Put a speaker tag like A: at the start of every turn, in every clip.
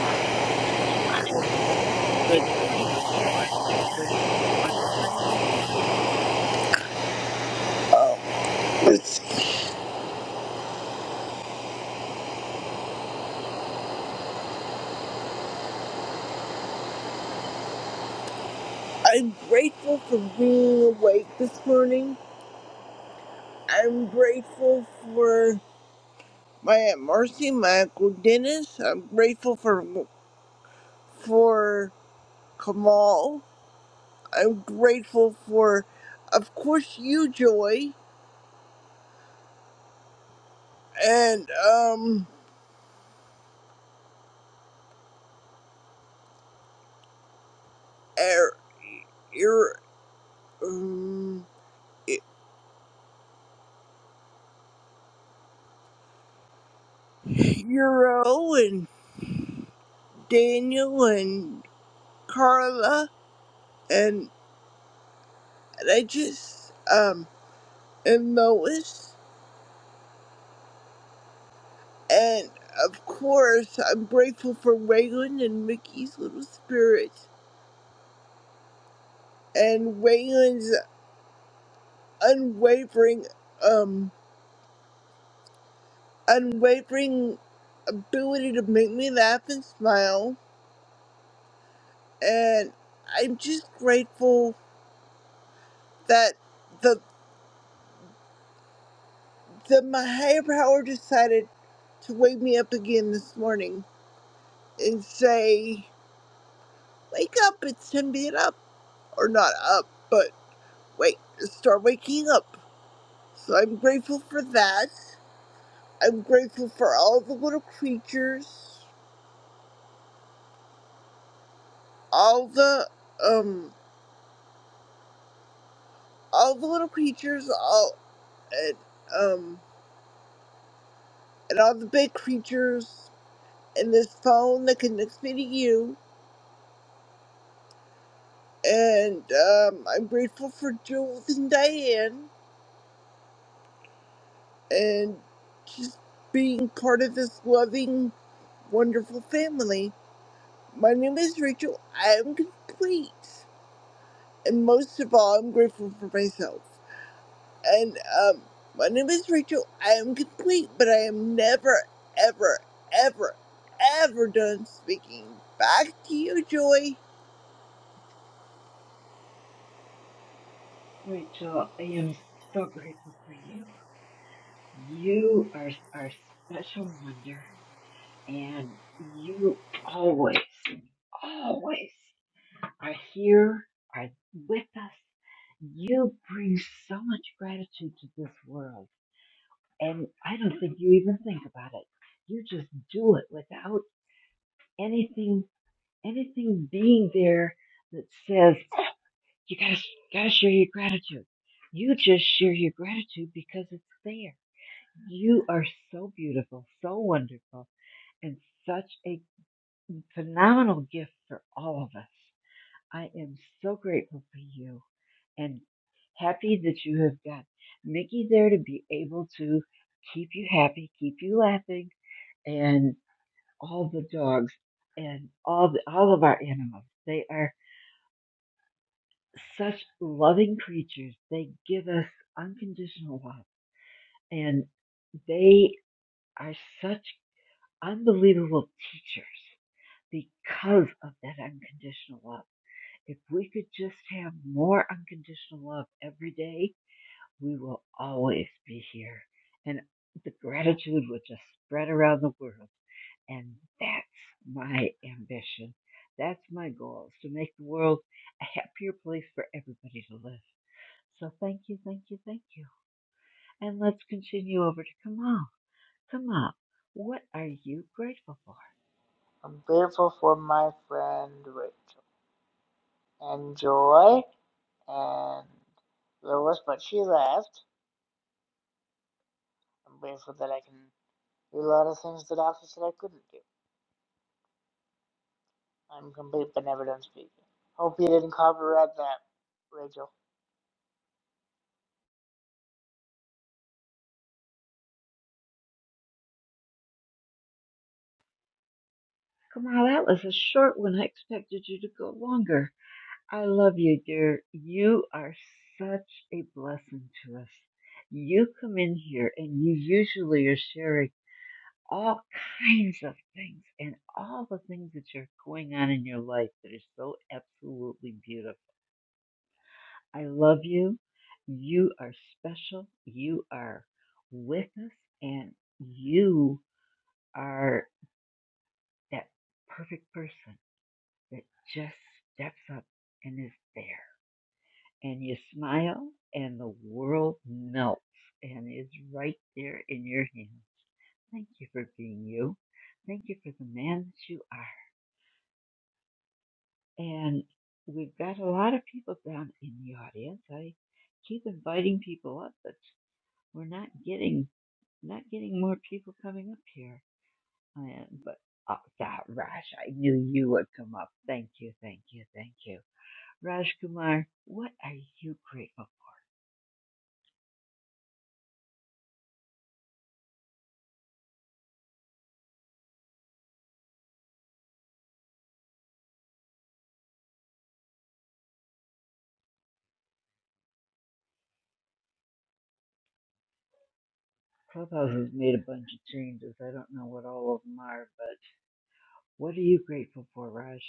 A: Ah, good morning, Rachel. Are you there? What are you grateful for?
B: I'm grateful for being awake this morning. I'm grateful for my Aunt Marcy, my Uncle Dennis. I'm grateful for for Kamal. I'm grateful for, of course, you, Joy, and um, er, er, um, Euro and Daniel and Carla and, and I just um and Lois. And of course, I'm grateful for Waylon and Mickey's little spirit and Waylon's unwavering, um, unwavering ability to make me laugh and smile. And I'm just grateful that the that my higher power decided to wake me up again this morning and say, "Wake up! It's time to get up," or not up, but wait, start waking up. So I'm grateful for that. I'm grateful for all the little creatures, all the um, all the little creatures, all and um, and all the big creatures, and this phone that connects me to you. And um, I'm grateful for Jules and Diane, and just being part of this loving, wonderful family. My name is Rachel. I am complete, and most of all, I'm grateful for myself. and um, my name is Rachel. I am complete, but I am never, ever, ever, ever done speaking. Back to you, Joy.
A: Rachel, I am so grateful for you. You are our special wonder, and you always, always are here, are with us. You bring so much gratitude to this world, and I don't think you even think about it. You just do it without anything anything being there that says you gotta gotta share your gratitude. You just share your gratitude because it's there. You are so beautiful, so wonderful, and such a phenomenal gift for all of us. I am so grateful for you and happy that you have got Mickey there to be able to keep you happy, keep you laughing, and all the dogs and all the, all of our animals. They are such loving creatures. They give us unconditional love, and they are such unbelievable teachers because of that unconditional love. If we could just have more unconditional love every day, we will always be here. And the gratitude would just spread around the world. And that's my ambition. That's my goal is to make the world a happier place for everybody to live. So thank you, thank you, thank you. And let's continue over to Kamal. Kamal, what are you grateful for?
C: I'm grateful for my friend Rachel and Joy and Lois, but she left. I'm grateful that I can do a lot of things that office said I couldn't do. I'm complete but never done speaking. Hope you didn't copyright that, Rachel.
A: Kamal, that was a short one. I expected you to go longer. I love you, dear. You are such a blessing to us. You come in here and you usually are sharing all kinds of things and all the things that are going on in your life that are so absolutely beautiful I love you. You are special. You are with us, and you are that perfect person that just steps up and is there. And you smile, and the world melts and is right there in your hands. Thank you for being you. Thank you for the man that you are. And we've got a lot of people down in the audience. I keep inviting people up, but we're not getting not getting more people coming up here. I am, but oh, that Raj, I knew you would come up. Thank you, thank you, thank you. Raj Kumar, what are you grateful for? Clubhouse has made a bunch of changes. I don't know what all of them are, but what are you grateful for, Raj?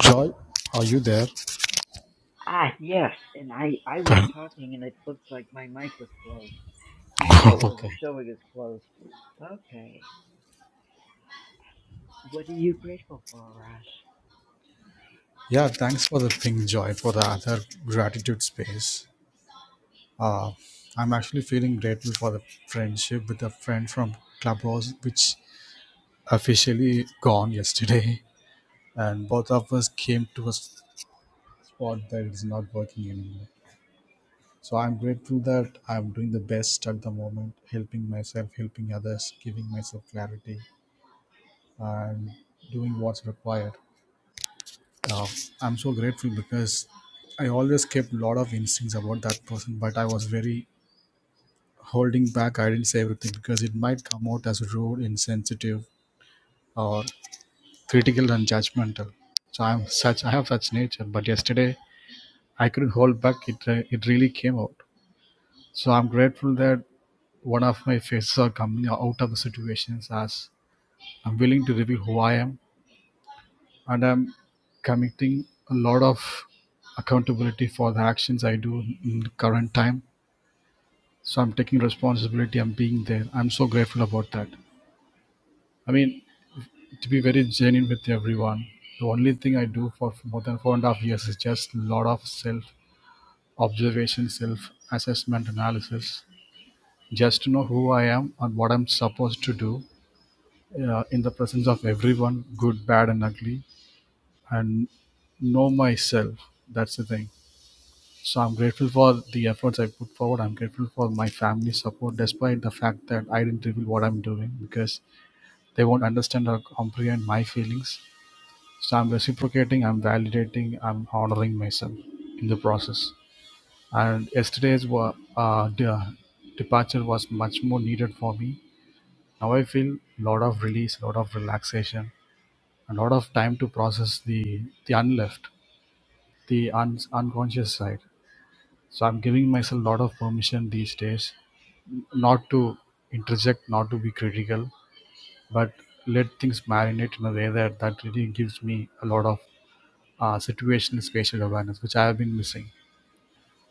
D: Joy, are you there?
A: Ah, yes, and I, I was
D: Thank-
A: talking and it looks like my mic was closed, even though it
D: okay.
A: wasn't showing as closed. Okay, what are you grateful for, Raj?
D: Yeah, thanks for the thing, Joy, for the other gratitude space. Uh, I'm actually feeling grateful for the friendship with a friend from Clubhouse, which officially gone yesterday. And both of us came to a spot that is not working anymore. So I'm grateful that I'm doing the best at the moment, helping myself, helping others, giving myself clarity, and doing what's required. uh, I'm so grateful because I always kept a lot of instincts about that person, but I was very holding back. I didn't say everything because it might come out as rude, insensitive, or critical and judgmental. So I'm such. I have such nature, but yesterday I couldn't hold back. It uh, it really came out. So I'm grateful that one of my faces are coming out of the situations as I'm willing to reveal who I am and I'm committing a lot of accountability for the actions I do in the current time. So I'm taking responsibility. I'm being there. I'm so grateful about that. I mean, to be very genuine with everyone, the only thing I do for more than four and a half years is just a lot of self observation, self assessment analysis, just to know who I am and what I'm supposed to do uh, in the presence of everyone, good, bad, and ugly, and know myself. That's the thing. So I'm grateful for the efforts I put forward. I'm grateful for my family's support, despite the fact that I didn't reveal what I'm doing because they won't understand or comprehend my feelings. So I'm reciprocating, I'm validating, I'm honoring myself in the process. And yesterday's wa- uh, de- departure was much more needed for me. Now I feel a lot of release, a lot of relaxation, a lot of time to process the the unleft, the un- unconscious side. So I'm giving myself a lot of permission these days not to interject, not to be critical, but let things marinate in a way that that really gives me a lot of uh, situational spatial awareness, which I have been missing.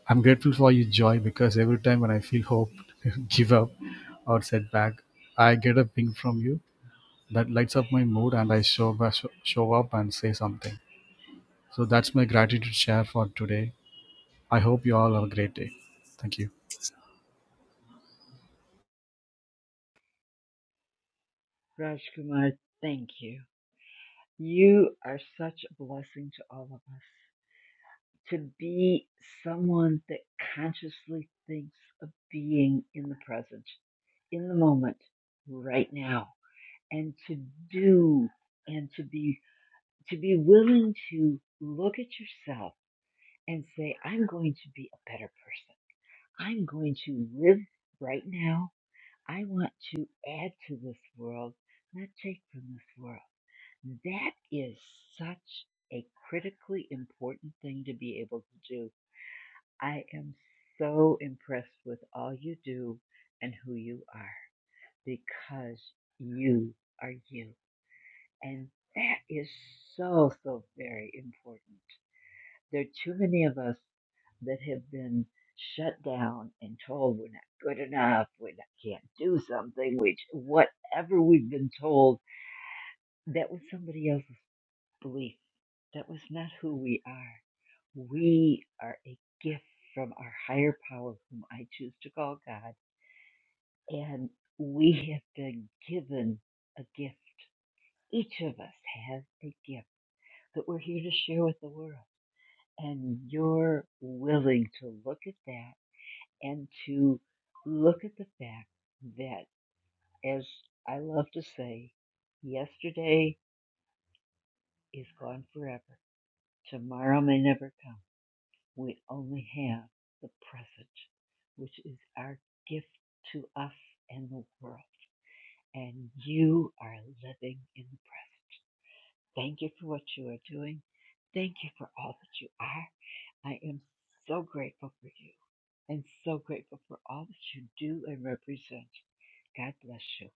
D: I'm grateful for you, Joy, because every time when I feel hope, give up, or setback, I get a ping from you that lights up my mood, and I show show up and say something. So that's my gratitude share for today. I hope you all have a great day. Thank you.
A: Raj Kumar, thank you. You are such a blessing to all of us. To be someone that consciously thinks of being in the present, in the moment, right now, and to do and to be to be willing to look at yourself and say, I'm going to be a better person. I'm going to live right now. I want to add to this world, not take from this world. That is such a critically important thing to be able to do. I am so impressed with all you do and who you are because you are you. And that is so, so very important. There are too many of us that have been shut down and told we're not good enough, we not- can't do something, which whatever we've been told, that was somebody else's belief. That was not who we are. We are a gift from our higher power, whom I choose to call God. And we have been given a gift. Each of us has a gift that we're here to share with the world. And you're willing to look at that and to look at the fact that, as I love to say, yesterday is gone forever. Tomorrow may never come We only have the present, which is our gift to us and the world. And you are living in the present. Thank you for what you are doing. Thank you for all that you are. I am so grateful for you and so grateful for all that you do and represent. God bless you.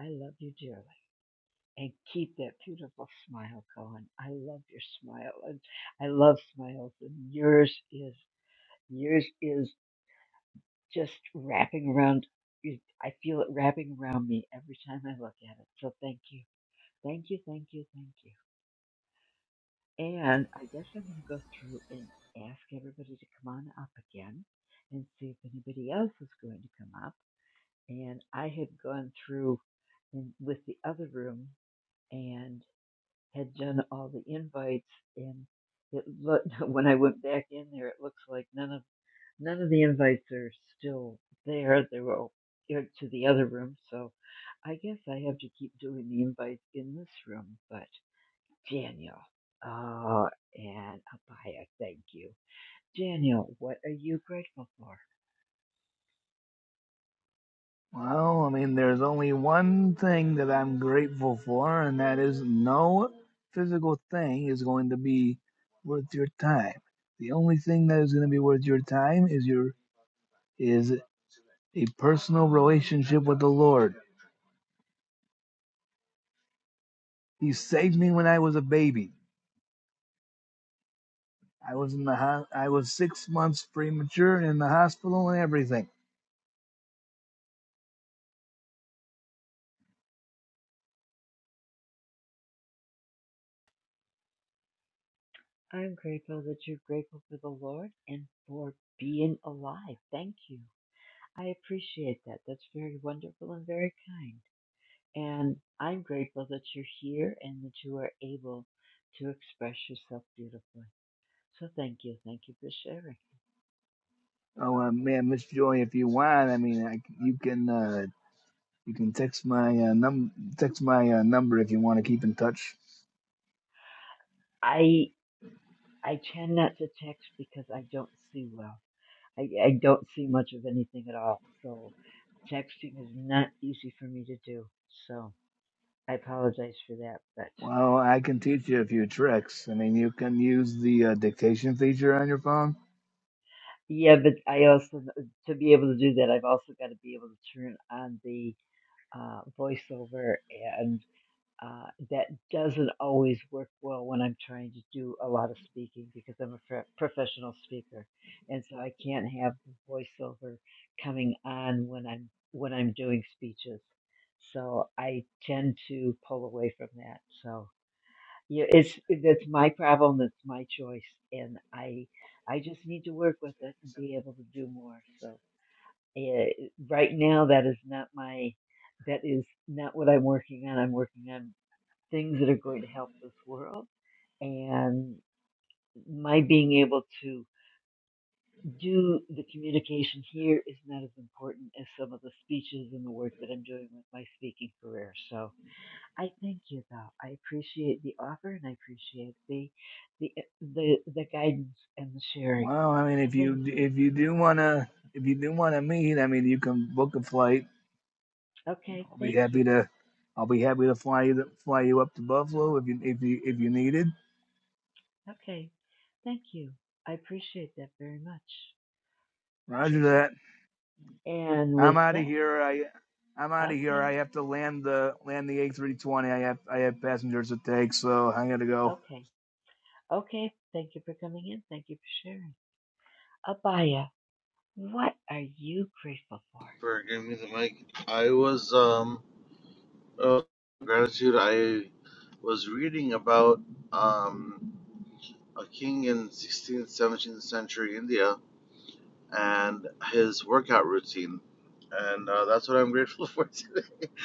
A: I love you dearly. And keep that beautiful smile going. I love your smile and I love smiles and yours is yours is just wrapping around. I feel it wrapping around me every time I look at it. So thank you, thank you, thank you, thank you. And I guess I'm going to go through and ask everybody to come on up again and see if anybody else is going to come up. And I had gone through in, with the other room and had done all the invites, and it looked when I went back in there, it looks like none of None of the invites are still there. They were all aired to the other room, so I guess I have to keep doing the invites in this room. But Daniel, oh, and Abaya, thank you. Daniel, what are you grateful for?
E: Well, I mean, there's only one thing that I'm grateful for, and that is no physical thing is going to be worth your time. The only thing that is going to be worth your time is your is a personal relationship with the Lord. He saved me when I was a baby. I was in the ho- I was six months premature and in the hospital and everything.
A: I'm grateful that you're grateful for the Lord and for being alive. Thank you. I appreciate that. That's very wonderful and very kind. And I'm grateful that you're here and that you are able to express yourself beautifully. So thank you. Thank you for sharing.
E: Oh uh, man, Miss Joy, if you want, I mean, I, you can uh, you can text my uh, num text my uh, number if you want to keep in touch.
A: I I tend not to text because I don't see well. I, I don't see much of anything at all. So texting is not easy for me to do. So I apologize for that. But
E: Well, I can teach you a few tricks. I mean, you can use the uh, dictation feature on your phone.
A: yeah, but I also, to be able to do that, I've also got to be able to turn on the uh, voiceover and uh, that doesn't always work well when I'm trying to do a lot of speaking because I'm a pro- professional speaker, and so I can't have the voiceover coming on when I'm when I'm doing speeches. So I tend to pull away from that. So yeah, it's that's my problem. That's my choice, and I I just need to work with it and be able to do more. So eh, right now, that is not my that is not what I'm working on. I'm working on things that are going to help this world. And my being able to do the communication here is not as important as some of the speeches and the work that I'm doing with my speaking career. So I thank you though. I appreciate the offer and I appreciate the the the, the guidance and the sharing.
E: Well, I mean,
A: So
E: if
A: thank
E: you
A: you.
E: if you do wanna if you do wanna meet, I mean, you can book a flight.
A: Okay,
E: I'll be
A: thank
E: happy
A: you.
E: to I'll be happy to fly you to, fly you up to Buffalo if you if you if you needed.
A: Okay. Thank you. I appreciate that very much.
E: Roger that.
A: And
E: I'm
A: with
E: out of
A: that,
E: here. I I'm out of here.
A: okay,
E: I have to land the land the A320. I have I have passengers to take, so I gotta go.
A: okay. Okay, thank you for coming in. Thank you for sharing. Abaya, what are you grateful for?
F: for giving me the mic. I was um oh, gratitude. I was reading about um a king in 16th, 17th century India and his workout routine, and uh, that's what I'm grateful for today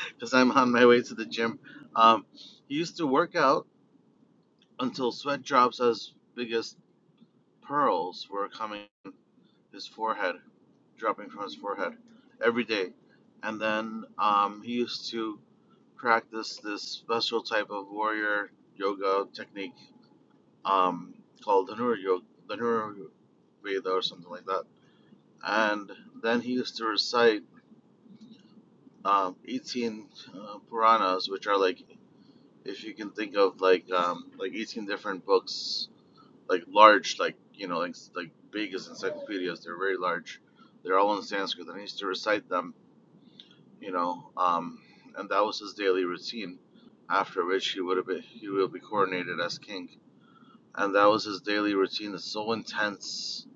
F: because I'm on my way to the gym. Um, he used to work out until sweat drops as big as pearls were coming his forehead, dropping from his forehead every day, and then um, he used to practice this special type of warrior yoga technique um, called the Nur Yoga, the Nur Veda or something like that. And then he used to recite um, 18 uh, Puranas, which are like, if you can think of like um, like 18 different books, like large, like you know, like like big as encyclopedias. They're very large. They're all in Sanskrit, and he used to recite them you know, um, and that was his daily routine. After which he would have been, he will be coronated as king, and that was his daily routine. It's so intense,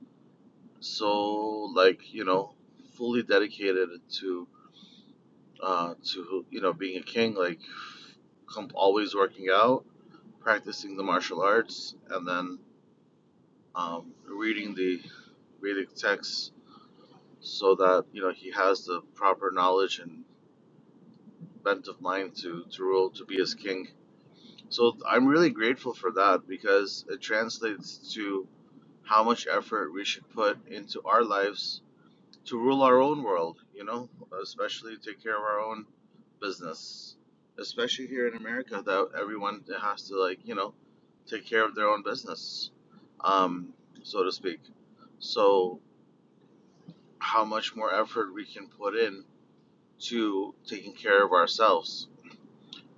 F: so like you know, fully dedicated to uh, to you know being a king, like com- always working out, practicing the martial arts, and then um, reading the Vedic texts so that you know he has the proper knowledge and bent of mind to to rule to be his king So I'm really grateful for that because it translates to how much effort we should put into our lives to rule our own world, you know, especially take care of our own business, especially here in America that everyone has to like, you know, take care of their own business, um, so to speak. So how much more effort we can put in to taking care of ourselves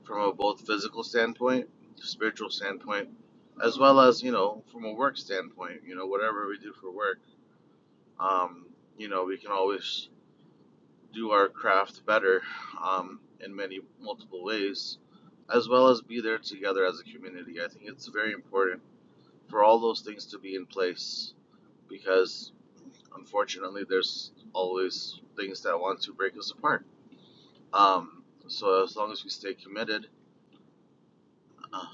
F: from a both physical standpoint, spiritual standpoint, as well as you know from a work standpoint. You know whatever we do for work, um, you know we can always do our craft better um, in many multiple ways, as well as be there together as a community. I think it's very important for all those things to be in place because unfortunately there's always things that want to break us apart. Um, so as long as we stay committed uh,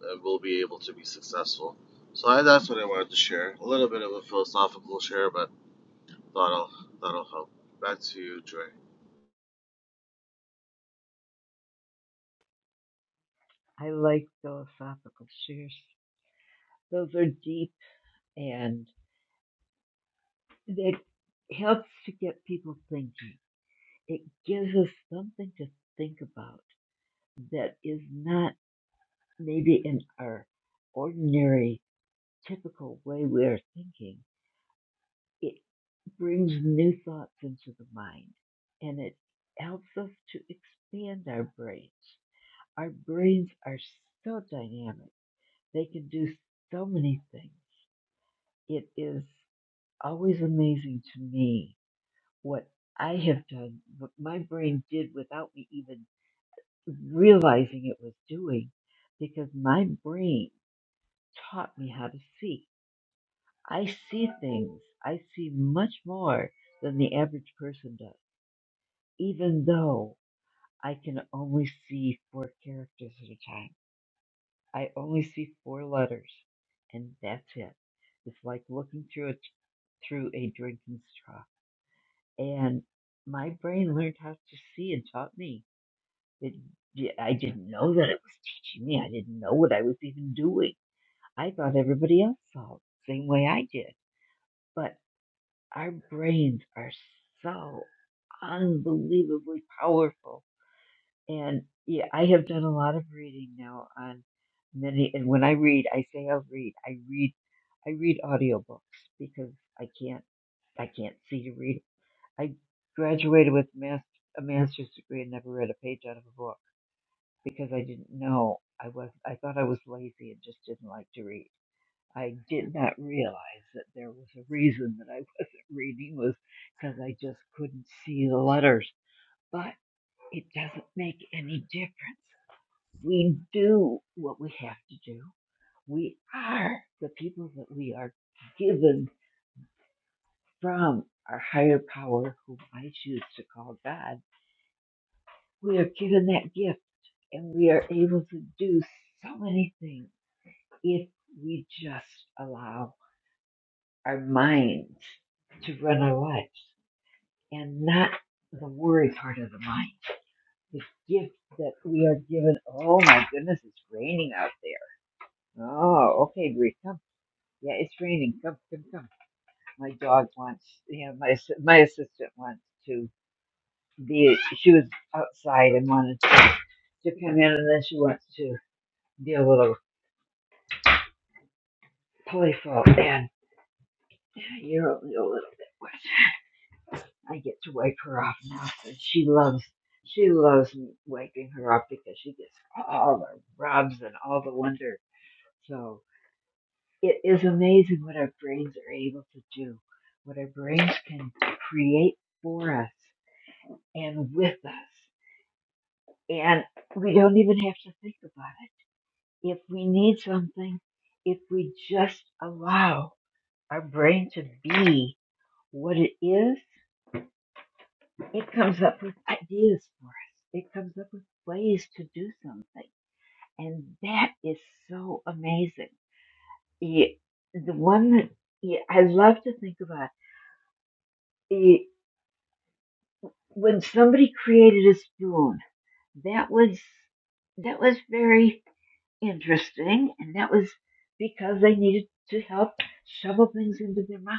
F: that we'll be able to be successful. So I, that's what I wanted to share. A little bit of a philosophical share, but thought I'll, that'll help. Back to you, Joy.
A: I like philosophical shares. Those are deep and it helps to get people thinking. It gives us something to think about that is not maybe in our ordinary, typical way we are thinking. It brings new thoughts into the mind and it helps us to expand our brains Our brains are so dynamic. They can do so many things. It is always amazing to me what I have done, what my brain did without me even realizing it was doing, because my brain taught me how to see. I see things. I see much more than the average person does, even though I can only see four characters at a time. I only see four letters, and that's it. It's like looking through a through a drinking straw. And my brain learned how to see and taught me. It, yeah, I didn't know that it was teaching me. I didn't know what I was even doing. I thought everybody else saw it the same way I did. But our brains are so unbelievably powerful And yeah, I have done a lot of reading now on many. And when I read, I say I'll read. I read, I read audiobooks because I can't, I can't see to read. I graduated with mas a master's degree and never read a page out of a book because I didn't know. I was, I thought I was lazy and just didn't like to read. I did not realize that there was a reason that I wasn't reading was because I just couldn't see the letters. But it doesn't make any difference we do what we have to do. We are the people that we are given from our higher power, whom I choose to call God. We are given that gift and we are able to do so many things if we just allow our minds to run our lives and not the worry part of the mind. The gift that we are given. Oh my goodness, it's raining out there. Oh, okay, Greece. Yeah, it's raining. Come, come, come. My dog wants, you know, my ass- my assistant wants to be. She was outside and wanted to, to come in, and then she wants to be a little playful. And you're only a little bit wet. I get to wipe her off now, and she loves. She loves me wiping her off because she gets all the rubs and all the wonder. So it is amazing what our brains are able to do, what our brains can create for us and with us. And we don't even have to think about it. If we need something, if we just allow our brain to be what it is, it comes up with ideas for us. It comes up with ways to do something. And that is so amazing. It, the one that yeah, I love to think about, it, when somebody created a spoon, that was, that was very interesting, and that was because they needed to help shovel things into their mouth.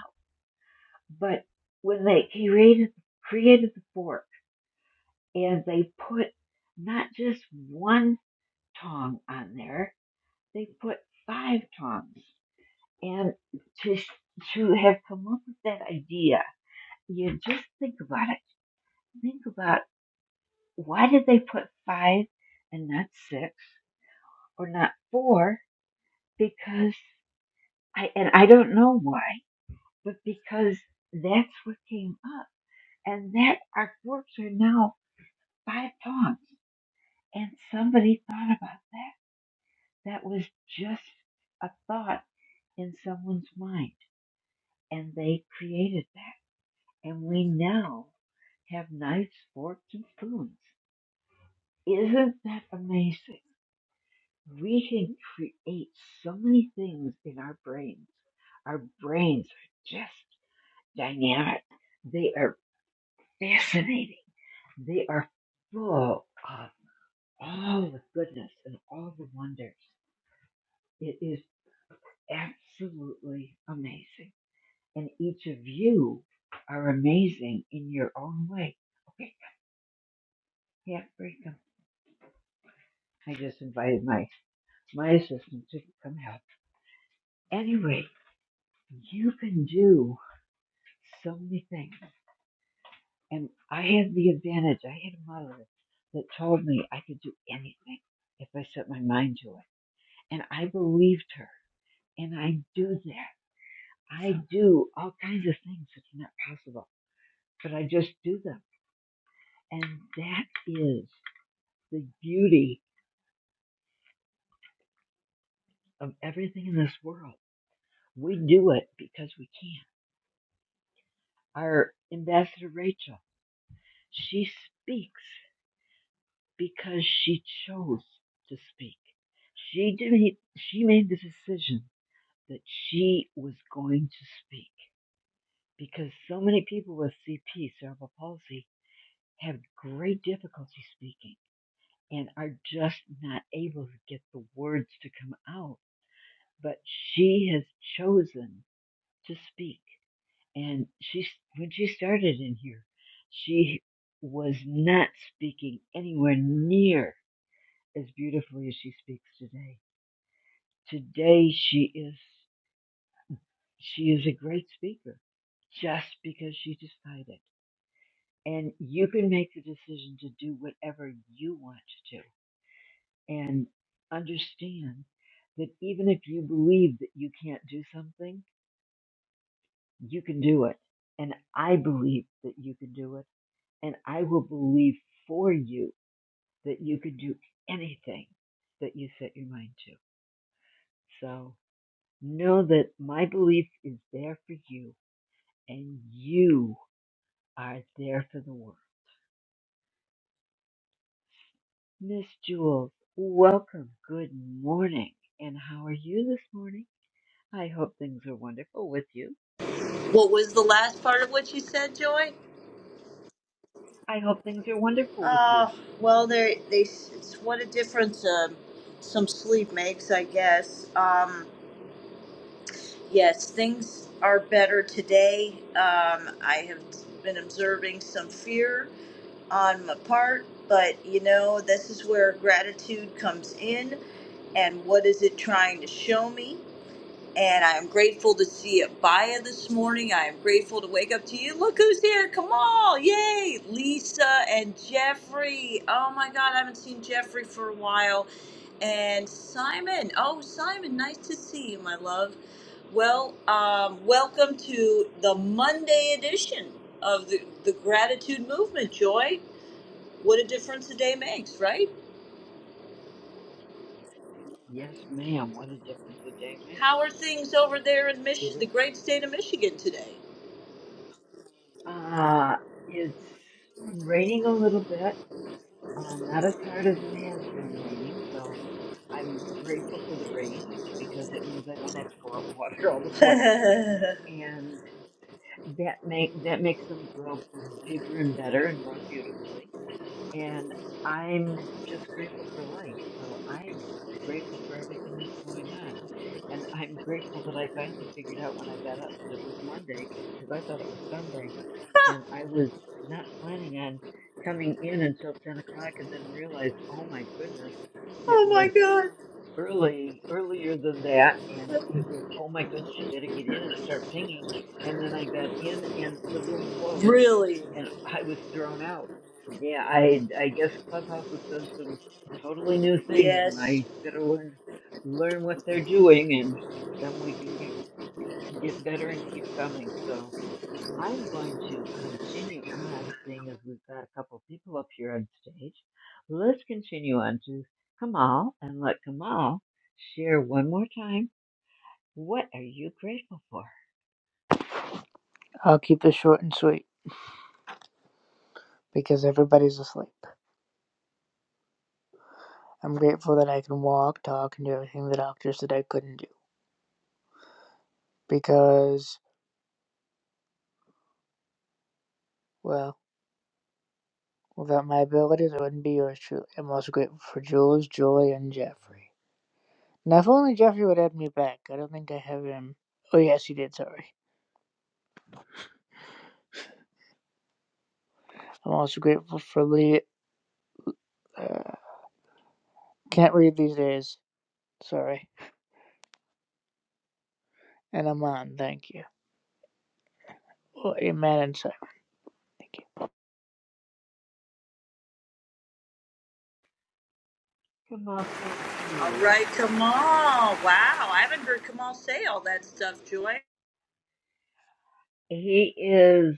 A: But when they created created the fork and they put not just one tong on there, they put five tongs. And to to have come up with that idea, you just think about it. Think about why did they put five and not six or not four? Because I and I don't know why but because that's what came up. And that our forks are now five tongs. And somebody thought about that. That was just a thought in someone's mind. And they created that. And we now have knives, forks, and spoons. Isn't that amazing? We can create so many things in our brains. Our brains are just dynamic. They are fascinating They are full of all the goodness and all the wonders. It is absolutely amazing. And each of you are amazing in your own way. Okay, yeah, bring them. I just invited my, my assistant to come help. Anyway, you can do so many things. And I had the advantage, I had a mother that told me I could do anything if I set my mind to it. And I believed her. And I do that. I do all kinds of things that's not possible, but I just do them. And that is the beauty of everything in this world. We do it because we can. Our ambassador Rachel, she speaks because she chose to speak. She didn't, she made the decision that she was going to speak because so many people with CP, cerebral palsy, have great difficulty speaking and are just not able to get the words to come out. But she has chosen to speak. And she, when she started in here, she was not speaking anywhere near as beautifully as she speaks today. Today she is, she is a great speaker just because she decided. And you can make the decision to do whatever you want to do and understand that even if you believe that you can't do something, you can do it. And I believe that you can do it. And I will believe for you that you can do anything that you set your mind to. So know that my belief is there for you and you are there for the world. Miss Jules, welcome. Good morning. And how are you this morning? I hope things are wonderful with you.
G: What was the last part of what you said, Joy?
A: I hope things are wonderful with you.
G: Uh, well, they they it's what a difference um some sleep makes, I guess. Um, yes, things are better today. Um, I have been observing some fear on my part, but you know, this is where gratitude comes in. And what is it trying to show me? And I am grateful to see Abaya this morning. I am grateful to wake up to you. Look who's here, Kamal. Yay. Lisa and Jeffrey. Oh my God, I haven't seen Jeffrey for a while. And Simon. Oh, Simon, nice to see you, my love. Well, um, welcome to the Monday edition of the, the Gratitude Movement, Joy. What a difference a day makes, right?
A: Yes, ma'am. What a difference a day
G: How are
A: makes.
G: things over there in
A: It
G: Mich- the
A: is.
G: great state of Michigan today?
A: Uh, it's raining a little bit. Uh, not as hard as it has been raining, so I'm grateful for the rain because it means I don't have to go out and water all the plants, and that make that makes them grow bigger and better and more beautifully and I'm just grateful for life. So I'm grateful for everything that's going on. And I'm grateful that I finally figured out when I got up that it was Monday because I thought it was Sunday. And I was not planning on coming in until 10 o'clock and then realized, oh my goodness, it
G: Oh my
A: was
G: God.
A: early earlier than that and it was oh my goodness you better get in and start pinging and then i got in and the room closed
G: Really?
A: and i was thrown out yeah i i guess clubhouse has done some totally new things and
G: Yes.
A: i better learn learn what they're doing and then we can get get better and keep coming so I'm going to continue on, seeing as we've got a couple people up here on stage. Let's continue on to Kamal and let Kamal share one more time. What are you grateful for?
C: I'll keep it short and sweet because everybody's asleep. I'm grateful that I can walk, talk, and do everything the doctor said I couldn't do because, well, without my abilities, I wouldn't be yours truly. I'm also grateful for Jules, Joy, and Jeffrey. Now, if only Jeffrey would add me back. I don't think I have him. Oh, yes, he did. Sorry. I'm also grateful for Lee. Uh, can't read these days. Sorry. And Aman, thank you. Oh, Amen and sorry.
A: Kamal, thank
G: All
A: you.
G: right, Kamal. Wow, I haven't heard Kamal say all that stuff, Joy.
A: He is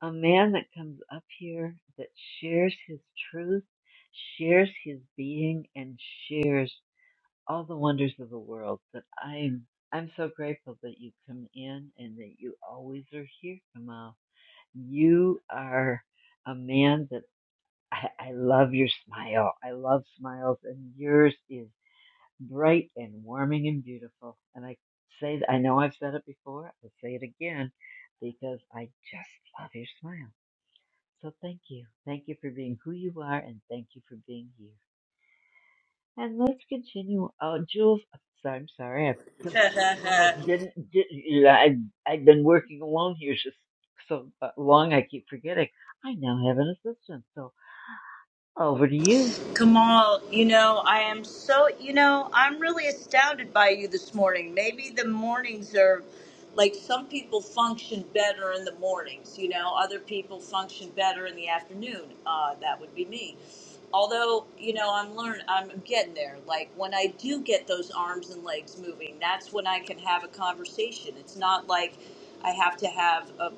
A: a man that comes up here that shares his truth, shares his being, and shares all the wonders of the world. That I'm I'm so grateful that you come in and that you always are here, Kamal you are a man that I, I love your smile. I love smiles, and yours is bright and warming and beautiful. And I say, I know I've said it before, I'll say it again because I just love your smile. So thank you. Thank you for being who you are, and thank you for being you. And let's continue. Oh, Jules, so I'm sorry. I just almost didn't. did you know, I, I've been working alone here just so uh, long, I keep forgetting. I now have an assistant. So over to you,
G: Kamal, you know, I am so, you know, I'm really astounded by you this morning. Maybe the mornings are like some people function better in the mornings, you know, other people function better in the afternoon. Uh, that would be me. although you know i'm learn i'm getting there like when i do get those arms and legs moving that's when i can have a conversation it's not like i have to have a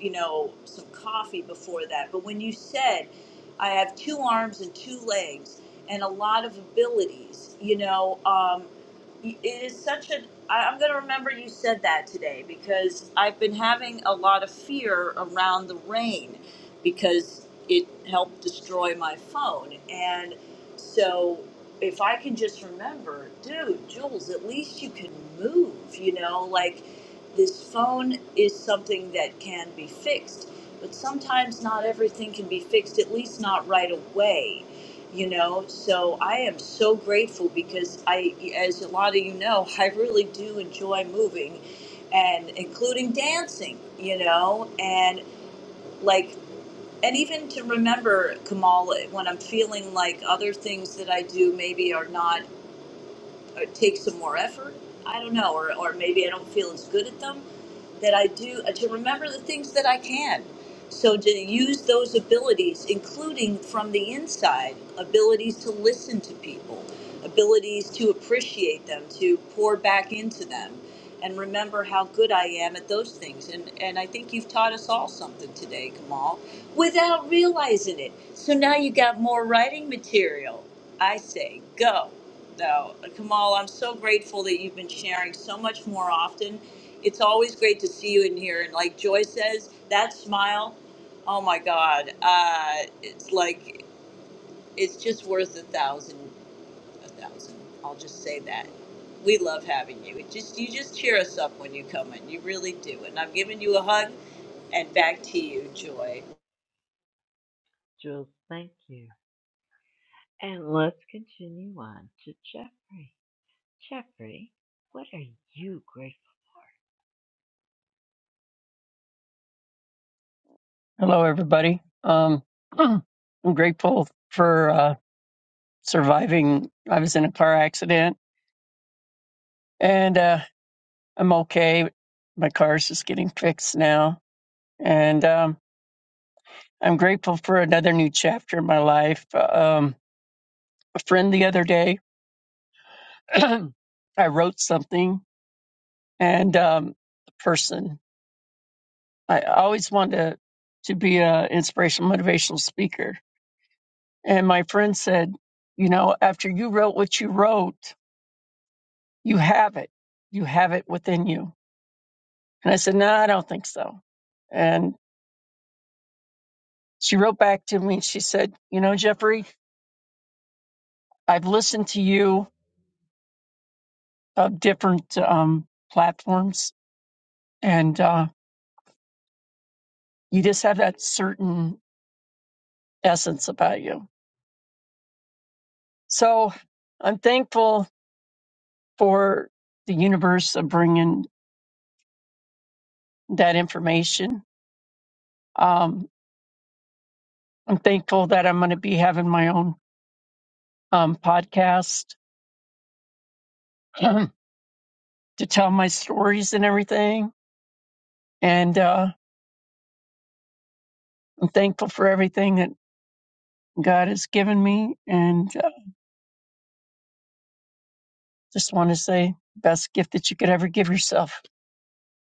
G: you know some coffee before that but when you said i have two arms and two legs and a lot of abilities you know um y- it is such a I- i'm going to remember you said that today because i've been having a lot of fear around the rain because it helped destroy my phone. And so if I can just remember, dude, Jules, at least you can move, you know, like this phone is something that can be fixed, but sometimes not everything can be fixed, at least not right away. You know, so I am so grateful because I, as a lot of you know, I really do enjoy moving and including dancing, you know, and like and even to remember Kamal when I'm feeling like other things that I do maybe are not or take some more effort. I don't know, or, or maybe I don't feel as good at them. That I do uh, to remember the things that I can. So to use those abilities, including from the inside, abilities to listen to people, abilities to appreciate them, to pour back into them, and remember how good I am at those things. And and I think you've taught us all something today, Kamal, without realizing it. So now you got more writing material. I say go. Now, Kamal, I'm so grateful that you've been sharing so much more often. It's always great to see you in here. And like Joy says, that smile, oh my God, uh, it's like, it's just worth a thousand, a thousand. I'll just say that. We love having you. It just You just cheer us up when you come in. You really do. And I'm giving you a hug and back to you, Joy.
A: Jules. Thank you. And let's continue on to Jeffrey. Jeffrey, what are you grateful for?
H: Hello, everybody. Um, I'm grateful for uh, surviving. I was in a car accident and uh, I'm okay. My car's just getting fixed now. And um, I'm grateful for another new chapter in my life. Um, a friend the other day, I wrote something and um, the person, I always wanted to, to be an inspirational, motivational speaker. And my friend said, You know, after you wrote what you wrote, You have it. You have it within you. And I said, No, I don't think so. And she wrote back to me and she said, You know, Jeffrey, I've listened to you of different um, platforms and uh, you just have that certain essence about you. So I'm thankful for the universe of bringing that information. Um, I'm thankful that I'm going to be having my own um, podcast to tell my stories and everything And uh, I'm thankful for everything that God has given me. And uh, just want to say, best gift that you could ever give yourself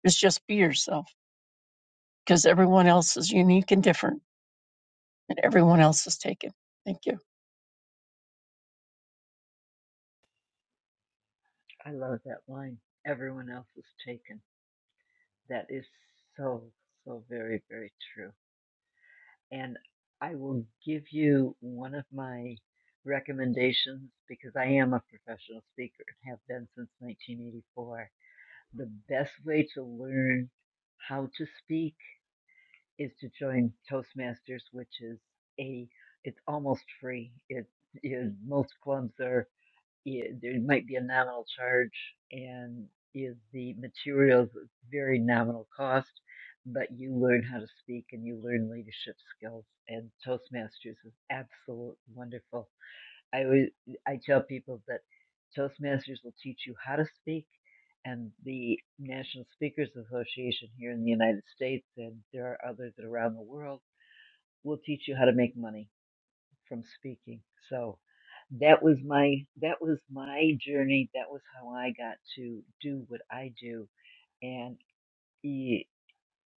H: is just be yourself, because everyone else is unique and different, and everyone else is taken. Thank you,
A: I love that line. Everyone else is taken. That is so, so very, very true. and I will give you one of my recommendations because I am a professional speaker and have been since 1984. The best way to learn how to speak is to join Toastmasters, which is a it's almost free. It is most clubs are it, there might be a nominal charge and is the materials at very nominal cost, but you learn how to speak and you learn leadership skills. And Toastmasters is absolute wonderful. I always, I tell people that Toastmasters will teach you how to speak, and the National Speakers Association here in the United States, and there are others around the world, will teach you how to make money from speaking. So that was my that was my journey. That was how I got to do what I do, and y-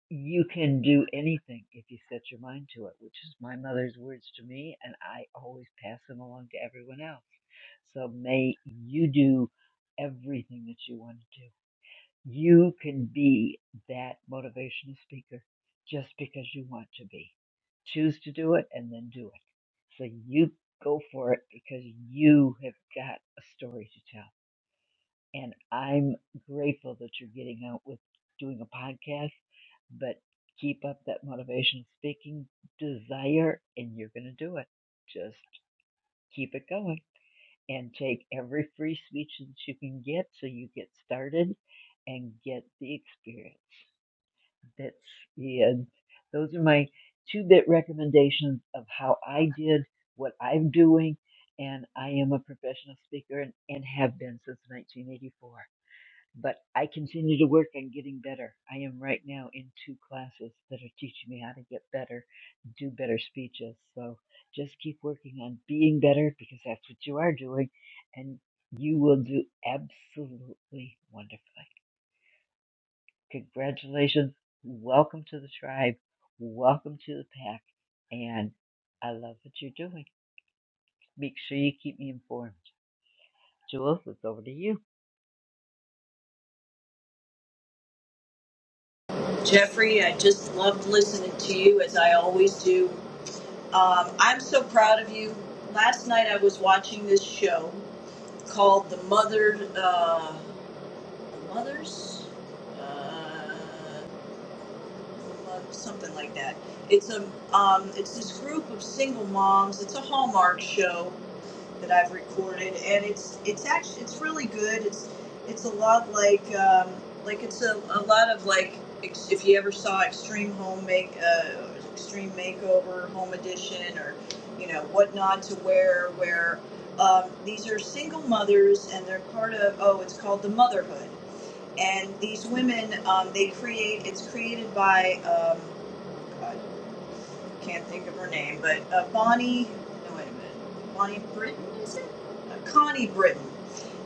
A: you can do anything if you set your mind to it, which is my mother's words to me, and I always pass them along to everyone else. So may you do everything that you want to do. You can be that motivational speaker just because you want to be. Choose to do it and then do it. So you go for it because you have got a story to tell. And I'm grateful that you're getting out with doing a podcast, but keep up that motivational speaking desire and you're going to do it. Just keep it going and take every free speech that you can get so you get started and get the experience. That's yeah. Those are my two bit recommendations of how I did what I'm doing, and I am a professional speaker and, and have been since 1984. But I continue to work on getting better. I am right now in two classes that are teaching me how to get better, do better speeches. So just keep working on being better because that's what you are doing, and you will do absolutely wonderfully. Congratulations. Welcome to the tribe. Welcome to the pack. And I love what you're doing. Make sure you keep me informed. Jules, it's over to you.
G: Jeffrey, I just loved listening to you as I always do. Um, I'm so proud of you. Last night I was watching this show called The Mother, uh, Mothers, uh, Mo- something like that. It's a, um, it's this group of single moms. It's a Hallmark show, that I've recorded, and it's it's actually it's really good. It's it's a lot like um, like it's a, a lot of like ex- if you ever saw Extreme Home Make uh, Extreme Makeover Home Edition or you know what not to wear. Where um, these are single mothers and they're part of oh it's called the Motherhood, and these women um, they create it's created by um, can't think of her name, but uh, Bonnie. No, wait a minute. Bonnie Britton is it? Uh, Connie Britton,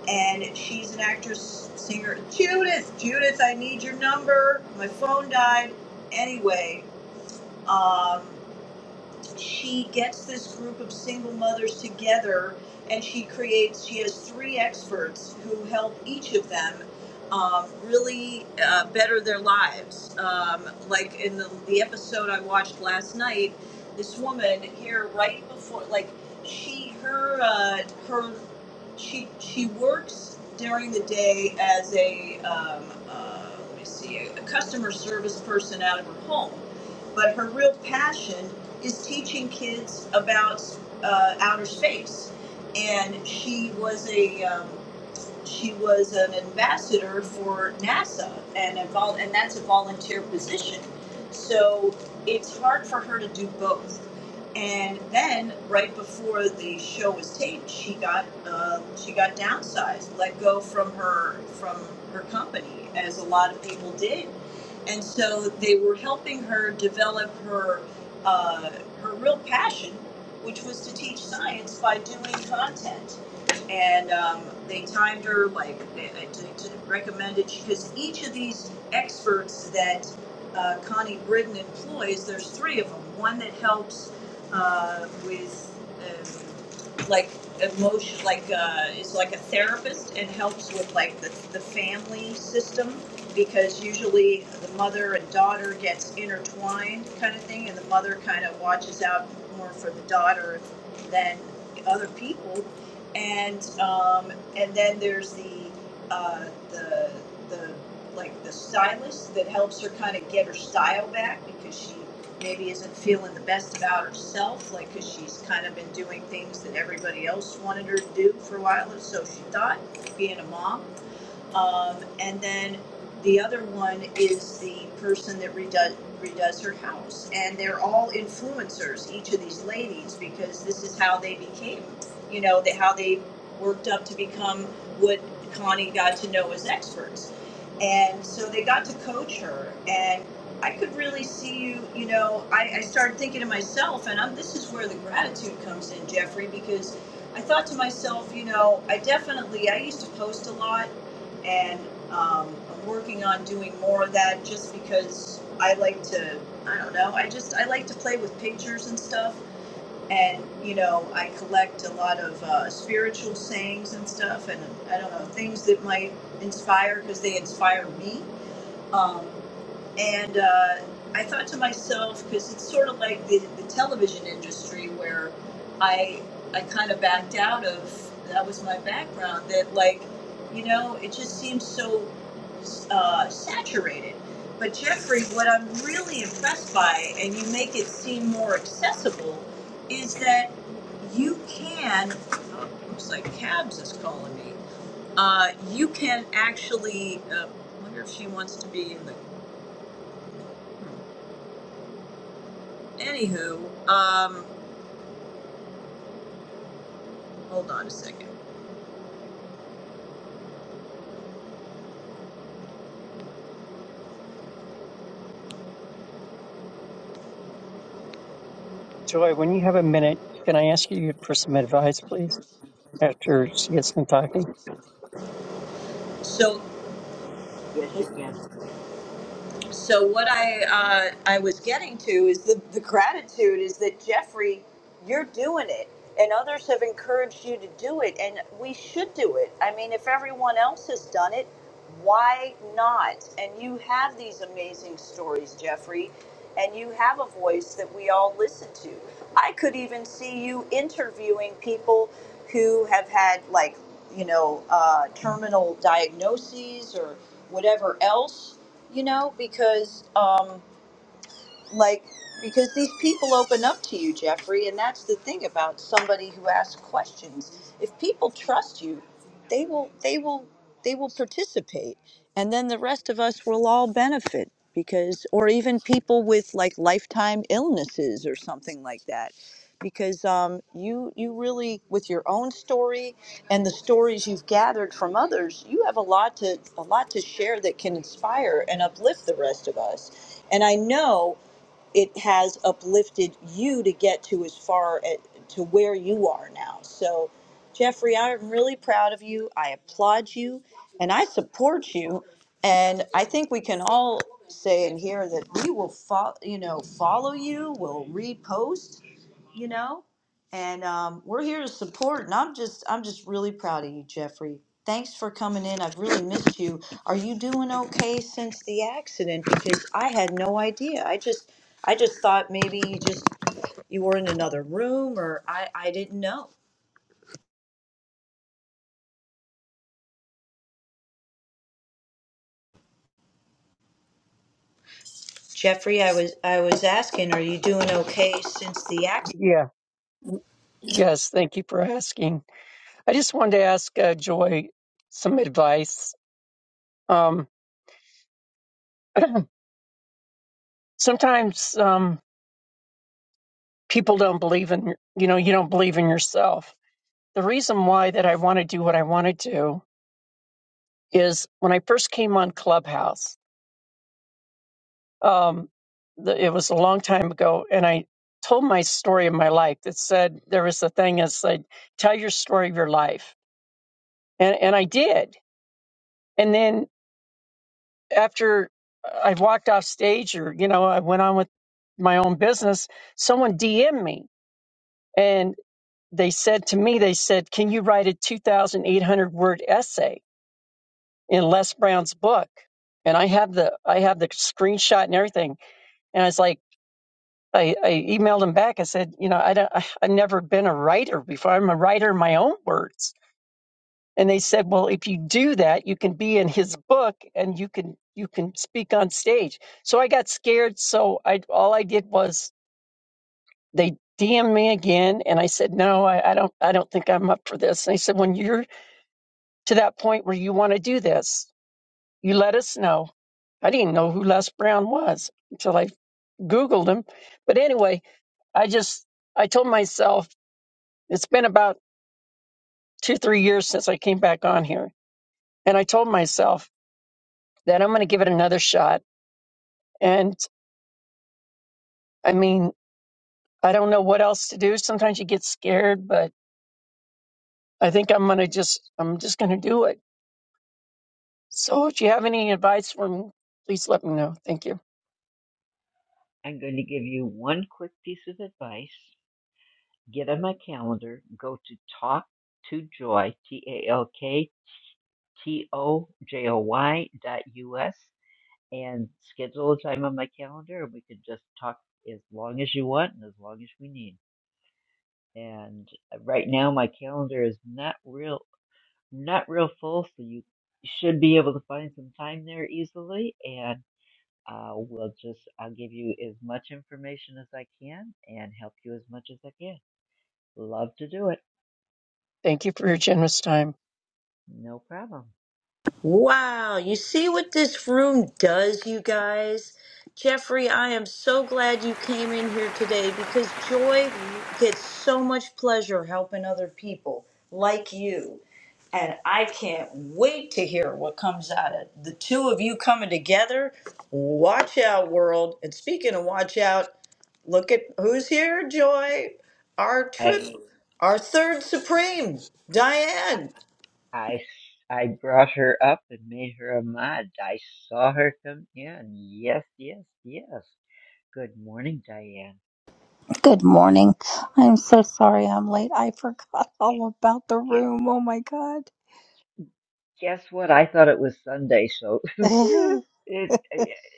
G: and she's an actress, singer. Judith, Judith, I need your number. My phone died. Anyway, um, she gets this group of single mothers together and she creates she has three experts who help each of them um, really uh, better their lives um, like in the, the episode i watched last night this woman here right before like she her uh, her she she works during the day as a um, uh, let me see a customer service person out of her home but her real passion is teaching kids about uh, outer space, and she was a um, she was an ambassador for NASA, and a vol- and that's a volunteer position. So it's hard for her to do both. And then right before the show was taped, she got uh, she got downsized, let go from her from her company, as a lot of people did and so they were helping her develop her uh, her real passion, which was to teach science by doing content. And um, they timed her like they, to, to recommended because each of these experts that uh, Connie Britton employs, there's three of them. One that helps uh, with um, like emotion, like uh, is like a therapist and helps with like the, the family system because usually the mother and daughter gets intertwined kind of thing and the mother kind of watches out more for the daughter than other people and um, and then there's the uh, the the like the stylist that helps her kind of get her style back because she maybe isn't feeling the best about herself like because she's kind of been doing things that everybody else wanted her to do for a while or so she thought being a mom um, and then the other one is the person that redoes, redoes her house. And they're all influencers, each of these ladies, because this is how they became, you know, the, how they worked up to become what Connie got to know as experts. And so they got to coach her. And I could really see you, you know, I, I started thinking to myself, and I'm, this is where the gratitude comes in, Jeffrey, because I thought to myself, you know, I definitely, I used to post a lot and um, I'm working on doing more of that just because I like to. I don't know. I just I like to play with pictures and stuff, and you know I collect a lot of uh, spiritual sayings and stuff, and I don't know things that might inspire because they inspire me. Um, and uh, I thought to myself, because it's sort of like the, the television industry where I I kind of backed out of. That was my background. That like, you know, it just seems so uh, saturated. But Jeffrey, what I'm really impressed by, and you make it seem more accessible, is that you can. Oh, looks like Cabs is calling me. Uh, you can actually. Uh, I wonder if she wants to be in the Anywho, um, hold on a second.
H: Joy. When you have a minute, can I ask you for some advice, please? After she gets done talking.
G: So
A: Yes, you can.
G: so what I uh, I was getting to is the, the gratitude is that Jeffrey, you're doing it, and others have encouraged you to do it, and we should do it. I mean, if everyone else has done it, why not? And you have these amazing stories, Jeffrey, and you have a voice that we all listen to. I could even see you interviewing people who have had like you know uh, terminal diagnoses or whatever else you know, because um, like because these people open up to you jeffrey and that's the thing about somebody who asks questions if people trust you they will they will they will participate and then the rest of us will all benefit because or even people with like lifetime illnesses or something like that because um, you you really with your own story and the stories you've gathered from others you have a lot to a lot to share that can inspire and uplift the rest of us and I know it has uplifted you to get to as far at, to where you are now. So, Jeffrey, I'm really proud of you. I applaud you and I support you. And I think we can all say in here that we will follow, you know, follow you, we'll repost, you know and um, we're here to support. And I'm just, I'm just really proud of you, Jeffrey. Thanks for coming in. I've really missed you. Are you doing okay since the accident? Because I had no idea. I just, I just thought maybe you just you were in another room, or I, I didn't know. Jeffrey, I was, I was asking, are you doing okay since the accident?
H: Yeah. Yes. Thank you for asking. I just wanted to ask uh, Joy some advice. Um, sometimes. Um, people don't believe in you know you don't believe in yourself the reason why that i want to do what i want to do is when i first came on clubhouse um, the, it was a long time ago and i told my story of my life that said there was a thing that said tell your story of your life and, and i did and then after i walked off stage or you know i went on with my own business someone dm would me they said to me, they said, Can you write a 2,800 word essay in Les Brown's book? And I have the I have the screenshot and everything. And I was like, I, I emailed him back. I said, you know, I don't I, I've never been a writer before. I'm a writer in my own words. And they said, Well, if you do that, you can be in his book and you can you can speak on stage. So I got scared. So I all I did was they DM'd me again and I said, No, I, I don't I don't think I'm up for this. And they said, When you're to that point where you want to do this. You let us know. I didn't know who Les Brown was until I Googled him. But anyway, I just, I told myself, it's been about two, three years since I came back on here. And I told myself that I'm going to give it another shot. And I mean, I don't know what else to do. Sometimes you get scared, but I think I'm going to just, I'm just going to do it. So if you have any advice for me, please let me know. Thank you.
A: I'm going to give you one quick piece of advice. Get on my calendar. Go to talk to joy, T A L K T O J O Y dot U S, and schedule a time on my calendar, and we can just talk as long as you want and as long as we need. and uh, right now my calendar is not real not real full so you should be able to find some time there easily and uh, we'll just i'll give you as much information as i can and help you as much as i can love to do it
H: Thank you for your generous time.
A: no problem
G: Wow, you see what this room does, you guys? Jeffrey, I am so glad you came in here today because Joy gets so much pleasure helping other people like you. And I can't wait to hear what comes out of the two of you coming together. Watch out, world. And speaking of watch out, look at who's here, Joy. Our trip,
A: i
G: our third Supreme, Diane.
A: i s- I brought her up and made her a mod i saw her come in yes yes yes good morning diane
I: Good morning. I'm so sorry I'm late. I forgot all about the
A: Gu-
I: room. Oh my God.
A: guess what i thought it was sunday so it,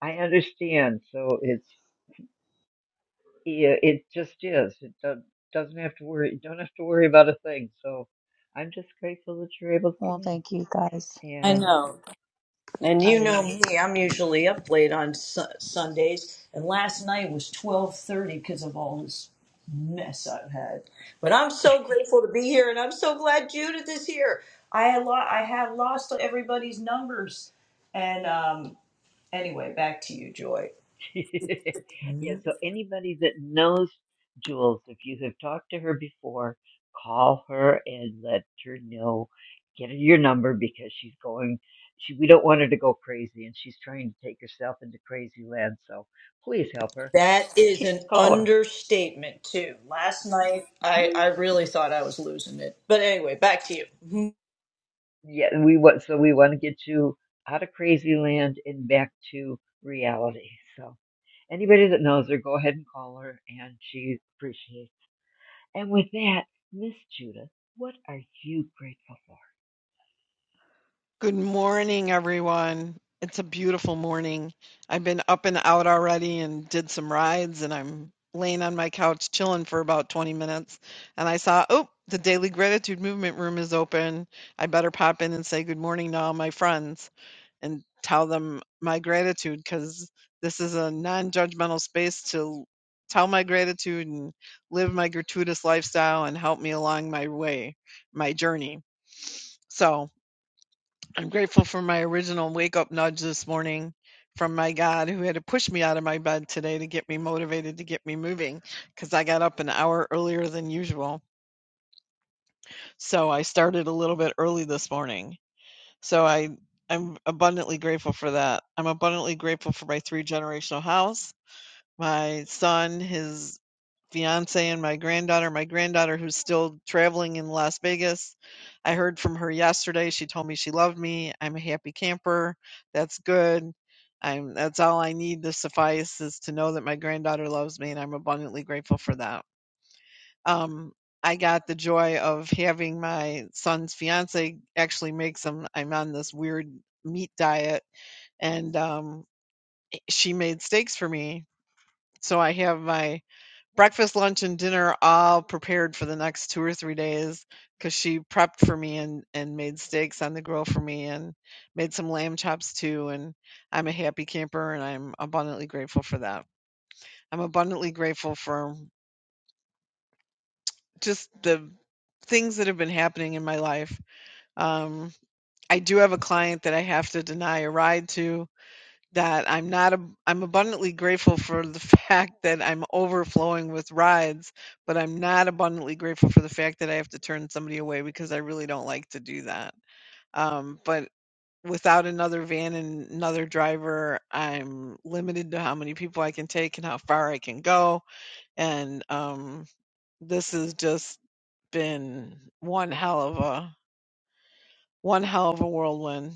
A: I understand. So it's yeah, it just is. It do- doesn't have to worry. You don't have to worry about a thing. So I'm just grateful that you're able to come
I: well,
A: in.
I: thank you guys.
G: I
A: And
G: know. And you know
A: I
G: me, I'm usually up late on su- Sundays, and last night was 12:30 because of all this mess I've had. But I'm so grateful to be here, and I'm so glad Judith is here. I had lo- I had lost everybody's numbers, and um, anyway, back to you, Joy.
A: yeah. So anybody that knows Jules, if you have talked to her before, call her and let her know. Get her your number because she's going. She, we don't want her to go crazy, and she's trying to take herself into crazy land. So please help her.
G: That is an
A: Call
G: understatement too. Last night,
A: her.
G: I I really thought I was losing it, but anyway, back to you.
A: yeah, and we want so we want to get you out of crazy land and back to reality. So anybody that knows her, go ahead and call her, and she appreciates. And with that, Miss Judith, what are you grateful for?
J: Good morning, everyone. It's a beautiful morning. I've been up and out already and did some rides, and I'm laying on my couch chilling for about 20 minutes. And I saw, oh, the Daily Gratitude Movement Room is open. I better pop in and say good morning to all my friends and tell them my gratitude because this is a non judgmental space to tell my gratitude and live my gratuitous lifestyle and help me along my way, my journey. So, I'm grateful for my original wake up nudge this morning from my God who had to push me out of my bed today to get me motivated to get me moving because I got up an hour earlier than usual. So I started a little bit early this morning. So I I'm abundantly grateful for that. I'm abundantly grateful for my three generational house, my son, his fiance and my granddaughter. My granddaughter, who's still traveling in Las Vegas, I heard from her yesterday. She told me she loved me. I'm a happy camper. That's good. I'm. That's all I need to suffice is to know that my granddaughter loves me, and I'm abundantly grateful for that. Um, I got the joy of having my son's fiance actually make some. I'm on this weird meat diet, and um, she made steaks for me. So I have my breakfast, lunch, and dinner all prepared for the next two or three days because she prepped for me and and made steaks on the grill for me and made some lamb chops too. And I'm a happy camper and I'm abundantly grateful for that. I'm abundantly grateful for just the things that have been happening in my life. Um, I do have a client that I have to deny a ride to that I'm not ab- I'm abundantly grateful for the fact that I'm overflowing with rides, but I'm not abundantly grateful for the fact that I have to turn somebody away because I really don't like to do that. Um, but without another van and another driver, I'm limited to how many people I can take and how far I can go. And um, this has just been one hell of a one hell of a whirlwind.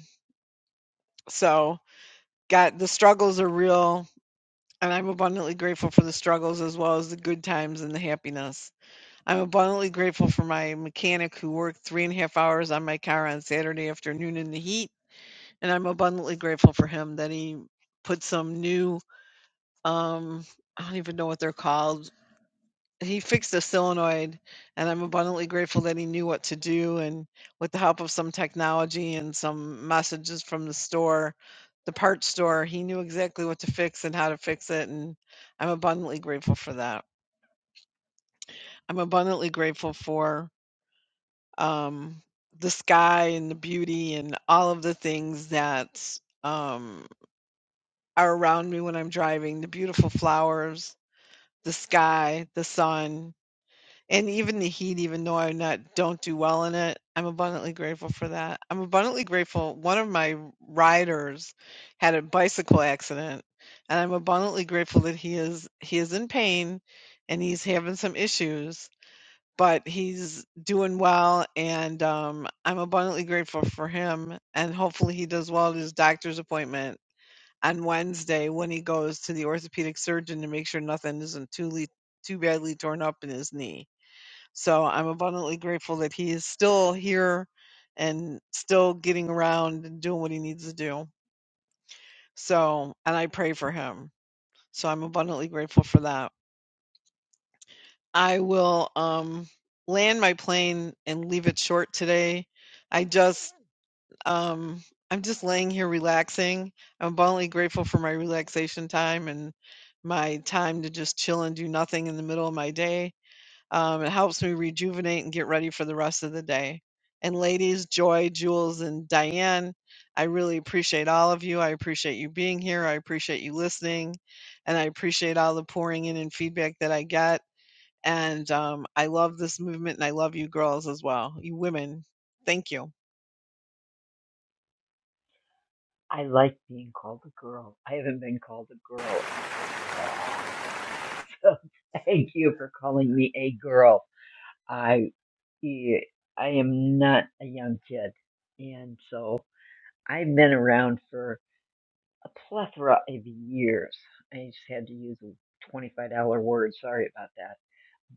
J: So, got the struggles are real And I'm abundantly grateful for the struggles as well as the good times and the happiness. I'm abundantly grateful for my mechanic who worked three and a half hours on my car on Saturday afternoon in the heat. And I'm abundantly grateful for him that he put some new, um, I don't even know what they're called, he fixed a solenoid, and I'm abundantly grateful that he knew what to do. And with the help of some technology and some messages from the store, the parts store, he knew exactly what to fix and how to fix it. And I'm abundantly grateful for that. I'm abundantly grateful for um, the sky and the beauty and all of the things that um, are around me when I'm driving the beautiful flowers, the sky, the sun, And even the heat, even though I'm not don't do well in it, I'm abundantly grateful for that. I'm abundantly grateful. One of my riders had a bicycle accident, and I'm abundantly grateful that he is he is in pain and he's having some issues, but he's doing well, and um, I'm abundantly grateful for him. And hopefully, he does well at his doctor's appointment on Wednesday when he goes to the orthopedic surgeon to make sure nothing isn't too le- too badly torn up in his knee so I'm abundantly grateful that he is still here and still getting around and doing what he needs to do. So, and I pray for him. So I'm abundantly grateful for that. I will um, land my plane and leave it short today. I just, um, I'm just laying here relaxing. I'm abundantly grateful for my relaxation time and my time to just chill and do nothing in the middle of my day. Um, it helps me rejuvenate and get ready for the rest of the day. And ladies, Joy, Jules, and Diane, I really appreciate all of you. I appreciate you being here. I appreciate you listening. And I appreciate all the pouring in and feedback that I get. And um, I love this movement and I love you girls as well, you women. Thank you.
A: I like being called a girl. I haven't been called a girl in a long time. So thank you for calling me a girl. I e, I am not a young kid, and so I've been around for a plethora of years. I just had to use a $25 word. Sorry about that.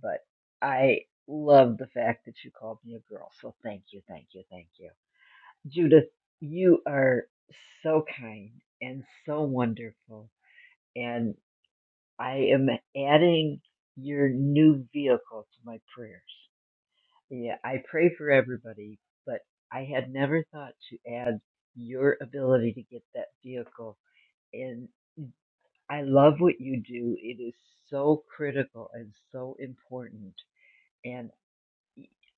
A: But I love the fact that you called me a girl. So thank you, thank you, thank you. Judith, you are so kind and so wonderful. And I am adding your new vehicle to my prayers. Yeah, I pray for everybody, but I had never thought to add your ability to get that vehicle in I love what you do. It is so critical and so important. And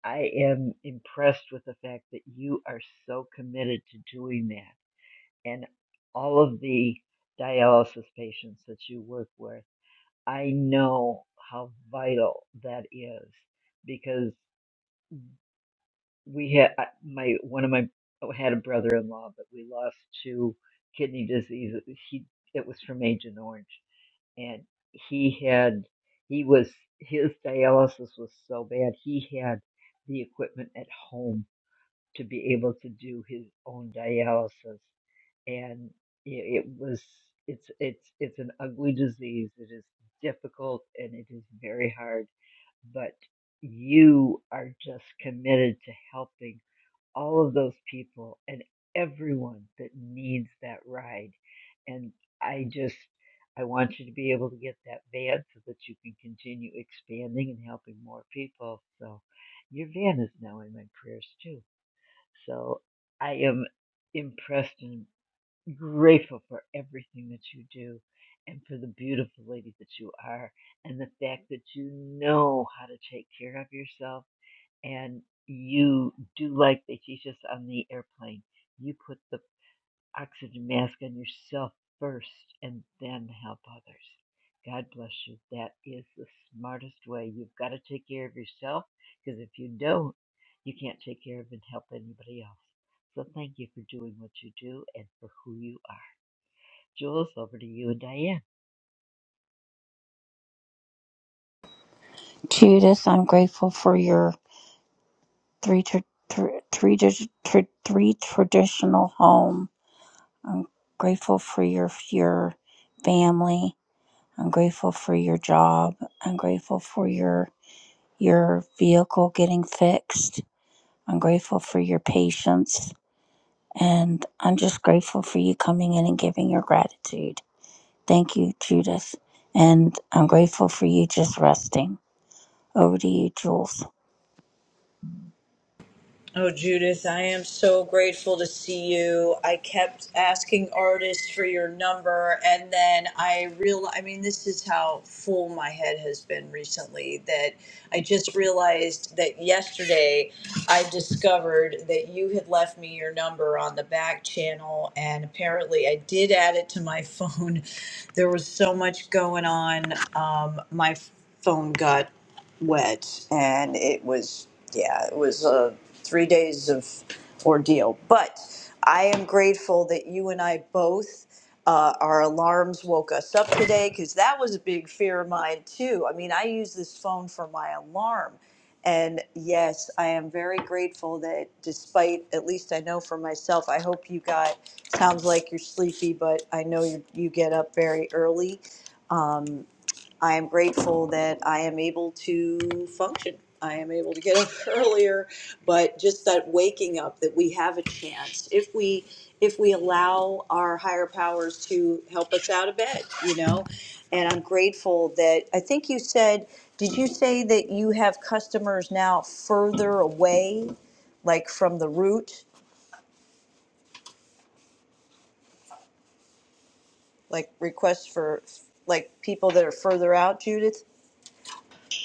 A: I am impressed with the fact that you are so committed to doing that. And all of the dialysis patients that you work with, I know how vital that is because we had my one of my I had a brother-in-law, but we lost to kidney disease. He it was from Agent Orange, and he had he was his dialysis was so bad he had the equipment at home to be able to do his own dialysis and it, it was it's it's it's an ugly disease it is difficult and it is very hard but you are just committed to helping all of those people and everyone that needs that ride. And I just, I want you to be able to get that van so that you can continue expanding and helping more people. So your van is now in my prayers too. So I am impressed and grateful for everything that you do and for the beautiful lady that you are and the fact that you know how to take care of yourself and you do like they teach us on the airplane. You put the oxygen mask on yourself first and then help others. God bless you. That is the smartest way. You've got to take care of yourself because if you don't, you can't take care of and help anybody else. So thank you for doing what you do and for who you are. Jules, over to you and Diane.
I: Judas, I'm grateful for your three, tra- tra- three, tra- tra- three traditional home. I'm grateful for your, your family. I'm grateful for your job. I'm grateful for your, your vehicle getting fixed. I'm grateful for your patience. And I'm just grateful for you coming in and giving your gratitude. Thank you, Judith. And I'm grateful for you just resting. Over to you, Jules.
G: Oh, Judith, I am so grateful to see you. I kept asking artists for your number, and then I real I mean, this is how full my head has been recently that I just realized that yesterday I discovered that you had left me your number on the back channel, and apparently I did add it to my phone. There was so much going on. Um, my phone got wet and it was yeah it was uh, three days of ordeal but i am grateful that you and i both uh, our alarms woke us up today because that was a big fear of mine too i mean i use this phone for my alarm and yes i am very grateful that despite at least i know for myself i hope you got sounds like you're sleepy but i know you, you get up very early Um, I am grateful that I am able to function. I am able to get up earlier, but just that waking up that we have a chance if we if we allow our higher powers to help us out of bed, you know. And I'm grateful that I think you said did you say that you have customers now further away like from the root, like requests for like people that are further out, Judith?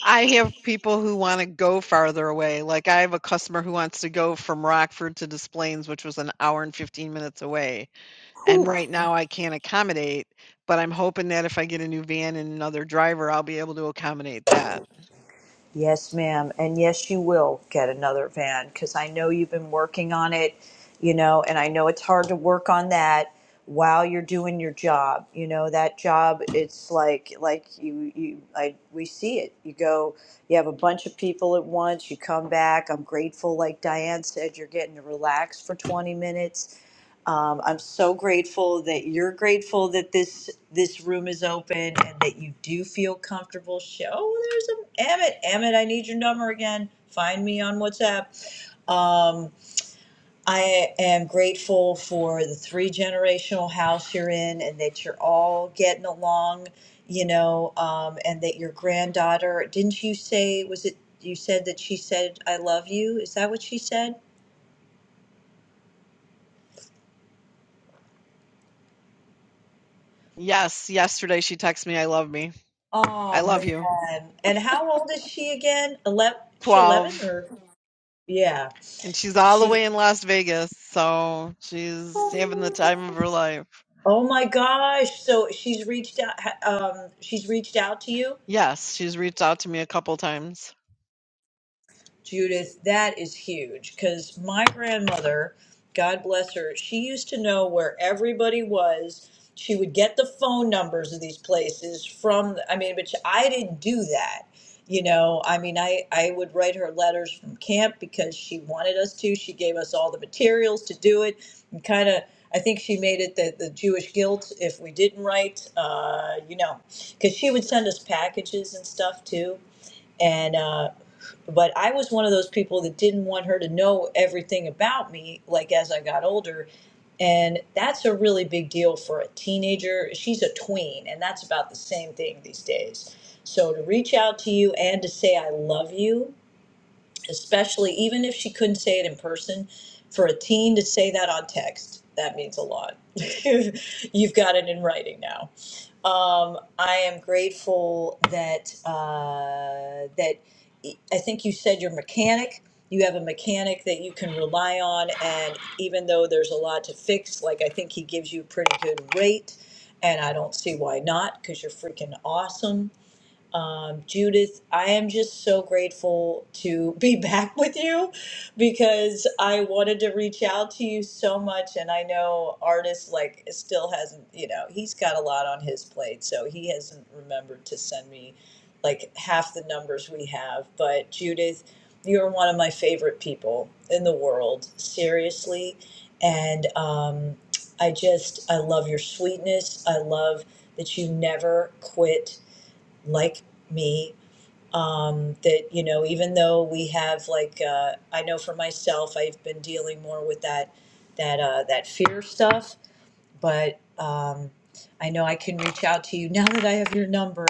J: I have people who want to go farther away. Like I have a customer who wants to go from Rockford to Des Plaines, which was an hour and 15 minutes away And right now I can't accommodate, but I'm hoping that if I get a new van and another driver, I'll be able to accommodate that.
G: Yes, ma'am. And yes, you will get another van because I know you've been working on it, you know, and I know it's hard to work on that while you're doing your job. You know, that job, it's like, like you, you, I, we see it. You go, you have a bunch of people at once, you come back. I'm grateful, like Diane said, you're getting to relax for 20 minutes um, I'm so grateful that you're grateful that this this room is open and that you do feel comfortable. Show oh, there's a Emmett. Emmett, I need your number again. Find me on WhatsApp. Um, I am grateful for the three generational house you're in and that you're all getting along, you know, um, and that your granddaughter, didn't you say, was it, you said that she said, I love you? Is that what she said?
J: Yes, yesterday she texted me, I love me. I
G: Oh
J: love you.
G: man. And how old is she again? 11, she 11
J: 12.
G: or yeah.
J: And she's all the
G: She
J: way in Las Vegas, so she's having the time of her life.
G: Oh my gosh. So she's reached out ha- um she's reached out to you?
J: Yes, she's reached out to me a couple times.
G: Judith, that is huge because my grandmother, God bless her, she used to know where everybody was. She would get the phone numbers of these places from, I mean, but I didn't do that. You know, I mean, I, I would write her letters from camp because she wanted us to. She gave us all the materials to do it and kind of, I think she made it the, the Jewish guilt if we didn't write, uh, you know, because she would send us packages and stuff too and uh, but I was one of those people that didn't want her to know everything about me. Like as I got older, and that's a really big deal for a teenager. She's a tween, and that's about the same thing these days. So to reach out to you and to say I love you especially even if she couldn't say it in person for a teen to say that on text that means a lot you've got it in writing now um, i am grateful that uh, that i think you said your mechanic you have a mechanic that you can rely on and even though there's a lot to fix like i think he gives you a pretty good rate and i don't see why not because you're freaking awesome um, Judith, I am just so grateful to be back with you because I wanted to reach out to you so much. And I know artist like still hasn't, you know, he's got a lot on his plate. So he hasn't remembered to send me like half the numbers we have. But Judith, you're one of my favorite people in the world, seriously. And um, I just, I love your sweetness. I love that you never quit like me um, that you know even though we have like uh, i know for myself i've been dealing more with that that uh, that fear stuff but um, I know I can reach out to you now that I have your number,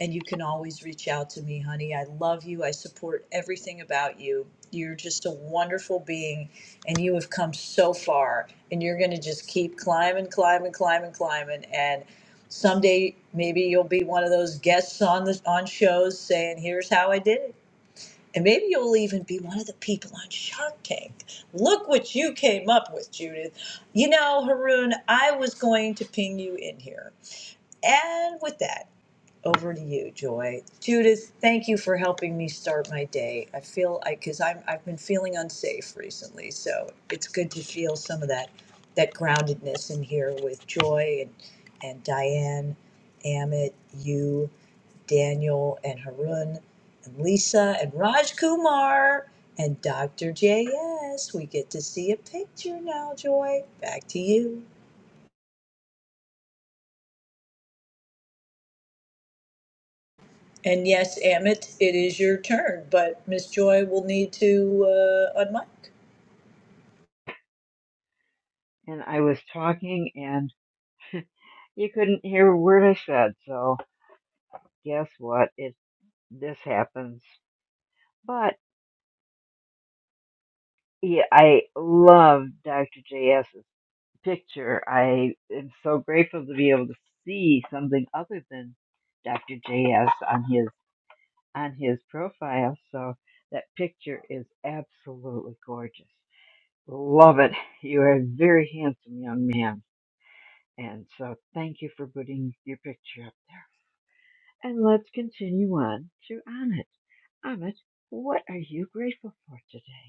G: and you can always reach out to me, honey. I love you. I support everything about you. You're just a wonderful being, and you have come so far, and you're going to just keep climbing, climbing, climbing, climbing, and someday maybe you'll be one of those guests on the on shows saying, "Here's how I did it." And maybe you'll even be one of the people on Shark Tank. Look what you came up with, Judith. You know, Haroon, I was going to ping you in here. And with that, over to you, Joy. Judith, thank you for helping me start my day. I feel I because I'm I've been feeling unsafe recently, so it's good to feel some of that that groundedness in here with Joy and and Diane, Amit, you. Daniel and Harun and Lisa and Raj Kumar and Dr. JS. We get to see a picture now, Joy. Back to you. And yes, Amit, it is your turn, but Miss Joy will need to uh, unmic.
A: And I was talking and you couldn't hear a word I said. So guess what? It this happens. but Yeah, I love Dr. JS's picture. I am so grateful to be able to see something other than Dr. JS on his on his profile. So that picture is absolutely gorgeous. Love it. You are a very handsome young man. And so thank you for putting your picture up there. And let's continue on to Amit. Amit, what are you grateful for today?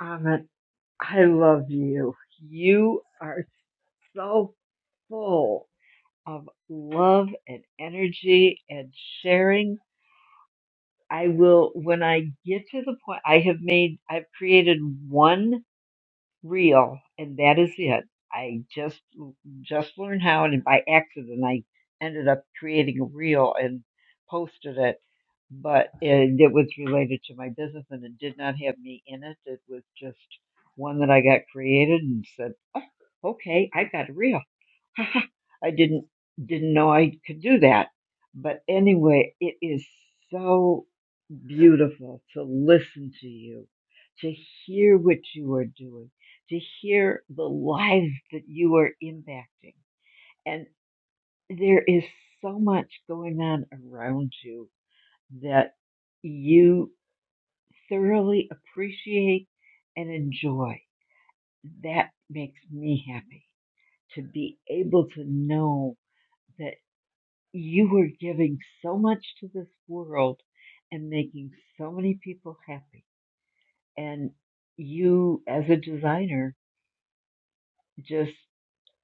A: Amit, I love you. You are so full of love and energy and sharing. I will, when I get to the point, I have made, I've created one real, and that is it. I just just learned how, and by accident, I ended up creating a reel and posted it. But and it was related to my business, and it did not have me in it. It was just one that I got created and said, oh, "Okay, I got a reel." I didn't didn't know I could do that. But anyway, it is so beautiful to listen to you, to hear what you are doing, to hear the lives that you are impacting. And there is so much going on around you that you thoroughly appreciate and enjoy. That makes me happy to be able to know that. you were giving so much to this world and making so many people happy. And you, as a designer, just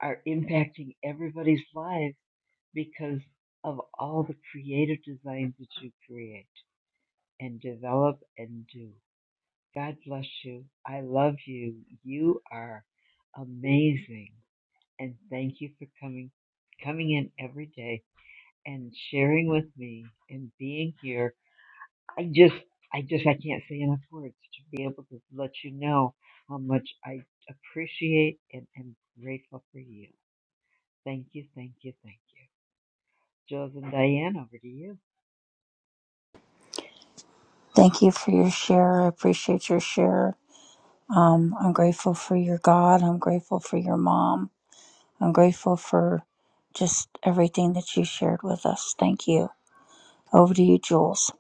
A: are impacting everybody's lives because of all the creative designs that you create and develop and do. God bless you. I love you. You are amazing. And thank you for coming coming in every day and sharing with me and being here I just, I just, I can't say enough words to be able to let you know how much I appreciate and am grateful for you. Thank you, thank you, thank you. Jules and Diane, over to you.
I: Thank you for your share. I appreciate your share. Um, I'm grateful for your God. I'm grateful for your mom. I'm grateful for just everything that you shared with us. Thank you. Over to you, Jules.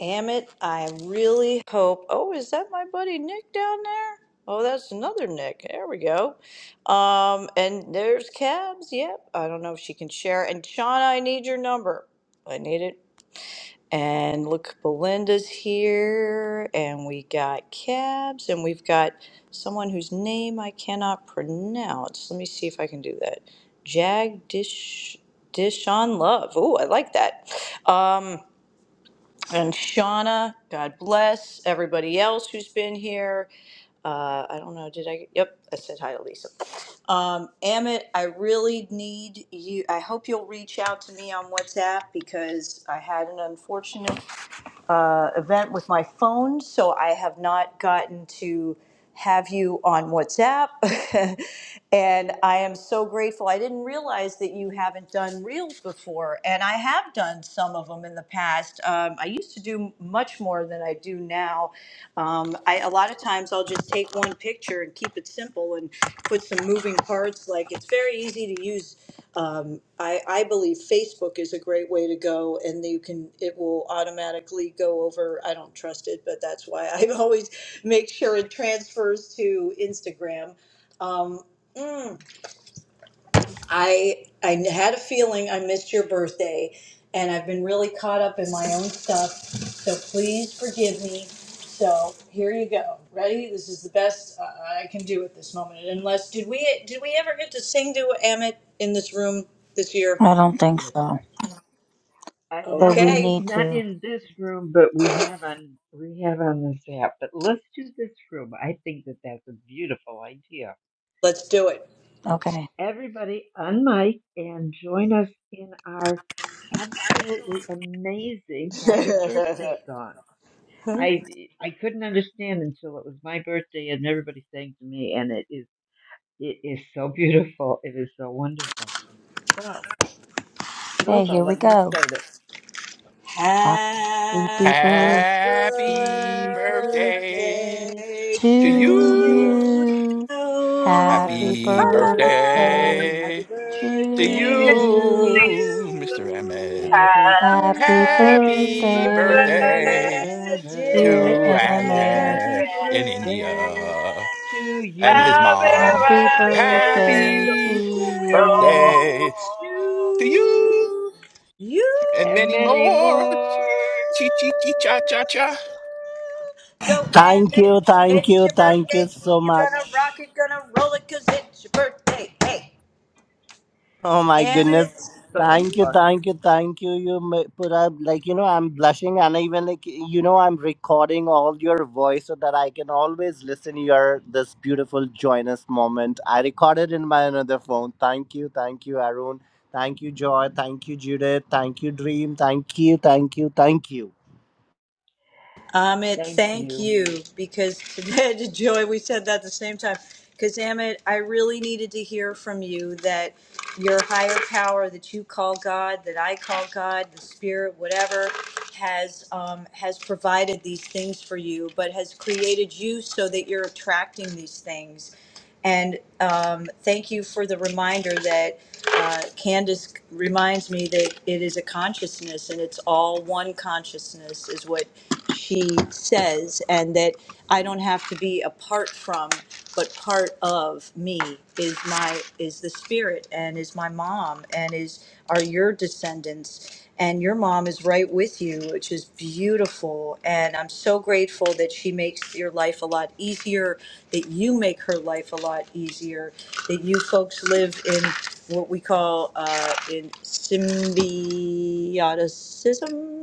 G: Amit, I really hope. Oh, is that my buddy Nick down there? Oh, that's another Nick. There we go. Um, and there's Cabs. Yep. I don't know if she can share. And Shauna, I need your number. I need it. And look, Belinda's here, and we got Cabs, and we've got someone whose name I cannot pronounce. Let me see if I can do that. Jag Dish Dishon Love. Ooh, I like that. Um, and Shauna, God bless everybody else who's been here. Uh, I don't know, did I? Yep, I said hi to Lisa. Um, Amit, I really need you. I hope you'll reach out to me on WhatsApp because I had an unfortunate uh, event with my phone, so I have not gotten to have you on WhatsApp. and I am so grateful. I didn't realize that you haven't done reels before, and I have done some of them in the past. Um, I used to do much more than I do now. Um, I, a lot of times I'll just take one picture and keep it simple and put some moving parts. Like it's very easy to use um, I, I believe Facebook is a great way to go, and you can it will automatically go over. I don't trust it, but that's why I always make sure it transfers to Instagram. Um, mm, I I had a feeling I missed your birthday, and I've been really caught up in my own stuff. So please forgive me. So here you go. Ready? This is the best uh, I can do at this moment. Unless did we did we ever get to sing to Amit in this room this year?
I: I don't think
A: Yes, we-
I: so.
A: uh,
I: But
A: not
I: we
A: in,
G: Okay,
I: need
A: not
I: to.
A: in this room, but we have on, we have on this app. But let's do this room. I think that that's a beautiful idea.
G: let's do it.
A: So
I: Okay.
A: everybody, unmic and join us in our absolutely amazing happy birthday song. I I couldn't understand until it was my birthday and everybody sang to me, and it is it is so beautiful. It is so wonderful. So, Jules,
I: Okay,
A: I'll
I: here we
A: let you
I: go.
A: start it.
I: Happy
G: Happy
I: birthday.
K: Happy
A: Happy
K: birthday
A: birthday
G: birthday
I: to
K: to
G: to
A: to
K: you.
A: you.
G: you.
I: you.
G: La
I: Happy
K: Happy
A: Happy
G: la la.
I: birthday
A: birthday
G: Happy
K: birthday
I: to
K: to you,
L: Good
A: to
G: birthday to
A: you.
I: you.
K: Mr. Ahmed.
G: you.
A: Happy
I: Happy
G: Happy
A: birthday,
K: Happy
I: birthday,
A: dear
K: birthday
G: birthday,
A: Emmett.
I: dear
K: to
G: dear
I: Emmett.
K: Ahmed
A: Happy
K: in
A: birthday
K: India
A: to
G: Emmett.
K: and his
A: you.
K: mom.
I: Happy
G: Happy
I: birthday to
K: Happy
I: you.
G: birthday
K: birthday
G: to
K: to you
G: you.
K: and
A: And
K: many
A: many
K: more.
A: more.
K: Chi chi chi cha cha cha.
G: Go Abbott, it's your birthday. You gonna rock it, gonna roll it, cause it's your birthday. Hey, Abbott.
A: So much fun.
G: Amit,
A: Thank
G: thank
A: you.
G: you because today, Joy, we said that at the same time. Because Amit, I really needed to hear from you that your higher power that you call God, that I call God, the Spirit, whatever, has um, has provided these things for you, but has created you so that you're attracting these things. And um, thank you for the reminder that uh, Candace reminds me that it is a consciousness and it's all one consciousness, is what she says, and that I don't have to be apart from, but part of me is my is the spirit and is my mom and is are your descendants and your mom is right with you which is beautiful and i'm so grateful that she makes your life a lot easier that you make her life a lot easier that you folks live in what we call uh, in symbioticism.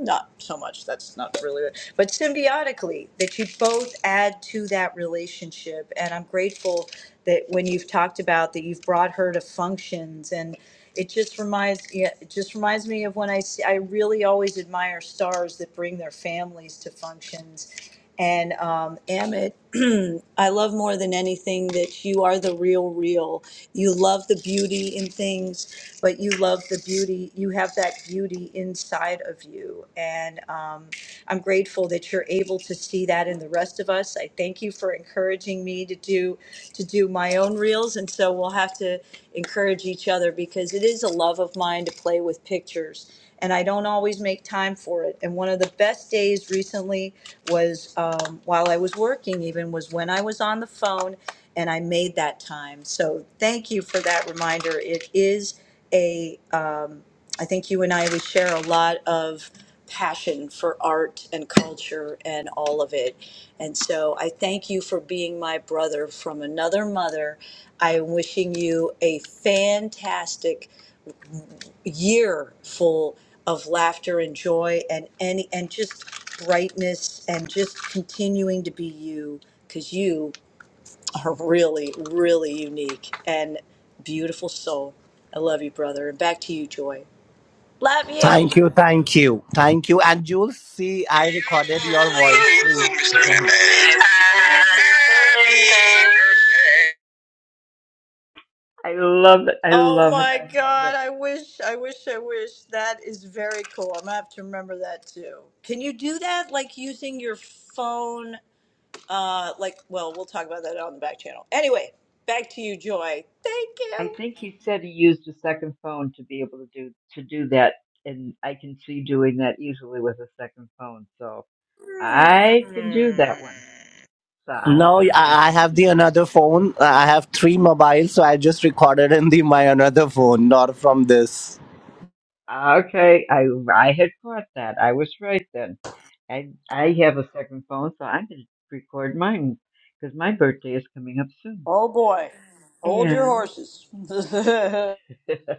G: Not so much. That's not really, it, but symbiotically that you both add to that relationship. And I'm grateful that when you've talked about that, you've brought her to functions and. It just reminds yeah, it just reminds me of when I see, I really always admire stars that bring their families to functions, and um, Amit, I love more than anything that you are the real real you love the beauty in things, but you love the beauty. You have that beauty inside of you. And um, I'm grateful that you're able to see that in the rest of us. I thank you for encouraging me to do to do my own reels. And so we'll have to encourage each other because it is a love of mine to play with pictures. And I don't always make time for it. And one of the best days recently was um, while I was working, even was when I was on the phone and I made that time. So thank you for that reminder. It is a, um, I think you and I, we share a lot of passion for art and culture and all of it. And so I thank you for being my brother from another mother. I am wishing you a fantastic year full of laughter and joy and any and just brightness and just continuing to be you because you are really, really unique and beautiful soul. I love you, brother. And back to you, Joy. Love you.
A: I love it. I
G: Oh
A: love it.
G: my
A: I love
G: God.
A: it.
G: I wish, I wish, I wish. That is very cool. I'm going to have to remember that too. Can you do that? Like using your phone? Uh, like, well, we'll talk about that on the back channel. Anyway, back to you, Joy. Thank
A: I
G: you.
A: think he said he used a second phone to be able to do to do that, and I can see doing that easily with a second phone. So I can do that one. So I'm gonna have to do. Okay, I I had caught that. I was right then. I I have a second phone, so I'm gonna record mine because my birthday is coming up soon.
G: Oh boy. Hold your
A: And
G: horses.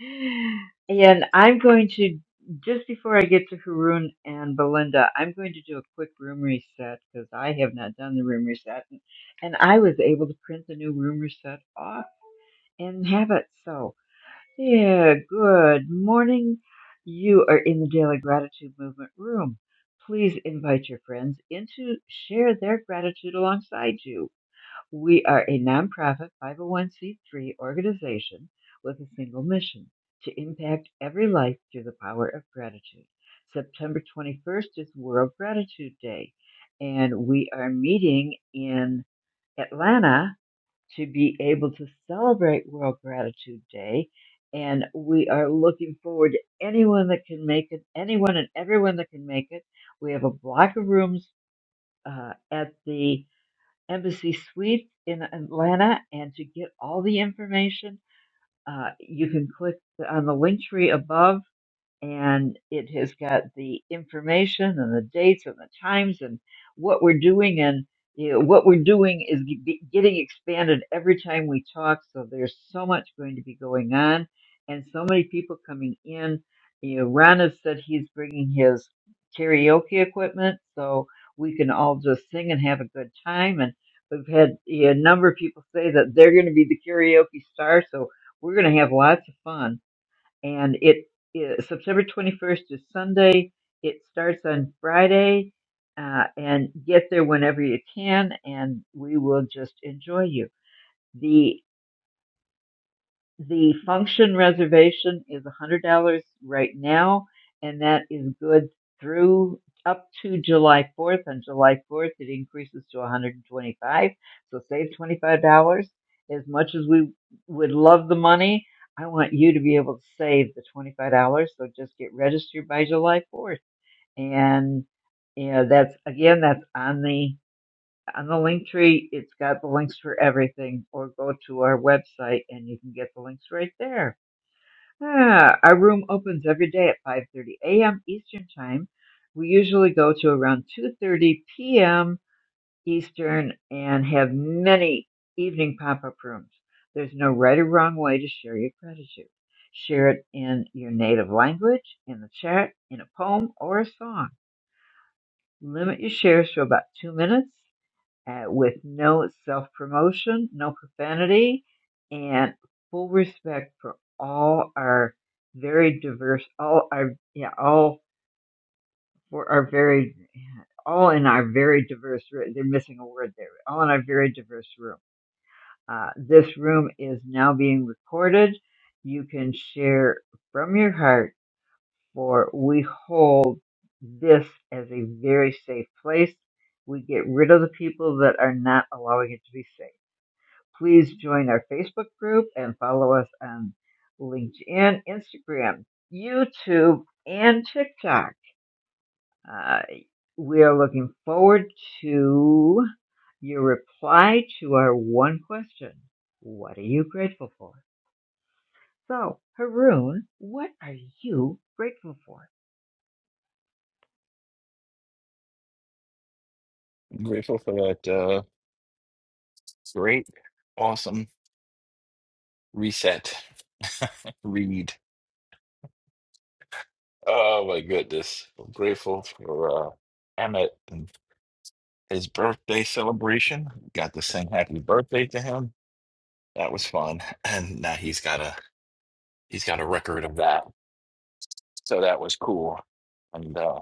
A: And I'm going to, just before I get to Haroon and Belinda, I'm going to do a quick room reset because I have not done the room reset. And, and I was able to print the new room reset off and have it. So, yeah, good morning. You are in the Daily Gratitude Movement room. Please invite your friends in to share their gratitude alongside you. We are a nonprofit 501c3 organization with a single mission to impact every life through the power of gratitude. September 21st is World Gratitude Day, and we are meeting in Atlanta to be able to celebrate World Gratitude Day. And we are looking forward to anyone that can make it, anyone and everyone that can make it. We have a block of rooms uh, at the Embassy Suites in Atlanta. And to get all the information, uh, you can click on the link tree above and it has got the information and the dates and the times and what we're doing and you know, what we're doing is g- g- getting expanded every time we talk so there's so much going to be going on and so many people coming in you know ron has said he's bringing his karaoke equipment so we can all just sing and have a good time and we've had you know, a number of people say that they're going to be the karaoke star so we're going to have lots of fun and it is September 21st is Sunday. It starts on Friday, uh, and get there whenever you can, and we will just enjoy you. The function reservation is one hundred dollars right now, and that is good through up to July fourth. On July fourth, it increases to one hundred and twenty-five. dollars So save twenty-five dollars. As much as we would love the money, I want you to be able to save the twenty-five dollars. So just get registered by July fourth, and you know that's again, that's on the on the link tree, it's got the links for everything, or go to our website and you can get the links right there. Ah, our room opens every day at 5:30 a.m. Eastern Time. We usually go to around 2:30 p.m. Eastern and have many evening pop-up rooms. There's no right or wrong way to share your gratitude. Share it in your native language, in the chat, in a poem, or a song. Limit your shares to about two minutes uh, with no self promotion, no profanity, and full respect for all our very diverse, all our, yeah, all for our very, all in our very diverse, room. they're missing a word there, all in our very diverse room. Uh, this room is now being recorded. You can share from your heart, for we hold this as a very safe place. We get rid of the people that are not allowing it to be safe Please join our Facebook group and follow us on LinkedIn, Instagram, YouTube, and TikTok. Uh, we are looking forward to your reply to our one question. What are you grateful for? So, Haroon, what are you grateful for?
K: Grateful for that uh, great, awesome reset, read. Oh my goodness. I'm grateful for uh, Emmett and his birthday celebration. Got to sing happy birthday to him. That was fun. And now he's got a he's got a record of that. So that was cool. And uh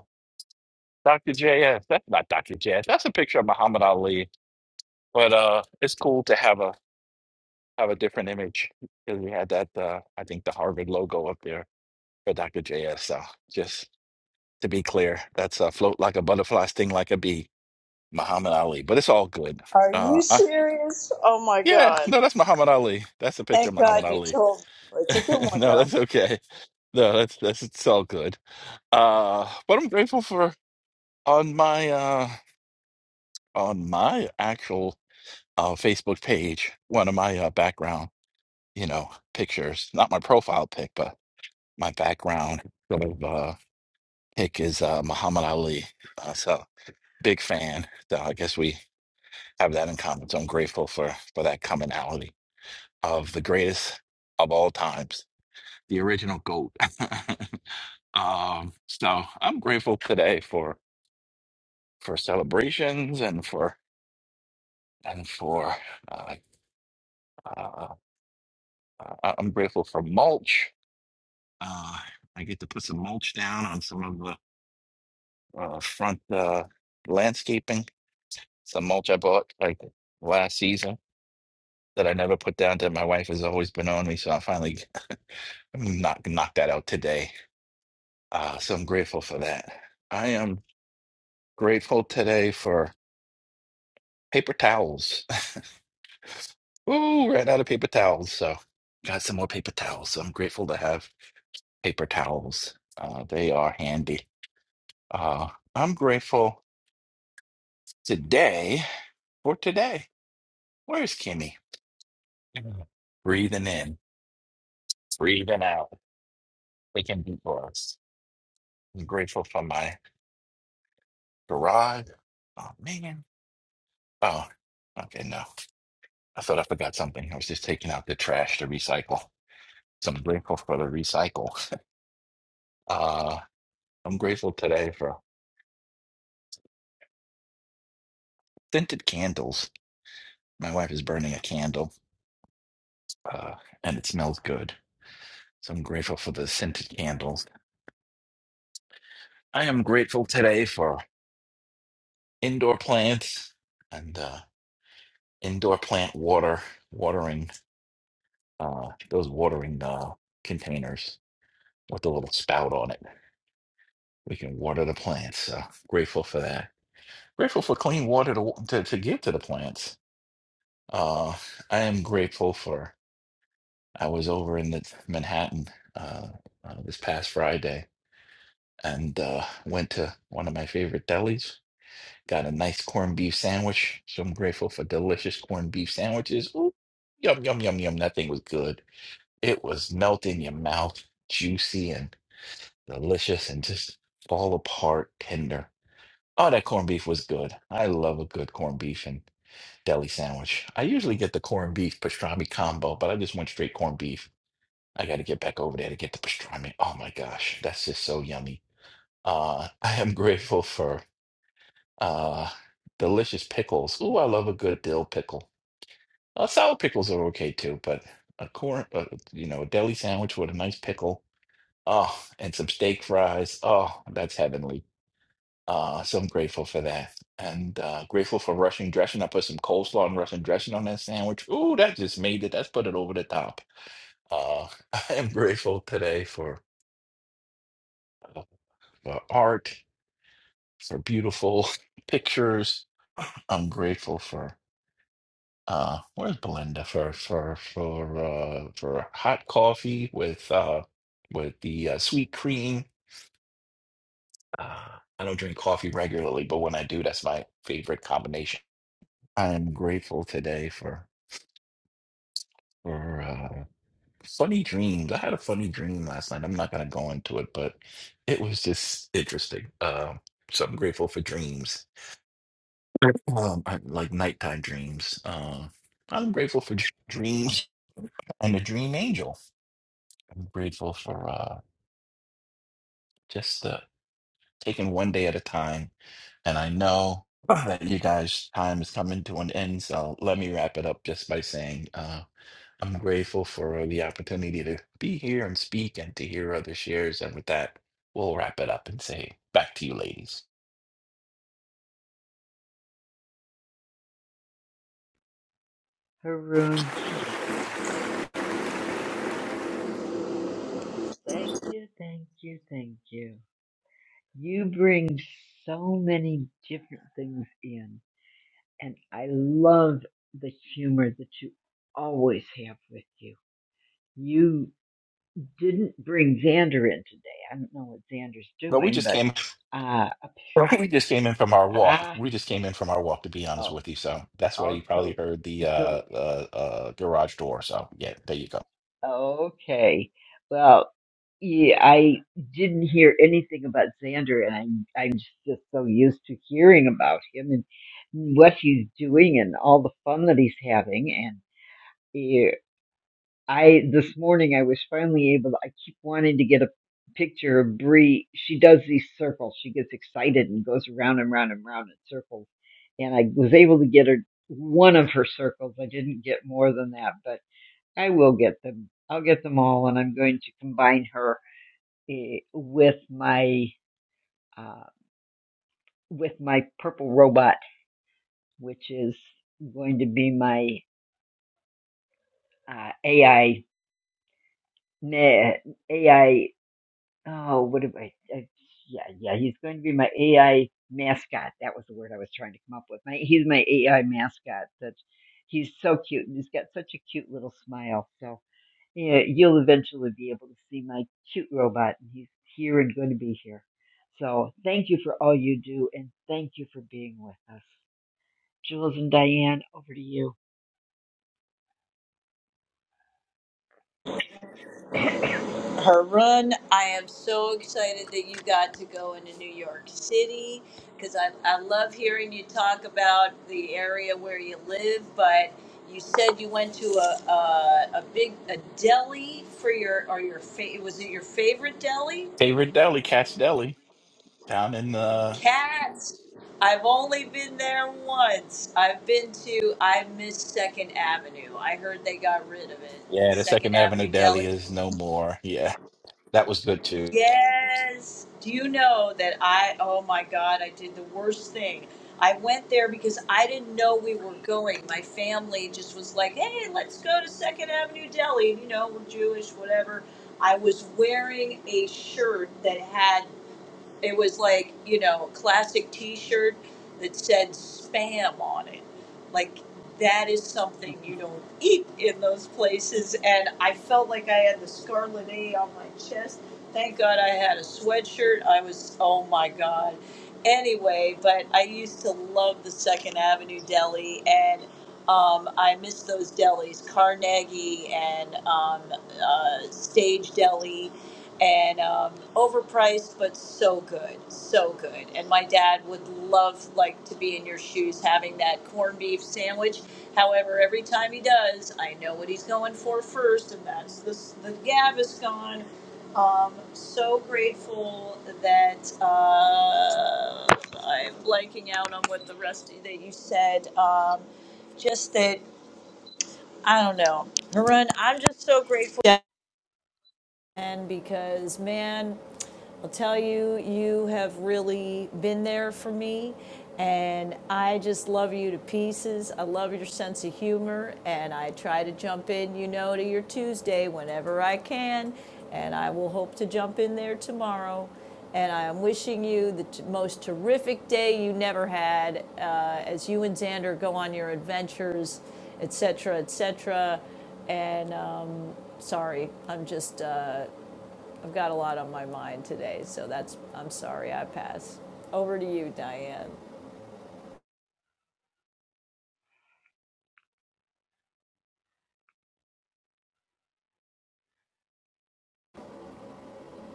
K: Dr. JS, that's not Dr. JS. That's a picture of Muhammad Ali. But uh it's cool to have a have a different image because we had that uh I think the Harvard logo up there for Dr. JS. So just to be clear. That's uh, float like a butterfly, sting like a bee, Muhammad Ali. But it's all good.
G: Are
K: Uh,
G: you
K: I,
G: serious? Oh my
K: yeah,
G: God.
K: no, that's Muhammad Ali. That's a picture of
G: Thank
K: Muhammad
G: God you
K: Ali.
G: told. It's a good one
K: no,
G: though.
K: that's okay. No, that's that's it's all good. Uh, but I'm grateful for on my uh on my actual uh Facebook page, one of my uh, background, you know, pictures, not my profile pic, but my background sort of uh pic is uh Muhammad Ali. Uh, so big fan. So I guess we have that in common. So I'm grateful for for that commonality of the greatest of all times, the original goat. um, so I'm grateful today for for celebrations and for and for uh, uh, uh, I'm grateful for mulch. Uh, I get to put some mulch down on some of the uh, front uh, landscaping. Some mulch I bought like last season that I never put down that my wife has always been on me. So I finally I'm gonna knock knock that out today. Uh, so I'm grateful for that. I am grateful today for paper towels. Ooh, ran out of paper towels, so got some more paper towels. So I'm grateful to have paper towels. Uh, they are handy. Uh, I'm grateful today for today. Where's Kimmy? Mm. Breathing in, breathing out. They can be for us. I'm grateful for my garage. Oh man. Oh, okay. No. I thought I forgot something. I was just taking out the trash to recycle. So I'm grateful for the recycle. Uh, I'm grateful today for scented candles. My wife is burning a candle uh, and it smells good. So I'm grateful for the scented candles. I am grateful today for indoor plants and uh, indoor plant water, watering uh, those watering uh, containers with a little spout on it. We can water the plants. So grateful for that. Grateful for clean water to to, to give to the plants. Uh, I am grateful for. I was over in the Manhattan uh, uh, this past Friday and uh, went to one of my favorite delis. Got a nice corned beef sandwich, so I'm grateful for delicious corned beef sandwiches. Ooh, yum yum yum yum. That thing was good. It was melt in your mouth, juicy and delicious, and just fall apart tender. Oh, that corned beef was good. I love a good corned beef, and. deli sandwich. I usually get the corned beef pastrami combo, but I just went straight corned beef. I got to get back over there to get the pastrami. Oh my gosh, that's just so yummy. Uh, I am grateful for uh, delicious pickles. Ooh, I love a good dill pickle. Uh, sour pickles are okay too, but a corn, uh, you know, a deli sandwich with a nice pickle. Oh, and some steak fries. Oh, that's heavenly. Uh, so I'm grateful for that. And uh, grateful for Russian dressing. I put some coleslaw and Russian dressing on that sandwich. Ooh, that just made it. That's put it over the top. Uh, I am grateful today for, uh, for art, for beautiful pictures. I'm grateful for uh, where's Belinda for for for uh, for hot coffee with uh, with the uh, sweet cream. Uh, I don't drink coffee regularly, but when I do, that's my favorite combination. I am grateful today for. or uh, funny dreams. I had a funny dream last night. I'm not gonna go into it, but it was just interesting. Um, so I'm grateful for dreams, um, I- like nighttime dreams. Um, I'm grateful for dr- dreams and a dream angel. I'm grateful for uh, just uh, taking one day at a time. And I know that you guys' time is coming to an end, so let me wrap it up just by saying. uh, I'm grateful for the opportunity to be here and speak and to hear other shares. And with that, we'll wrap it up and say back to you, ladies.
A: Haroon, thank you. Thank you, thank you, thank you. You bring so many different things in. and I love the humor that you always have with you. You didn't bring Xander in today. I don't know what Xander's
K: Well, we
A: doing,
K: just
A: but
K: came.
A: uh,
K: We just came in from our walk.
A: ah,
K: We just came in from our walk, to be honest
A: oh,
K: with you. So that's why
A: oh,
K: you probably
A: so,
K: heard the
A: so,
K: uh, uh, uh, garage door. So yeah, there you go.
A: okay. Well, yeah, I didn't hear anything about Xander, and I'm I'm just so used to hearing about him and what he's doing and all the fun that he's having, I this morning I was finally able to I keep wanting to get a picture of Bree. She does these circles. She gets excited and goes around and round and round in circles. And I was able to get her one of her circles. I didn't get more than that, but I will get them. I'll get them all and I'm going to combine her eh, with my uh with my purple robot, which is going to be my uh AI na- AI Oh, what am I? Uh, yeah, yeah, he's going to be my AI mascot. That was the word I was trying to come up with. My, he's my AI mascot. That he's so cute and he's got such a cute little smile. So yeah, you'll eventually be able to see my cute robot, and he's here and going to be here. So thank you for all you do, and thank you for being with us, Jules and Diane. Over to you.
G: Her run. I am so excited that you got to go into New York City because I, I love hearing you talk about the area where you live. But you said you went to a a, a big a deli for your or your fa- was it your favorite deli?
K: Favorite deli, Cat's Deli, down in uh,
G: Cats. I've only been there once. I've been to I miss Second Avenue. I heard they got rid of it.
K: yeah, the
G: Second
K: Second Avenue
G: Avenue
K: Deli
G: Deli.
K: is no more. Yeah, that was good too.
G: Yes. Do you know that I, oh my God, I did the worst thing. I went there because I didn't know we were going. My family just was like, hey, let's go to Second Avenue Deli. You know, we're Jewish, whatever. I was wearing a shirt that had it was like, you know, a classic t shirt that said spam on it. Like, that is something you don't eat in those places. And I felt like I had the scarlet A on my chest. Thank God I had a sweatshirt. I was, oh my God. Anyway, but I used to love the Second Avenue Deli, and um, I miss those delis, Carnegie and um, uh, Stage Deli and um, overpriced, but so good, so good. And my dad would love like to be in your shoes having that corned beef sandwich. However, every time he does, I know what he's going for first, and that's this the Gaviscon. Um, so grateful that uh, I'm blanking out on what the rest of, that you said. Um, just that I don't know, Harun. I'm just so grateful. And because, man, I'll tell you, you have really been there for me. And I just love you to pieces. I love your sense of humor. And I try to jump in, you know, to your Tuesday whenever I can. And I will hope to jump in there tomorrow. And I am wishing you the t- most terrific day you never had uh, as you and Xander go on your adventures, et cetera, et cetera. And um, sorry, I'm just, uh, I've got a lot on my mind today, so that's, I'm sorry, I pass. Over to you, Diane.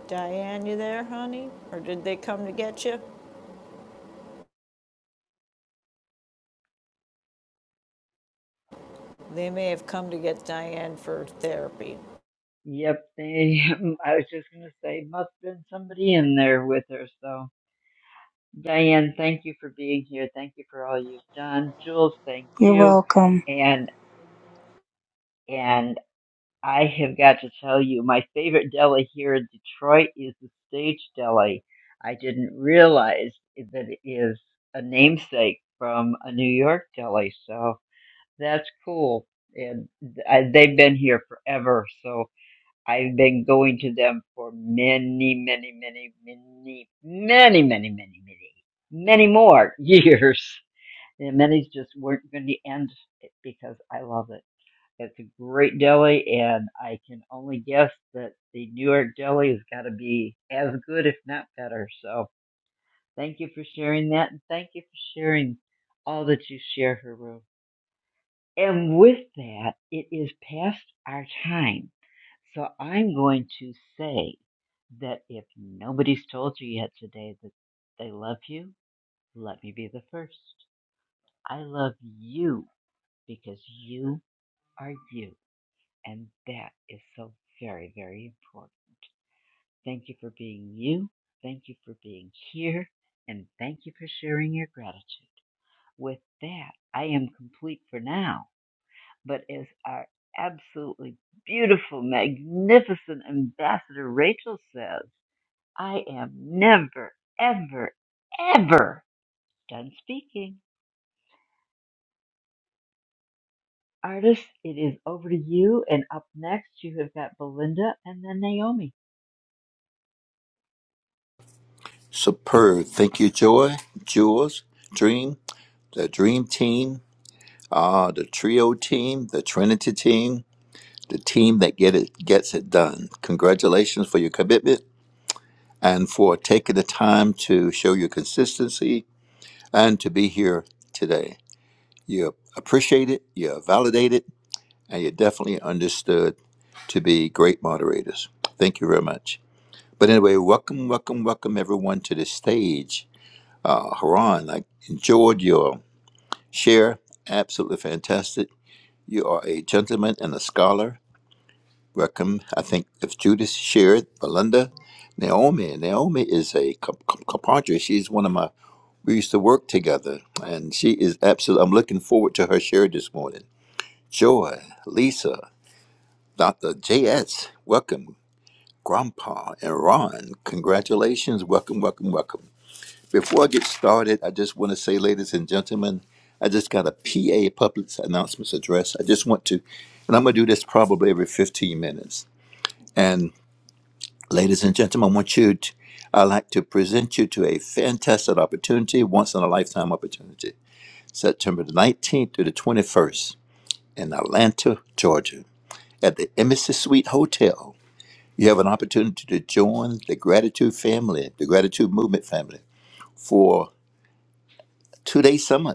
G: Diane, you there, honey? Or did they come to get you? They may have come to get Diane for therapy.
A: Yep, they, I was just going to say, must have been somebody in there with her. So. Diane, thank you for being here. Thank you for all you've done. Jules, thank
I: You're
A: you.
I: welcome.
A: And and I have got to tell you, my favorite deli here in Detroit is the Stage Deli. I didn't realize that it is a namesake from a New York deli, so that's cool. And I, they've been here forever, so I've been going to them for many, many, many, many, many, many, many, many, many more years. And many just weren't going to end because I love it. It's a great deli, and I can only guess that the New York deli has got to be as good, if not better. So thank you for sharing that, and thank you for sharing all that you share, Haru. And with that, it is past our time. So I'm going to say that if nobody's told you yet today that they love you, let me be the first. I love you because you are you. And that is so very, very important. Thank you for being you. Thank you for being here. And thank you for sharing your gratitude. With that, I am complete for now. But as our absolutely beautiful, magnificent ambassador Rachel says, I am never, ever, ever done speaking. Artists, it is over to you. And up next, you have got Belinda and then Naomi.
M: Superb. Thank you, Joy, Jules, Dream, the Dream Team, uh, the Trio Team, the Trinity Team, the team that get it gets it done. Congratulations for your commitment and for taking the time to show your consistency and to be here today. You're appreciated, you're validated, and you're definitely understood to be great moderators. Thank you very much. But anyway, welcome, welcome, welcome everyone to the stage. Uh, Haran, I enjoyed your Share, absolutely fantastic. You are a gentleman and a scholar. Welcome. I think if Judith shared, Belinda, Naomi. Naomi is a co- co- compadre. She's one of my. We used to work together, and she is absolutely. I'm looking forward to her share this morning. Joy, Lisa, Doctor J S. Welcome, Grandpa and Ron. Congratulations. Welcome, welcome, welcome. Before I get started, I just want to say, ladies and gentlemen, I just got a PA public announcements address. I just want to, and I'm going to do this probably every 15 minutes. And ladies and gentlemen, I want you to, I'd like to present you to a fantastic opportunity, once in a lifetime opportunity, September the 19th to the 21st in Atlanta, Georgia, at the Embassy Suite Hotel. You have an opportunity to join the gratitude family, the gratitude movement family, for two day summit.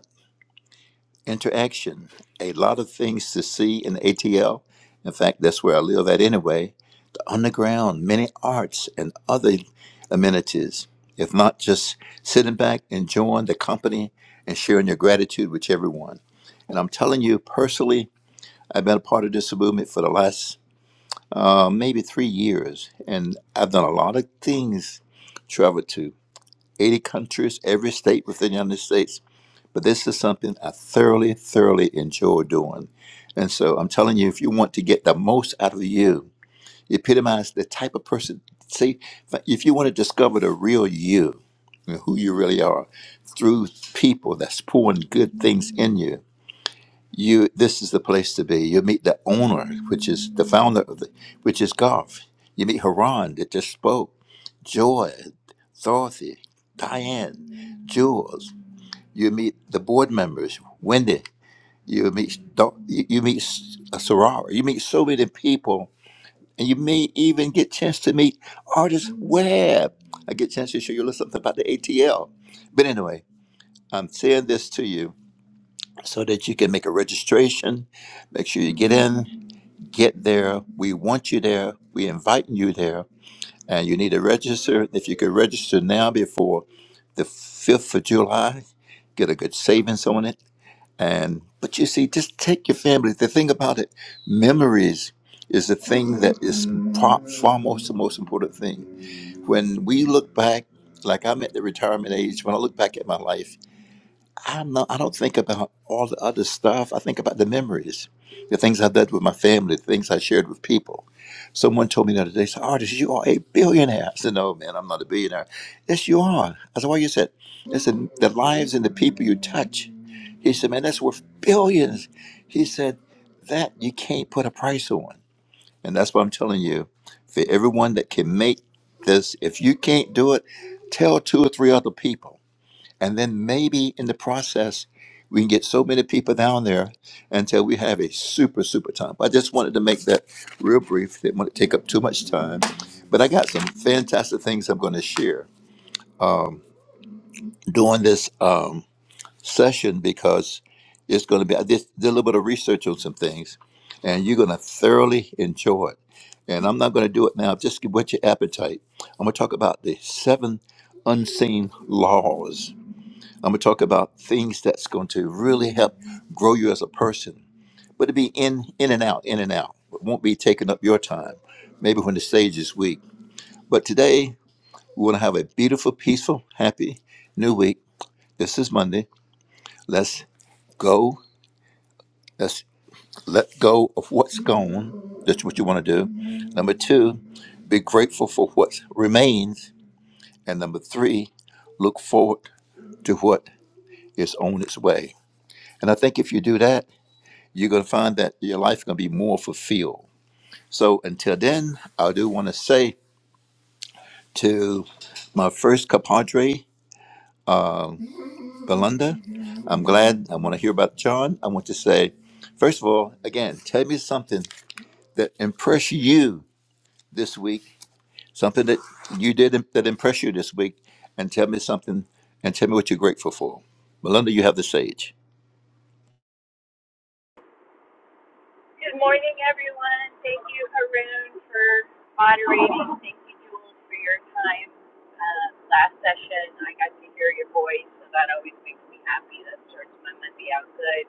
M: interaction, a lot of things to see in ATL. In fact, that's where I live at anyway. On the ground, many arts and other amenities, if not just sitting back, enjoying the company, and sharing your gratitude with everyone. And I'm telling you personally, I've been a part of this movement for the last uh, maybe three years, and I've done a lot of things, traveled to 80 countries, every state within the United States, but this is something I thoroughly, thoroughly enjoy doing. And so I'm telling you, if you want to get the most out of you, epitomize the type of person. See, if you want to discover the real you and who you really are through people that's pouring good things in you, you this is the place to be. You meet the owner, which is the founder of the, which is Garth. You meet Haran that just spoke, Joy, Dorothy, Diane, Jules. You meet the board members, Wendy. You meet doc- you you meet s- a soror. You meet so many people, and you may even get chance to meet artist Webb. I get a chance to show you a little something about the ATL. But anyway, I'm saying this to you so that you can make a registration. Make sure you get in, get there. We want you there. We inviting you there, and you need to register. If you could register now before the fifth of July, get a good savings on it and but you see, just take your family. The thing about it, memories is the thing that is far, far most the most important thing. When we look back, like I'm at the retirement age, when I look back at my life. I don't know. I don't think about all the other stuff. I think about the memories, the things i did with my family, the things I shared with people. Someone told me the other day, said, Artist, you are a billionaire. I said, No, man, I'm not a billionaire. Yes, you are. I said, Why you said? I said, The lives and the people you touch. He said, Man, that's worth billions." He said, That you can't put a price on. And that's what I'm telling you. For everyone that can make this, if you can't do it, tell two or three other people and then maybe in the process, we can get so many people down there until we have a super, super time. I just wanted to make that real brief. Didn't want to take up too much time. But I got some fantastic things I'm going to share during this um, session because it's going to be, I just did a little bit of research on some things and you're going to thoroughly enjoy it. And I'm not going to do it now. Just whet your appetite. I'm going to talk about the seven unseen laws I'm going to talk about things that's going to really help grow you as a person, but it'll be in in and out, in and out. It won't be taking up your time. Maybe when the stage is weak. But today we want to have a beautiful, peaceful, happy new week. This is Monday. Let's go. Let's let go of what's gone. That's what you want to do. Number two, be grateful for what remains. And number three, look forward to what is on its way. And I think if you do that, you're going to find that your life is going to be more fulfilled. So until then, I do want to say to my first compadre, Belinda, I'm glad I want to hear about John. I want to say, first of all, again, tell me something that impressed you this week, something that you did that impressed you this week, and tell me something and tell me what you're grateful for. Belinda, you have the sage.
L: morning, everyone. Thank you, Haroon, for moderating. Thank you, Jules, for your time. Uh, last session, I got to hear your voice, so that always makes me happy. That starts my Monday out good.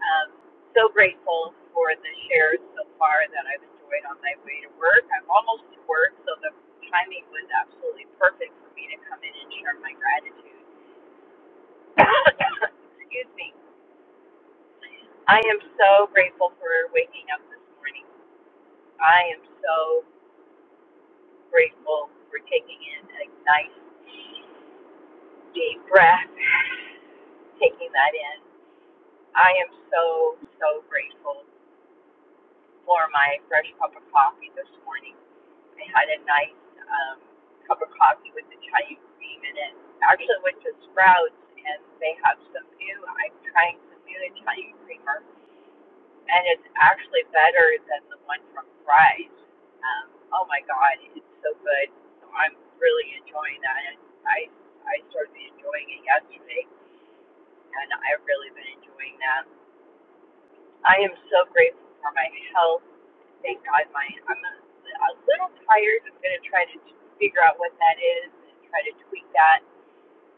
L: Um, so grateful for the shares so far that I've enjoyed on my way to work. I'm almost to work, so the timing was absolutely perfect for me to come in and share my gratitude. Excuse me. I am so grateful for waking up this morning. I am so grateful for taking in a nice deep breath, taking that in. I am so, so grateful for my fresh cup of coffee this morning. I had a nice um, cup of coffee with Italian cream in it. Actually, went to Sprouts and they have some new. I'm trying some new Italian creamer, and it's actually better than the one from Fry's. Um, oh my God, it's so good. So I'm really enjoying that. And I I started enjoying it yesterday, and I've really been enjoying that. I am so grateful for my health. Thank God, my I'm a, a little tired. I'm going to try to figure out what that is and try to tweak that.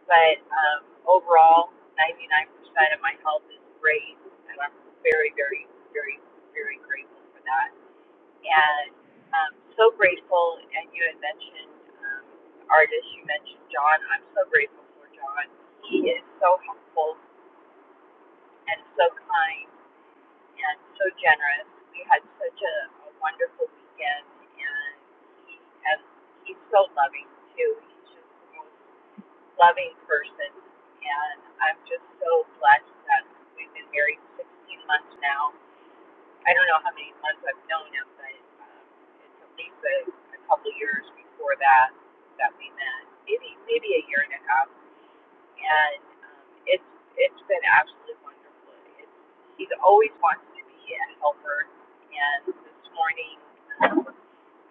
L: But um, overall, 99% of my health is great, and I'm very, very, very, very grateful for that. And um, so grateful. And you had mentioned um, artists. You mentioned John. I'm so grateful for John. He is so helpful and so kind and so generous. We had such a, a wonderful weekend, and he has, he's so loving too. He's just the most loving person, and I'm just so blessed that we've been married 16 months now. I don't know how many months I've known him, but um, it's at least a, a couple years before that that we met. Maybe maybe a year and a half. Yeah, and um, it's it's been absolutely wonderful. It's, he's always wanted to be a helper, and this morning um,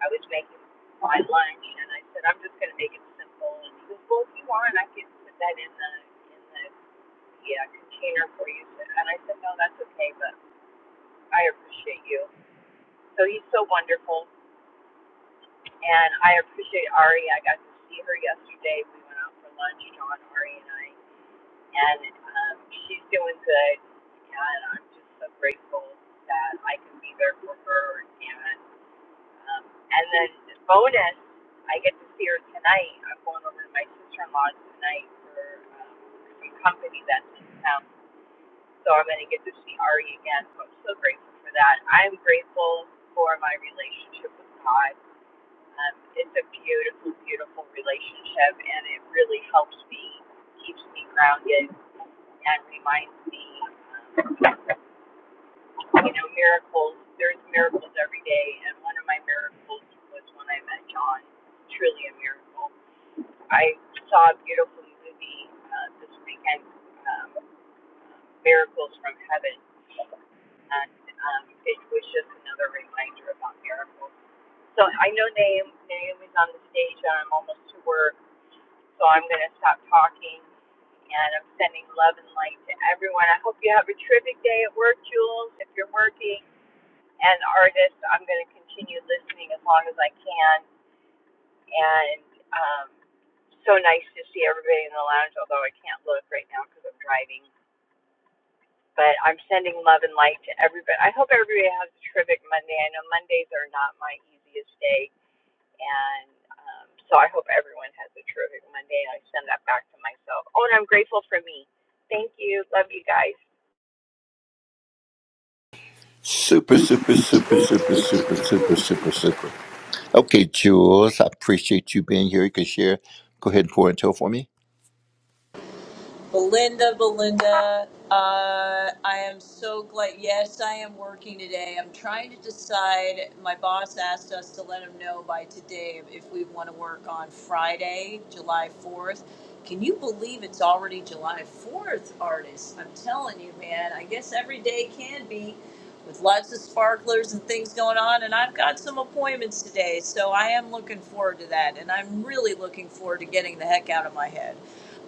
L: I was making my lunch, and I said I'm just going to make it simple, and he goes, well, if you want, I can put that in the in the yeah, container for you, and I said no, that's okay, but I appreciate you. So he's so wonderful, and I appreciate Ari. I got to see her yesterday. We went out for lunch, John, Ari, and I. and um, she's doing good. And I'm just so grateful that I can be there for her. And um, and then bonus, I get to see her tonight. I'm going over to my sister in laws tonight for um, some company that's in town, so I'm going to get to see Ari again. So I'm so grateful for that. I'm grateful for my relationship with God. Um, it's a beautiful, beautiful relationship, and it really helps me, keeps me grounded and reminds me, you know, miracles. There's miracles every day, and one of my miracles was when I met John. Truly a miracle. I saw a beautiful movie uh, this weekend, um, Miracles from Heaven, and um, it was just another reminder about miracles. So I know Naomi, Naomi's on the stage, and I'm almost to work So I'm going to stop talking and I'm sending love and light to everyone. I hope you have a terrific day at work, Jules, if you're working. And artists, I'm going to continue listening as long as I can. And um, so nice to see everybody in the lounge, although I can't look right now because I'm driving. But I'm sending love and light to everybody. I hope everybody has a terrific Monday. I know Mondays are not my easiest day and um, so I hope everyone has a terrific Monday. I send that back to myself. Oh, and I'm grateful for me. Thank you. Love you guys.
M: Super, super, super, super, super, super, super, super. Okay, Jules, I appreciate you being here. You can share. Go ahead and pour into it for me.
G: Belinda, Belinda, uh, I am so glad. Yes, I am working today. I'm trying to decide. My boss asked us to let him know by today if we want to work on Friday, July 4th. Can you believe it's already July 4th, artists? I'm telling you, man. I guess every day can be with lots of sparklers and things going on. And I've got some appointments today, so I am looking forward to that. And I'm really looking forward to getting the heck out of my head.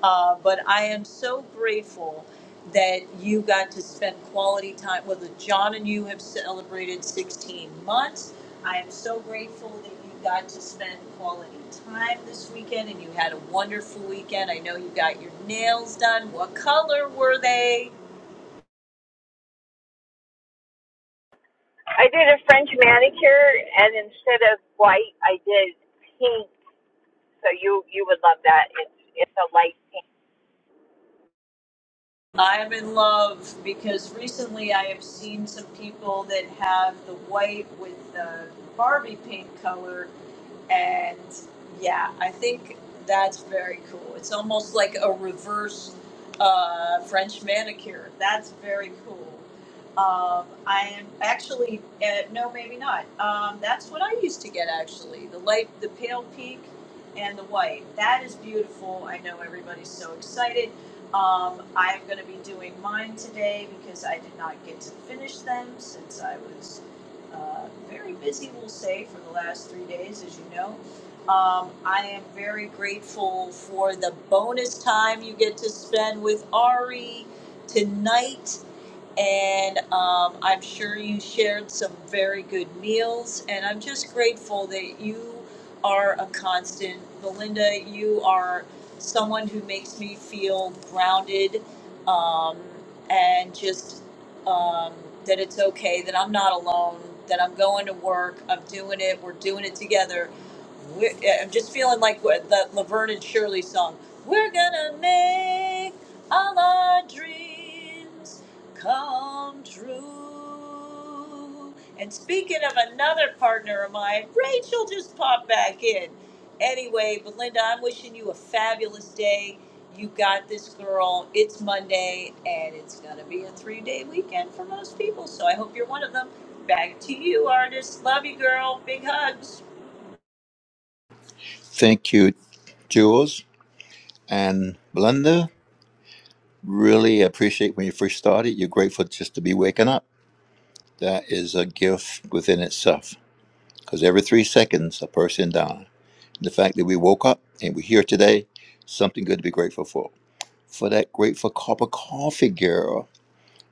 G: Uh, but I am so grateful that you got to spend quality time with it. John and you have celebrated 16 months. I am so grateful that you got to spend quality time this weekend and you had a wonderful weekend. I know you got your nails done. What color were they?
L: I did a French manicure, and instead of white, I did pink. So you you would love that. It's it's a light pink.
G: I'm in love because recently I have seen some people that have the white with the Barbie paint color, and yeah, I think that's very cool. It's almost like a reverse uh, French manicure. That's very cool. Um, I am actually uh, no, maybe not. Um, that's what I used to get actually. The light, the pale pink, and the white. That is beautiful. I know everybody's so excited. Um, I'm going to be doing mine today because I did not get to finish them since I was uh, very busy, we'll say, for the last three days, as you know. Um, I am very grateful for the bonus time you get to spend with Ari tonight and um, I'm sure you shared some very good meals. And I'm just grateful that you are a constant. Belinda, you are someone who makes me feel grounded and just that it's okay, that I'm not alone, that I'm going to work, I'm doing it, we're doing it together we're, yeah, I'm just feeling like what that Laverne and Shirley song. We're gonna make all our dreams come true. And speaking of another partner of mine, Rachel just popped back in. Anyway, Belinda, I'm wishing you a fabulous day. You got this girl. It's Monday, and it's going to be a three day weekend for most people. So I hope you're one of them. Back to you, artist. Love you, girl. Big hugs.
M: Thank you, Jules and Belinda. Really appreciate when you first started. You're grateful just to be waking up. That is a gift within itself because every three seconds, a person dies. The fact that we woke up and we're here today, something good to be grateful for. For that grateful cup of coffee, girl.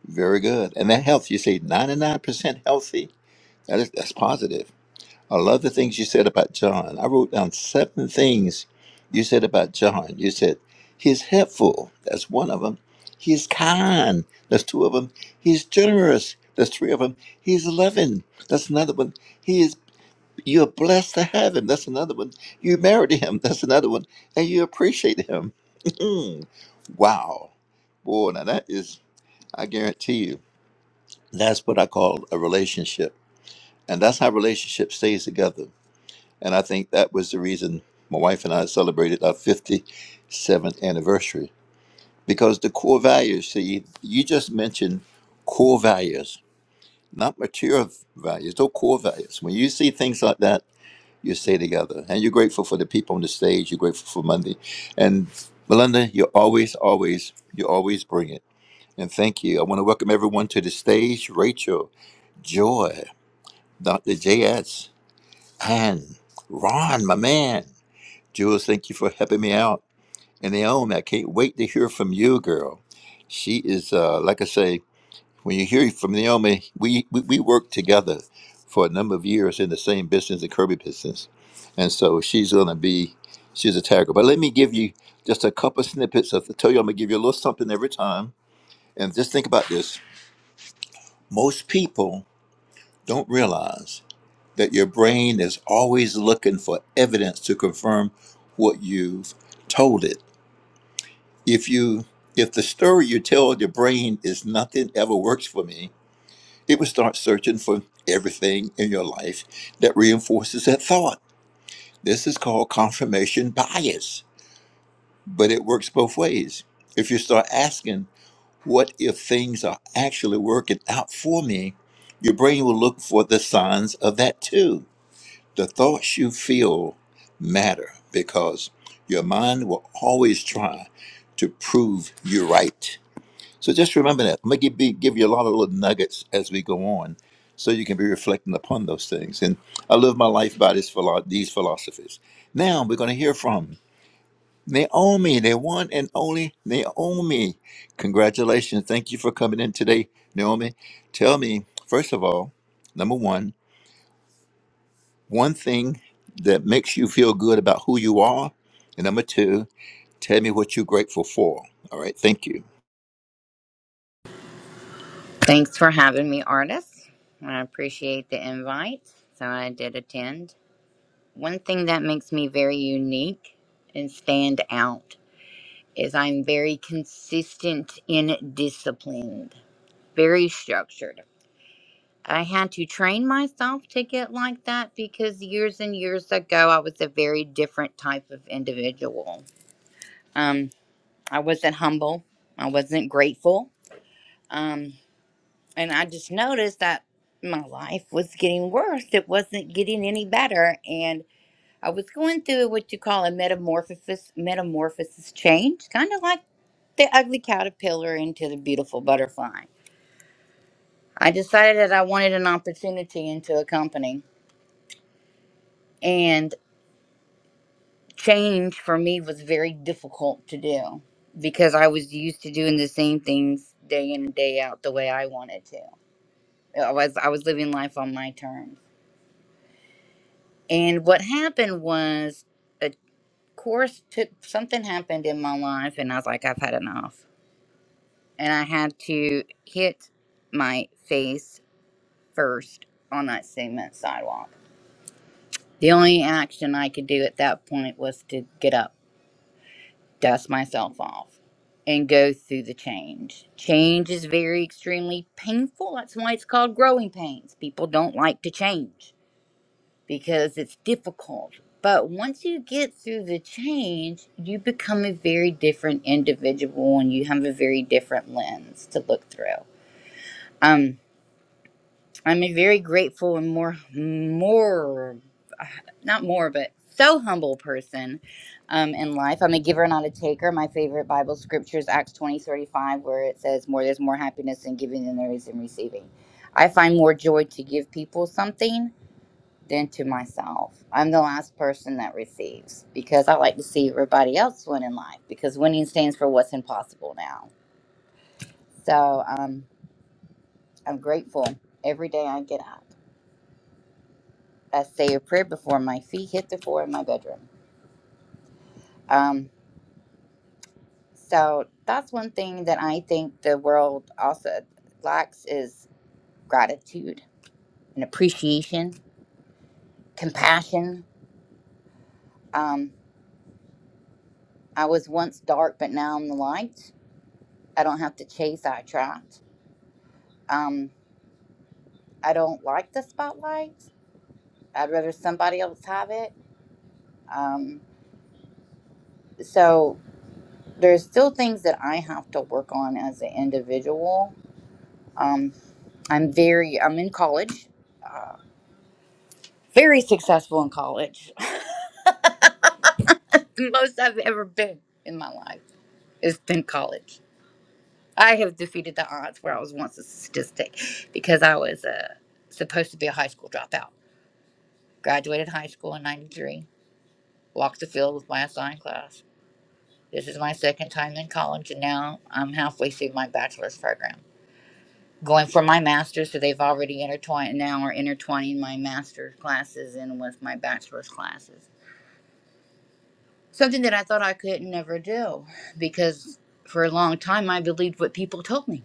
M: Very good. And that health, you say 99% healthy. That is, that's positive I love the things you said about John. I wrote down seven things you said about John. You said he's helpful. That's one of them. He's kind. That's two of them. He's generous. That's three of them. He's loving. That's another one. He is. You're blessed to have him. That's another one. You married him. That's another one. And you appreciate him. wow, boy. Now that is. I guarantee you. That's what I call a relationship, and that's how relationship stays together and I think that was the reason my wife and I celebrated our 57th anniversary because the core values, see, you just mentioned core values, not material values, those core values. When you see things like that, you stay together. And you're grateful for the people on the stage, you're grateful for Monday. And Melinda, you always, always, you always bring it. And thank you. I want to welcome everyone to the stage Rachel, Joy, Dr. J.S., Anne, Ron, my man. Jules, thank you for helping me out. And Naomi, I can't wait to hear from you, girl. She is, uh, like I say, when you hear from Naomi, we, we, we worked together for a number of years in the same business, the Kirby business. And so she's going to be, she's a tiger. But let me give you just a couple snippets of, I tell you, I'm going to give you a little something every time. And just think about this. Most people don't realize that your brain is always looking for evidence to confirm what you've told it if you if the story you tell your brain is nothing ever works for me it will start searching for everything in your life that reinforces that thought this is called confirmation bias but it works both ways if you start asking what if things are actually working out for me your brain will look for the signs of that too the thoughts you feel matter because your mind will always try to prove you right So just remember that. I'm gonna give, be, give you a lot of little nuggets as we go on, so you can be reflecting upon those things. And I live my life by this philo- these philosophies. Now we're gonna hear from Naomi, the one and only Naomi. Congratulations! Thank you for coming in today, Naomi. Tell me first of all, number one, one thing that makes you feel good about who you are, and number two, tell me what you're grateful for. All right, thank you.
N: Thanks for having me, artists. I appreciate the invite. So I did attend. One thing that makes me very unique and stand out is I'm very consistent and disciplined, very structured. I had to train myself to get like that because years and years ago, I was a very different type of individual. Um, I wasn't humble, I wasn't grateful. Um, And I just noticed that my life was getting worse. It wasn't getting any better. And I was going through what you call a metamorphosis, metamorphosis change, kind of like the ugly caterpillar into the beautiful butterfly. I decided that I wanted an opportunity into a company. And change for me was very difficult to do because I was used to doing the same things day in and day out the way I wanted to. I was I was living life on my terms. And what happened was, of course, took, something happened in my life, and I was like, I've had enough. And I had to hit my face first on that cement sidewalk. The only action I could do at that point was to get up, dust myself off, and go through the change. Change is very extremely painful. That's why it's called growing pains. People don't like to change because it's difficult. But once you get through the change, you become a very different individual and you have a very different lens to look through. Um, I'm a very grateful and more, more, not more, but so humble person um, in life. I'm a giver, not a taker. My favorite Bible scripture is Acts 20 35, where it says, more, There's more happiness in giving than there is in receiving. I find more joy to give people something than to myself. I'm the last person that receives because I like to see everybody else win in life because winning stands for what's impossible now. So um, I'm grateful every day I get up. I say a prayer before my feet hit the floor in my bedroom. Um, so that's one thing that I think the world also lacks is gratitude and appreciation, compassion. Um, I was once dark, but now I'm the light. I don't have to chase, I attract. Um, I don't like the spotlight. I'd rather somebody else have it. Um, so there's still things that I have to work on as an individual. Um, I'm very, I'm in college, uh, very successful in college. the most I've ever been in my life is in college. I have defeated the odds where I was once a statistic because I was uh, supposed to be a high school dropout. Graduated high school in 93, walked the field with my assigned class This is my second time in college, and now I'm halfway through my bachelor's program. Going for my master's, so they've already intertwined, now are intertwining my master's classes in with my bachelor's classes. Something that I thought I could never do because for a long time I believed what people told me.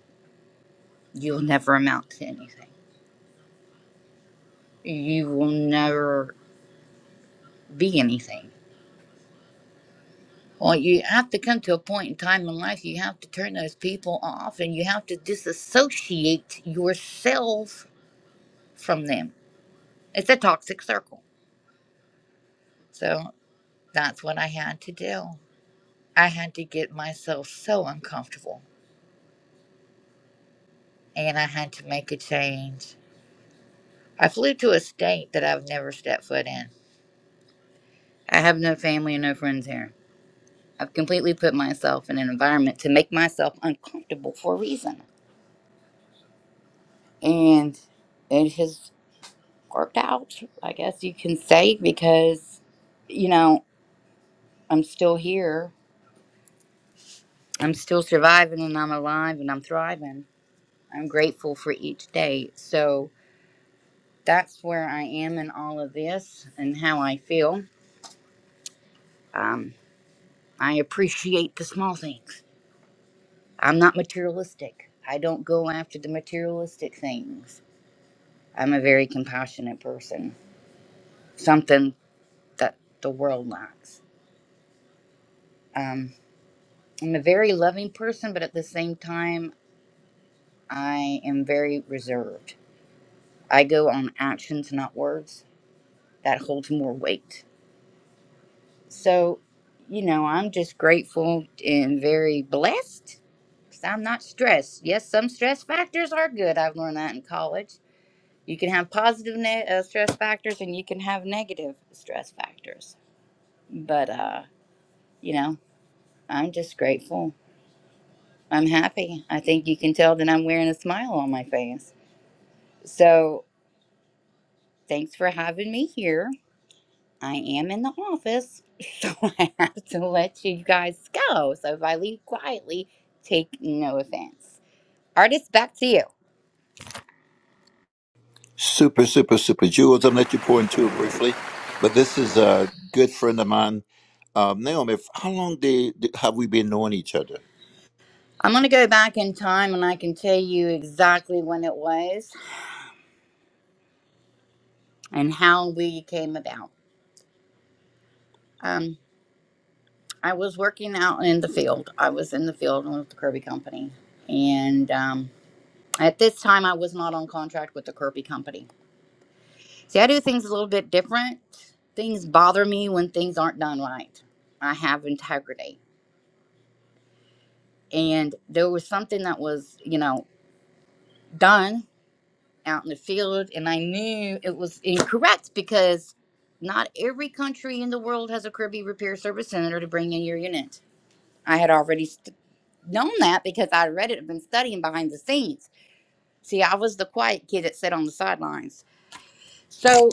N: You'll never amount to anything. You will never be anything. Well, you have to come to a point in time in life, you have to turn those people off and you have to disassociate yourself from them it's a toxic circle. So that's what I had to do. I had to get myself so uncomfortable and I had to make a change. I flew to a state that I've never stepped foot in. I have no family and no friends here. I've completely put myself in an environment to make myself uncomfortable for a reason. And it has worked out, I guess you can say, because, you know, I'm still here. I'm still surviving and I'm alive and I'm thriving I'm grateful for each day. So that's where I am in all of this and how I feel. Um, I appreciate the small things. I'm not materialistic. I don't go after the materialistic things. I'm a very compassionate person, something that the world lacks. Um, I'm a very loving person, but at the same time, I am very reserved. I go on actions, not words. That holds more weight So, you know, I'm just grateful and very blessed because I'm not stressed. Yes, some stress factors are good. I've learned that in college. You can have positive ne- uh, stress factors and you can have negative stress factors. But, uh, you know, I'm just grateful. I'm happy. I think you can tell that I'm wearing a smile on my face. So, thanks for having me here. I am in the office, so I have to let you guys go. So if I leave quietly, take no offense. Artist, back to you.
M: Super, super, super. Jules, I'm going to let you pour into it briefly, but this is a good friend of mine. Um, Naomi, if- how long did, did- have we been knowing each other?
N: I'm going to go back in time and I can tell you exactly when it was and how we came about. Um, I was working out in the field. I was in the field with the Kirby Company. And um, at this time, I was not on contract with the Kirby Company. See, I do things a little bit different. Things bother me when things aren't done right. I have integrity and there was something that was you know done out in the field and i knew it was incorrect because not every country in the world has a kirby repair service center to bring in your unit i had already st- known that because i read it and been studying behind the scenes see i was the quiet kid that sat on the sidelines so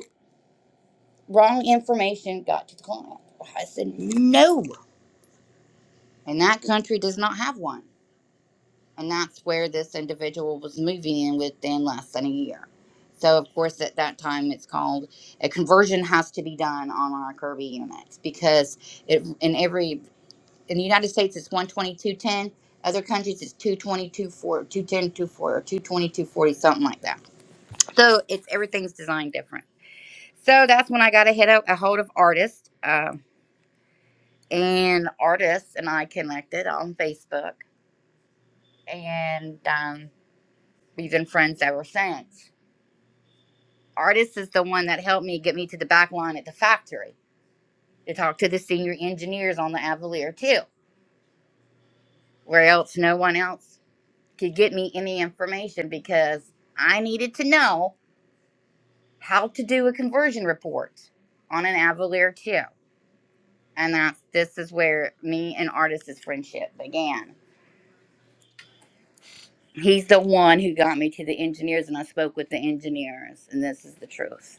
N: wrong information got to the client i said no and that country does not have one and that's where this individual was moving in within less than a year. So, of course, at that time, it's called a conversion has to be done on our Kirby units because it, in every in the United States it's one twenty two ten. Other countries it's 222 4, two ten two four, or 222 something like that. So it's everything's designed different. So that's when I got a hit a, a hold of artists, uh, and artists and I connected on Facebook, and um, we've been friends ever since. Artist is the one that helped me get me to the back line at the factory to talk to the senior engineers on the Avalier too, where else no one else could get me any information because I needed to know how to do a conversion report on an Avalier too. And that's this is where me and Artist's friendship began. He's the one who got me to the engineers and I spoke with the engineers and this is the truth.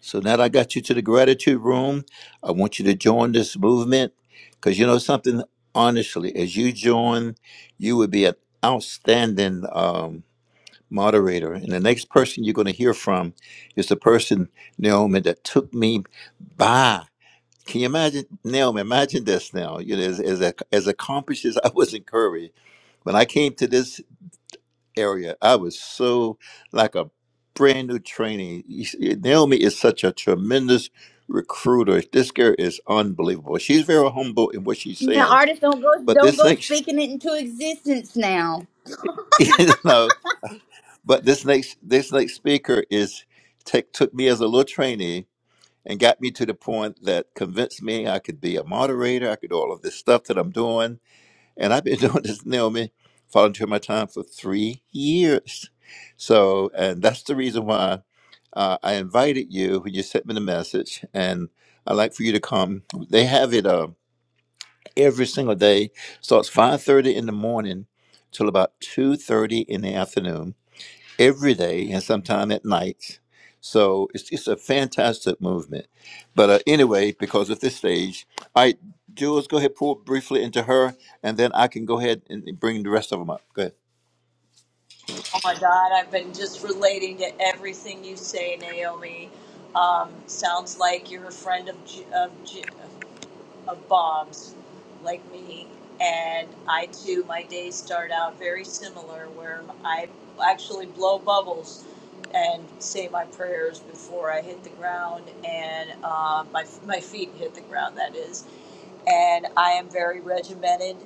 M: So now that I got you to the gratitude room, I want you to join this movement because you know something, honestly, as you join, you would be an outstanding um, moderator. And the next person you're going to hear from is the person, Naomi, that took me by. Can you imagine, Naomi? Imagine this now. You know, as as, as accomplished as I was in Curry, when I came to this area, I was so like a brand new trainee. You s- Naomi is such a tremendous recruiter. This girl is unbelievable. She's very humble in what she's
N: Now
M: saying,
N: Artist, don't go
M: but
N: don't
M: this
N: go
M: next,
N: speaking it into existence now.
M: you know, but this next this next speaker is take, took me as a little trainee and got me to the point that convinced me I could be a moderator. I could do all of this stuff that I'm doing And I've been doing this, Naomi, volunteer my time for three years. So, and that's the reason why uh, I invited you when you sent me the message. And I'd like for you to come. They have it uh, every single day. Starts 5.30 in the morning till about 2.30 in the afternoon every day and sometime at night. So it's it's a fantastic movement. But uh, anyway, because of this stage, all right, Jules, go ahead, pull briefly into her, and then I can go ahead and bring the rest of them up. Go ahead.
G: my God, I've been just relating to everything you say, Naomi. Um, sounds like you're a friend of, J- of, J- of Bob's, like me. And I too, my days start out very similar, where I actually blow bubbles and say my prayers before I hit the ground, and uh, my, my feet hit the ground, that is and I am very regimented.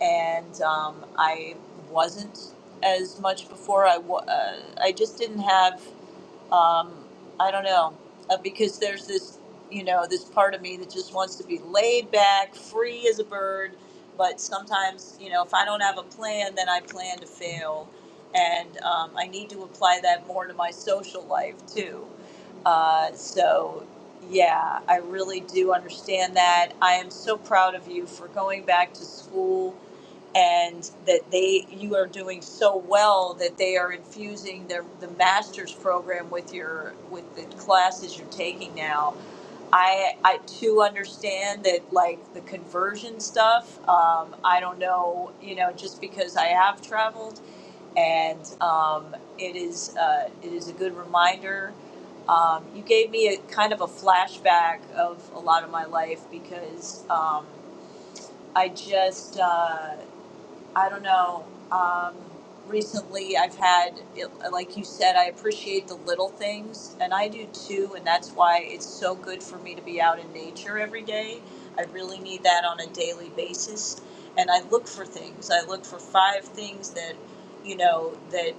G: And um, I wasn't as much before. I wa- uh, I just didn't have I don't know, uh, because there's this, you know, this part of me that just wants to be laid back, free as a bird. But sometimes, you know, if I don't have a plan, then I plan to fail. And um, I need to apply that more to my social life too. Uh, so, yeah, I really do understand that. I am so proud of you for going back to school and that they you are doing so well that they are infusing their the master's program with your with the classes you're taking now i i too understand that like the conversion stuff um, i don't know you know just because i have traveled and um, it is uh, it is a good reminder um, you gave me a kind of a flashback of a lot of my life because um, i just uh, I don't know. Um, recently, I've had, it, like you said, I appreciate the little things, and I do too, and that's why it's so good for me to be out in nature every day. I really need that on a daily basis, and I look for things. I look for five things that, you know, that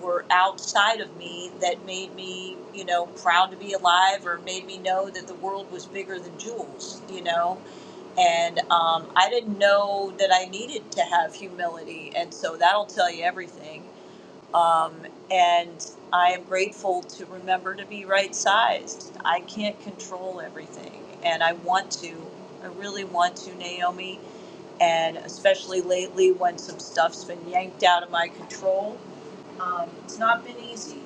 G: were outside of me that made me, you know, proud to be alive or made me know that the world was bigger than Jules, you know and um, I didn't know that I needed to have humility. And so that'll tell you everything. Um, and I am grateful to remember to be right sized. I can't control everything. And I want to, I really want to, Naomi. And especially lately when some stuff's been yanked out of my control, um, it's not been easy.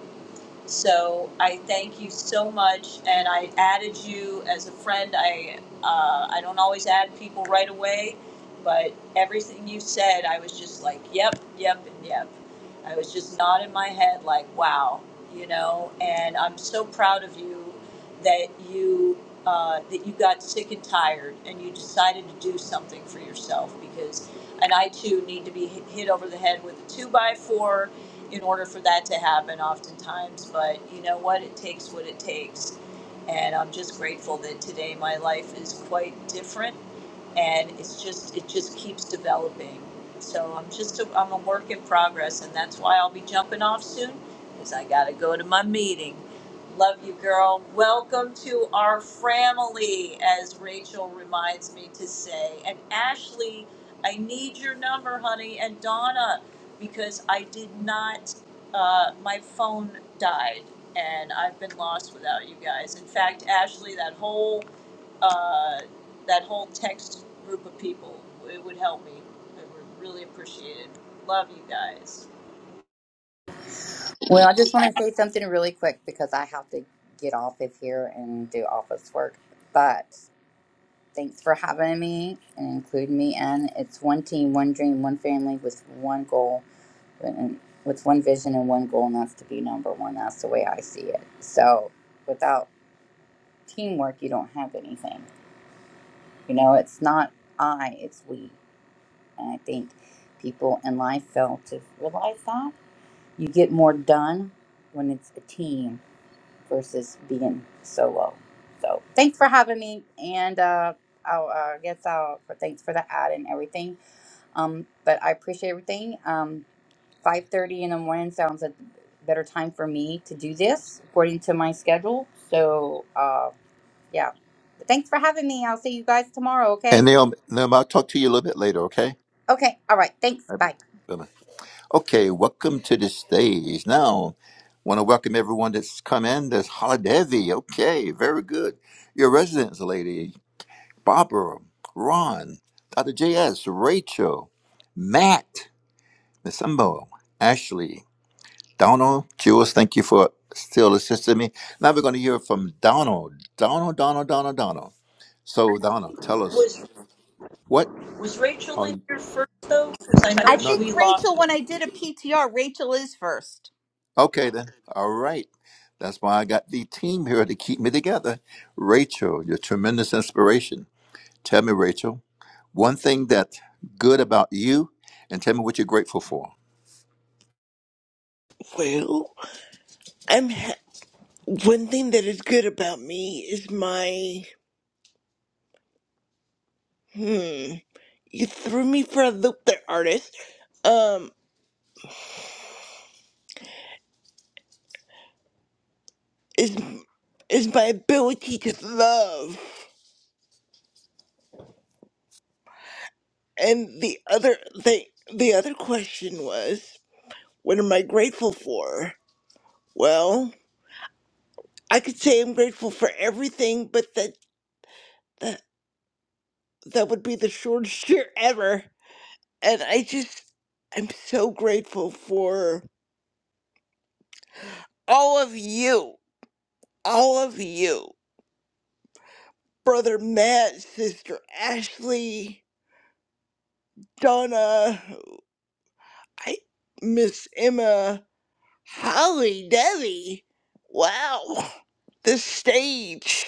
G: So I thank you so much, and I added you as a friend. I uh, I don't always add people right away, but everything you said, I was just like, yep, yep, and yep. I was just nodding my head like, wow, you know. And I'm so proud of you that you uh, that you got sick and tired, and you decided to do something for yourself because. And I too need to be hit hit over the head with a two by four in order for that to happen oftentimes. But you know what? It takes what it takes. And I'm just grateful that today my life is quite different and it's just it just keeps developing. So I'm just a, I'm a work in progress, and that's why I'll be jumping off soon, because I gotta go to my meeting. Love you, girl. Welcome to our family, as Rachel reminds me to say. And Ashley, I need your number, honey, and Donna, because I did not. Uh, my phone died, and I've been lost without you guys. In fact, Ashley, that whole uh, that whole text group of people. It would help me. I would really
N: Well, I just want to say something really quick because I have to get off of here and do office work. But thanks for having me and including me in. It's one team, one dream, one family with one goal, and with one vision and one goal, and that's to be number one. That's the way I see it. So without teamwork, you don't have anything. You know, it's not I, it's we. And I think people in life fail to realize that. You get more done when it's a team versus being solo. So thanks for having me, and uh, I'll uh, guess I'll thanks for the ad and everything. Um, but I appreciate everything. Um, Five thirty in the morning sounds a better time for me to do this according to my schedule. So uh, yeah, thanks for having me. I'll see you guys tomorrow.
M: And
N: Okay.
M: Naomi, Naomi, I'll talk to you a little bit later, okay?
N: Okay. All right. Thanks.
M: All right,
N: Bye.
M: bye-bye. Okay, welcome to the stage. Now, want to welcome everyone that's come in. There's Holiday. Okay, very good. Your residence lady, Barbara, Ron, Dr. JS, Rachel, Matt. Miss Umbo, Ashley, Donald, Jules, thank you for still assisting me. Now we're going to hear from Donald. Donald, Donald, Donald, Donald. So, Donald, tell us what are you?
O: I
M: No,
O: think Rachel, when I did a PTR, Rachel is first.
M: okay, then. All right. That's why I got the team here to keep me together. Rachel, your tremendous inspiration. Tell me, Rachel, one thing that's good about you and tell me what you're grateful for.
B: Well, I'm ha- one thing that is good about me is my hmm. You threw me for a loop, there, artist. Um, is is my ability to love, and the other thing, the other question was, what am I grateful for? Well. I could say I'm grateful for everything, but that that, that would be the shortest year ever. And I just I'm so grateful for all of you. All of you. Brother Matt, sister Ashley, Donna, I Miss Emma, Holly, Debbie. Wow. The stage.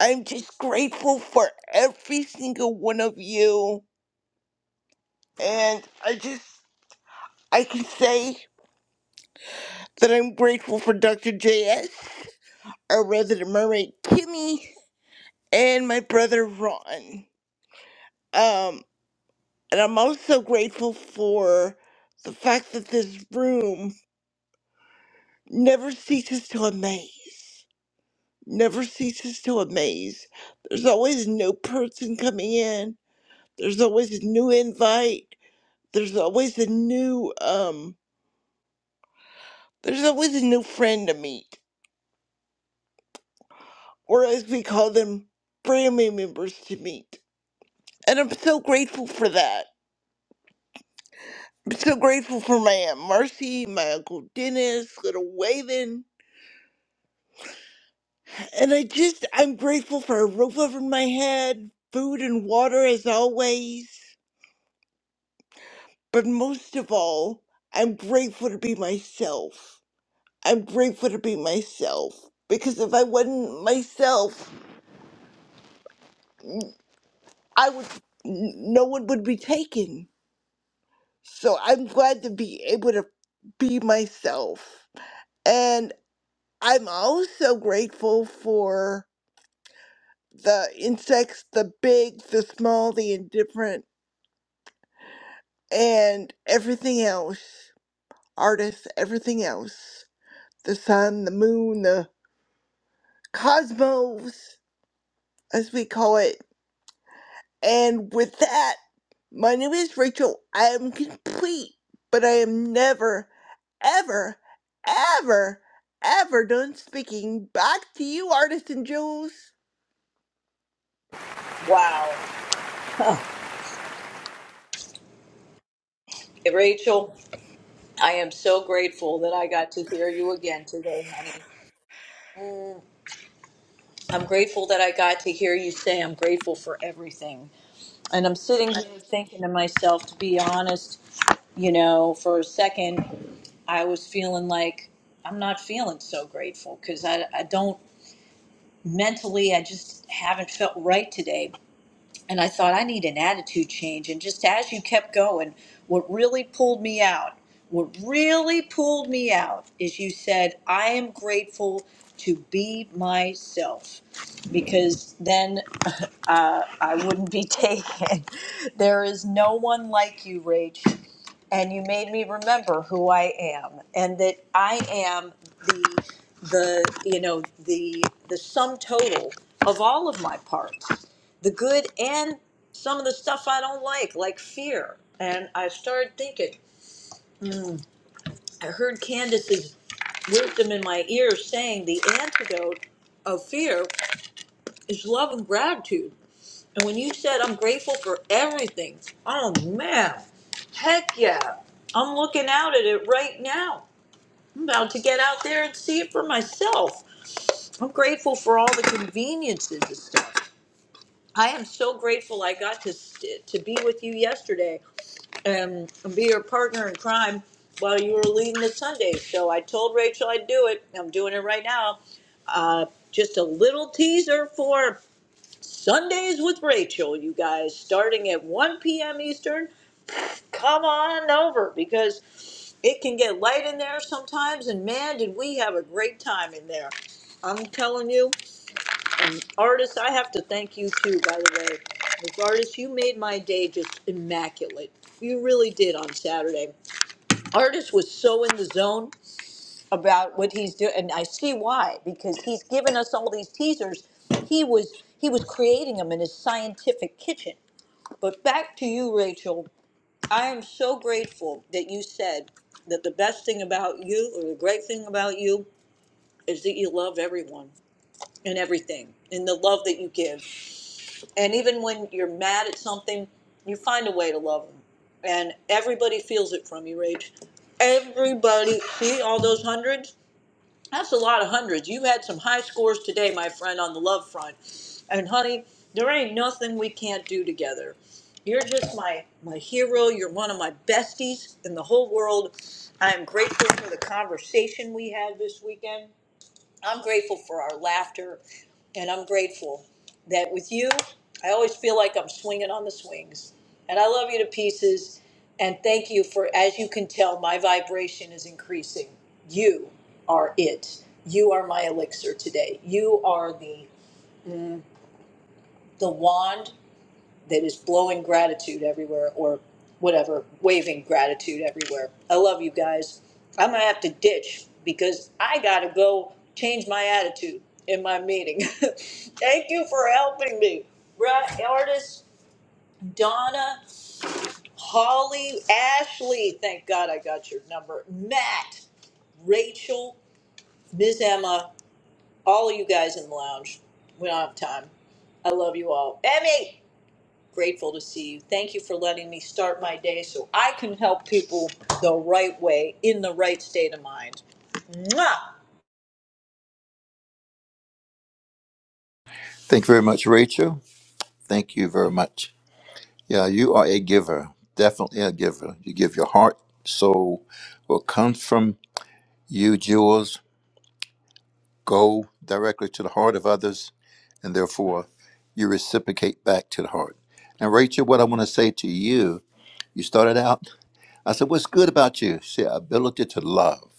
B: I'm just grateful for every single one of you. And I just I can say that I'm grateful for Dr. JS, our resident mermaid Kimmy, and my brother Ron. Um, and I'm also grateful for the fact that this room never ceases to amaze. Never ceases to amaze. There's always a new person coming in. There's always a new invite. There's always a new um there's always a new friend to meet. Or as we call them, family members to meet And I'm so grateful for that. I'm so grateful for my Aunt Marcy, my Uncle Dennis, little Waven. And I just, I'm grateful for a roof over my head, food and water as always. But most of all, I'm grateful to be myself. I'm grateful to be myself. Because if I wasn't myself, I would, n- no one would be taken. So I'm glad to be able to be myself I'm also grateful for the insects, the big, the small, the indifferent, and everything else. Artists, everything else. The sun, the moon, the cosmos, as we call it. And with that, my name is Rachel. I am complete, but I am never, ever, ever, ever done speaking. Back to you, artists and jewels.
G: Wow. Hey, Rachel, I am so grateful that I got to hear you again today, honey. I'm grateful that I got to hear you say I'm grateful for everything. And I'm sitting here thinking to myself, to be honest, you know, for a second, I was feeling like I'm not feeling so grateful because I, I don't mentally, I just haven't felt right today. and I thought I need an attitude change. And just as you kept going, what really pulled me out, what really pulled me out is you said, I am grateful to be myself because then uh, I wouldn't be taken. There is no one like you, Rach. And you made me remember who I am and that I am the the you know the the sum total of all of my parts the good and some of the stuff I don't like, like fear. And I started thinking, I heard Candace's wisdom in my ears saying the antidote of fear is love and gratitude. And when you said, I'm grateful for everything, oh man, heck yeah. I'm looking out at it right now. I'm about to get out there and see it for myself. I'm grateful for all the conveniences and stuff. I am so grateful I got to st- to be with you yesterday and be your partner in crime while you were leading the Sunday show. I told Rachel I'd do it. I'm doing it right now. Uh, just a little teaser for Sundays with Rachel, you guys, starting at 1 p.m. Eastern. Come on over because it can get light in there sometimes, and man, did we have a great time in there. I'm telling you, and artists, I have to thank you too, by the way. As artists, you made my day just immaculate. You really did on Saturday. Artist was so in the zone about what he's doing, and I see why because he's given us all these teasers. He was he was creating them in his scientific kitchen. But back to you, Rachel. I am so grateful that you said that the best thing about you, or the great thing about you, is that you love everyone and everything, and the love that you give and even when you're mad at something, you find a way to love them. And everybody feels it from you, Rach. Everybody, see all those hundreds? That's a lot of hundreds. You had some high scores today, my friend, on the love front. And honey, there ain't nothing we can't do together. You're just my my hero. You're one of my besties in the whole world. I am grateful for the conversation we had this weekend. I'm grateful for our laughter, and I'm grateful that with you, I always feel like I'm swinging on the swings. And I love you to pieces. And thank you for, as you can tell, my vibration is increasing. You are it. You are my elixir today. You are the the wand that is blowing gratitude everywhere or whatever, waving gratitude everywhere. I love you guys. I'm going to have to ditch because I got to go change my attitude in my meeting. Thank you for helping me. Right, artists, Donna, Holly, Ashley. Thank God I got your number. Matt, Rachel, Miss Emma, all of you guys in the lounge. We don't have time. I love you all. Emmy! grateful to see you. Thank you for letting me start my day so I can help people the right way in the right state of mind. Mwah!
M: Thank you very much, Rachel. Thank you very much. Yeah, you are a giver, definitely a giver. You give your heart, soul. What comes from you, jewels, go directly to the heart of others, and therefore you reciprocate back to the heart. And Rachel, what I want to say to you, you started out, I said, What's good about you? She said, ability to love.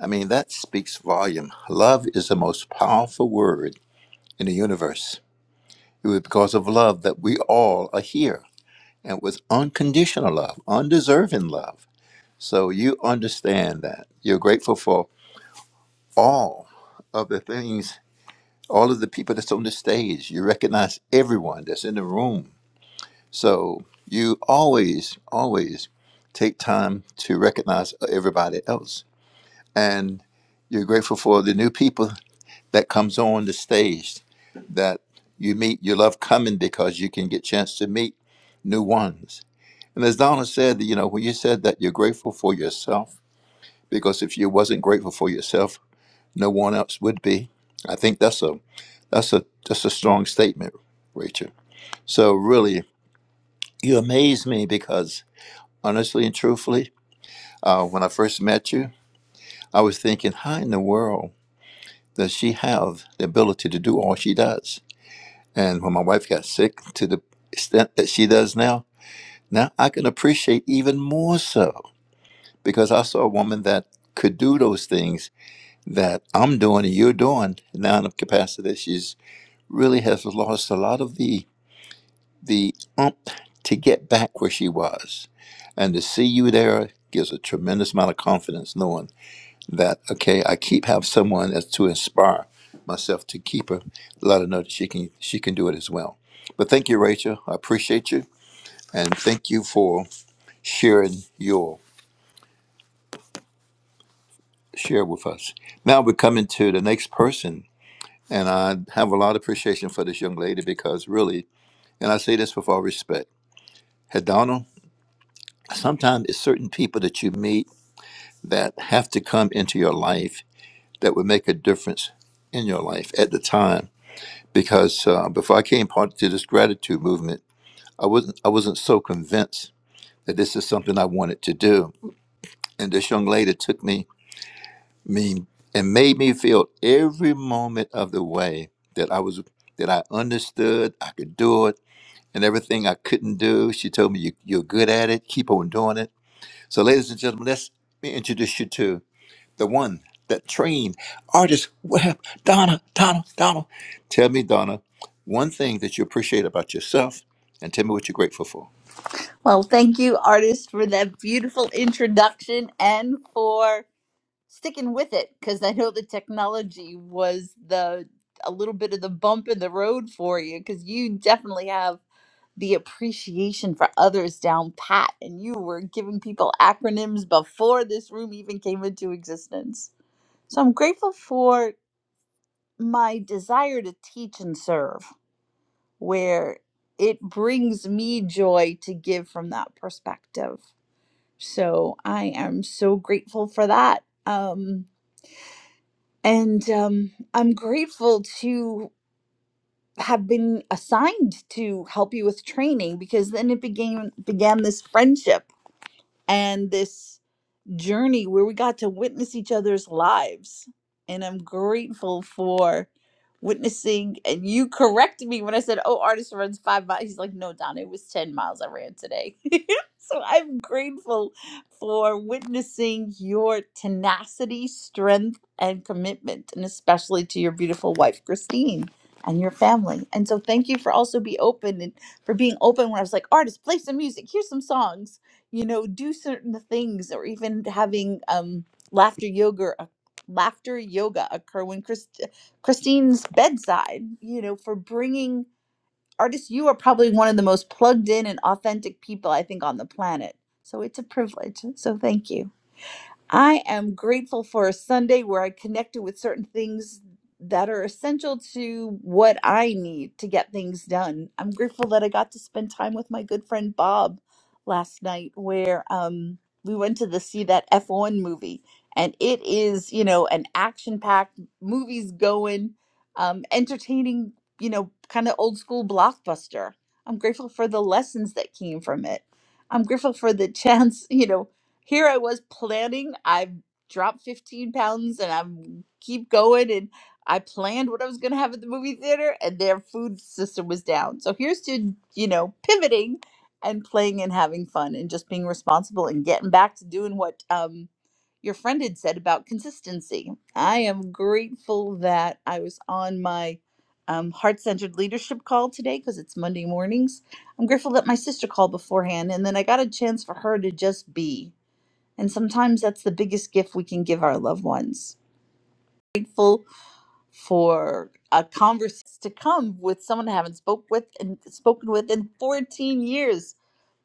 M: I mean, that speaks volume. Love is the most powerful word in the universe. It was because of love that we all are here, and with unconditional love, undeserving love So you understand that. You're grateful for all of the things, all of the people that's on the stage. You recognize everyone that's in the room. So you always, always take time to recognize everybody else. And you're grateful for the new people that comes on the stage that you meet. You love coming because you can get chance to meet new ones. And as Donna said, you know, when you said that you're grateful for yourself, because if you wasn't grateful for yourself, no one else would be. I think that's a that's a that's a strong statement, Rachel. So really, you amaze me because honestly and truthfully, uh, when I first met you, I was thinking, how in the world does she have the ability to do all she does? And when my wife got sick to the extent that she does now, now I can appreciate even more so because I saw a woman that could do those things that I'm doing and you're doing now in a capacity. She's really has lost a lot of the the ump to get back where she was, and to see you there gives a tremendous amount of confidence, knowing that okay, I keep have someone as to inspire myself to keep her, let her know that she can she can do it as well. But thank you, Rachel. I appreciate you, and thank you for sharing your share with us. Now we're coming to the next person And I have a lot of appreciation for this young lady because really, and I say this with all respect, Hedonal, sometimes it's certain people that you meet that have to come into your life that would make a difference in your life at the time. Because uh, before I came part to this gratitude movement, I wasn't I wasn't so convinced that this is something I wanted to do. And this young lady took me, me and made me feel every moment of the way that I was that I understood I could do it and everything I couldn't do. She told me, you, You're good at it, keep on doing it. So, ladies and gentlemen, let's let me introduce you to the one that trained artist web, Donna, Donna, Donna. Tell me, Donna, one thing that you appreciate about yourself and tell me what you're grateful for.
O: Well, thank you, artist, for that beautiful introduction and for sticking with it because I know the technology was the a little bit of the bump in the road for you because you definitely have the appreciation for others down pat and you were giving people acronyms before this room even came into existence. So I'm grateful for my desire to teach and serve where it brings me joy to give from that perspective. So I am so grateful for that. Um, and um, I'm grateful to have been assigned to help you with training because then it began began this friendship and this journey where we got to witness each other's lives. And I'm grateful for witnessing. And you corrected me when I said, Oh, artist runs five miles. He's like, No, Don, it was 10 miles I ran today. so I'm grateful for witnessing your tenacity, strength, and commitment, and especially to your beautiful wife, Christine. And your family, and so thank you for also be open and for being open. When I was like, artist, play some music. Here's some songs you know do certain things or even having um laughter yoga uh, laughter yoga occur when Christ- uh, christine's bedside you know for bringing artists you are probably one of the most plugged in and authentic people i think on the planet so it's a privilege so thank you I am grateful for a Sunday where I connected with certain things that are essential to what I need to get things done. I'm grateful that I got to spend time with my good friend Bob last night, where um, we went to the see that F1 movie, and it is you know an action packed movies going, um, entertaining, you know, kind of old school blockbuster. I'm grateful for the lessons that came from it. I'm grateful for the chance, you know, here I was planning. I've dropped 15 pounds and I'm keep going and I planned what I was going to have at the movie theater and their food system was down. So here's to, you know, pivoting and playing and having fun and just being responsible and getting back to doing what um your friend had said about consistency. I am grateful that I was on my um, heart centered leadership call today because it's Monday mornings. I'm grateful that my sister called beforehand and then I got a chance for her to just be. And sometimes that's the biggest gift we can give our loved ones. Grateful for a conversation to come with someone I haven't spoke with and spoken with in 14 years.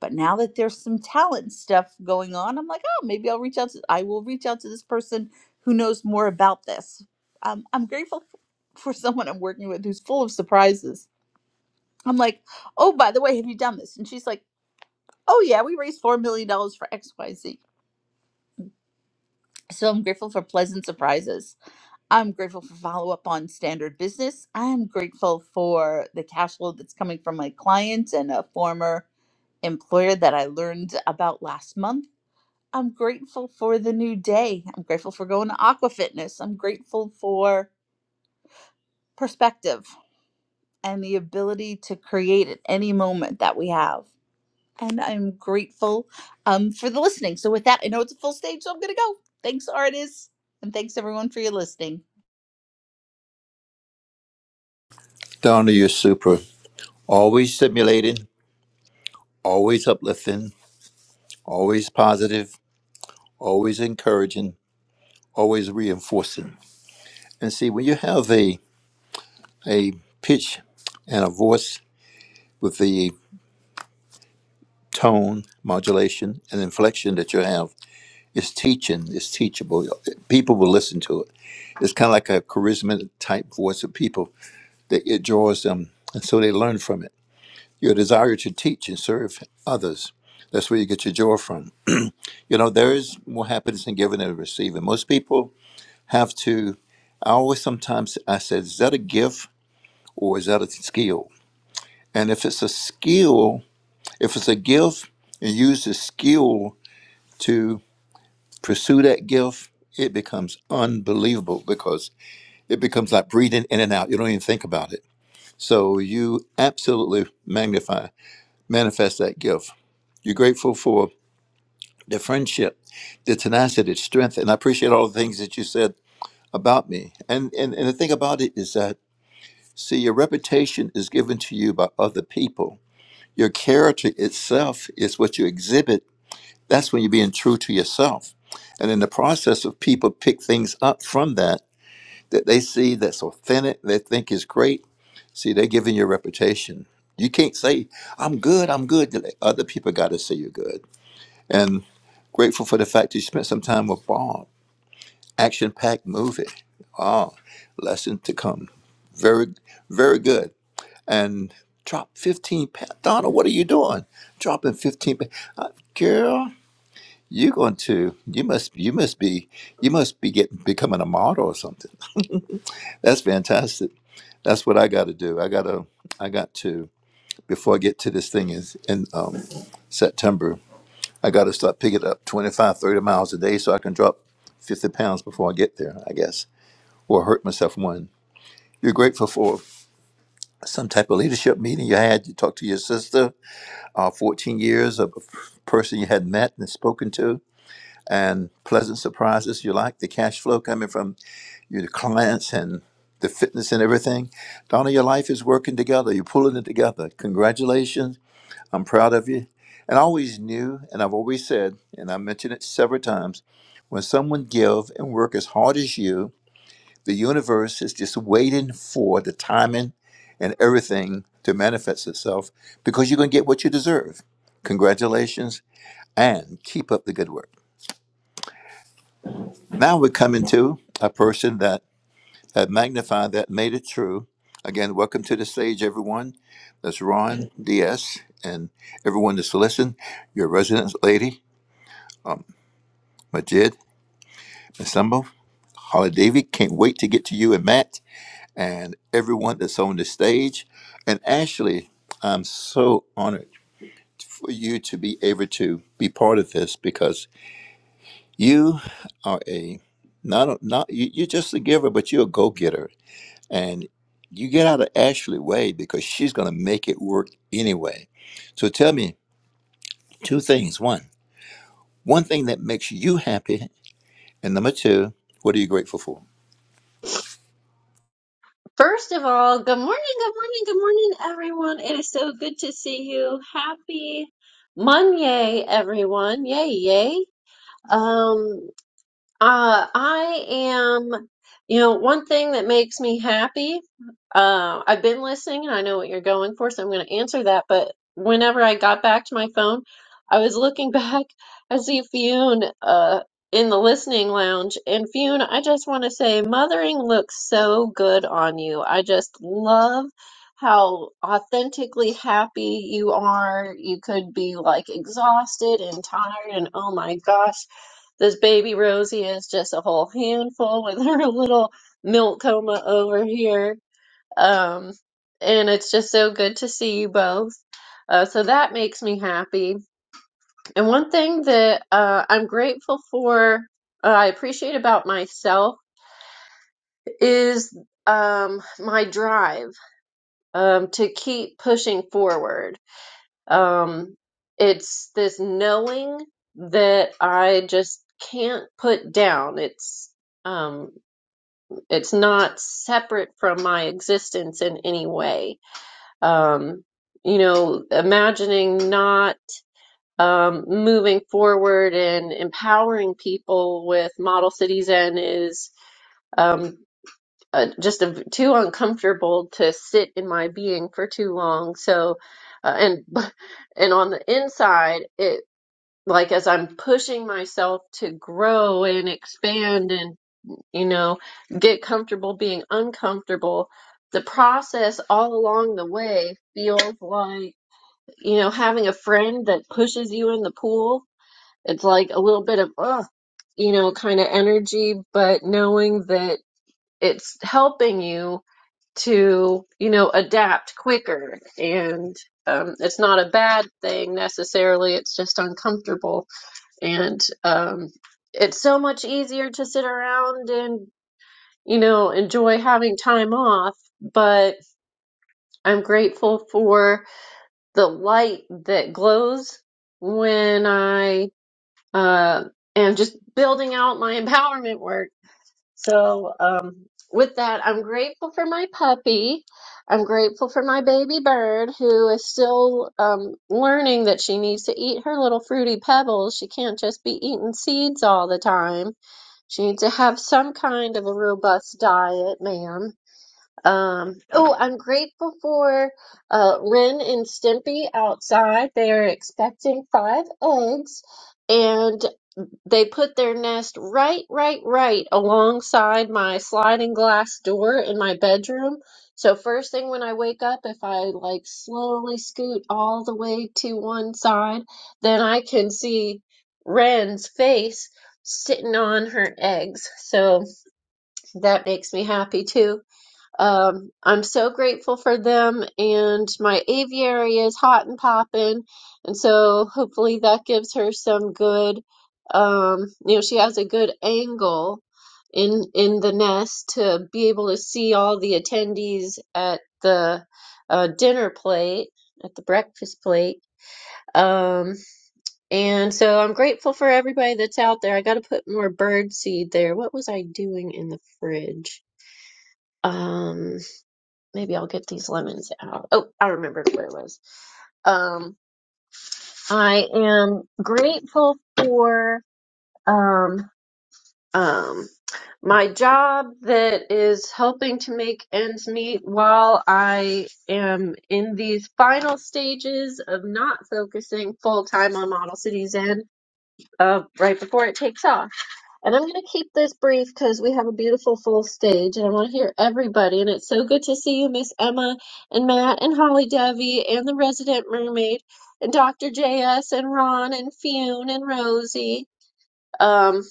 O: But now that there's some talent stuff going on, I'm like, oh, maybe I'll reach out to I will reach out to this person who knows more about this. Um, I'm grateful for someone I'm working with who's full of surprises. I'm like, oh, by the way, have you done this? And she's like, oh yeah, we raised four million dollars for X, Y, Z. So I'm grateful for pleasant surprises I'm grateful for follow up on standard business. I am grateful for the cash flow that's coming from my clients and a former employer that I learned about last month. I'm grateful for the new day. I'm grateful for going to Aqua Fitness. I'm grateful for perspective and the ability to create at any moment that we have. And I'm grateful um, for the listening. So, with that, I know it's a full stage, so I'm going to go. Thanks, artists. And thanks, everyone, for your listening.
M: Donna, you're super. Always stimulating, always uplifting, always positive, always encouraging, always reinforcing. And see, when you have a, a pitch and a voice with the tone modulation and inflection that you have is teaching it's teachable people will listen to it it's kind of like a charisma type voice of people that it draws them and so they learn from it your desire to teach and serve others that's where you get your joy from you know there is more happiness in giving than receiving most people have to i always sometimes i said is that a gift or is that a skill and if it's a skill if it's a gift and use the skill to. pursue that gift, it becomes unbelievable because it becomes like breathing in and out. You don't even think about it. So you absolutely magnify, manifest that gift. You're grateful for the friendship, the tenacity, the strength. And I appreciate all the things that you said about me. And, and, and the thing about it is that, see, your reputation is given to you by other people. Your character itself is what you exhibit. That's when you're being true to yourself. And in the process of people pick things up from that that they see that's authentic, they think is great. See, they're giving you a reputation. You can't say, I'm good, I'm good. Other people got to say you're good. And grateful for the fact you spent some time with Bob. Action packed movie. Ah, lesson to come. Very, very good. And drop 15 pounds. Donna, what are you doing? Dropping 15 pounds. girl, you're going to, you must, you must be, you must be getting, becoming a model or something. That's fantastic. that's what I got to do. I gotta, I got to before I get to this thing is in um, September. I got to start picking up 25, 30 miles a day so I can drop 50 pounds before I get there, I guess, or hurt myself one. You're grateful for some type of leadership meeting you had. You talked to your sister, uh, 14 years of a person you had met and spoken to, and pleasant surprises you like, the cash flow coming from your clients and the fitness and everything. Donna, your life is working together. You're pulling it together. Congratulations. I'm proud of you. And I always knew, and I've always said, and I mentioned it several times, when someone give and work as hard as you, the universe is just waiting for the timing and everything to manifest itself because you're going to get what you deserve. Congratulations and keep up the good work. Now we're coming to a person that have magnified that, made it true. Again, welcome to the stage, everyone. That's Ron DS and everyone that's listening. Your resident lady, um, Majid, Masumbo, Holly Davy. Can't wait to get to you and Matt and everyone that's on the stage. And Ashley, I'm so honored for you to be able to be part of this because you are a not a, not you, you're just a giver, but you're a go getter and you get out of Ashley way because she's going to make it work anyway. So tell me two things. One, one thing that makes you happy, and number two, what are you grateful for?
P: First of all, good morning, good morning, good morning, everyone. It is so good to see you. Happy Monday, everyone. Yay, yay. Um, uh, I am, you know, one thing that makes me happy. Uh, I've been listening and I know what you're going for, so I'm going to answer that. But whenever I got back to my phone, I was looking back I see Fionn, uh, in the listening lounge. And Fionn, I just want to say, mothering looks so good on you. I just love how authentically happy you are. You could be like exhausted and tired, and oh my gosh this baby Rosie is just a whole handful with her little milk coma over here. Um, and it's just so good to see you both. Uh, so that makes me happy. And one thing that uh, I'm grateful for, uh, I appreciate about myself is um, my drive um, to keep pushing forward. Um, it's this knowing that I just can't put down. It's um, It's not separate from my existence in any way. Um, you know, imagining not um, moving forward and empowering people with Model Cities N is um, uh, just a, too uncomfortable to sit in my being for too long. So, uh, and and on the inside, it like as I'm pushing myself to grow and expand and you know, get comfortable being uncomfortable. The process all along the way feels like, you know, having a friend that pushes you in the pool. It's like a little bit of, ugh, you know, kind of energy, but knowing that it's helping you to, you know, adapt quicker. And um, it's not a bad thing necessarily, it's just uncomfortable. And um, it's so much easier to sit around and you know, enjoy having time off, but I'm grateful for the light that glows when I uh, am just building out my empowerment work. So, um, with that, I'm grateful for my puppy. I'm grateful for my baby bird who is still um, learning that she needs to eat her little fruity pebbles. She can't just be eating seeds all the time. She needs to have some kind of a robust diet, ma'am. Um, oh, I'm grateful for uh, Ren and Stimpy outside. They are expecting five eggs, and they put their nest right, right, right alongside my sliding glass door in my bedroom. So first thing when I wake up, if I like slowly scoot all the way to one side, then I can see Ren's face sitting on her eggs. So that makes me happy too. Um, I'm so grateful for them, and my aviary is hot and popping, and so hopefully that gives her some good, um, you know, she has a good angle in in the nest to be able to see all the attendees at the uh, dinner plate, at the breakfast plate. Um, and so I'm grateful for everybody that's out there. I got to put more bird seed there. What was I doing in the fridge? Um, Maybe I'll get these lemons out. Oh, I remembered where it was. Um, I am grateful for um, um, my job that is helping to make ends meet while I am in these final stages of not focusing full time on Model Cities and uh, right before it takes off. And I'm going to keep this brief because we have a beautiful full stage and I want to hear everybody. And it's so good to see you, Miss Emma and Matt and Holly Dovey and the resident mermaid and Dr. JS and Ron and Fionn and Rosie. Um,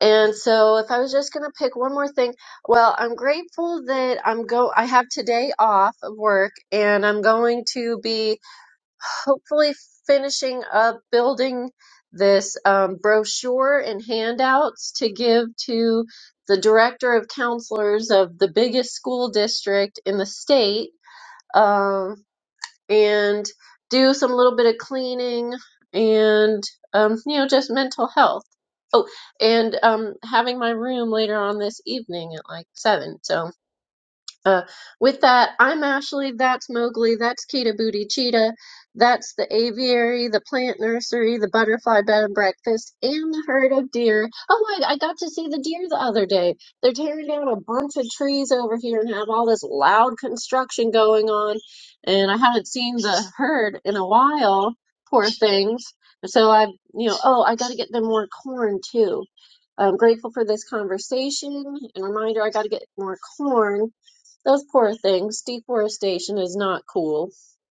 P: and so if I was just going to pick one more thing, well, I'm grateful that I'm go I have today off of work and I'm going to be hopefully finishing up building this um, brochure and handouts to give to the director of counselors of the biggest school district in the state um, and do some little bit of cleaning and um, you know just mental health oh and um, having my room later on this evening at like seven So. Uh, with that, I'm Ashley. That's Mowgli. That's Kita Booty Cheetah. That's the aviary, the plant nursery, the butterfly bed and breakfast, and the herd of deer. Oh, I, I got to see the deer the other day. They're tearing down a bunch of trees over here and have all this loud construction going on. And I haven't seen the herd in a while, poor things. So I, you know, oh, I got to get them more corn too. I'm grateful for this conversation and reminder I got to get more corn those poor things. Deforestation is not cool.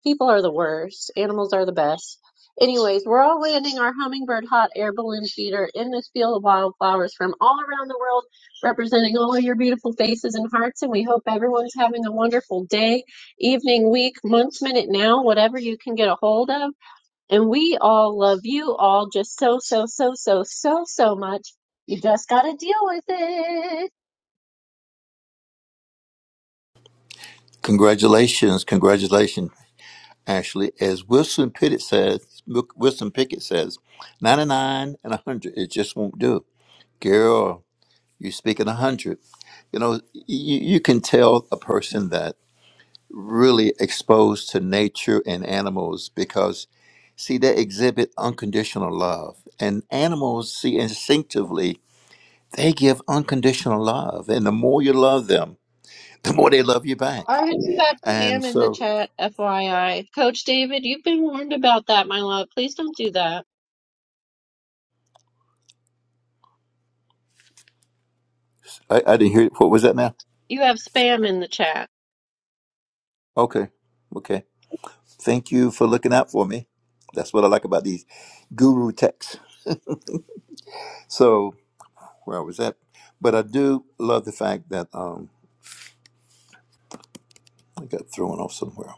P: People are the worst. Animals are the best. Anyways, we're all landing our hummingbird hot air balloon feeder in this field of wildflowers from all around the world, representing all of your beautiful faces and hearts. And we hope everyone's having a wonderful day, evening, week, month, minute, now, whatever you can get a hold of. And we all love you all just so, so, so, so, so, so much. You just got to deal with it.
M: Congratulations, congratulations, Ashley. As Wilson Pickett says, Wilson Pickett says, 99 and 100, it just won't do. Girl, you're speaking 100. You know, you, you can tell a person that really exposed to nature and animals because see they exhibit unconditional love and animals see instinctively they give unconditional love and the more you love them the more they love you
P: All
M: back
P: right, you got
M: and
P: Pam in the
M: so
P: chat, FYI. Coach David, you've been warned about that, my love. Please don't do that.
M: i, I didn't hear what was that now
P: You have spam in the chat.
M: okay okay thank you for looking out for me that's what i like about these guru texts so where was that but i do love the fact that um i got thrown off somewhere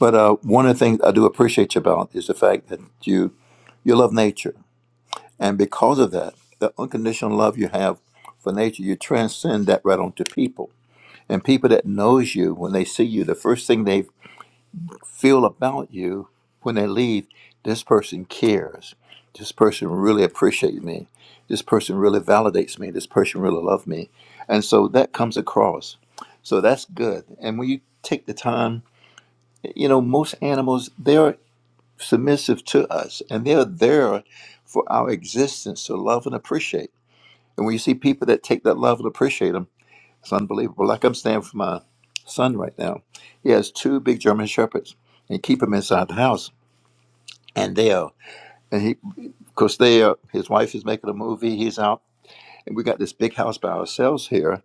M: but uh, one of the things i do appreciate you about is the fact that you you love nature And because of that, the unconditional love you have for nature, you transcend that right onto people. And people that knows you, when they see you, the first thing they feel about you when they leave, this person cares. This person really appreciates me. This person really validates me. This person really loves me. And so that comes across. So that's good. And when you take the time, you know, most animals, they're submissive to us and they're there for our existence to love and appreciate. And when you see people that take that love and appreciate them, it's unbelievable. Like I'm standing for my son right now. He has two big German shepherds and keep them inside the house. And they are, and he, because they are, his wife is making a movie, he's out, and we got this big house by ourselves here,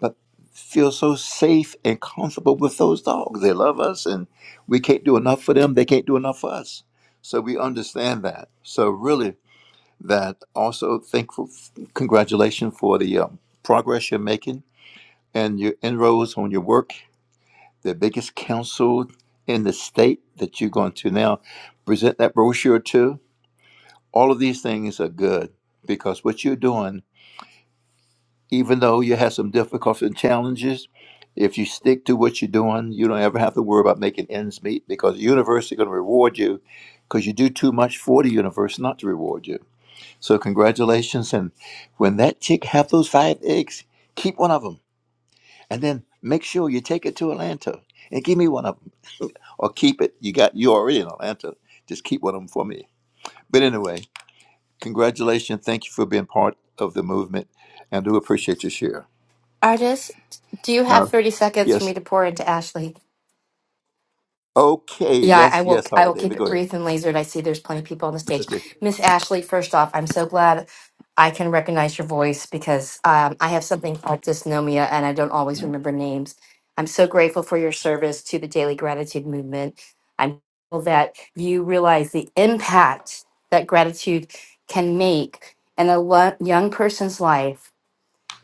M: but feel so safe and comfortable with those dogs. They love us, and we can't do enough for them. They can't do enough for us. So we understand that. So really, that also thankful, congratulations for the um, progress you're making and your inroads on your work, the biggest council in the state that you're going to now present that brochure to. All of these things are good because what you're doing, even though you have some difficulties and challenges, if you stick to what you're doing, you don't ever have to worry about making ends meet because the universe is going to reward you because you do too much for the universe not to reward you. So congratulations. And when that chick have those five eggs, keep one of them. and then make sure you take it to Atlanta and give me one of them, or keep it. You got you already in Atlanta. Just keep one of them for me. But anyway, congratulations. Thank you for being part of the movement, and do appreciate your share.
Q: Artist, do you have
M: Now,
Q: 30 seconds for me
M: yes,
Q: to pour into Ashley?
M: okay,
Q: Yeah, I
M: yes,
Q: will
M: yes,
Q: I
M: Holly
Q: will keep
M: David,
Q: it
M: go ahead.
Q: brief and lasered. I see there's plenty of people on the stage.
M: Okay,
Q: Miss Ashley, first off, I'm so glad I can recognize your voice because um, I have something called dysnomia and I don't always remember names. I'm so grateful for your service to the Daily Gratitude Movement. I'm grateful that you realize the impact that gratitude can make in a lo- young person's life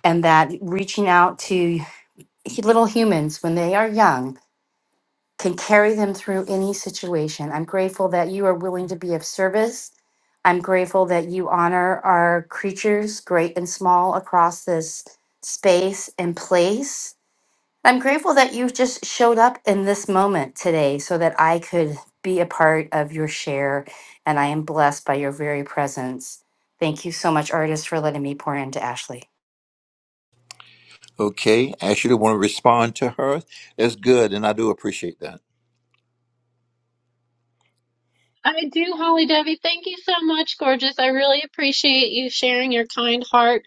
Q: and that reaching out to he- little humans, when they are young, can carry them through any situation. I'm grateful that you are willing to be of service. I'm grateful that you honor our creatures, great and small, across this space and place. I'm grateful that you just showed up in this moment today so that I could be a part of your share, and I am blessed by your very presence. Thank you so much, artist, for letting me pour into Ashley.
M: okay. Ashley, want to respond to her? That's good, and I do appreciate that.
P: I do, Holly Devi. Thank you so much, gorgeous. I really appreciate you sharing your kind heart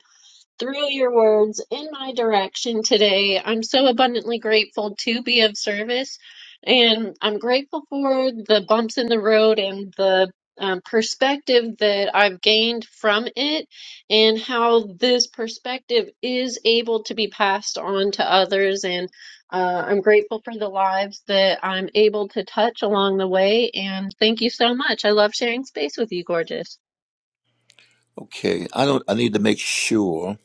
P: through your words in my direction today. I'm so abundantly grateful to be of service, and I'm grateful for the bumps in the road and the um, perspective that I've gained from it, and how this perspective is able to be passed on to others. And uh, I'm grateful for the lives that I'm able to touch along the way. And thank you so much. I love sharing space with you, gorgeous.
M: Okay, I don't. I need to make sure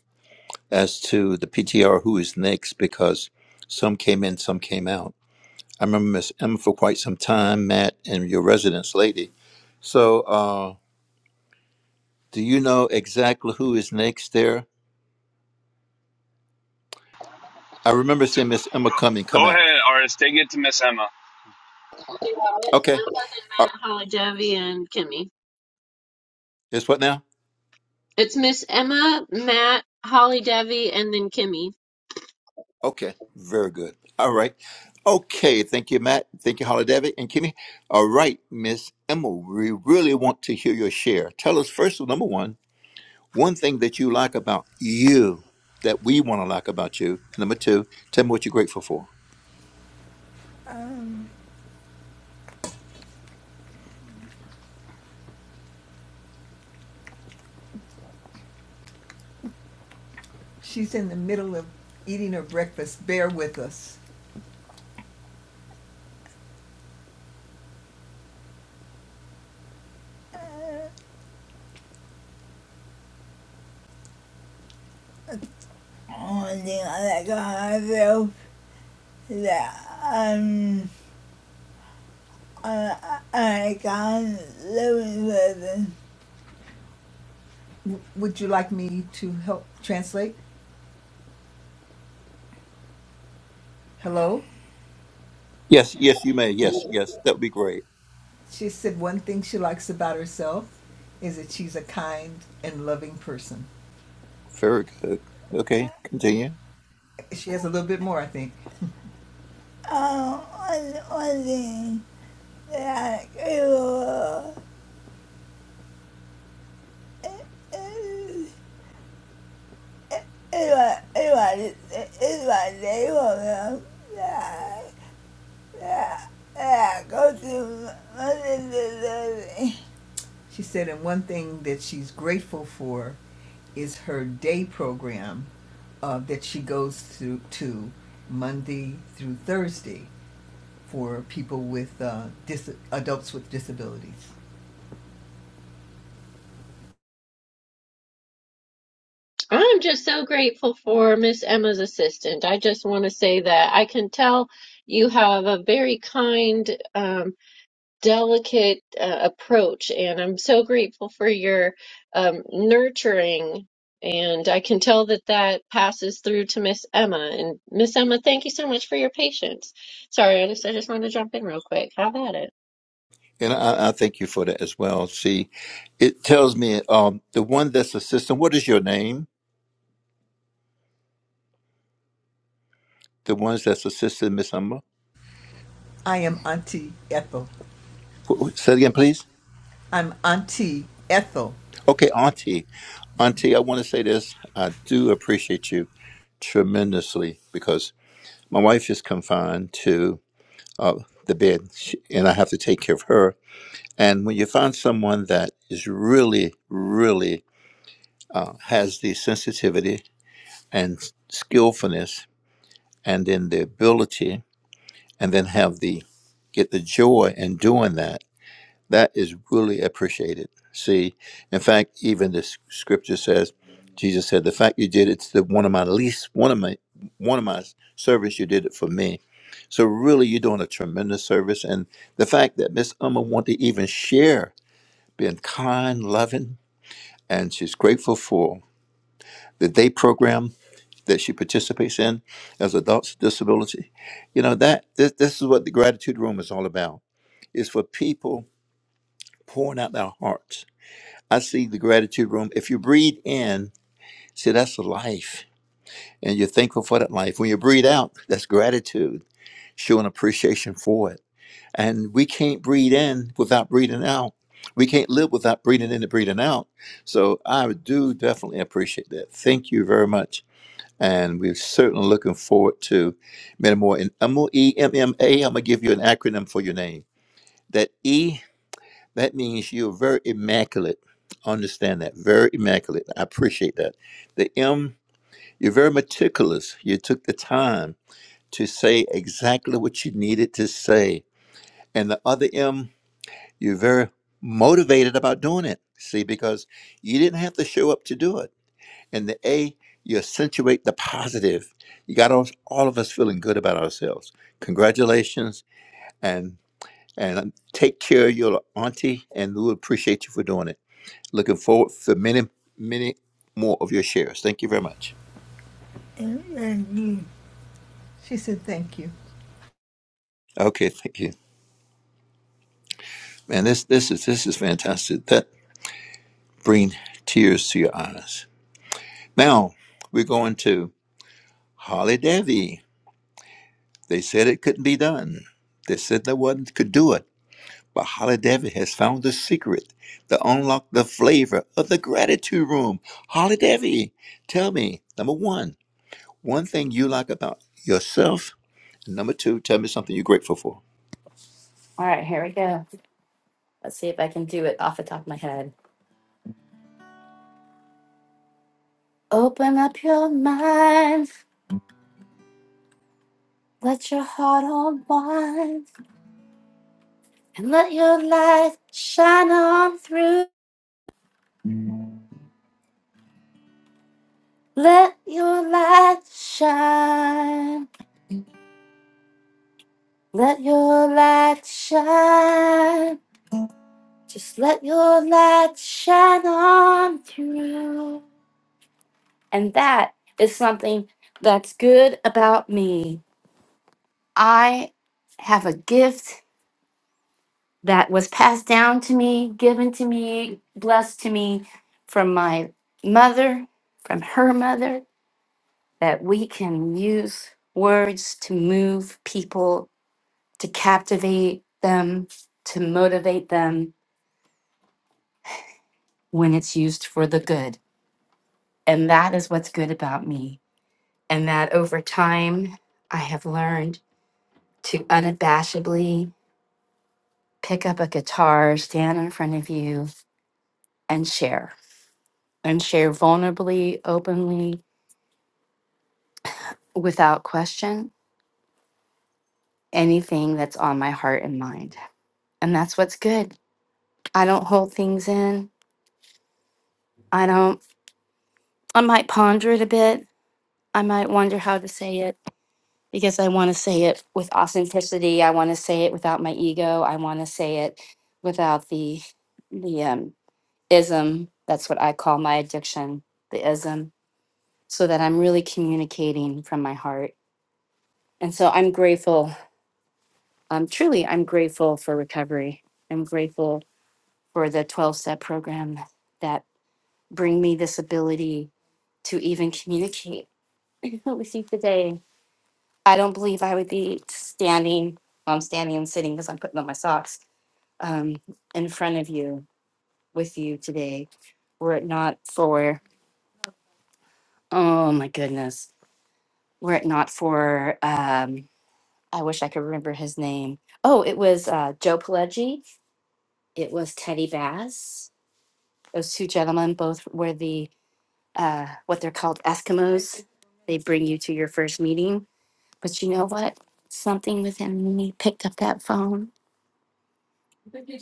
M: as to the PTR who is next because some came in, some came out. I remember Miss Emma for quite some time, Matt, and your residence lady. So, uh, do you know exactly who is next there? I remember seeing Miss Emma come in, come
R: Go
M: out.
R: ahead, artist. Take it to Miss Emma.
P: You got it.
M: Okay.
P: I'm buzzing,
M: Uh,
P: Matt, Holly, Jovi, and Kimmy.
M: it's what now?
P: It's Miss Emma, Matt, Holly Devi, and then Kimmy.
M: Okay. Very good. All right. Okay. Thank you, Matt. Thank you, Holly David and Kimmy. All right, Miss Emma, we really want to hear your share. Tell us first, number one, one thing that you like about you that we want to like about you. And number two, tell me what you're grateful for.
S: Um, she's in the middle of eating her breakfast. Bear with us. Uh, only thing I like I feel that um I I can't live with it. would you like me to help translate? Hello?
M: Yes, yes, you may. Yes, yes, that would be great.
S: She said one thing she likes about herself is that she's a kind and loving person.
M: Very good. Okay, continue.
S: She has a little bit more, I think. Um one one thing that I feel is yeah, She said, and one thing that she's grateful for is her day program uh, that she goes through to Monday through Thursday for people with uh, dis- adults with disabilities.
P: I'm just so grateful for Miss Emma's assistant. I just want to say that I can tell you have a very kind um, delicate uh, approach, and I'm so grateful for your um, nurturing. And I can tell that that passes through to Miss Emma. And Miss Emma, thank you so much for your patience. Sorry, I just I just wanted to jump in real quick. Have at it.
M: And I, I thank you for that as well. See, it tells me um, the one that's assistant. What is your name? The ones that's assistant, Miss Umma.
S: I am Auntie Ethel.
M: Wh- wh- Say it again, please.
S: I'm Auntie Ethel.
M: Okay, Auntie. Auntie, I want to say this. I do appreciate you tremendously because my wife is confined to uh, the bed, She- and I have to take care of her. And when you find someone that is really, really uh, has the sensitivity and skillfulness and then the ability and then have the get the joy in doing that that is really appreciated see in fact even the s- scripture says jesus said the fact you did it to one of my least one of my one of my servants you did it for me so really you're doing a tremendous service and the fact that miss Uma wanted to even share being kind loving and she's grateful for the day program that she participates in as adults with disability. You know, that this, this is what the gratitude room is all about. It's for people pouring out their hearts. I see the gratitude room. If you breathe in, see that's the life. And you're thankful for that life. When you breathe out, that's gratitude, showing appreciation for it. And we can't breathe in without breathing out. We can't live without breathing in and breathing out. So I do definitely appreciate that. Thank you very much. and we're certainly looking forward to many more. And I'm gonna E M M A. I'm gonna give you an acronym for your name. That E that means you're very immaculate. Understand that very immaculate. I appreciate that. The M you're very meticulous. You took the time to say exactly what you needed to say. And the other M you're very motivated about doing it. See, because you didn't have to show up to do it and the A, you accentuate the positive. You got all all of us feeling good about ourselves. Congratulations, and and um, take care of your auntie, and we appreciate you for doing it. Looking forward for many, many more of your shares. Thank you very much.
S: Thank you. She said, thank you.
M: Okay, thank you, man. This this is this is fantastic. That bring tears to your eyes. Now we're going to Holly Devi. They said it couldn't be done. They said no one could do it. But Holodevitt has found the secret to unlock the flavor of the gratitude room. Holodevitt, tell me, number one, one thing you like about yourself. Number two, tell me something you're grateful for.
Q: All right, here we go. Let's see if I can do it off the top of my head. Open up your mind, let your heart unwind, and let your light shine on through. Let your light shine, let your light shine, just let your light shine on through. And that is something that's good about me. I have a gift that was passed down to me, given to me, blessed to me from my mother, from her mother, that we can use words to move people, to captivate them, to motivate them when it's used for the good. And that is what's good about me. And that over time, I have learned to unabashedly pick up a guitar, stand in front of you, and share, and share vulnerably, openly, without question anything that's on my heart and mind. And that's what's good. I don't hold things in. I don't, I might ponder it a bit. I might wonder how to say it because I want to say it with authenticity. I want to say it without my ego. I want to say it without the, the um, ism. That's what I call my addiction, the ism, so that I'm really communicating from my heart. And so I'm grateful. Um, truly, I'm grateful for recovery. I'm grateful for the 12 step program that bring me this ability to even communicate with you today. I don't believe I would be standing, well, I'm standing and sitting because I'm putting on my socks um, in front of you with you today were it not for, oh my goodness, were it not for, um, I wish I could remember his name. Oh, it was uh, Joe Pileggi. It was Teddy Bass. Those two gentlemen both were the uh, what they're called Eskimos. They bring you to your first meeting. But you know what? Something within me picked up that phone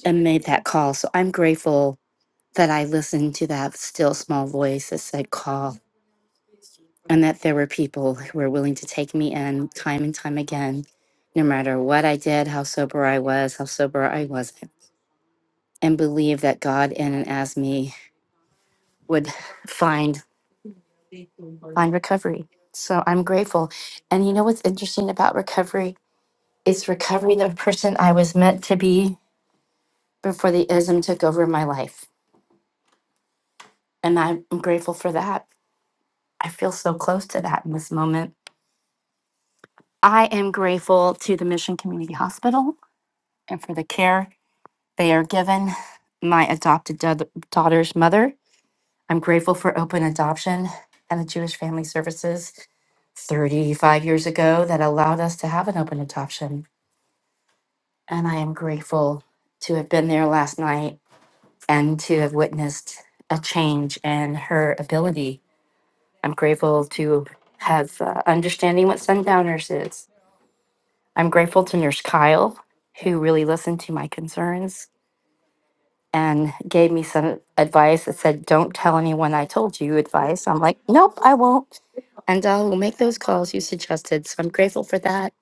Q: and made that call. So I'm grateful that I listened to that still small voice that said call and that there were people who were willing to take me in time and time again, no matter what I did, how sober I was, how sober I wasn't, and believe that God in and as me would find find recovery. So I'm grateful. And you know what's interesting about recovery? It's recovery the person I was meant to be before the ism took over my life. And I'm grateful for that. I feel so close to that in this moment. I am grateful to the Mission Community Hospital and for the care they are given my adopted da- daughter's mother. I'm grateful for open adoption and the Jewish Family Services 35 years ago that allowed us to have an open adoption And I am grateful to have been there last night and to have witnessed a change in her ability. I'm grateful to have uh, understanding what sundowners is. I'm grateful to Nurse Kyle, who really listened to my concerns and gave me some advice that said, Don't tell anyone I told you advice. I'm like, Nope, I won't. And I will make those calls you suggested. So I'm grateful for that.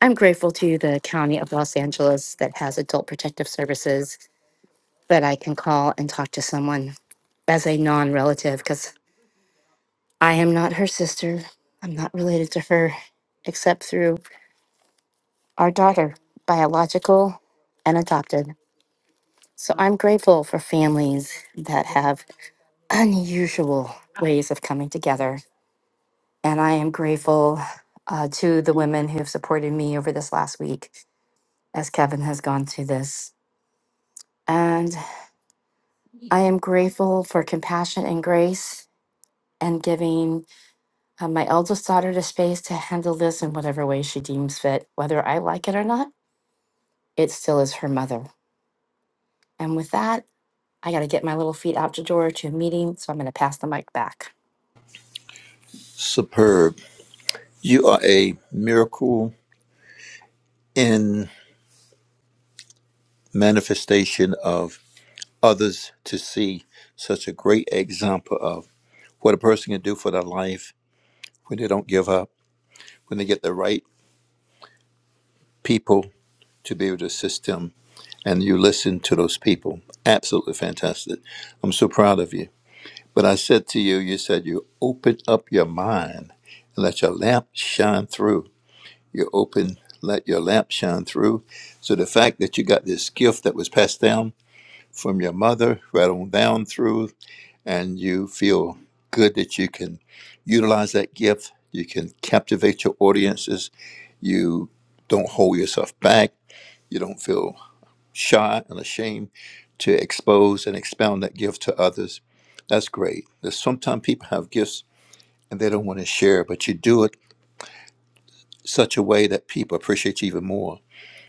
Q: I'm grateful to the County of Los Angeles that has adult protective services that I can call and talk to someone as a non relative because I am not her sister. I'm not related to her except through our daughter, biological and adopted. So I'm grateful for families that have unusual ways of coming together. And I am grateful uh, to the women who have supported me over this last week as Kevin has gone through this. And I am grateful for compassion and grace and giving Uh, my eldest daughter to space to handle this in whatever way she deems fit. Whether I like it or not, it still is her mother. And with that, I got to get my little feet out the door to a meeting, so I'm going to pass the mic back.
M: Superb. You are a miracle in manifestation of others to see such a great example of what a person can do for their life when they don't give up, when they get the right people to be able to assist them and you listen to those people. Absolutely fantastic. I'm so proud of you. But I said to you, you said you open up your mind and let your lamp shine through. You open, let your lamp shine through. So the fact that you got this gift that was passed down from your mother right on down through, and you feel good that you can utilize that gift, you can captivate your audiences, you don't hold yourself back, you don't feel shy and ashamed to expose and expound that gift to others. That's great. There's sometimes people have gifts and they don't want to share, but you do it such a way that people appreciate you even more.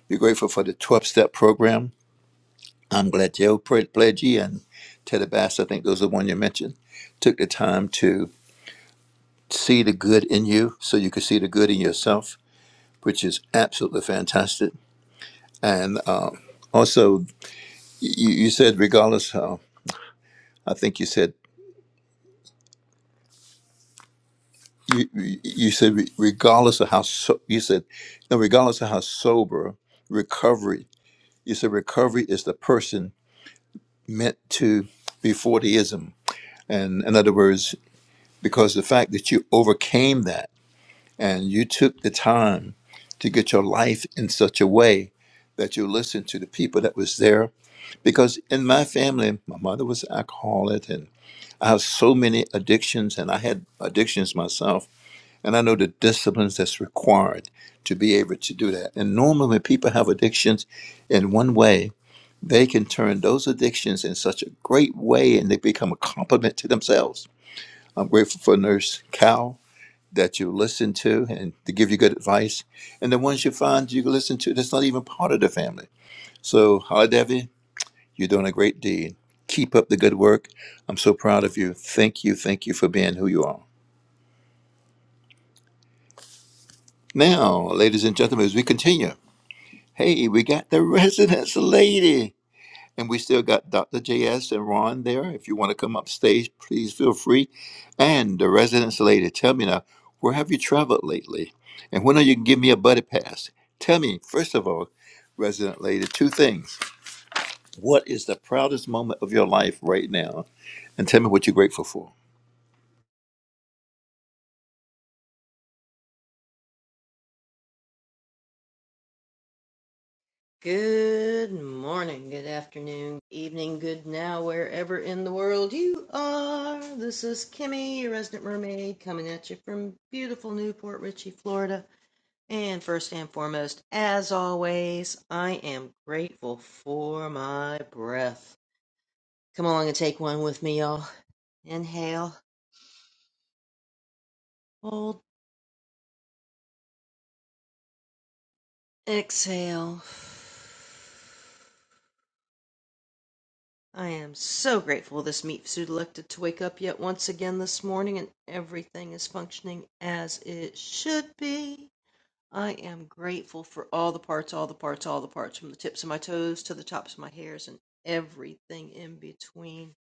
M: Be grateful for the 12 step program. I'm glad Joe Pre- Pledgy and Teddy Bass, I think those are the one you mentioned, took the time to see the good in you so you could see the good in yourself, which is absolutely fantastic. And um, also, you, you said, regardless how, I think you said you you you said re- regardless of how so, you said no, regardless of how sober recovery you said recovery is the person meant to be 40ism and in other words because the fact that you overcame that and you took the time to get your life in such a way that you listened to the people that was there because in my family my mother was an alcoholic and i have so many addictions and i had addictions myself And I know the disciplines that's required to be able to do that. And normally, when people have addictions in one way, they can turn those addictions in such a great way and they become a compliment to themselves. I'm grateful for Nurse Cal that you listen to and to give you good advice. And the ones you find you can listen to that's not even part of the family. So, Holly Devi, you're doing a great deed. Keep up the good work. I'm so proud of you. Thank you. Thank you for being who you are. Now, ladies and gentlemen, as we continue. Hey, we got the residence lady. And we still got Dr. JS and Ron there. If you want to come up stage, please feel free. And the residence lady, tell me now, where have you traveled lately? And when are you going to give me a buddy pass? Tell me, first of all, resident lady, two things. What is the proudest moment of your life right now? And tell me what you're grateful for.
T: Good morning, good afternoon, good evening, good now, wherever in the world you are. This is Kimmy, your resident mermaid, coming at you from beautiful Newport Richey, Florida. And first and foremost, as always, I am grateful for my breath. Come along and take one with me, y'all. Inhale, hold, exhale. I am so grateful this meat suit elected to wake up yet once again this morning and everything is functioning as it should be. I am grateful for all the parts, all the parts, all the parts, from the tips of my toes to the tops of my hairs and everything in between.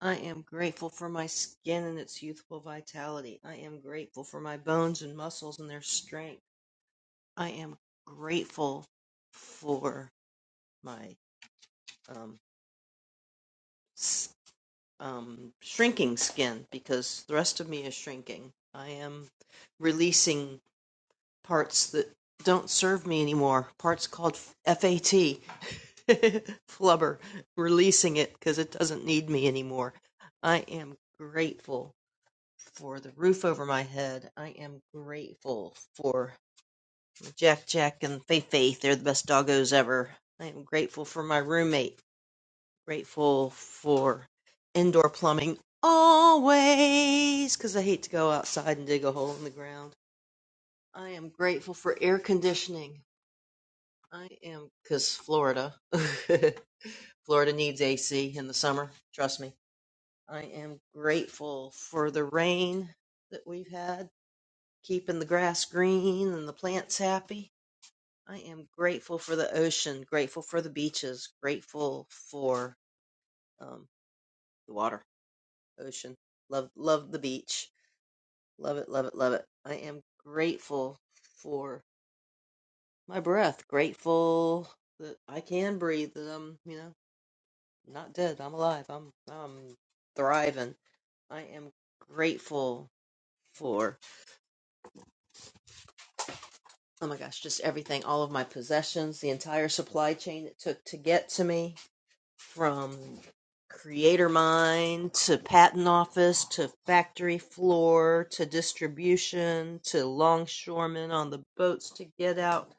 T: I am grateful for my skin and its youthful vitality. I am grateful for my bones and muscles and their strength. I am grateful for my um, um, shrinking skin because the rest of me is shrinking. I am releasing parts that don't serve me anymore, parts called FAT, flubber, releasing it because it doesn't need me anymore. I am grateful for the roof over my head. I am grateful for Jack Jack and Fei Fei. They're the best doggos ever. I am grateful for my roommate Grateful for indoor plumbing always because I hate to go outside and dig a hole in the ground. I am grateful for air conditioning. I am because Florida, Florida needs AC in the summer. Trust me. I am grateful for the rain that we've had, keeping the grass green and the plants happy. I am grateful for the ocean, grateful for the beaches, grateful for um, the water ocean. Love love the beach. Love it, love it, love it. I am grateful for my breath. Grateful that I can breathe, that I'm, you know, not dead. I'm alive. I'm I'm thriving. I am grateful for oh my gosh, just everything, all of my possessions, the entire supply chain it took to get to me. from creator mine to patent office to factory floor to distribution to longshoremen on the boats to get out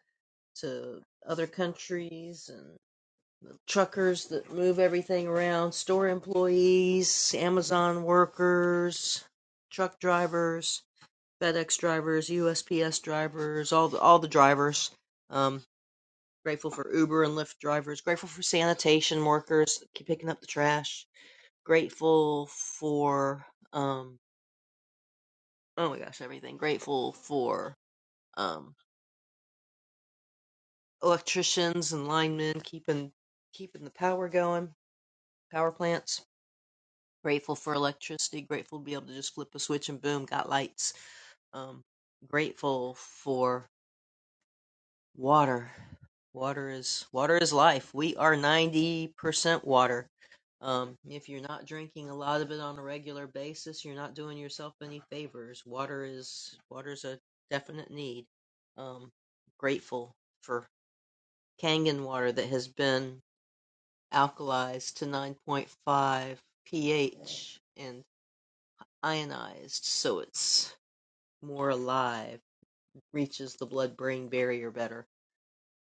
T: to other countries and truckers that move everything around store employees amazon workers truck drivers fedex drivers usps drivers all the, all the drivers um, grateful for uber and lyft drivers grateful for sanitation workers that keep picking up the trash grateful for um oh my gosh everything grateful for um electricians and linemen keeping keeping the power going power plants grateful for electricity grateful to be able to just flip a switch and boom got lights um grateful for Water. Water is water is life. We are 90% water. Um, if you're not drinking a lot of it on a regular basis, you're not doing yourself any favors. Water is water's a definite need. Um, grateful for Kangen water that has been alkalized to 9.5 pH and ionized so it's more alive, reaches the blood brain barrier better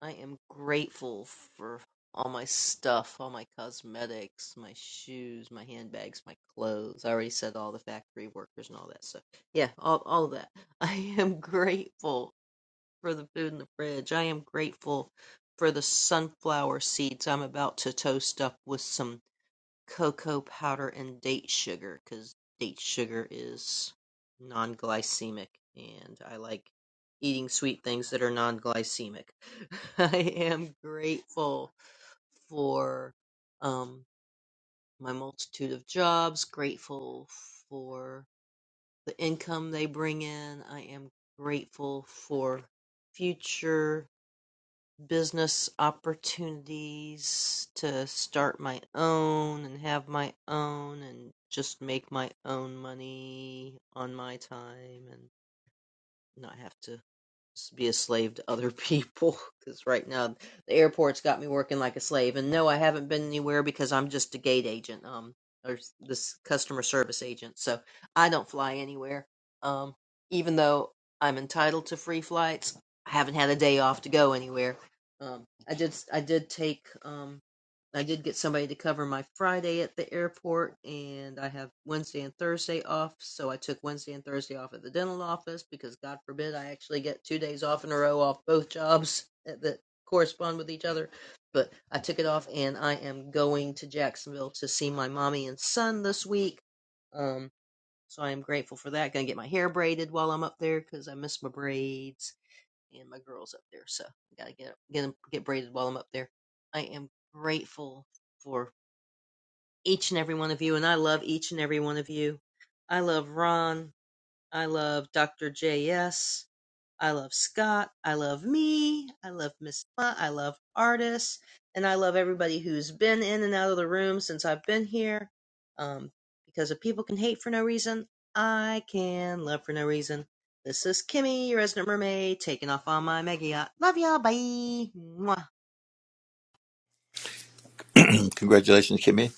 T: I am grateful for all my stuff, all my cosmetics, my shoes, my handbags, my clothes. I already said all the factory workers and all that stuff. Yeah, all all of that. I am grateful for the food in the fridge. I am grateful for the sunflower seeds I'm about to toast up with some cocoa powder and date sugar, because date sugar is non-glycemic, and I like eating sweet things that are non-glycemic. I am grateful for um, my multitude of jobs, grateful for the income they bring in. I am grateful for future business opportunities to start my own and have my own and just make my own money on my time and not have to be a slave to other people because right now the airport's got me working like a slave and no i haven't been anywhere because i'm just a gate agent um or this customer service agent so i don't fly anywhere um even though i'm entitled to free flights i haven't had a day off to go anywhere um i did I did take um I did get somebody to cover my Friday at the airport, and I have Wednesday and Thursday off. So I took Wednesday and Thursday off at the dental office because, God forbid, I actually get two days off in a row off both jobs that correspond with each other. But I took it off, and I am going to Jacksonville to see my mommy and son this week. Um, so I am grateful for that. Gonna get my hair braided while I'm up there because I miss my braids and my girls up there. So I gotta get get 'em- get braided while I'm up there. I am grateful for each and every one of you, and I love each and every one of you. I love Ron. I love Dr. J.S. I love Scott. I love me. I love Miss Ma. I love artists. And I love everybody who's been in and out of the room since I've been here. Um, because if people can hate for no reason, I can love for no reason. This is Kimmy, your resident mermaid, taking off on my mega yacht. Love y'all. Bye. Mwah.
M: Congratulations, Kimmy.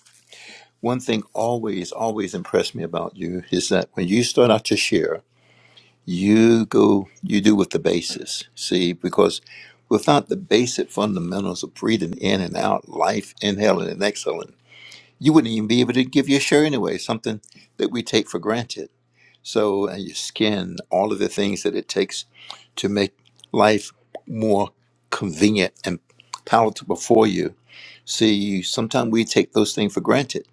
M: One thing always, always impressed me about you is that when you start out to share, you go you do with the basis see because without the basic fundamentals of breathing in and out life inhaling and exhaling you wouldn't even be able to give your shirt anyway something that we take for granted so and your skin all of the things that it takes to make life more convenient and palatable for you see sometimes we take those things for granted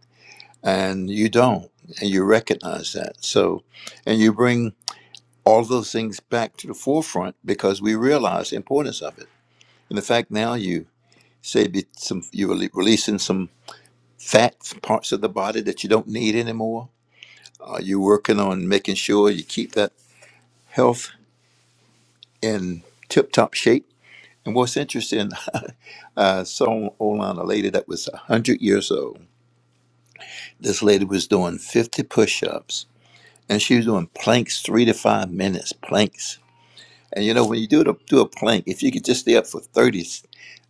M: and you don't and you recognize that so and you bring all those things back to the forefront because we realize the importance of it. And the fact now you say be some you're rele- releasing some fat parts of the body that you don't need anymore. Uh, you're working on making sure you keep that health in tip-top shape. And what's interesting, I saw online a lady that was 100 years old. This lady was doing 50 push-ups, and she was doing planks three to five minutes, planks. And you know, when you do, the, do a plank, if you could just stay up for 30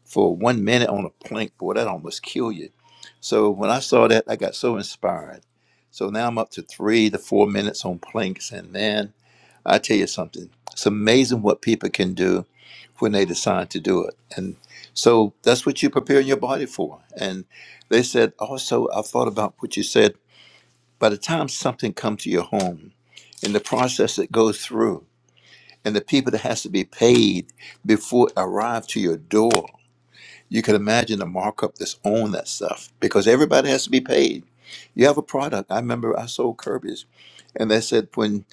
M: for one minute on a plank, boy, that almost kill you. So when I saw that, I got so inspired. So now I'm up to three to four minutes on planks, and man, I tell you something, it's amazing what people can do when they decide to do it. And so that's what you prepare your body for. And they said also, I thought about what you said. By the time something comes to your home, and the process that goes through, and the people that has to be paid before it arrive to your door, you can imagine the markup that's on that stuff because everybody has to be paid. You have a product. I remember I sold Kirby's, and they said when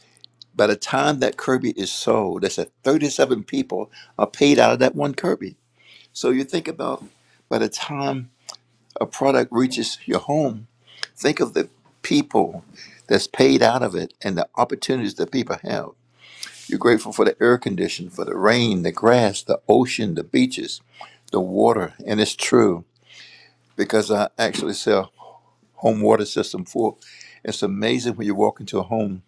M: by the time that Kirby is sold, they said 37 people are paid out of that one Kirby. So you think about by the time a product reaches your home, think of the people that's paid out of it and the opportunities that people have. You're grateful for the air condition, for the rain, the grass, the ocean, the beaches, the water, and it's true because I actually sell home water system for. It's amazing when you walk into a home,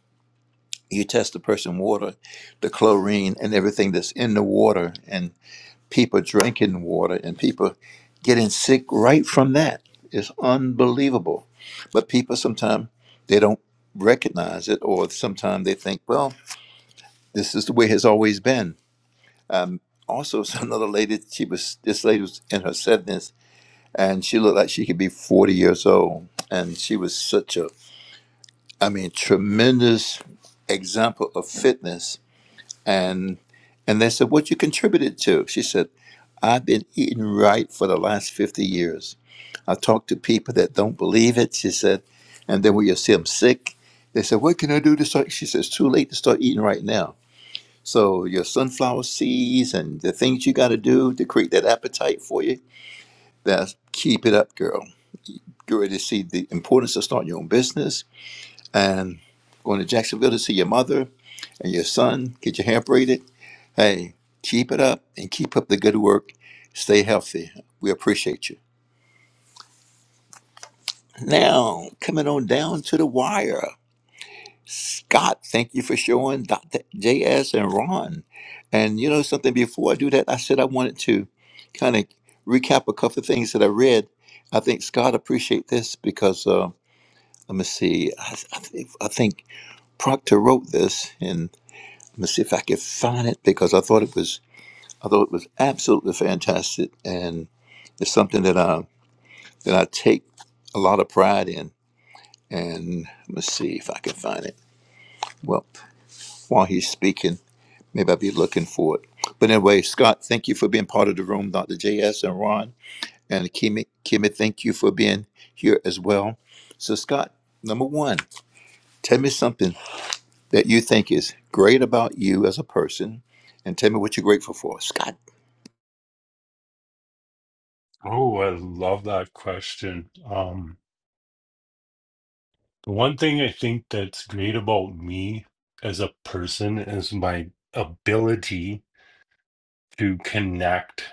M: you test the person water, the chlorine and everything that's in the water, and people drinking water and people getting sick right from that. It's unbelievable. But people sometimes they don't recognize it, or sometimes they think, well, this is the way it's always been. Um, also, another lady, she was this lady was in her 70s and she looked like she could be 40 years old. And she was such a, I mean, tremendous example of fitness. And and they said, "What you contributed to?" She said, "I've been eating right for the last 50 years. I talk to people that don't believe it." She said, and then when you see them sick, they said, can I do to start?" She says, "It's too late to start eating right now." So your sunflower seeds and the things you got to do to create that appetite for you, that's keep it up, girl get ready to see the importance of starting your own business and going to Jacksonville to see your mother and your son, get your hair braided. Hey, keep it up and keep up the good work. Stay healthy. We appreciate you. Now, coming on down to the wire. Scott, thank you for showing Dr. JS and Ron. And you know something, before I do that, I said I wanted to kind of recap a couple of things that I read. I think Scott appreciate this because uh, let me see. I, I think I think Proctor wrote this, and I'm gonna see if I could find it because I thought it was I thought it was absolutely fantastic, and it's something that I that I take a lot of pride in. And let me see if I can find it. Well, while he's speaking, maybe I'll be looking for it. But anyway, Scott, thank you for being part of the room, Dr. JS and Ron and Kimmy. Kimmy, thank you for being here as well. So, Scott, number one, tell me something. that you think is great about you as a person and tell me what you're grateful for. Scott.
U: Oh, I love that question. Um, the one thing I think that's great about me as a person is my ability to connect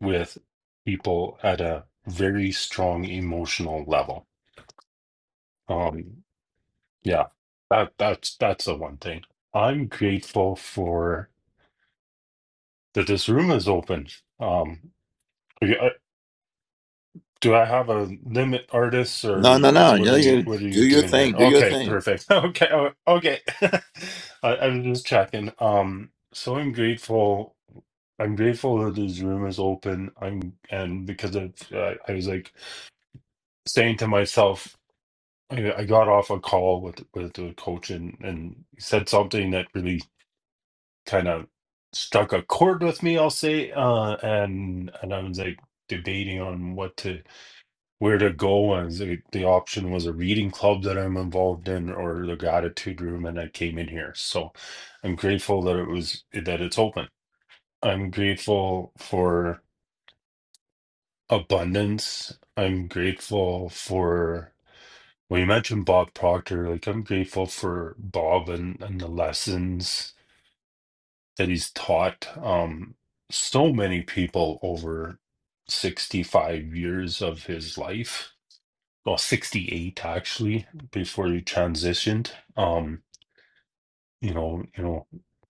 U: with people at a very strong emotional level. Um, yeah, that that's that's the one thing. I'm grateful for that this room is open. Um, Do I have a limit artist or
M: No, no, no. You,
U: what
M: know,
U: are you
M: you
U: what are
M: do
U: you
M: your
U: doing here?
M: thing. Do your
U: Okay,
M: thing.
U: perfect. Okay, o- okay. I, I'm just checking. Um, so I'm grateful. I'm grateful that this room is open. I'm and because of uh, I was like saying to myself, I, I got off a call with with the coach and and he said something that really kind of struck a chord with me, I'll say. Uh, and and I was like debating on what to where to go and the, the option was a reading club that i'm involved in or the gratitude room and i came in here so i'm grateful that it was that it's open i'm grateful for abundance i'm grateful for when you mentioned bob proctor like i'm grateful for bob and, and the lessons that he's taught um so many people over 65 years of his life well 68 actually before you transitioned um you know you know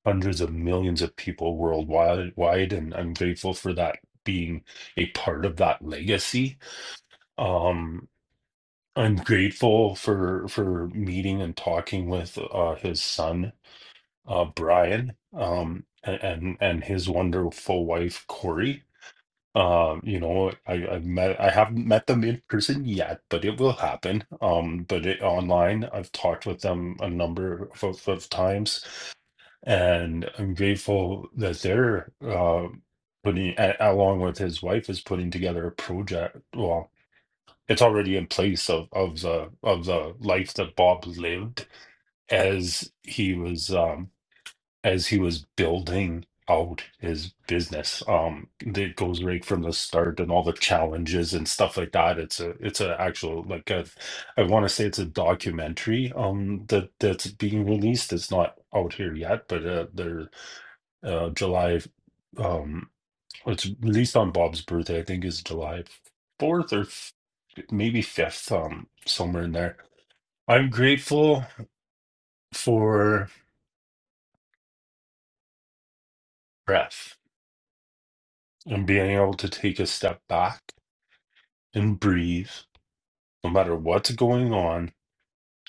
U: hundreds of millions of people worldwide wide and i'm grateful for that being a part of that legacy um i'm grateful for for meeting and talking with uh his son uh brian um a- and and his wonderful wife corey Um, you know, I I've met I haven't met them in person yet, but it will happen. Um, but it, online, I've talked with them a number of, of, of times, and I'm grateful that they're uh, putting, a, along with his wife, is putting together a project. Well, it's already in place of of the of the life that Bob lived as he was. um as he was building out his business um it goes right from the start and all the challenges and stuff like that it's a it's a actual like a, i want to say it's a documentary um that that's being released it's not out here yet but uh they're uh july um it's released on bob's birthday i think is july 4th or f- maybe 5th um somewhere in there i'm grateful for breath and being able to take a step back and breathe, no matter what's going on,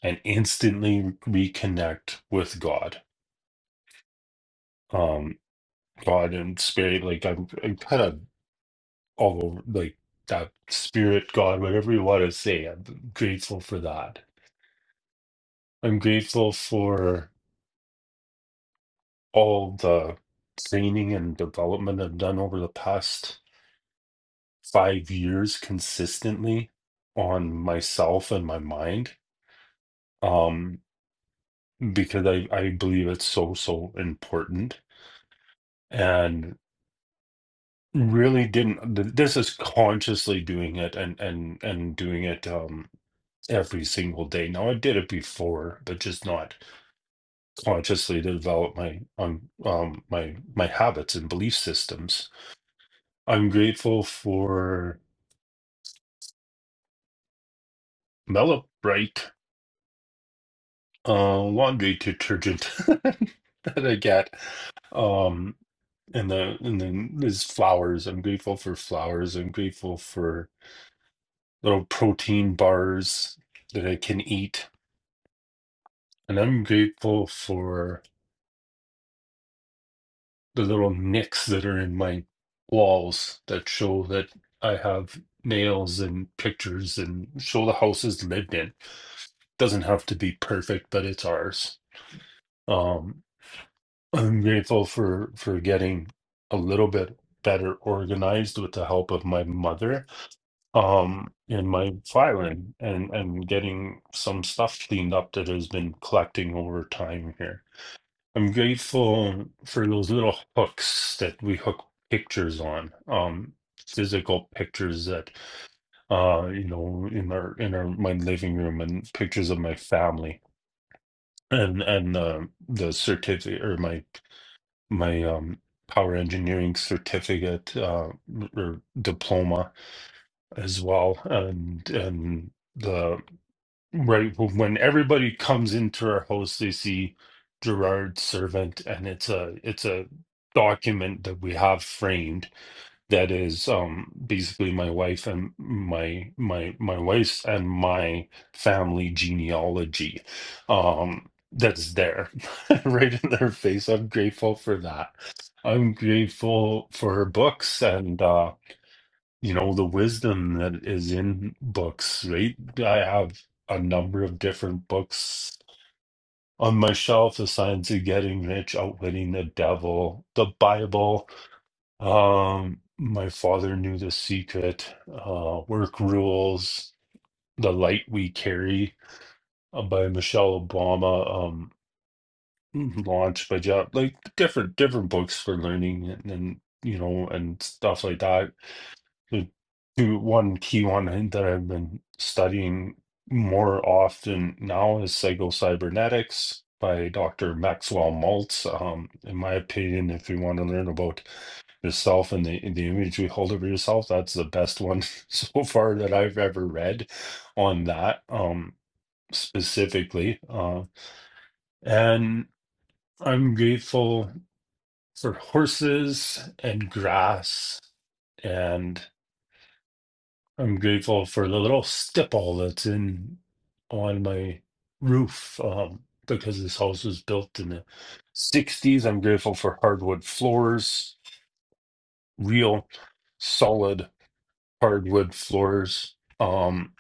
U: and instantly reconnect with God. Um, God and spirit, like I'm, I'm kind of all over, like that spirit, God, whatever you want to say. I'm grateful for that. I'm grateful for all the training and development I've done over the past five years consistently on myself and my mind um because i i believe it's so so important and really didn't th- this is consciously doing it and and and doing it um every single day now i did it before but just not consciously to develop my um, um my my habits and belief systems i'm grateful for melibrite uh laundry detergent that i get um and the and then there's flowers i'm grateful for flowers i'm grateful for little protein bars that I can eat. And I'm grateful for the little nicks that are in my walls that show that I have nails and pictures and show the house is lived in. Doesn't have to be perfect, but it's ours. Um, I'm grateful for for getting a little bit better organized with the help of my mother um in my filing and and getting some stuff cleaned up that has been collecting over time here. I'm grateful for those little hooks that we hook pictures on, um physical pictures that uh you know in our in our my living room and pictures of my family and and uh, the certificate or my my um power engineering certificate uh or diploma as well and and the right But when everybody comes into our house, they see Gerard's servant, and it's a it's a document that we have framed that is um basically my wife and my my my wife's and my family genealogy um that's there right in their face i'm grateful for that i'm grateful for her books and uh you know, the wisdom that is in books, right? I have a number of different books on my shelf, The Science of Getting Rich, Outwitting the Devil, the Bible, um, My Father Knew the Secret, uh, Work Rules, The Light We Carry uh, by Michelle Obama, um, launched by Jeff, like different different books for learning and, and you know and stuff like that the two one key one that I've been studying more often now is psychocybernetics by Dr. Maxwell Maltz. Um, in my opinion, if you want to learn about yourself and the the image we hold of yourself, that's the best one so far that I've ever read on that um, specifically. Uh, and I'm grateful for horses and grass and I'm grateful for the little stipple that's in on my roof um, because this house was built in the 60s. I'm grateful for hardwood floors, real solid hardwood floors um,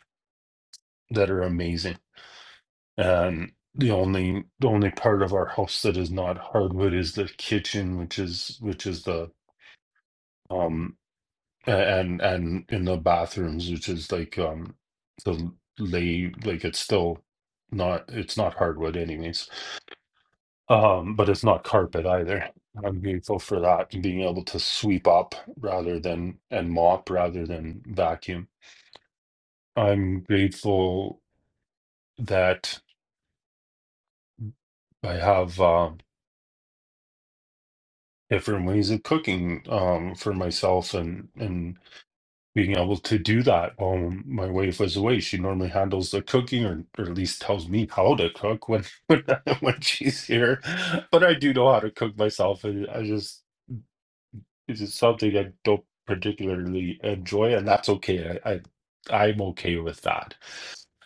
U: that are amazing. And the only the only part of our house that is not hardwood is the kitchen, which is which is the um A- and and in the bathrooms which is like um the lay like it's still not it's not hardwood anyways um but it's not carpet either i'm grateful for that and being able to sweep up rather than and mop rather than vacuum i'm grateful that i have uh different ways of cooking um for myself and and being able to do that while my wife was away. She normally handles the cooking, or, or at least tells me how to cook when when, when she's here. But I do know how to cook myself, and I just it's just something I don't particularly enjoy, and that's okay. I, I I'm okay with that.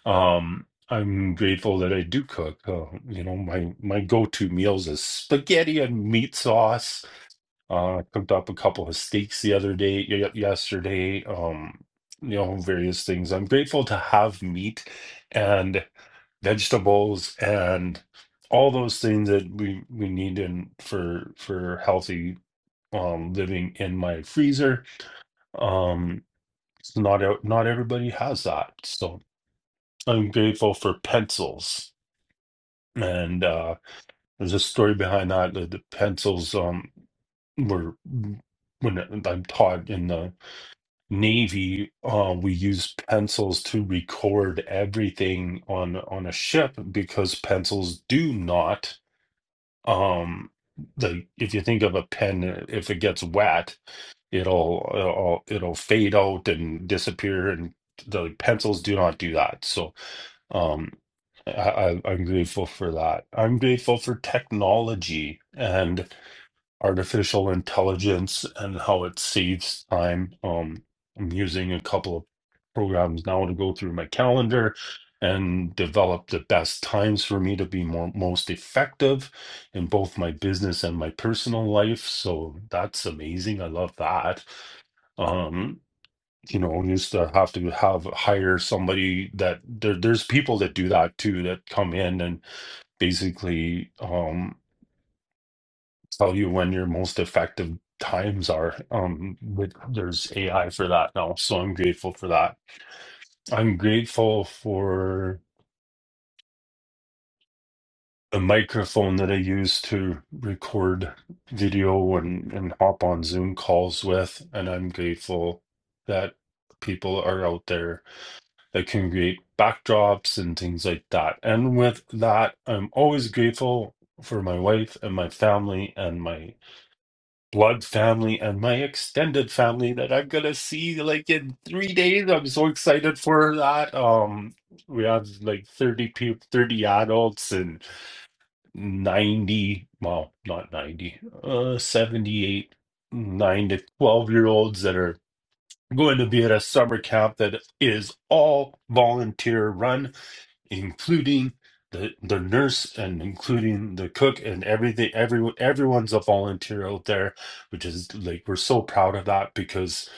U: Um, I'm grateful that I do cook. Uh, you know, my my go-to meals is spaghetti and meat sauce uh, I cooked up a couple of steaks the other day, y- yesterday. Um, you know, various things. I'm grateful to have meat and vegetables and all those things that we we need in for for healthy um living in my freezer. Um, it's not out, not everybody has that, so I'm grateful for pencils. And uh, there's a story behind that. The, the pencils um were when I'm taught in the Navy, uh, we use pencils to record everything on on a ship because pencils do not um the if you think of a pen, if it gets wet, it'll it'll it'll fade out and disappear, and the pencils do not do that. So um, I, I I'm grateful for that. I'm grateful for technology, and artificial intelligence and how it saves time. Um, I'm using a couple of programs now to go through my calendar and develop the best times for me to be more most effective in both my business and my personal life. So that's amazing. I love that. Um, you know, used to have to have hire somebody that there, there's people that do that too that come in and basically um tell you when your most effective times are. Um, but there's AI for that now, so I'm grateful for that. I'm grateful for the microphone that I use to record video and, and hop on Zoom calls with, and I'm grateful that people are out there that can create backdrops and things like that. And with that, I'm always grateful for my wife and my family and my blood family and my extended family that I'm gonna see like in three days. I'm so excited for that. Um, we have like 30 people, 30 adults and 90, well, not 90, uh, 78, 9 to 12 year olds that are going to be at a summer camp that is all volunteer run including the the nurse and including the cook and everything everyone everyone's a volunteer out there which is like we're so proud of that because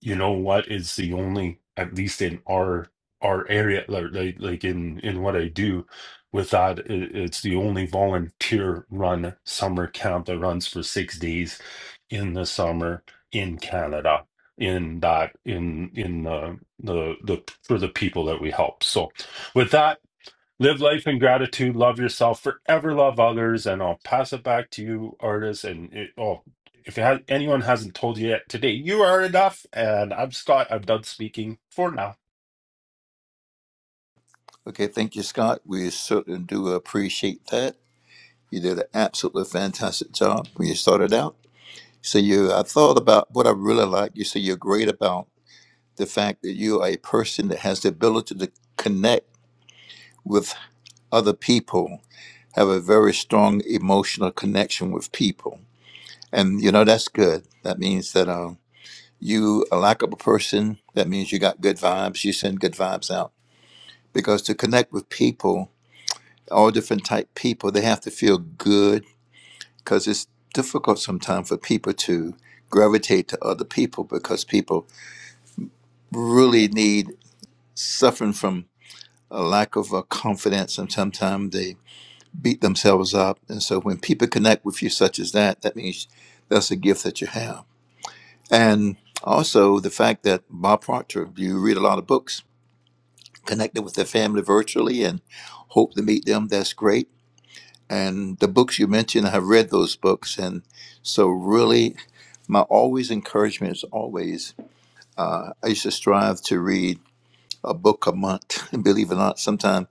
U: you know what is the only at least in our our area like like like in in what I do with that it, it's the only volunteer run summer camp that runs for 6 days in the summer in Canada in that in in the the the for the people that we help so with that Live life in gratitude, love yourself, forever love others, and I'll pass it back to you, artists. And it, oh, if it has, anyone hasn't told you yet today, you are enough. And I'm Scott. I'm done speaking for now.
M: Okay, thank you, Scott. We certainly do appreciate that. You did an absolutely fantastic job when you started out. So you I thought about what I really like. You say you're great about the fact that you are a person that has the ability to connect with other people, have a very strong emotional connection with people. And you know that's good. That means that um, You a likable person, that means you got good vibes. You send good vibes out. Because to connect with people, all different type people, they have to feel good because it's difficult sometimes for people to gravitate to other people because people really need suffering from a lack of uh, confidence and sometimes they beat themselves up. And so when people connect with you such as that, that means that's a gift that you have. And also the fact that Bob Proctor, you read a lot of books connected with their family virtually and hope to meet them. That's great. And the books you mentioned, I have read those books. And so, really, my always encouragement is always uh, I used to strive to read a book a month. And believe it or not, sometimes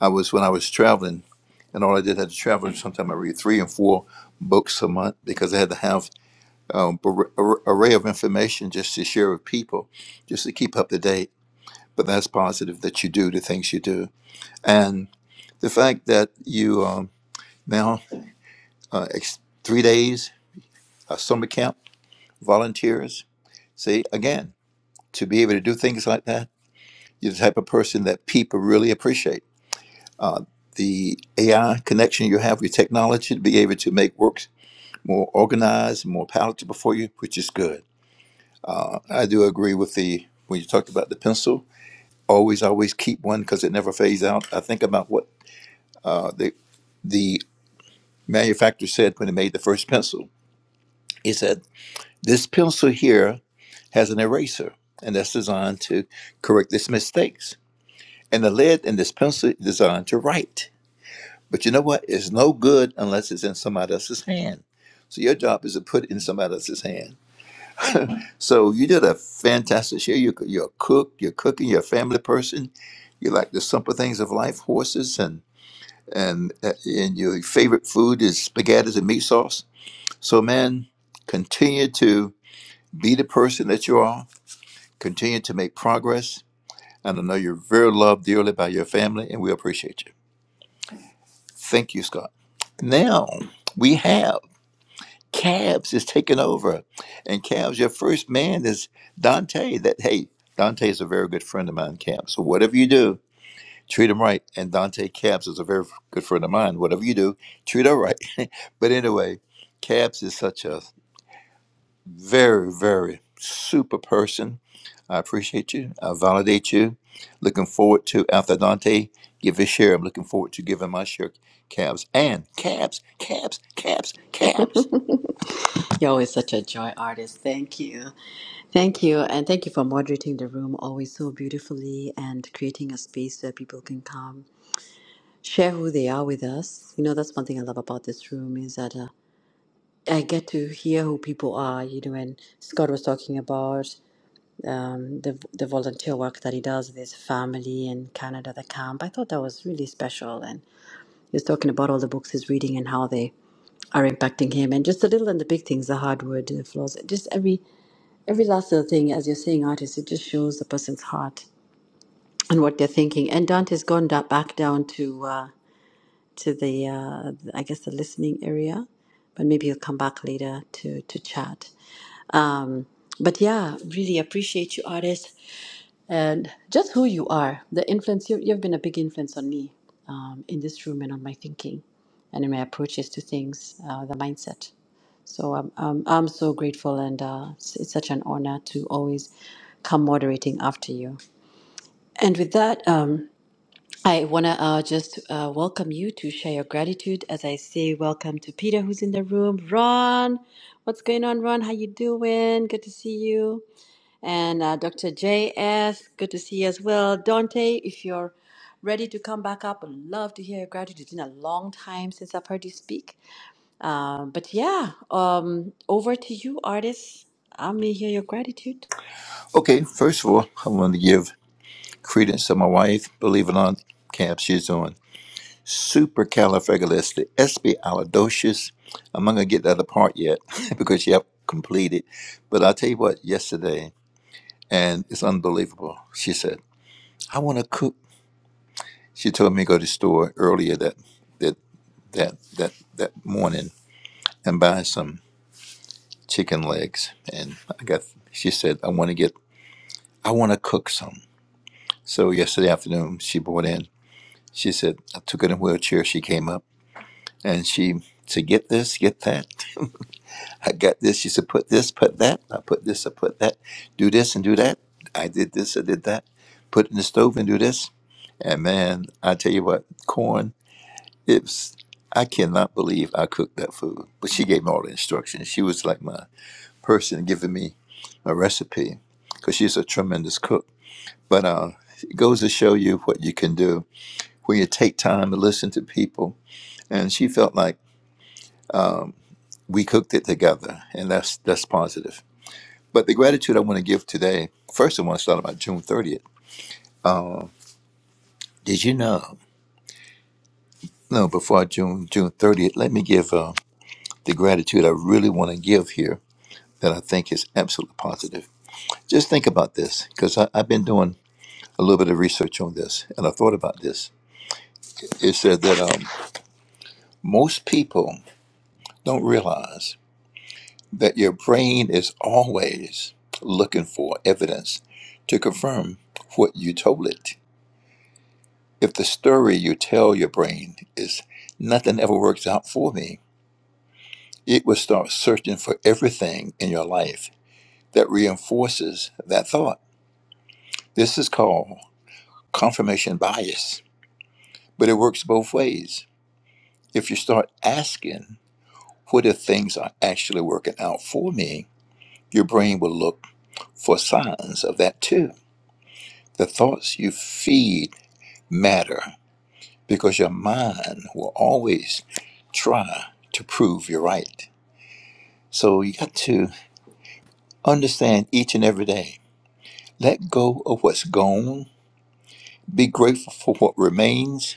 M: I was, when I was traveling, and all I did had to travel, sometimes I read three and four books a month because I had to have um, ar- ar- array of information just to share with people, just to keep up to date. But that's positive that you do the things you do. And the fact that you um, now uh, ex- three days uh, summer camp volunteers. See again to be able to do things like that, you're the type of person that people really appreciate. Uh, the AI connection you have with technology to be able to make works more organized, more palatable for you, which is good. Uh, I do agree with the when you talked about the pencil. Always, always keep one because it never fades out. I think about what uh, the the manufacturer said when they made the first pencil He said, This pencil here has an eraser, and that's designed to correct its mistakes. And the lead in this pencil is designed to write. But you know what? It's no good unless it's in somebody else's hand. So your job is to put it in somebody else's hand. So you did a fantastic share. You're, you're a cook, you're cooking, you're a family person. You like the simple things of life, horses, and and uh, and your favorite food is spaghetti and meat sauce. So man, continue to be the person that you are Continue to make progress. And I know you're very loved dearly by your family, and we appreciate you. Thank you, Scott. Now we have Cavs is taking over. And Cavs, your first man is Dante. That hey, Dante is a very good friend of mine, Cavs. So whatever you do, treat him right. And Dante Cavs is a very good friend of mine. Whatever you do, treat her right. But anyway, Cavs is such a Very, very super person. I appreciate you. I validate you. Looking forward to after Dante give his share. I'm looking forward to giving my share. Cabs and cabs, cabs, cabs, cabs.
V: You're always such a joy artist. Thank you. Thank you. And thank you for moderating the room always so beautifully and creating a space where people can come, share who they are with us. You know, that's one thing I love about this room is that uh, I get to hear who people are. You know, and Scott was talking about um, the, the volunteer work that he does with his family in Canada, the camp. I thought that was really special. And he was talking about all the books he's reading and how they are impacting him and just the little and the big things, the hardwood, the floors, just every Every last little thing, as you're saying, artist, it just shows the person's heart and what they're thinking. And Dante's gone da- back down to uh, to the, uh, I guess, the listening area, but maybe he'll come back later to to chat. Um, but yeah, really appreciate you, artist, and just who you are. The influence you, you've been a big influence on me um, in this room and on my thinking, and in my approaches to things, uh, the mindset. So I'm I'm, I'm so grateful, and uh, it's, it's such an honor to always come moderating after you. And with that, um, I want to uh, just uh, welcome you to share your gratitude. As I say, welcome to Peter, who's in the room. Ron, what's going on, Ron? How you doing? Good to see you. And uh, Dr. J.S., good to see you as well. Dante, if you're ready to come back up, I'd love to hear your gratitude. It's been a long time since I've heard you speak. Um, but yeah, um, over to you, artists. I may hear your gratitude.
M: Okay, first of all, I want to give credence to my wife. Believe it or not, cabs she's on. Supercalifragilisticexpialidocious. I'm not gonna get the other part yet because she have completed. But I'll tell you what, yesterday, and it's unbelievable. She said, "I want to cook." She told me to go to the store earlier that that that that that morning and buy some chicken legs. And I got. She said, "I want to get. I want to cook some." So yesterday afternoon, she brought in. She said, "I took her in a wheelchair." She came up and she said, "Get this, get that. I got this." She said, "Put this, put that. I put this, I put that. Do this and do that. I did this, I did that. Put it in the stove and do this." And man, I tell you what, corn. It's I cannot believe I cooked that food. But she gave me all the instructions. She was like my person giving me a recipe because she's a tremendous cook. But uh, it goes to show you what you can do when you take time to listen to people. And she felt like we cooked it together, and that's that's positive. But the gratitude I want to give today, first I want to start about June 30th. Uh, did you know? No, before June June 30th, let me give uh, the gratitude I really want to give here that I think is absolutely positive Just think about this, because I've been doing a little bit of research on this, and I thought about this. It said that um, most people don't realize that your brain is always looking for evidence to confirm what you told it. If the story you tell your brain is nothing ever works out for me, it will start searching for everything in your life that reinforces that thought. This is called confirmation bias, but it works both ways If you start asking, what if things are actually working out for me? Your brain will look for signs of that too. The thoughts you feed matter because your mind will always try to prove you're right. So you got to understand each and every day. Let go of what's gone, be grateful for what remains,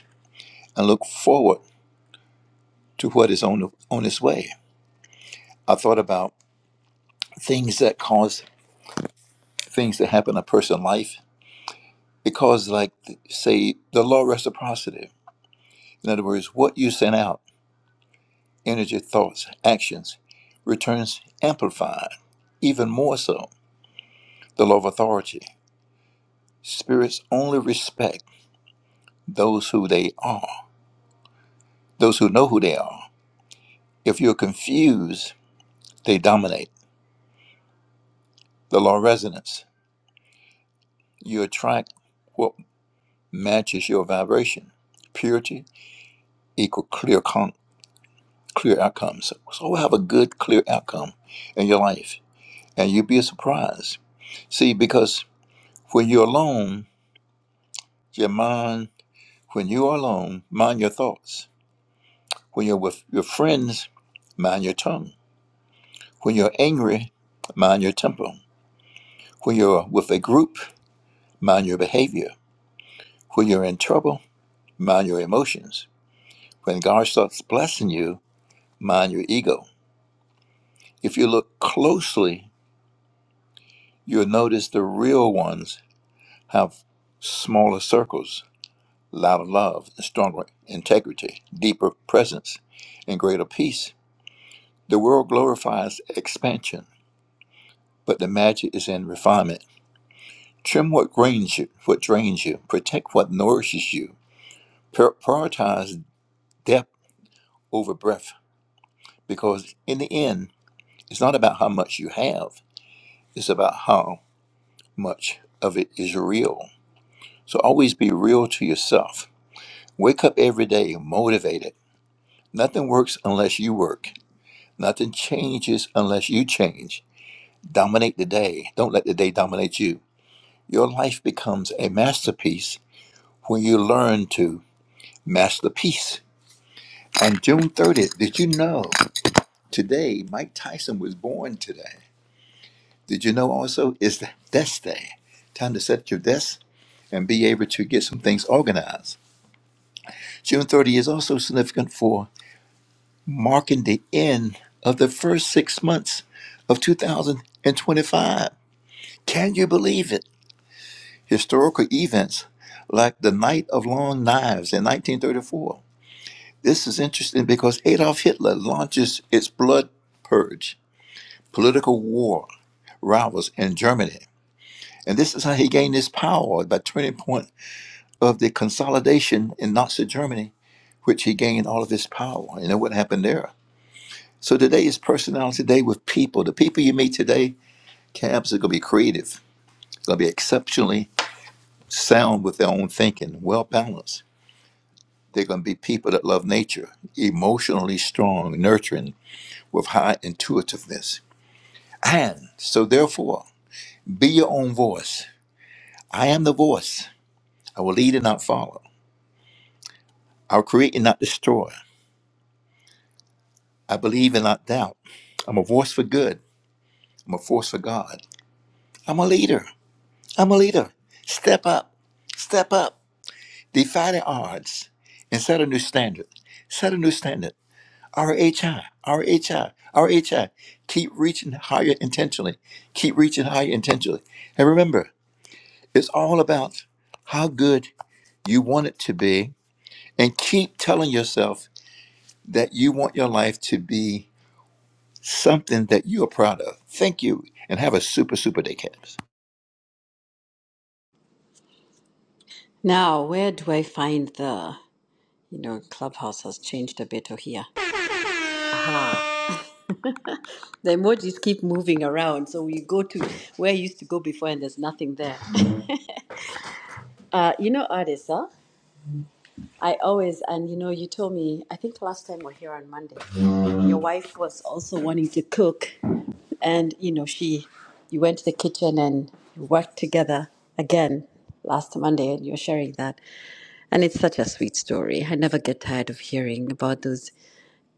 M: and look forward to what is on, on its way. I thought about things that cause things to happen in a person's life because like say the law of reciprocity in other words what you send out energy thoughts actions returns amplified even more so the law of authority spirits only respect those who they are those who know who they are if you're confused they dominate the law of resonance you attract what matches your vibration purity equal clear con- clear outcomes so have a good clear outcome in your life and you'd be surprised. See, because when you're alone, your mind, when you're alone, mind your thoughts. When you're with your friends, mind your tongue. When you're angry, mind your temper. When you're with a group, mind your behavior. When you're in trouble, mind your emotions. When God starts blessing you, mind your ego. If you look closely, you'll notice the real ones have smaller circles louder love, and stronger integrity, deeper presence, and greater peace. The world glorifies expansion, but the magic is in refinement. Trim what drains you, what drains you, protect what nourishes you. Pri- Prioritize depth over breadth, because in the end, it's not about how much you have, it's about how much of it is real. So always be real to yourself. Wake up every day motivated. Nothing works unless you work. Nothing changes unless you change. Dominate the day. Don't let the day dominate you. Your life becomes a masterpiece when you learn to master peace. On June 30th, did you know today Mike Tyson was born today? Did you know also it's the desk day? Time to set your desk and be able to get some things organized. June thirtieth is also significant for marking the end of the first six months of 2025. Can you believe it? historical events like the Night of Long Knives in 1934. This is interesting because Adolf Hitler launches its blood purge, political war rivals in Germany. And this is how he gained his power by turning point of the consolidation in Nazi Germany, which he gained all of his power. You know what happened there? So today is personality day with people. The people you meet today, cabs are going to be creative. They're going to be exceptionally sound with their own thinking, well balanced They're going to be people that love nature, emotionally strong, nurturing, with high intuitiveness. And so, therefore, be your own voice. I am the voice. I will lead and not follow. I'll create and not destroy. I believe and not doubt. I'm a voice for good. I'm a force for God. I'm a leader. I'm a leader. Step up. Step up. Defy the odds and set a new standard. Set a new standard. RHI, RHI, RHI. Keep reaching higher intentionally. Keep reaching higher intentionally. And remember, it's all about how good you want it to be. And keep telling yourself that you want your life to be something that you are proud of. Thank you. And have a super, super day, Caps.
V: Now, where do I find the you know, Clubhouse has changed a bit over here. Ah. The emojis keep moving around, so we go to where I used to go before, and there's nothing there. Uh, you know, artists, huh? I always and you know, you told me. I think last time we we're here on Monday, your wife was also wanting to cook, and you know, she, you went to the kitchen and you worked together again last Monday, and you're sharing that, and it's such a sweet story. I never get tired of hearing about those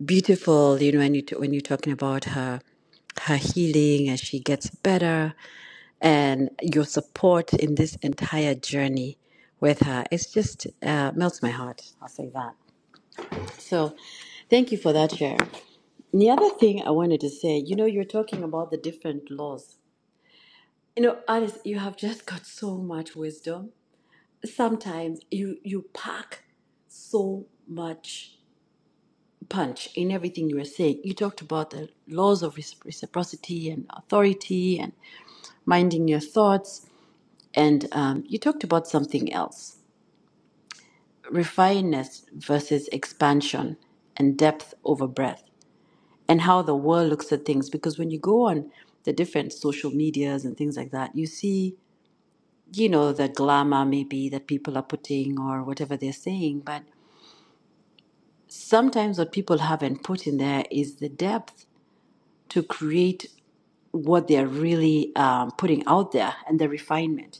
V: beautiful you know when, you t- when you're talking about her her healing as she gets better and your support in this entire journey with her it's just uh, melts my heart i'll say that so thank you for that share and the other thing i wanted to say you know you're talking about the different laws you know alice you have just got so much wisdom sometimes you you pack so much punch in everything you were saying. You talked about the laws of reciprocity and authority and minding your thoughts. And um, you talked about something else refinedness versus expansion and depth over breadth, and how the world looks at things. Because when you go on the different social medias and things like that, you see, you know, the glamour maybe that people are putting or whatever they're saying. But sometimes what people haven't put in there is the depth to create what they're really um, putting out there and the refinement.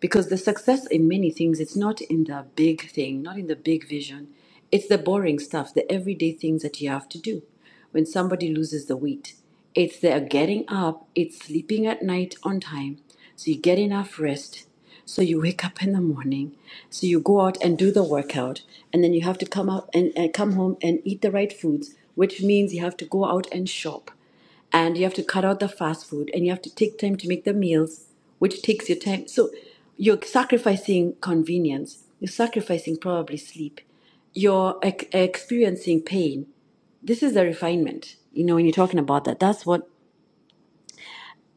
V: Because the success in many things, it's not in the big thing, not in the big vision. It's the boring stuff, the everyday things that you have to do. When somebody loses the weight, it's their getting up, it's sleeping at night on time, so you get enough rest, so you wake up in the morning, so you go out and do the workout, and then you have to come out and, and come home and eat the right foods, which means you have to go out and shop and you have to cut out the fast food and you have to take time to make the meals which takes your time so you're sacrificing convenience you're sacrificing probably sleep you're ex- experiencing pain this is the refinement you know when you're talking about that that's what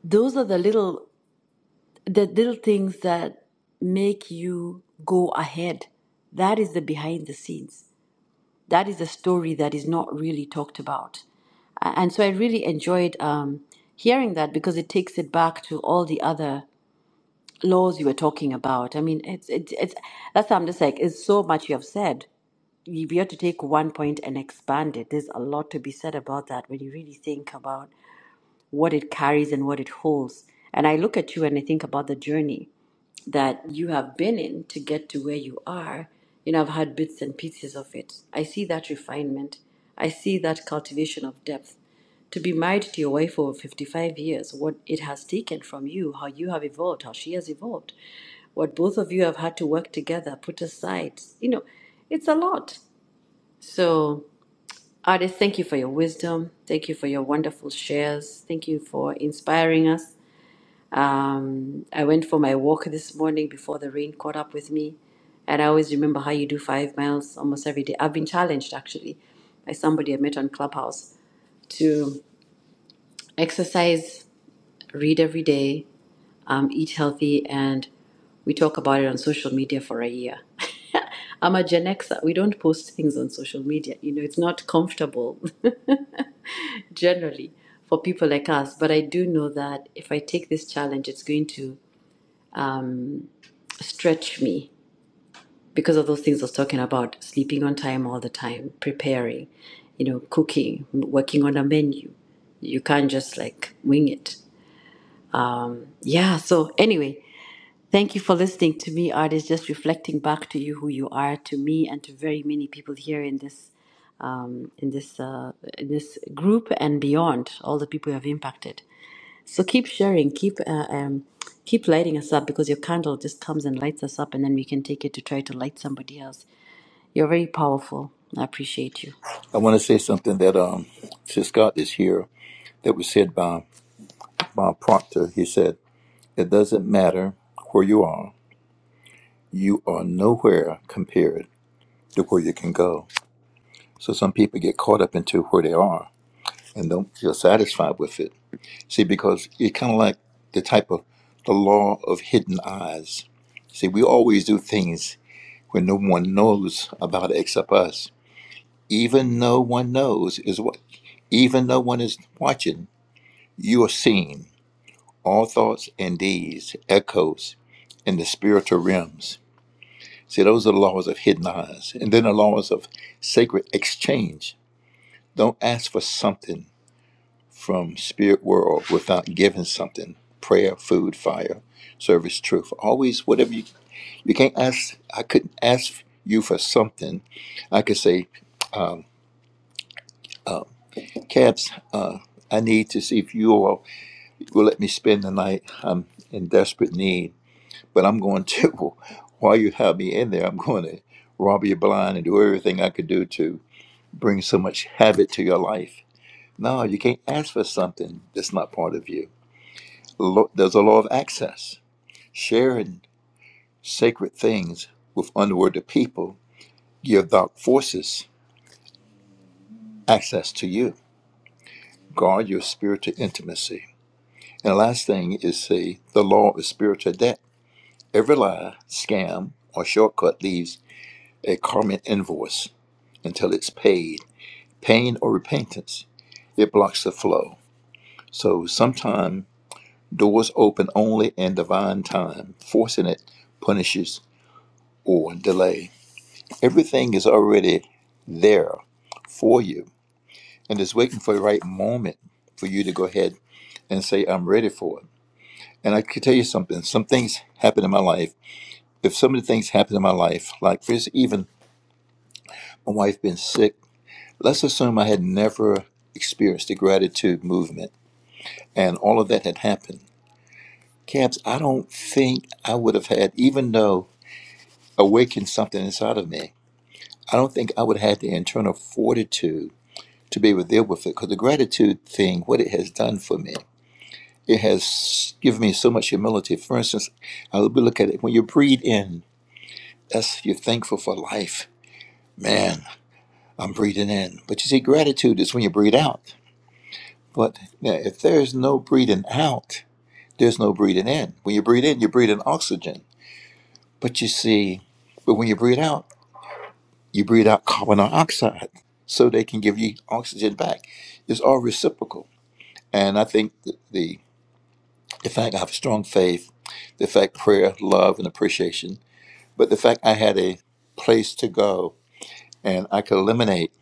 V: those are the little the little things that make you go ahead that is the behind the scenes that is a story that is not really talked about. And so I really enjoyed um, hearing that because it takes it back to all the other laws you were talking about. I mean, it's, it's, it's that's why I'm just like, it's so much you have said. We you have to take one point and expand it, there's a lot to be said about that when you really think about what it carries and what it holds. And I look at you and I think about the journey that you have been in to get to where you are. You know, I've had bits and pieces of it. I see that refinement. I see that cultivation of depth. To be married to your wife for 55 years, what it has taken from you, how you have evolved, how she has evolved, what both of you have had to work together, put aside, you know, it's a lot. So Artist, thank you for your wisdom. Thank you for your wonderful shares. Thank you for inspiring us. Um, I went for my walk this morning before the rain caught up with me. And I always remember how you do five miles almost every day. I've been challenged actually by somebody I met on Clubhouse to exercise, read every day, um, eat healthy, and we talk about it on social media for a year. I'm a Gen Xer. We don't post things on social media. You know, it's not comfortable. generally for people like us. But I do know that if I take this challenge, it's going to stretch me because of those things I was talking about sleeping on time all the time, preparing, you know, cooking, working on a menu. You can't just like wing it. Yeah. So, anyway, thank you for listening to me, artists, just reflecting back to you who you are, to me, and to very many people here in this um, in this uh, in this group and beyond all the people you have impacted so keep sharing keep uh, um, keep lighting us up because your candle just comes and lights us up and then we can take it to try to light somebody else you're very powerful i appreciate you
M: I want to say something that um, Sis Scott is here that was said by Bob Proctor. He said, It doesn't matter where you are, you are nowhere compared to where you can go. So some people get caught up into where they are and don't feel satisfied with it. See, because it's kind of like the type of the law of hidden eyes. See, we always do things when no one knows about it except us. Even no one knows is what, even no one is watching, you are seen. All thoughts and deeds echoes in the spiritual realms. See, those are the laws of hidden eyes. And then the laws of sacred exchange. Don't ask for something from spirit world without giving something prayer food fire service truth always whatever you you can't ask i couldn't ask you for something i could say um cabs uh i need to see if you all will let me spend the night i'm in desperate need but i'm going to while you have me in there i'm going to rob you blind and do everything i could do to bring so much havoc to your life no you can't ask for something that's not part of you Lo- there's a law of access. Sharing sacred things with unworthy people give dark forces access to you. Guard your spiritual intimacy. And the last thing is see the law of spiritual debt. Every lie, scam, or shortcut leaves a karmic invoice until it's paid. Pain or repentance, it blocks the flow. So sometimes doors open only in divine time. Forcing it punishes or delay. Everything is already there for you and is waiting for the right moment for you to go ahead and say, I'm ready for it. And I can tell you something. Some things happen in my life. If some of the things happen in my life, like for instance, even my wife being sick, let's assume I had never experienced the gratitude movement and all of that had happened. Cabs, I don't think I would have had, even though awakened something inside of me, I don't think I would have had the internal fortitude to be able to deal with it. Because the gratitude thing, what it has done for me, it has given me so much humility. For instance, I would look at it when you breathe in, that's you're thankful for life. Man, I'm breathing in. But you see, gratitude is when you breathe out. But yeah, if there's no breathing out, there's no breathing in. When you breathe in, you breathe in oxygen. But you see, but when you breathe out, you breathe out carbon dioxide so they can give you oxygen back. It's all reciprocal. And I think the, the the fact I have a strong faith, the fact prayer, love, and appreciation, but the fact I had a place to go and I could eliminate.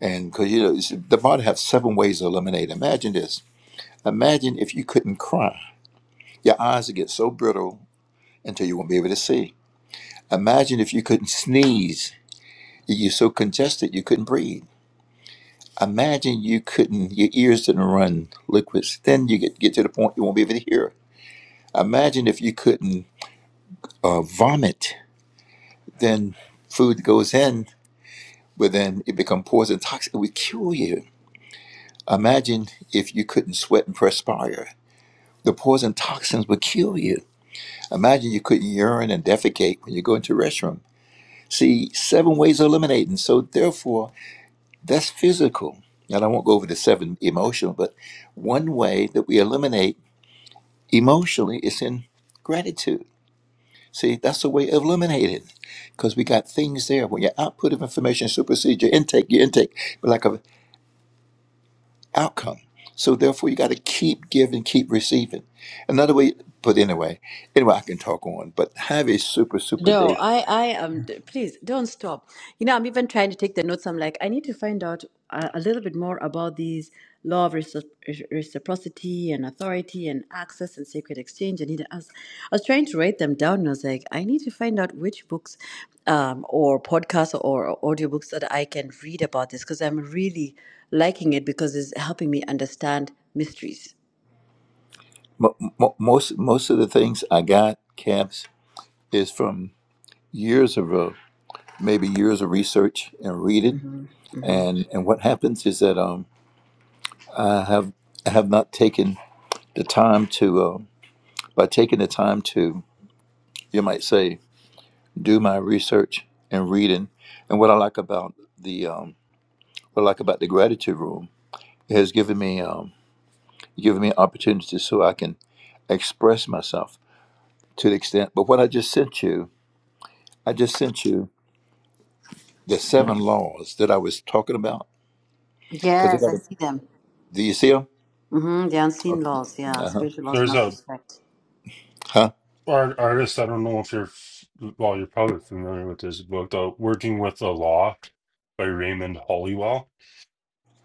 M: And because you know, you the body has seven ways to eliminate. Imagine this. Imagine if you couldn't cry. Your eyes would get so brittle until you won't be able to see. Imagine if you couldn't sneeze. You're so congested you couldn't breathe. Imagine you couldn't, your ears didn't run liquids. Then you get, get to the point you won't be able to hear. Imagine if you couldn't uh, vomit then food goes in, but then it becomes poison toxin. It would kill you. Imagine if you couldn't sweat and perspire. The poison toxins would kill you. Imagine you couldn't urine and defecate when you go into the restroom. See, seven ways of eliminating. So therefore, that's physical. And I won't go over the seven emotional, but one way that we eliminate emotionally is in gratitude See, that's the way of eliminating it. Because we got things there. When your output of information supersedes your intake, your intake but like an outcome. So therefore you got to keep giving, keep receiving. Another way, but anyway, anyway, I can talk on, but have a super, super
V: No,
M: day.
V: I, I am. d- Please don't stop. You know, I'm even trying to take the notes. I'm like, I need to find out a, a little bit more about these law of recipro- reciprocity and authority and access and sacred exchange. And I was, I was trying to write them down, and I was like, I need to find out which books, um, or podcasts or audiobooks that I can read about this because I'm really liking it because it's helping me understand mysteries.
M: Mo- mo- most, most of the things I got, camps, is from years of, uh, maybe years of research and reading.
V: hmm hmm
M: And, and what happens is that um, I have, I have not taken the time to, uh, by taking the time to you might say, do my research and reading. And what I like about the um, what I like about the gratitude room it has given me um, given me opportunities so I can express myself to the extent. But what I just sent you, I just sent you the seven laws that I was talking about because I
V: Yes,
M: got
V: I
M: a,
V: see them.
M: do you see them?
V: Mm-hmm, the unseen
M: Okay.
V: laws, yeah,
M: Uh-huh.
V: spiritual laws you
U: There's
V: must
U: a
V: respect.
M: Huh?
U: art, artist. I don't know if you're, f- well, you're probably familiar with this book, though, Working with the Law by Raymond Hollywell.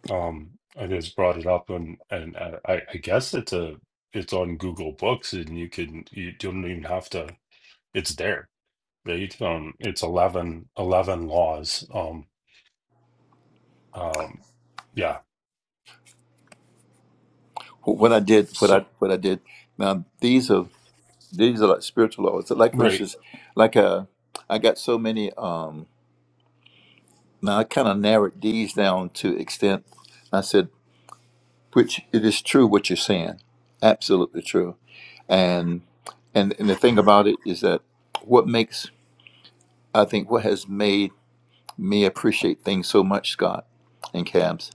U: Um, I just brought it up, and and uh, I, I guess it's a it's on Google Books, and you can you don't even have to. It's there eight. Um, it's 11, 11 laws. Um, um, yeah.
M: What I did, what
U: So,
M: I what I did. Now these are these are like spiritual laws. Like for
U: right.
M: instance, like uh, I got so many. Um, Now I kind of narrowed these down to extent. I said, which it is true what you're saying, absolutely true. And and and the thing about it is that what makes I think what has made me appreciate things so much, Scott and Cabs,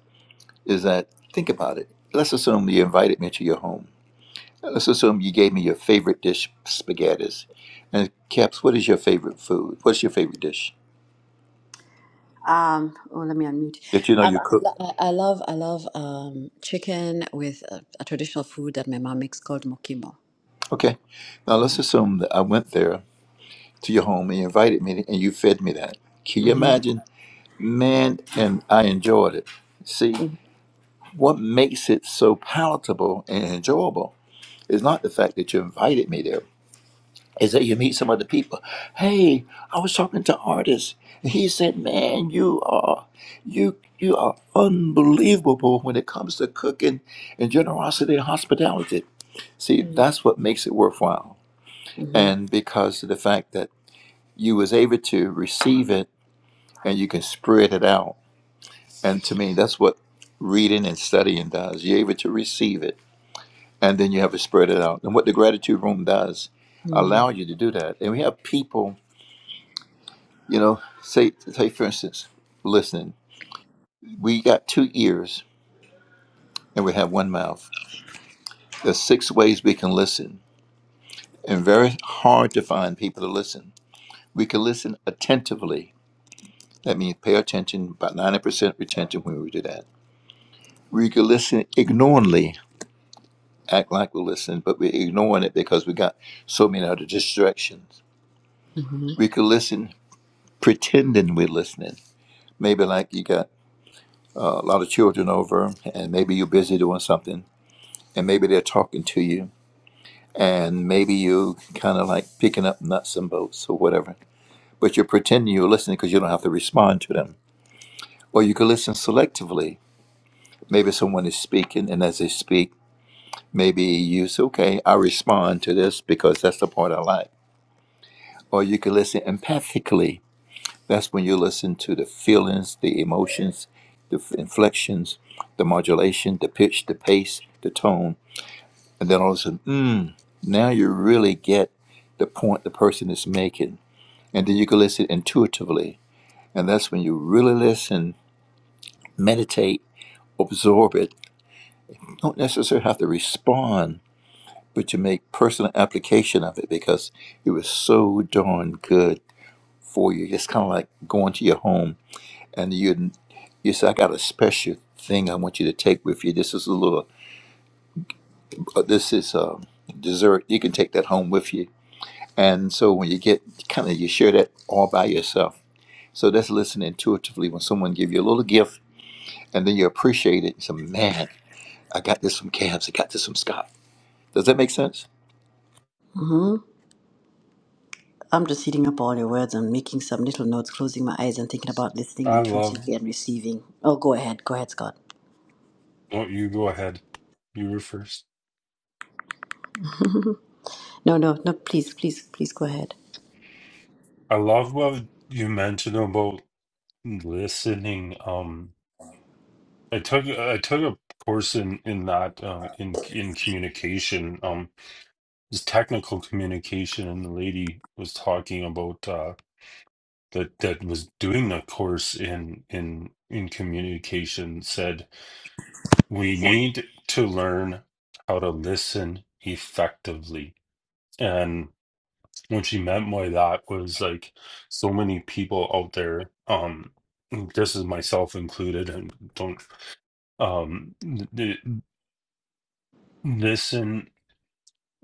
M: is that think about it. Let's assume you invited me to your home. Let's assume you gave me your favorite dish, spaghettis. And Cabs, what is your favorite food? What's your favorite dish
V: Um, oh, let me unmute.
M: that you know
V: Um,
M: you
V: I,
M: cook?
V: lo- I I love, I love um, chicken with a, a traditional food that my mom makes called mokimo.
M: Okay. Now let's
V: Mm-hmm.
M: assume that I went there to your home and you invited me and you fed me that. Can you
V: Mm-hmm.
M: imagine? Man, and I enjoyed it. See, what makes it so palatable and enjoyable is not the fact that you invited me there, is that you meet some other people. Hey, I was talking to artists. And he said, Man, you are you you are unbelievable when it comes to cooking and generosity and hospitality. See,
V: Mm-hmm.
M: that's what makes it worthwhile.
V: Mm-hmm.
M: And because of the fact that you was able to receive it and you can spread it out. And to me, that's what reading and studying does. You're able to receive it, and then you have to spread it out. And what the gratitude room does, allow you to do that. And we have people, you know, say, say for instance, listening. we got two ears and we have one mouth. There's six ways we can listen, and very hard to find people to listen. We can listen attentively. That means pay attention, about 90% retention when we do that. We can listen ignorantly act like we are listening, but we're ignoring it because we got so many other distractions.
V: Mm-hmm.
M: We could listen pretending we're listening. Maybe like you got uh, a lot of children over, and maybe you're busy doing something, and maybe they're talking to you, and maybe you kind of like picking up nuts and bolts or whatever, but you're pretending you're listening because you don't have to respond to them. Or you could listen selectively. Maybe someone is speaking, and as they speak, maybe you say, "Okay, I respond to this because that's the part I like." or you can listen empathically. That's when you listen to the feelings, the emotions, the inflections, the modulation, the pitch, the pace, the tone, and then all of a sudden, mm, now you really get the point the person is making. And then you can listen intuitively, and that's when you really listen, meditate, absorb it. You Don't necessarily have to respond, but you make personal application of it because it was so darn good for you. It's kind of like going to your home and you you said I got a special thing I want you to take with you. This is a little uh, this is a dessert. You can take that home with you. And so when you get kind of you share that all by yourself. So that's listening intuitively when someone give you a little gift and then you appreciate it. You say, man, I got this from Cavs. I got this from Scott. Does that make sense?
V: Mm-hmm. I'm just eating up all your words and making some little notes, closing my eyes and thinking about listening
U: I love.
V: intuitively and receiving. Oh, go ahead, go ahead, Scott.
U: Don't you go ahead. You were first.
V: No, no, no, please, please, please go ahead.
U: I love what you mentioned about listening. Um, I took I took a course in in that uh, in in communication. Um, it's technical communication, and the lady was talking about uh that that was doing the course in in in communication said we need to learn how to listen effectively. And what she meant by that was like so many people out there, um, this is myself included, and don't um th- th- listen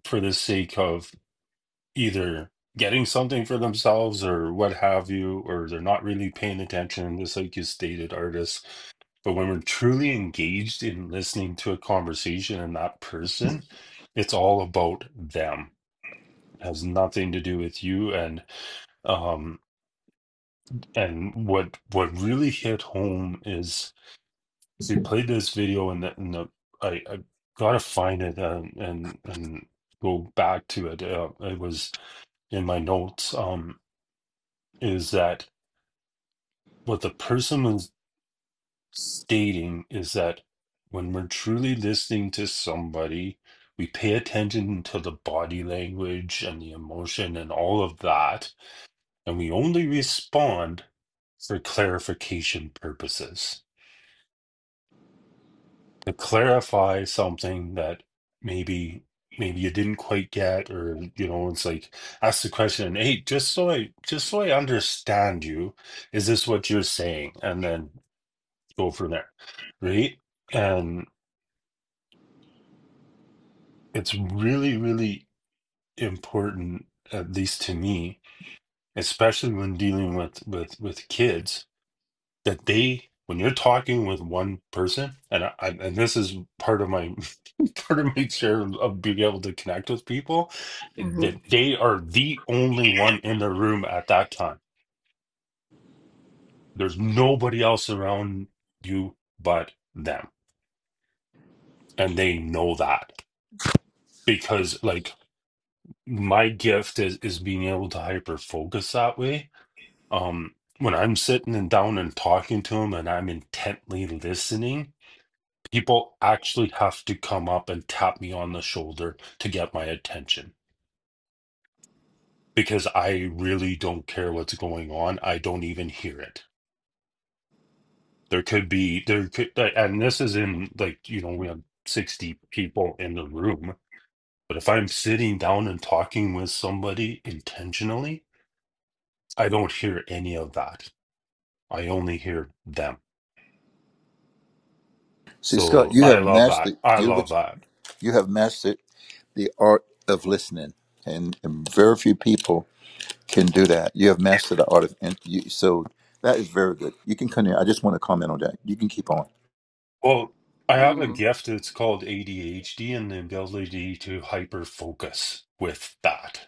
U: for the sake of either getting something for themselves or what have you, or they're not really paying attention, just like you stated, artists But when we're truly engaged in listening to a conversation and that person, it's all about them. It has nothing to do with you. And um and what what really hit home is so we played this video and the, and the I, I gotta find it and and, and go back to it. Uh, it was in my notes. Um, is that what the person was? stating is that when we're truly listening to somebody, we pay attention to the body language and the emotion and all of that, and we only respond for clarification purposes to clarify something that maybe maybe you didn't quite get or you know it's like ask the question hey just so i just so i understand you is this what you're saying and then go from there right It's really, really important, at least to me, especially when dealing with with with kids, that they when you're talking with one person, and I, I and this is part of my part of my share of being able to connect with people, that they are the only one in the room at that time. There's nobody else around you but them, and they know that because like my gift is is being able to hyper focus that way Um, when I'm sitting and down and talking to him and I'm intently listening, people actually have to come up and tap me on the shoulder to get my attention because I really don't care what's going on. I don't even hear it. There could be, there could, uh, and this is in like, you know, we have 60 people in the room, but if I'm sitting down and talking with somebody intentionally, I don't hear any of that. I only hear them.
M: See, Scott,
U: So
M: you
U: I
M: have
U: love that.
M: mastered
U: I
M: you know
U: love
M: what
U: that.
M: you have mastered the art of listening, and, and very few people can do that. You have mastered the art of and you, so that is very good. You can continue. I just want to comment on that. You can keep on.
U: Well, I have a
V: Mm-hmm.
U: gift. It's called ADHD and the ability to hyper focus with that.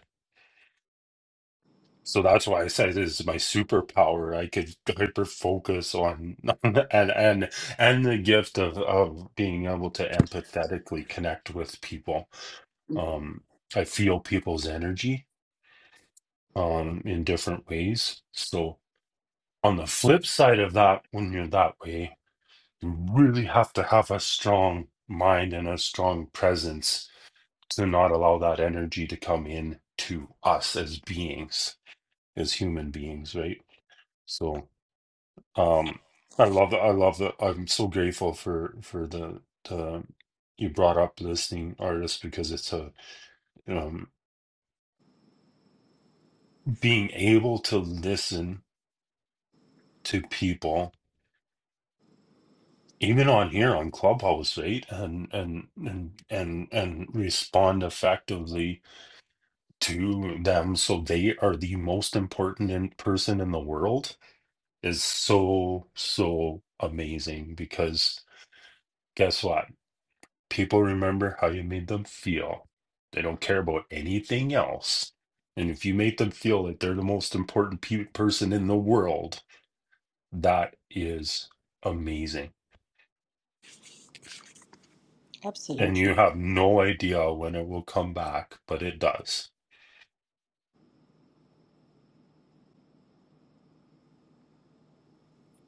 U: So that's why I said it is my superpower. I could hyper focus on and and and the gift of of being able to empathetically connect with people.
V: Mm.
U: Um, I feel people's energy um in different ways. So on the flip side of that, when you're that way, you really have to have a strong mind and a strong presence to not allow that energy to come in to us as beings as human beings right so um i love that i love that i'm so grateful for for the the you brought up listening artists because it's a um being able to listen to people even on here on clubhouse right and and and and and respond effectively to them so they are the most important in person in the world is so, so amazing because guess what? People remember how you made them feel. They don't care about anything else. And if you make them feel that they're the most important pe- person in the world, that is amazing. And
V: Absolutely.
U: you have no idea when it will come back, but it does.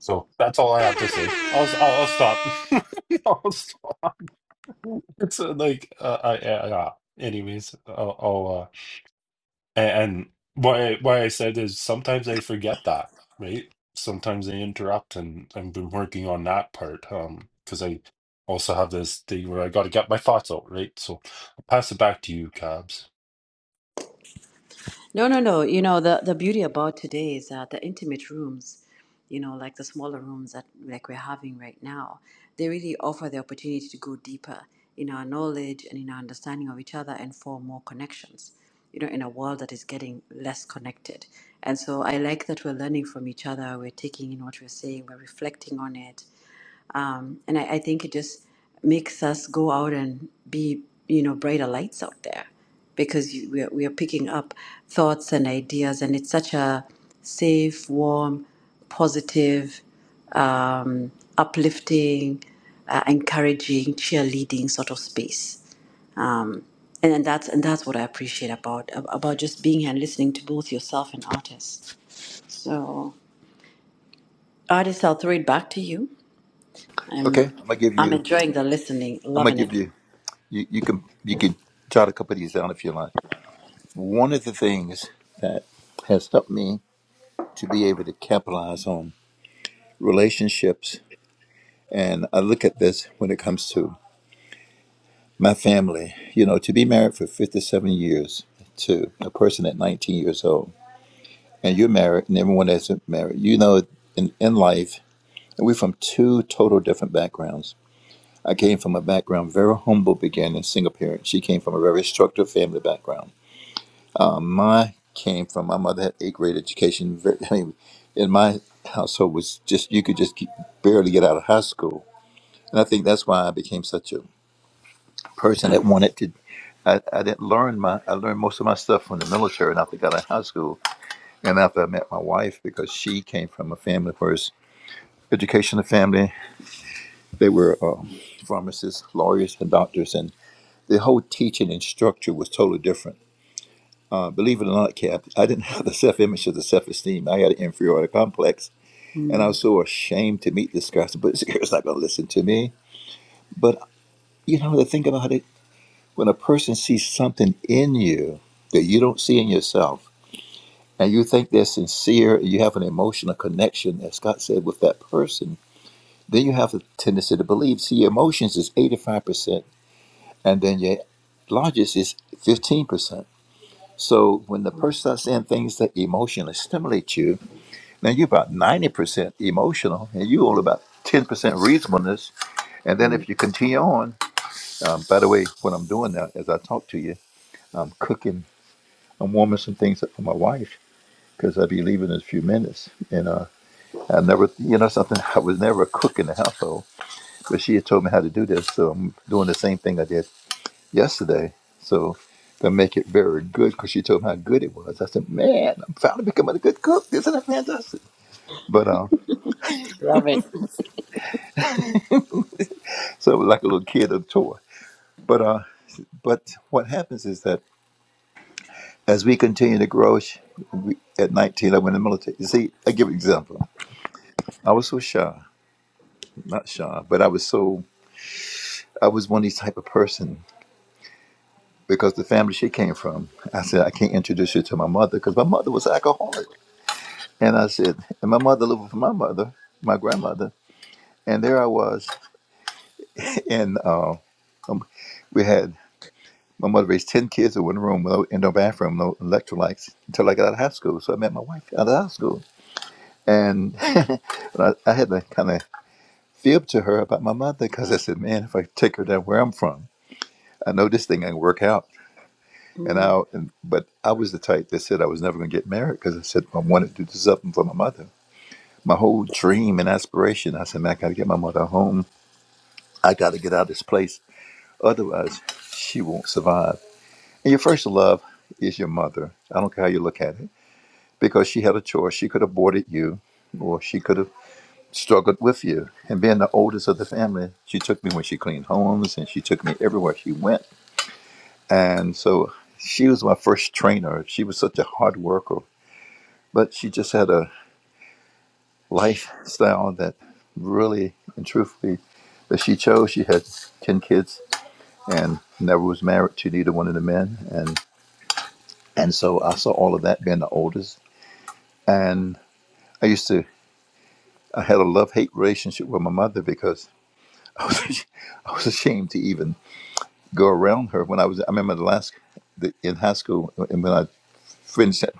U: So that's all I have to say. I'll s- I'll, I'll stop. I'll stop. It's uh, like uh, I, I, yeah. Anyways, I'll, I'll uh, And, why why I said is sometimes I forget that, right? Sometimes I interrupt, and I've been working on that part um because I also have this thing where I got to get my thoughts out, right? So I'll pass it back to you, Cabs.
V: No, no, no. You know, the, the beauty about today is that the intimate rooms, you know, like the smaller rooms that like we're having right now, they really offer the opportunity to go deeper in our knowledge and in our understanding of each other and form more connections, you know, in a world that is getting less connected. And so I like that we're learning from each other, we're taking in what we're saying, we're reflecting on it, um, and I, I think it just makes us go out and be, you know, brighter lights out there because you, we, are, we are picking up thoughts and ideas, and it's such a safe, warm, positive, um, uplifting, uh, encouraging, cheerleading sort of space. And, and that's and that's what I appreciate about about just being here and listening to both yourself and artists. So, artists, I'll throw it back to you.
M: Okay,
V: I'm
M: I'm gonna give
V: I'm
M: you.
V: enjoying the listening,
M: I'm gonna
V: loving it.
M: give you. You, you can you can jot a couple of these down if you like. One of the things that has helped me to be able to capitalize on relationships, and I look at this when it comes to my family. You know, to be married for 57 years to a person at 19 years old, and you're married, and everyone that's married, you know, in in life And we're from two total different backgrounds. I came from a background very humble beginning, single parent. She came from a very structured family background. Uh, my came from my mother had eighth grade education. Very, I mean, in my household was just you could just keep, barely get out of high school, and I think that's why I became such a person that wanted to. I, I didn't learn my I learned most of my stuff from the military and after I got out of high school and after I met my wife because she came from a family first educational family They were uh, pharmacists, lawyers, and doctors, and the whole teaching and structure was totally different. Uh, believe it or not, Cap, I didn't have the self image or the self esteem. I had an inferiority complex, and I
V: Mm,
M: was so ashamed to meet this guy. I said, But this girl's not going to listen to me. But you know, the thing about it, when a person sees something in you that you don't see in yourself, and you think they're sincere, and you have an emotional connection, as Scott said, with that person, then you have the tendency to believe. See, emotions is 85%. and then your largest is 15%. So when the person starts saying things that emotionally stimulate you, now you're about 90% emotional and you only about 10% reasonableness. And then
V: mm,
M: if you continue on, um, by the way, what I'm doing now as I talk to you, I'm cooking, I'm warming some things up for my wife because I'll be leaving in a few minutes. And uh, I never, you know, something, I was never a cook in the household, but she had told me how to do this. So I'm doing the same thing I did yesterday. So to make it very good, because she told me how good it was. I said, "Man, I'm finally becoming a good cook. Isn't that fantastic?" But uh,
V: love it.
M: so it was like a little kid on tour. But uh, but what happens is that as we continue to grow, sh- we, at 19, I went in the military. You see, I give an example. I was so shy, not shy, but I was so I was one of these type of person because the family she came from. I said I can't introduce you to my mother because my mother was an alcoholic, and I said, and my mother lived with my mother, my grandmother, And there I was. And uh, um, we had my mother raised 10 kids in one room, no, in no bathroom, no electrolytes until I got out of high school. So I met my wife out of high school. And but I, I had to kind of fib to her about my mother because I said, man, if I take her down where I'm from, I know this thing ain't work out. And
V: Mm,
M: I, and, but I was the type that said I was never going to get married because I said I wanted to do something for my mother. My whole dream and aspiration, I said, man, I got to get my mother home. I got to get out of this place Otherwise, she won't survive. And your first love is your mother. I don't care how you look at it, because she had a choice. She could have aborted you, or she could have struggled with you. And being the oldest of the family, she took me when she cleaned homes, and she took me everywhere she went. And so she was my first trainer. She was such a hard worker, but she just had a lifestyle that really and truthfully that she chose. She had 10 kids and never was married to neither one of the men. and And so I saw all of that being the oldest. And I used to, I had a love hate relationship with my mother because I was, I was ashamed to even go around her when I was, I remember the last, the, in high school, uh, and when I finished that,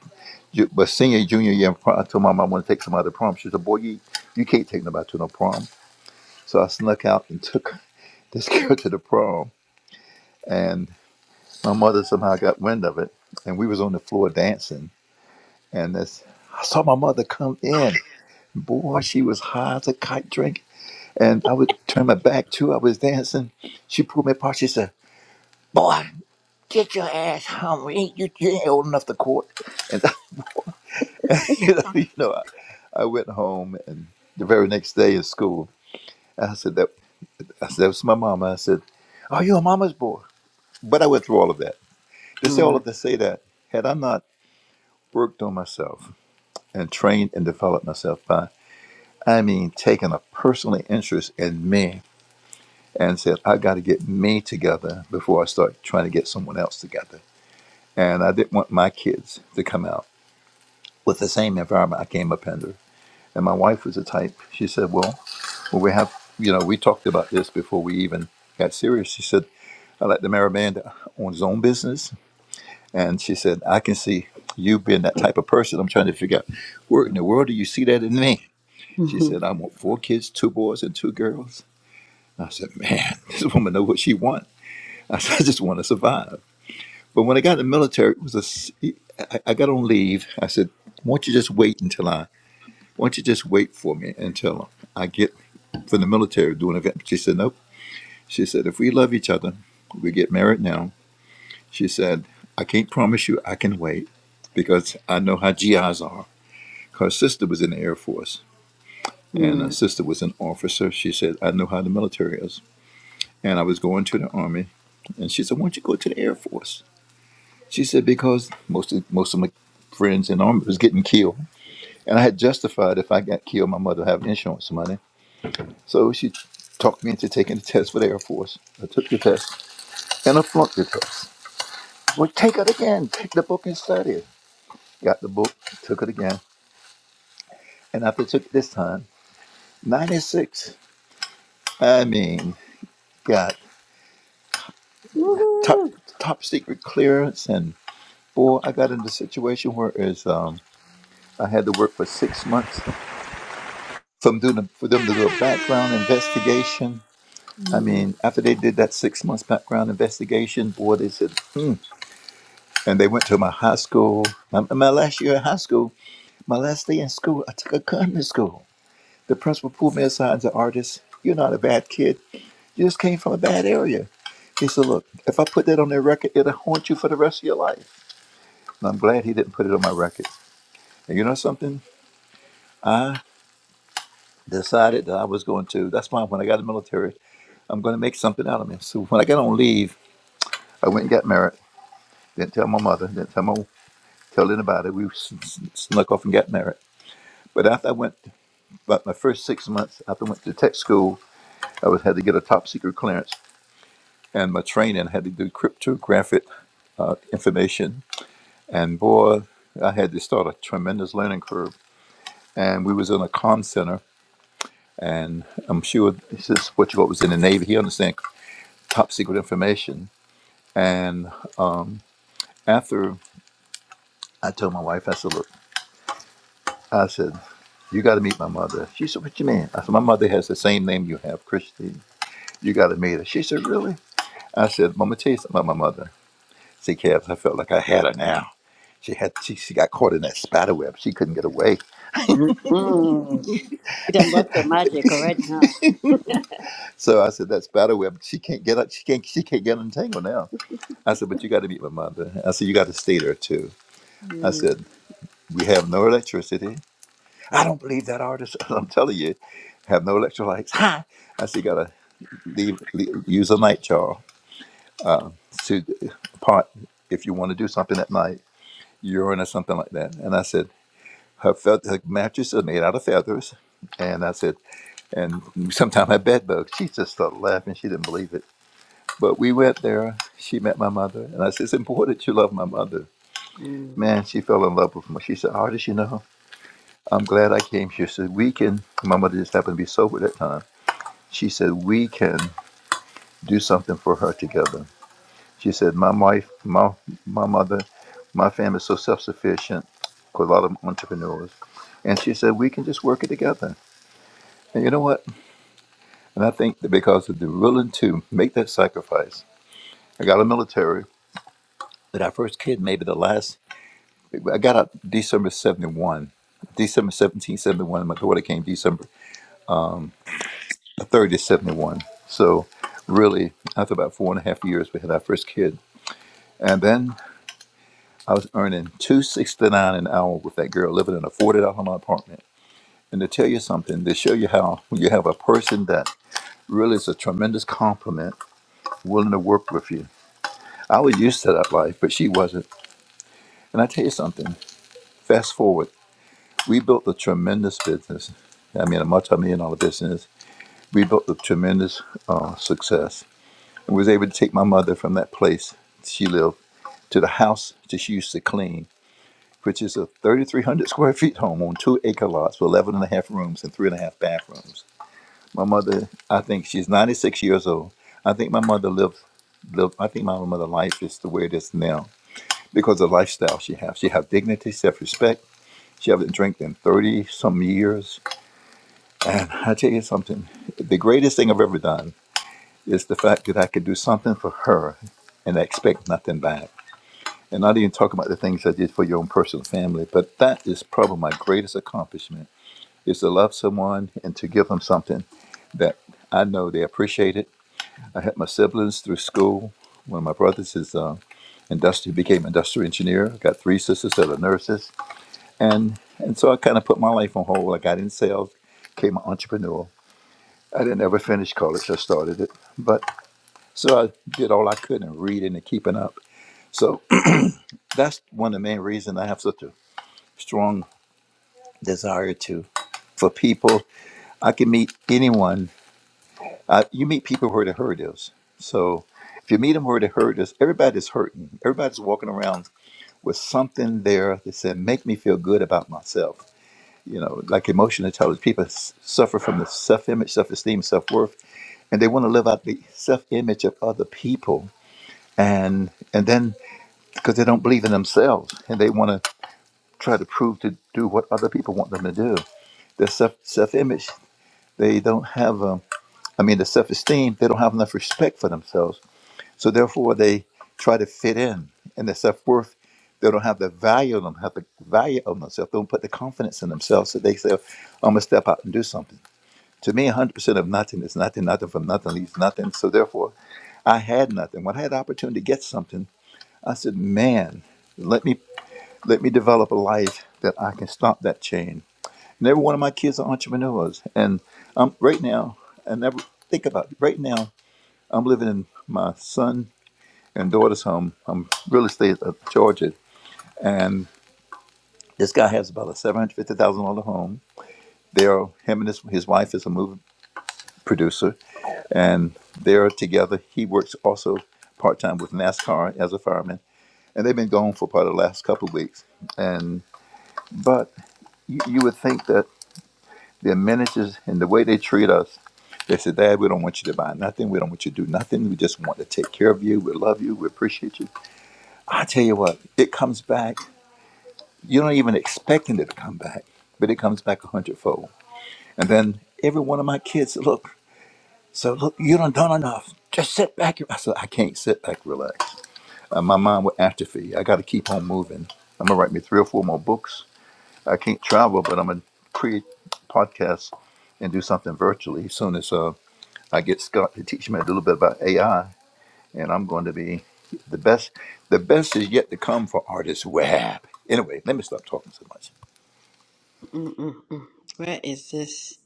M: ju- but senior, junior year, in prom, I told my mom I want to take somebody to prom. She said, boy, you, you can't take nobody to no prom. So I snuck out and took this girl to the prom. And my mother somehow got wind of it. And we was on the floor dancing. And this, I saw my mother come in Boy, she was high as a kite drink. And I would turn my back too. I was dancing. She pulled me apart. She said, Boy, get your ass home. You ain't, you, you ain't old enough to court. And, you know, you know, I, I went home and the very next day at school, I said, that, I said, that was my mama. I said, Oh, you're a mama's boy. But I went through all of that. To say all
V: mm,
M: of to say that, had I not worked on myself and trained and developed myself by, I mean, taking a personal interest in me and said, I got to get me together before I start trying to get someone else together. And I didn't want my kids to come out with the same environment I came up under. And my wife was the type. She said, Well, well we have, you know, we talked about this before we even got serious. She said, I like to marry a man that owns his own business. And she said, I can see you being that type of person. I'm trying to figure out where in the world do you see that in me? She
V: mhm,
M: said, I want four kids, two boys and two girls. I said, Man, this woman knows what she wants. I said, I just want to survive. But when I got in the military, it was a. s- I, I got on leave. I said, "Why don't you just wait until I? Why don't you just wait for me until I get from the military doing an event?" She said, "Nope." She said, "If we love each other, we get married now." She said, "I can't promise you I can wait because I know how GIs are." Her sister was in the Air Force, and her
V: mm,
M: sister was an officer. She said, "I know how the military is," and I was going to the Army, and she said, "Why don't you go to the Air Force?" She said because most of most of my friends in the army was getting killed, and I had justified if I got killed, my mother would have insurance money. So she talked me into taking the test for the Air Force. I took the test and I flunked the test. Well, take it again. Take the book and study it. Got the book, took it again, and after I took it this time, 96. I mean, got top
V: woohoo,
M: top secret clearance, and boy, I got into a situation where is um, I had to work for six months from doing for them to do a background investigation. I
V: mm,
M: mean, after they did that six months background investigation, boy, they said, hmm. And they went to my high school. My, my last year in high school, my last day in school, I took a gun to school. The principal pulled me aside and said, Artist, you're not a bad kid. You just came from a bad area. He said, Look, if I put that on their record, it'll haunt you for the rest of your life. And I'm glad he didn't put it on my record. And you know something? I decided that I was going to. That's why when I got in the military, I'm going to make something out of me. So when I got on leave, I went and got married. Didn't tell my mother. Didn't tell my tell anybody. We s- s- snuck off and got married. But after I went, about my first six months after I went to tech school, I was had to get a top secret clearance, and my training had to do cryptographic uh, information. And boy, I had to start a tremendous learning curve. And we was in a comm center, and I'm sure this is what you what was in the Navy. He understand top secret information. And um, after I told my wife, I said, look, I said, you got to meet my mother. She said, what you mean? I said, my mother has the same name you have, Christine. You got to meet her. She said, really? I said, Mama, tell you something about my mother. See, Cavs, I felt like I had her now. She had she, she got caught in that spider web. She couldn't get away.
V: mm, mm. You done worked your magic already, huh?
M: So I said, that spider web, she can't get out. She can't she can't get untangled now. I said, but you got to meet my mother. I said, you got to stay there too. I
V: Mm,
M: said, we have no electricity. I don't believe that artist. I'm telling you, have no electrolytes. I said, you got to leave, leave use a night jar to pot if you want to do something at night, urine or something like that. And I said, her, fe- her mattress is made out of feathers. And I said, and sometime her bed bugs. She just started laughing. She didn't believe it. But we went there. She met my mother. And I said, it's important you love my mother.
V: mm,
M: Man, she fell in love with me. She said, artist, you know, I'm glad I came. She said, we can, my mother just happened to be sober at that time. She said, we can do something for her together. She said, "My wife, my my mother, my family is so self-sufficient. 'cause a lot of them entrepreneurs." And she said, "We can just work it together." And you know what? And I think that because of the willing to make that sacrifice, I got a military. That our first kid, maybe the last. I got out December '71, December 17 71. My daughter came December um, 30 71. So, really, after about four and a half years, we had our first kid. And then I was earning two sixty nine an hour with that girl living in a forty dollar apartment. And to tell you something, to show you how when you have a person that really is a tremendous compliment, willing to work with you. I was used to that life, but she wasn't. And I tell you something, fast forward, we built a tremendous business. I mean, a multi-million dollar business. We built a tremendous uh, success. And was able to take my mother from that place she lived to the house that she used to clean which is a 3,300 square feet home on two acre lots with 11 and a half rooms and three and a half bathrooms. My mother, I think she's 96 years old. I think my mother lived, lived I think my mother's life is the way it is now because of the lifestyle she has. She has dignity, self-respect. She hasn't drank in 30 some years. And I tell you something, the greatest thing I've ever done is the fact that I could do something for her and I expect nothing back. And not even talk about the things I did for your own personal family, but that is probably my greatest accomplishment is to love someone and to give them something that I know they appreciate it. I had my siblings through school. One of my brothers is uh, industrial, became industrial engineer. I got three sisters that are nurses, and and so I kind of put my life on hold. I got in sales, became an entrepreneur. I didn't ever finish college. I started it, but so I did all I could in reading and keeping up. So that's one of the main reasons I have such a strong desire to for people. I can meet anyone Uh, you meet people where the hurt is. So if you meet them where the hurt is, everybody's hurting. Everybody's walking around with something there that said, make me feel good about myself. You know, like emotional intelligence, people s- suffer from the self image, self esteem, self worth, and they want to live out the self image of other people. And and then because they don't believe in themselves and they want to try to prove to do what other people want them to do. Their self self image, they don't have, um, I mean, the self esteem, they don't have enough respect for themselves So therefore, they try to fit in, and their self worth. They don't have the value of them, have the value of themselves. They don't put the confidence in themselves. So they say, "I'm gonna step out and do something." To me, 100% of nothing is nothing. Nothing from nothing leaves nothing. So therefore, I had nothing. When I had the opportunity to get something, I said, "Man, let me let me develop a life that I can stop that chain." And every one of my kids are entrepreneurs, and I'm right now. I never think about it. right now. I'm living in my son and daughter's home. I'm real estate of Georgia, and this guy has about a seven hundred fifty thousand dollar home. They're him and his his wife is a movie producer, and they're together. He works also part time with NASCAR as a fireman, and they've been gone for part of the last couple of weeks. And but you, you would think that the amenities and the way they treat us. They said, Dad, we don't want you to buy nothing. We don't want you to do nothing. We just want to take care of you. We love you. We appreciate you. I tell you what, it comes back You're not even expecting it to come back, but it comes back a hundredfold. And then every one of my kids, said, look, so look, you done done enough. Just sit back. I said, I can't sit back, relax. Uh, my mind with atrophy. I got to keep on moving. I'm gonna write me three or four more books. I can't travel, but I'm gonna create podcasts and do something virtually. As soon as uh, I get Scott to teach me a little bit about AI, and I'm going to be the best. The best is yet to come for artist web. Anyway, let me stop talking so much.
V: mm, mm, mm. Where is this?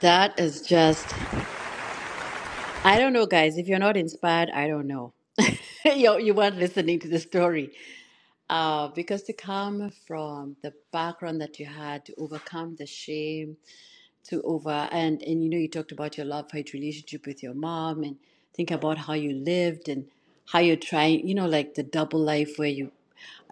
V: That is just, I don't know, guys. If you're not inspired, I don't know. you, you weren't listening to the story. Uh, because to come from the background that you had, to overcome the shame, to over and and you know you talked about your love hate relationship with your mom and think about how you lived and how you're trying you know like the double life where you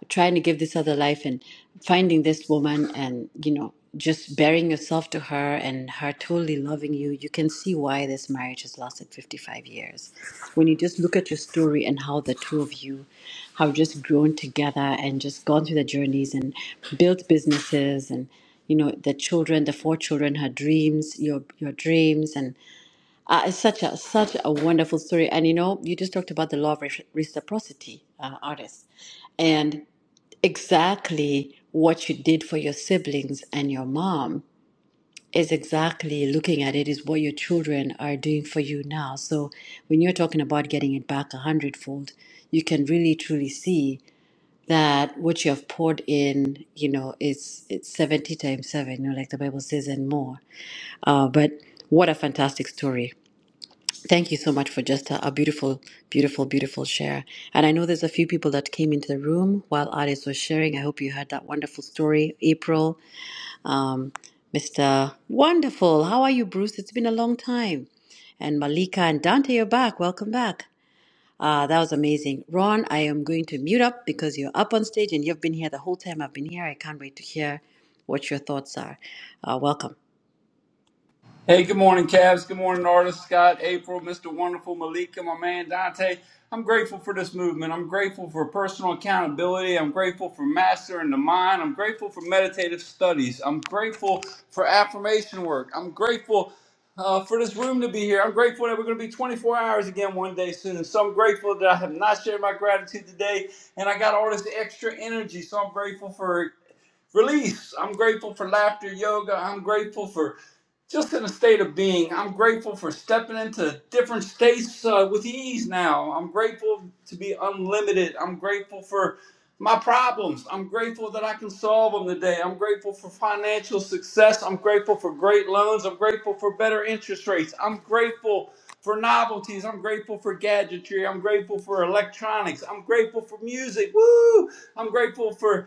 V: trying to give this other life and finding this woman and you know just bearing yourself to her and her totally loving you you can see why this marriage has lasted 55 years when you just look at your story and how the two of you have just grown together and just gone through the journeys and built businesses and you know the children the four children her dreams your your dreams and. Uh, it's such a such a wonderful story, and you know, you just talked about the law of reci- reciprocity, uh, artists, and exactly what you did for your siblings and your mom is exactly looking at it is what your children are doing for you now. So when you're talking about getting it back a hundredfold, you can really truly see that what you have poured in, you know, is it's seventy times seven, you know, like the Bible says, and more. Uh, but what a fantastic story! Thank you so much for just a, a beautiful, beautiful, beautiful share. And I know there's a few people that came into the room while Addis was sharing. I hope you heard that wonderful story. April, Mr. Wonderful, how are you, Bruce? It's been a long time. And Malika and Dante, you're back. Welcome back. Ah, that was amazing. Ron, I am going to mute up because you're up on stage and you've been here the whole time I've been here. I can't wait to hear what your thoughts are. Uh, welcome.
W: Hey, good morning, Cavs. Good morning, artists. Scott, April, Mr. Wonderful, Malika, my man Dante. I'm grateful for this movement. I'm grateful for personal accountability. I'm grateful for mastering the mind. I'm grateful for meditative studies. I'm grateful for affirmation work. I'm grateful uh, for this room to be here. I'm grateful that we're going to be 24 hours again one day soon. So I'm grateful that I have not shared my gratitude today, and I got all this extra energy. So I'm grateful for it release. I'm grateful for laughter yoga. I'm grateful for just in a state of being. I'm grateful for stepping into different states uh, with ease now. I'm grateful to be unlimited. I'm grateful for my problems. I'm grateful that I can solve them today. I'm grateful for financial success. I'm grateful for great loans. I'm grateful for better interest rates. I'm grateful for novelties. I'm grateful for gadgetry. I'm grateful for electronics. I'm grateful for music. Woo! I'm grateful for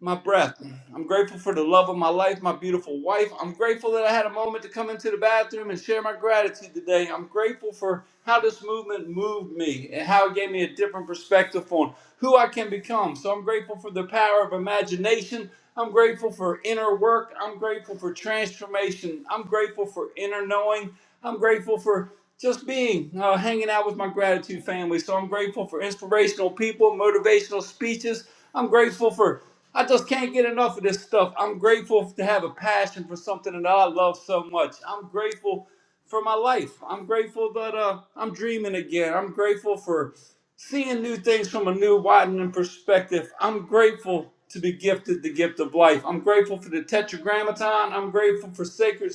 W: my breath. I'm grateful for the love of my life, my beautiful wife. I'm grateful that I had a moment to come into the bathroom and share my gratitude today. I'm grateful for how this movement moved me and how it gave me a different perspective on who I can become. So I'm grateful for the power of imagination. I'm grateful for inner work. I'm grateful for transformation. I'm grateful for inner knowing. I'm grateful for just being uh, hanging out with my gratitude family. So I'm grateful for inspirational people, motivational speeches. I'm grateful for I just can't get enough of this stuff. I'm grateful to have a passion for something that I love so much. I'm grateful for my life. I'm grateful that uh, I'm dreaming again. I'm grateful for seeing new things from a new, widening perspective. I'm grateful to be gifted the gift of life. I'm grateful for the Tetragrammaton. I'm grateful for sacred.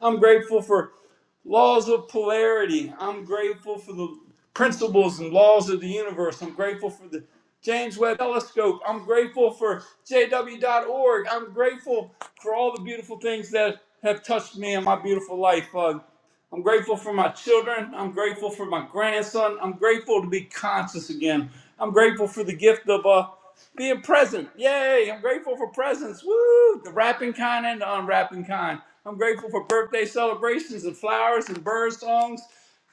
W: I'm grateful for laws of polarity. I'm grateful for the principles and laws of the universe. I'm grateful for the James Webb Telescope. I'm grateful for JW. dot org. I'm grateful for all the beautiful things that have touched me in my beautiful life. Uh, I'm grateful for my children. I'm grateful for my grandson. I'm grateful to be conscious again. I'm grateful for the gift of uh, being present. Yay! I'm grateful for presents. Woo! The wrapping kind and the unwrapping kind. I'm grateful for birthday celebrations and flowers and bird songs.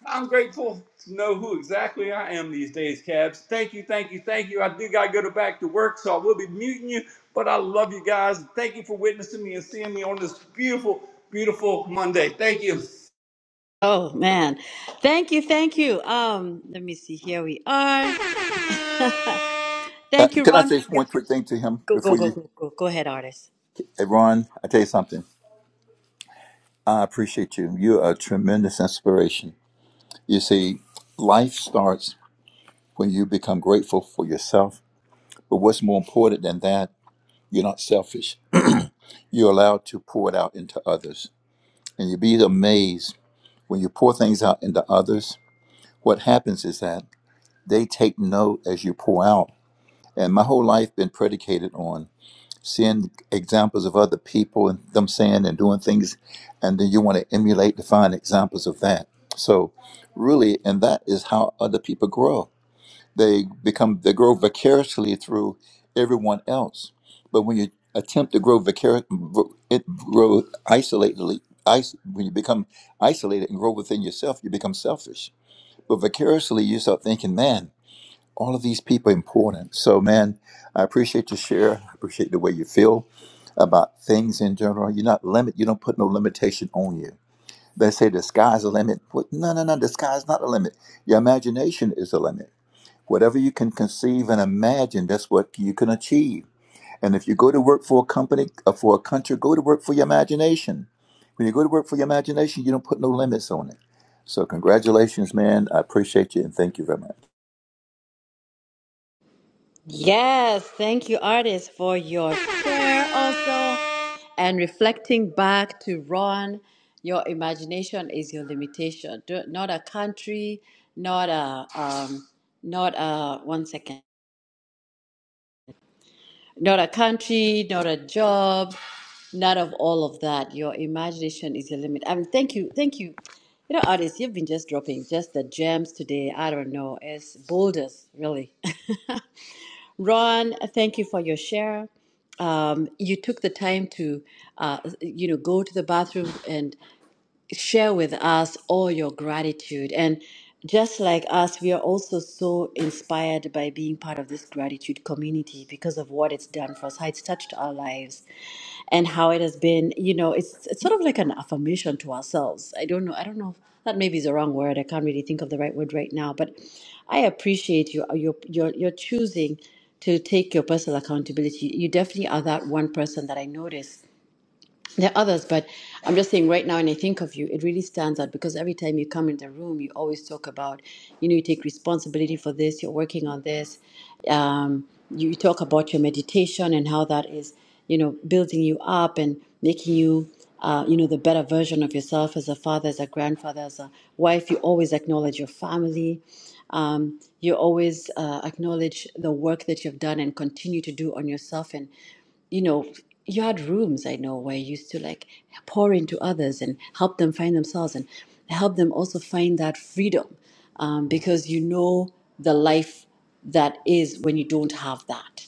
W: I'm grateful to know who exactly I am these days, Cabs. Thank you, thank you, thank you. I do got to go to back to work, so I will be muting you, but I love you guys. Thank you for witnessing me and seeing me on this beautiful, beautiful Monday. Thank you.
V: Oh man. Thank you, thank you. Um, let me see. Here we are.
M: Uh,
V: Thank you,
M: can I
V: Ron,
M: say
V: for your
M: one quick thing to him
V: go go
M: before
V: go
M: you,
V: go go. Go ahead, artist.
M: hey, Ron? I tell you something. I appreciate you. You're a tremendous inspiration. You see, life starts when you become grateful for yourself. But what's more important than that, you're not selfish. You're allowed to pour it out into others, and you'd be amazed when you pour things out into others. What happens is that they take note as you pour out. And my whole life been predicated on seeing examples of other people and them saying and doing things, and then you want to emulate to find examples of that. So, really, and that is how other people grow. They become they grow vicariously through everyone else. But when you attempt to grow vicar, it grow isolatedly. Is, when you become isolated and grow within yourself, you become selfish. But vicariously, you start thinking, man all of these people are important. So, man, I appreciate your share. I appreciate the way you feel about things in general. You're not limit. You don't put no limitation on you. They say the sky's the limit. What? No, no, no. The sky's not the limit. Your imagination is the limit. Whatever you can conceive and imagine, that's what you can achieve. And if you go to work for a company or for a country, go to work for your imagination. When you go to work for your imagination, you don't put no limits on it. So, congratulations, man. I appreciate you and thank you very much.
V: Yes, thank you, artist, for your share also. And reflecting back to Ron, your imagination is your limitation. Do- Not a country, not a um, not a one second, not a country, not a job, none of all of that. Your imagination is your limit. I mean, thank you, thank you. You know, artists, you've been just dropping just the gems today. I don't know, it's boulders, really. Ron, thank you for your share. Um, you took the time to, uh, you know, go to the bathroom, and share with us all your gratitude. And just like us, we are also so inspired by being part of this gratitude community because of what it's done for us, how it's touched our lives, and how it has been, you know, it's, it's sort of like an affirmation to ourselves. I don't know. I don't know. That maybe is the wrong word. I can't really think of the right word right now, but I appreciate you. Your your your choosing to take your personal accountability. You definitely are that one person that I notice. There are others, but I'm just saying right now, when I think of you, it really stands out because every time you come in the room, you always talk about, you know, you take responsibility for this, you're working on this. Um, you talk about your meditation and how that is, you know, building you up and making you, uh, you know, the better version of yourself as a father, as a grandfather, as a wife. You always acknowledge your family. Um, you always uh, acknowledge the work that you've done and continue to do on yourself and you know, you had rooms I know where you used to like pour into others and help them find themselves and help them also find that freedom um, because you know the life that is when you don't have that.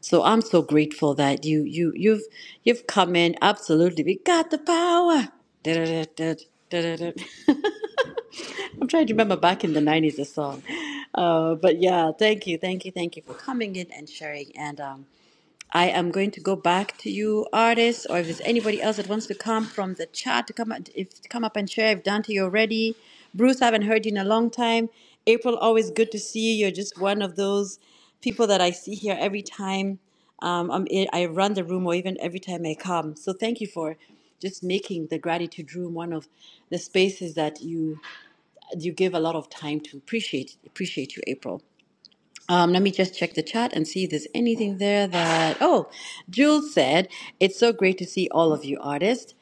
V: So I'm so grateful that you you you've you've come in absolutely. We got the power. Da-da-da-da-da-da-da. I'm trying to remember back in the 90s the song. Uh, but yeah, thank you, thank you, thank you for coming in and sharing. And um, I am going to go back to you, artists, or if there's anybody else that wants to come from the chat to come if come up and share. If Dante, you're ready. Bruce, I haven't heard you in a long time. April, always good to see you. You're just one of those people that I see here every time um, I'm in, I run the room, or even every time I come. So thank you for just making the gratitude room one of the spaces that you you give a lot of time to. Appreciate appreciate you, April. Um, let me just check the chat and see if there's anything there that. Oh, Jules said, It's so great to see all of you artists.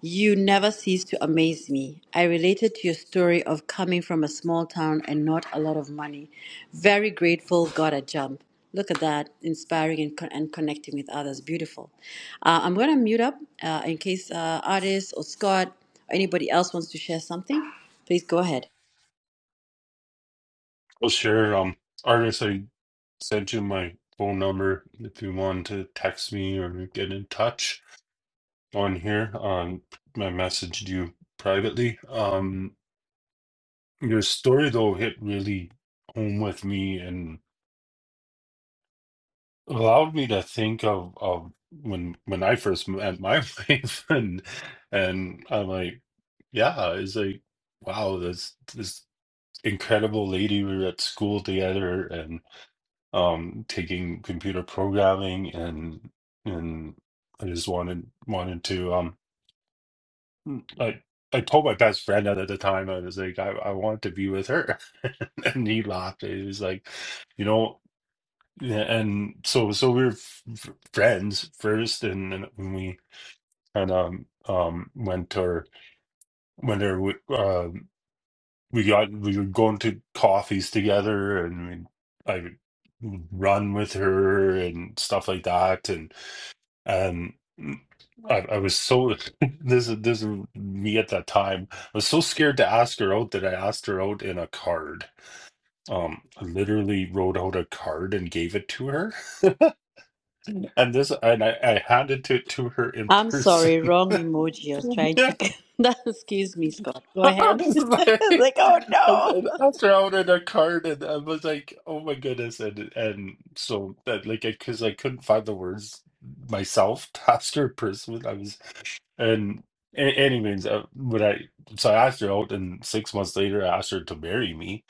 V: You never cease to amaze me. I related to your story of coming from a small town and not a lot of money. Very grateful, got a jump. Look at that, inspiring and, con- and connecting with others. Beautiful. Uh, I'm going to mute up uh, in case uh, artists or Scott or anybody else wants to share something. Please go ahead.
U: I'll share um artists I sent you my phone number if you want to text me or get in touch on here. Um, I messaged you privately. Um, your story though hit really home with me and. allowed me to think of of when when I first met my wife and and I'm like, yeah, it's like, wow, this this incredible lady we were at school together and um taking computer programming and and I just wanted wanted to um I I told my best friend at the time I was like I, I want to be with her and he laughed. He was like, you know. Yeah, and so so we were f f- friends first, and then when we kind of um went to our whenever we uh, we got we were going to coffees together, and we I would run with her and stuff like that, and and I I was so this is this is me at that time. I was so scared to ask her out that I asked her out in a card. Um, I literally wrote out a card and gave it to her And this, and I, I handed it to her in
V: I'm
U: person.
V: sorry, wrong emoji. I was trying
U: Yeah,
V: to. That excuse me, Scott. Go
U: I
V: ahead.
U: was like,
V: like, oh
U: and- and
V: no.
U: after I ordered a card, and I was like, "Oh my goodness!" And and so that, like, because I couldn't find the words myself to ask her in person. I was, and a- anyways, uh, when I so I asked her out, and six months later, I asked her to marry me.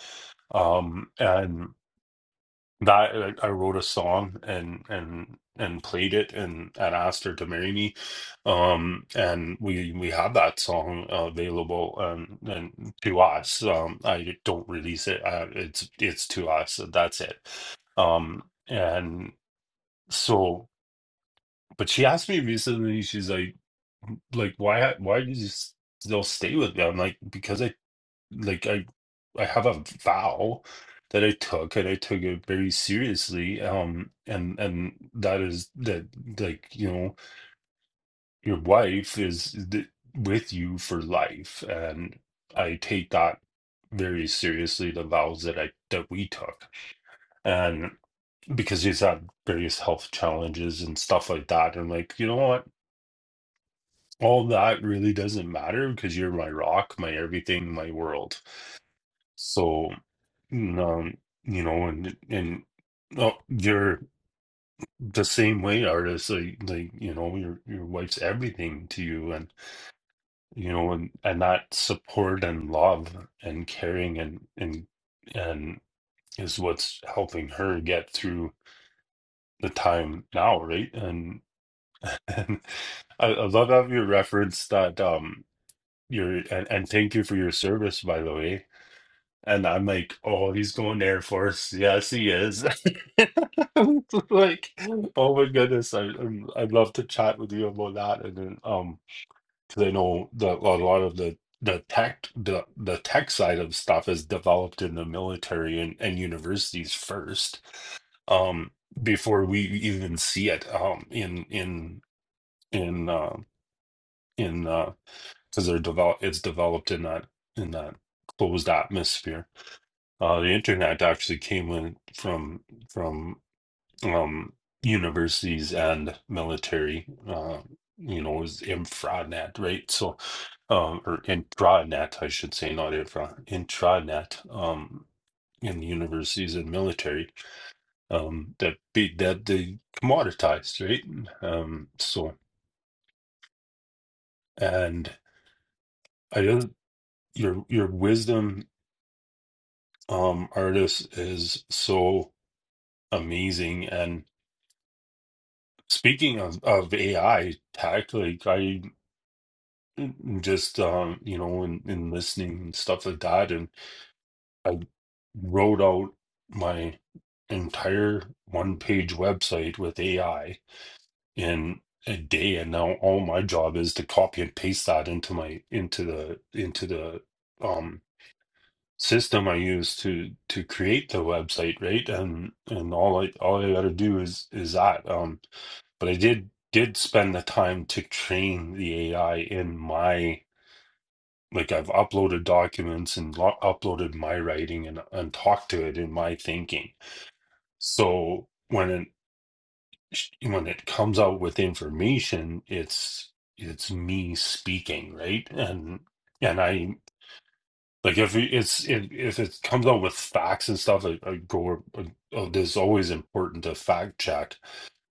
U: Um, and that like, I wrote a song and and and played it and and asked her to marry me um and we we have that song available um and to us um I don't release it uh, it's it's to us So that's it um and so but she asked me recently she's like like why why did you s- still stay with me I'm like because I like I I have a vow that I took and I took it very seriously. Um and and that is that like, you know, your wife is th- with you for life and I take that very seriously the vows that I that we took. And because she's had various health challenges and stuff like that. And like, you know what? All that really doesn't matter because you're my rock, my everything, my world. So And, um, you know, and and oh, you're the same way, artist. Like, like you know, your your wife's everything to you, and you know, and and that support and love and caring and and and is what's helping her get through the time now, right? And and I, I love how you referenced that. Um, your and and thank you for your service, by the way. And I'm like, oh, he's going to Air Force. Yes, he is. Like, oh my goodness, I I'm, I'd love to chat with you about that. And then, um, because I know that a lot of the the tech the the tech side of stuff is developed in the military and and universities first, um, before we even see it, um, in in in uh, in uh, because they're develop it's developed in that in that closed atmosphere. Uh, the internet actually came in from from um, universities and military. Uh, you know, it was infranet, right? So, um, or intranet, I should say, not infra, intranet. Um, in universities and military, um, that be that they commoditized, right? Um, so, and I don't your your wisdom, um, artist is so amazing and Speaking of, of AI tech, like I just um, you know, in, in listening and stuff like that, and I wrote out my entire one page website with AI in a day, and now all my job is to copy and paste that into my into the into the um system I use to to create the website, right? And and all I all I gotta do is is that. Um but I did did spend the time to train the AI in my like I've uploaded documents and lo- uploaded my writing and and talked to it in my thinking. So when it when it comes out with information, it's it's me speaking, right? And and I like if it- it's if, if it comes out with facts and stuff, I, I go. Oh, this is always important to fact check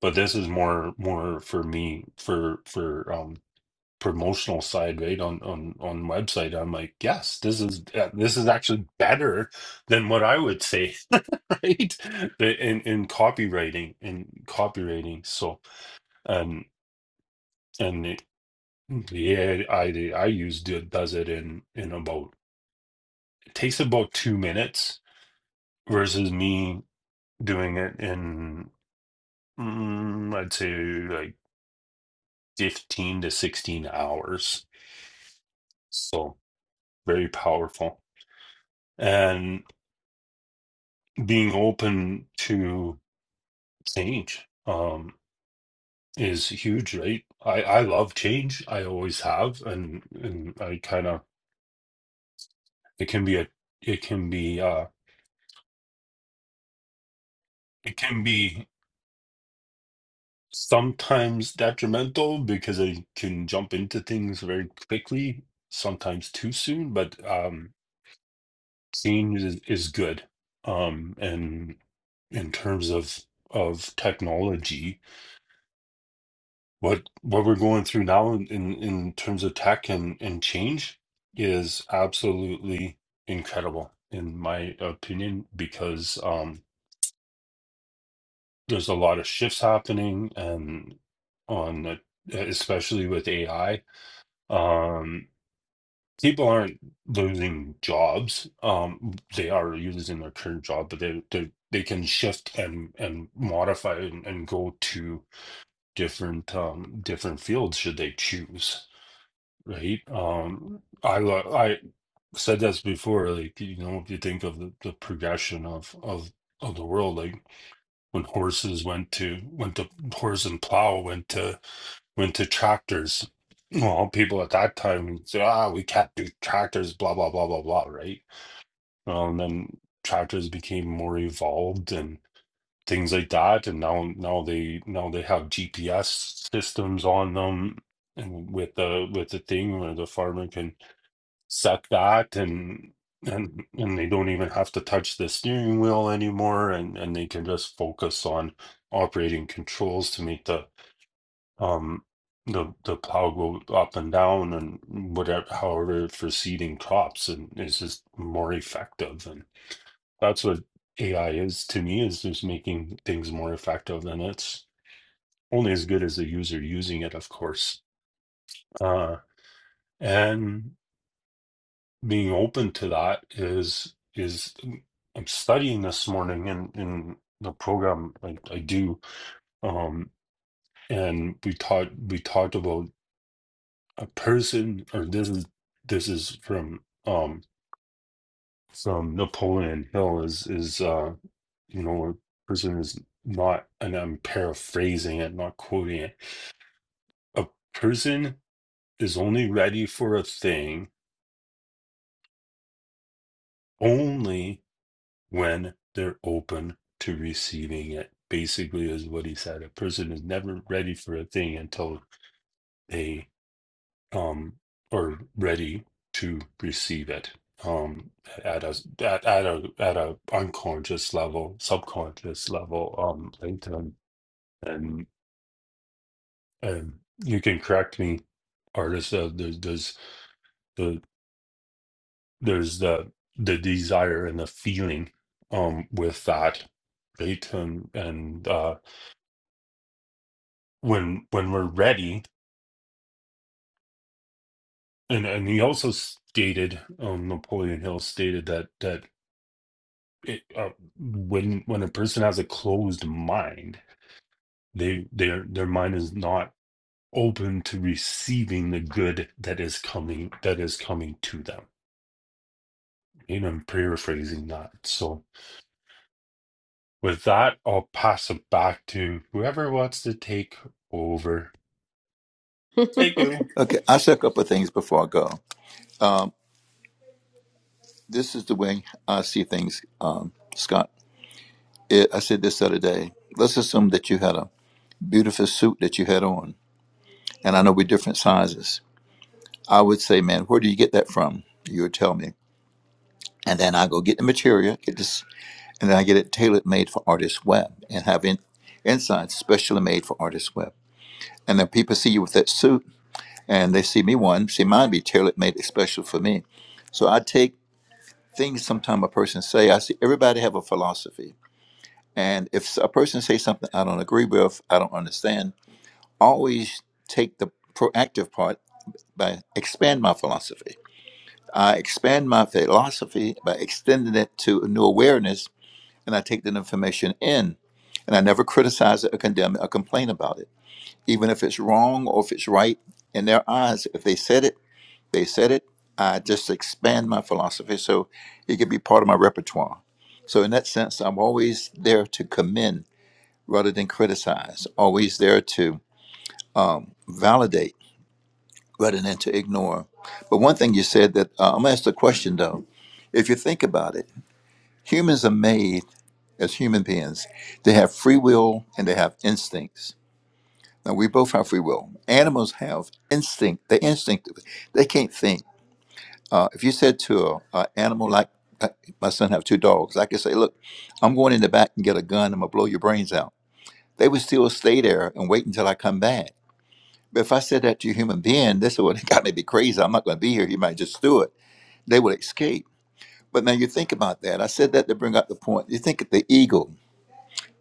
U: but this is more more for me for for um. promotional side, right on on on website, I'm like, yes, this is uh, this is actually better than what I would say, right? The- In in copywriting in copywriting, so um and it, the AI that I use do, does it in in about it takes about two minutes versus me doing it in mm, I'd say like fifteen to sixteen hours, so very powerful. and. being open to change um is huge right i i love change i always have and and i kind of it can be a it can be uh it can be sometimes detrimental because i can jump into things very quickly sometimes too soon but um change is, is good um and in terms of of technology What what we're going through now in in, in terms of tech and, and change is absolutely incredible, in my opinion, because um, there's a lot of shifts happening, and on the, especially with AI, um, people aren't losing jobs. Um, they are losing their current job, but they they they can shift and and modify and, and go to different um different fields should they choose right? Um, I lo- I said this before, like you know, if you think of the, the progression of of of the world, like when horses went to went to horse and plow went to went to tractors. Well, people at that time would say, ah, we can't do tractors, blah blah blah blah blah, right? Um, then tractors became more evolved and things like that, and now now they now they have GPS systems on them, and with the with the thing where the farmer can set that and and and they don't even have to touch the steering wheel anymore and and they can just focus on operating controls to make the um the the plow go up and down and whatever however for seeding crops and it's just more effective and that's what AI is to me is just making things more effective and it's only as good as the user using it of course uh and being open to that is is I'm studying this morning in in the program I, I do um and we taught we talked about a person or this is this is from um from Napoleon Hill is is uh you know a person is not and I'm paraphrasing it not quoting it a person is only ready for a thing only when they're open to receiving it. Basically, is what he said. A person is never ready for a thing until they um are ready to receive it. Um, at a at, at a at a unconscious level, subconscious level. Um, LinkedIn and and you can correct me, artist. Uh, there's there's the there's the the desire and the feeling um with that right and and uh when when we're ready and and he also stated um napoleon hill stated that that it, uh, when when a person has a closed mind they their their mind is not open to receiving the good that is coming that is coming to them you know i'm paraphrasing that so with that i'll pass it back to whoever wants to take over thank you
M: Okay, I say a couple of things before I go. This is the way I see things, um, Scott. It, I said this the other day. Let's assume that you had a beautiful suit that you had on, and I know we're different sizes. I would say, man, where do you get that from? You would tell me, and then I go get the material, get this, and then I get it tailored made for Artist Web, and have in, inside specially made for Artist Web. And then people see you with that suit, and they see me one, see mine be tailored made especially for me. So I take things sometimes a person say i see everybody have a philosophy and if a person say something i don't agree with i don't understand I always take the proactive part by expand my philosophy i expand my philosophy by extending it to a new awareness and i take that information in and i never criticize it or condemn it or complain about it even if it's wrong or if it's right in their eyes if they said it they said it. I just expand my philosophy so it can be part of my repertoire. So, in that sense, I'm always there to commend rather than criticize, always there to um, validate rather than to ignore. But one thing you said that uh, I'm going to ask the question though. If you think about it, humans are made as human beings, they have free will and they have instincts. Now, we both have free will. Animals have instinct, they're instinctive, they can't think. Uh, if you said to a, animal like uh, my son have two dogs, I could say, "Look, I'm going in the back and get a gun. I'm gonna blow your brains out." They would still stay there and wait until I come back. But if I said that to a human being, this would have got me to be crazy. I'm not gonna be here. You might just do it. They would escape. But now you think about that. I said that to bring up the point. You think of the eagle,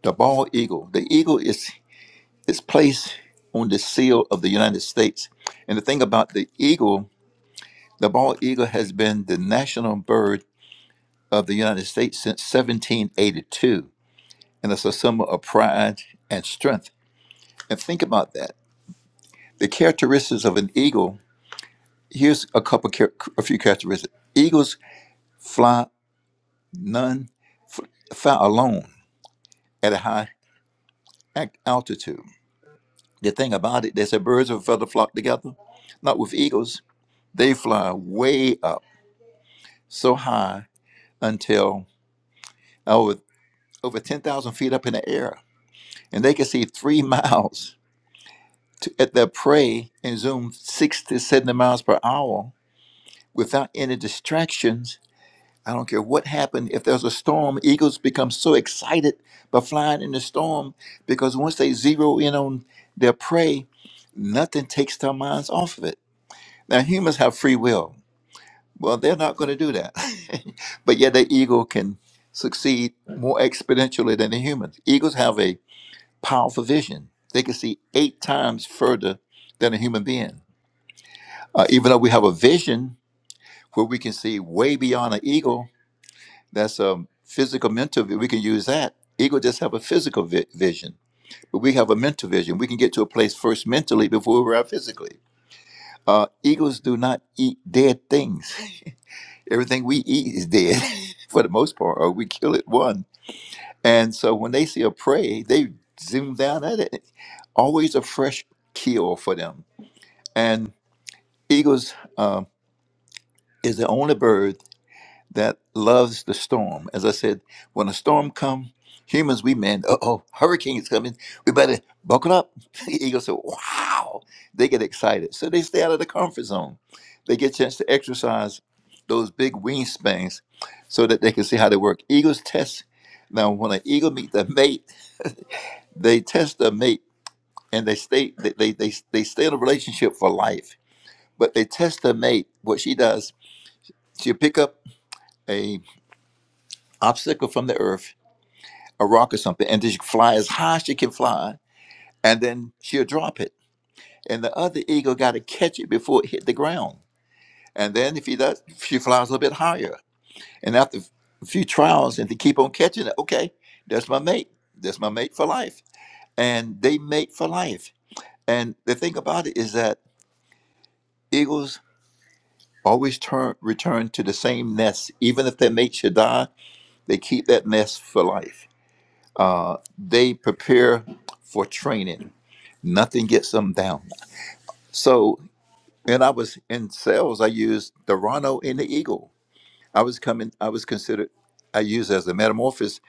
M: the bald eagle. The eagle is is placed on the seal of the United States. And the thing about the eagle, the bald eagle has been the national bird of the United States since 1782, and it's a symbol of pride and strength. And think about that. The characteristics of an eagle. Here's a couple, char- a few characteristics. Eagles fly none, f- fly alone at a high ac- altitude. The thing about it, they say birds of a feather flock together. Not with eagles. They fly way up, so high until over over 10,000 feet up in the air, and they can see three miles to, at their prey and zoom 60 to 70 miles per hour without any distractions. I don't care what happened. If there's a storm, eagles become so excited by flying in the storm because once they zero in on their prey, nothing takes their minds off of it. Now, humans have free will. Well, they're not going to do that. but yet, the eagle can succeed more exponentially than the humans. Eagles have a powerful vision, they can see eight times further than a human being Uh, even though we have a vision where we can see way beyond an eagle, that's a physical mental. vi- We can use that. Eagle just have a physical vi- vision, but we have a mental vision. We can get to a place first mentally before we're out physically. Uh, eagles do not eat dead things. Everything we eat is dead for the most part, or we kill it one. And so when they see a prey, they zoom down at it. Always a fresh kill for them. And eagles uh, is the only bird that loves the storm. As I said, when a storm comes, humans, we man, uh oh, hurricane's coming. We better buckle up. The eagle said, wow. They get excited. So they stay out of the comfort zone. They get a chance to exercise those big wingspans so that they can see how they work. Eagles test. Now, when an eagle meets their mate, they test their mate and they stay, they, they, they, they stay in a relationship for life. But they test their mate. What she does, she'll pick up a obstacle from the earth a rock or something, and then she fly as high as she can fly, and then she'll drop it. And the other eagle got to catch it before it hit the ground. And then if he does, she flies a little bit higher. And after a few trials, and they keep on catching it, okay, that's my mate. That's my mate for life. And they mate for life. And the thing about it is that eagles always turn return to the same nest. Even if their mate should die, they keep that nest for life Uh, they prepare for training. Nothing gets them down. So and I was in sales, I used the Rhino and the Eagle. I was coming. I was considered. I used as a metamorphosis.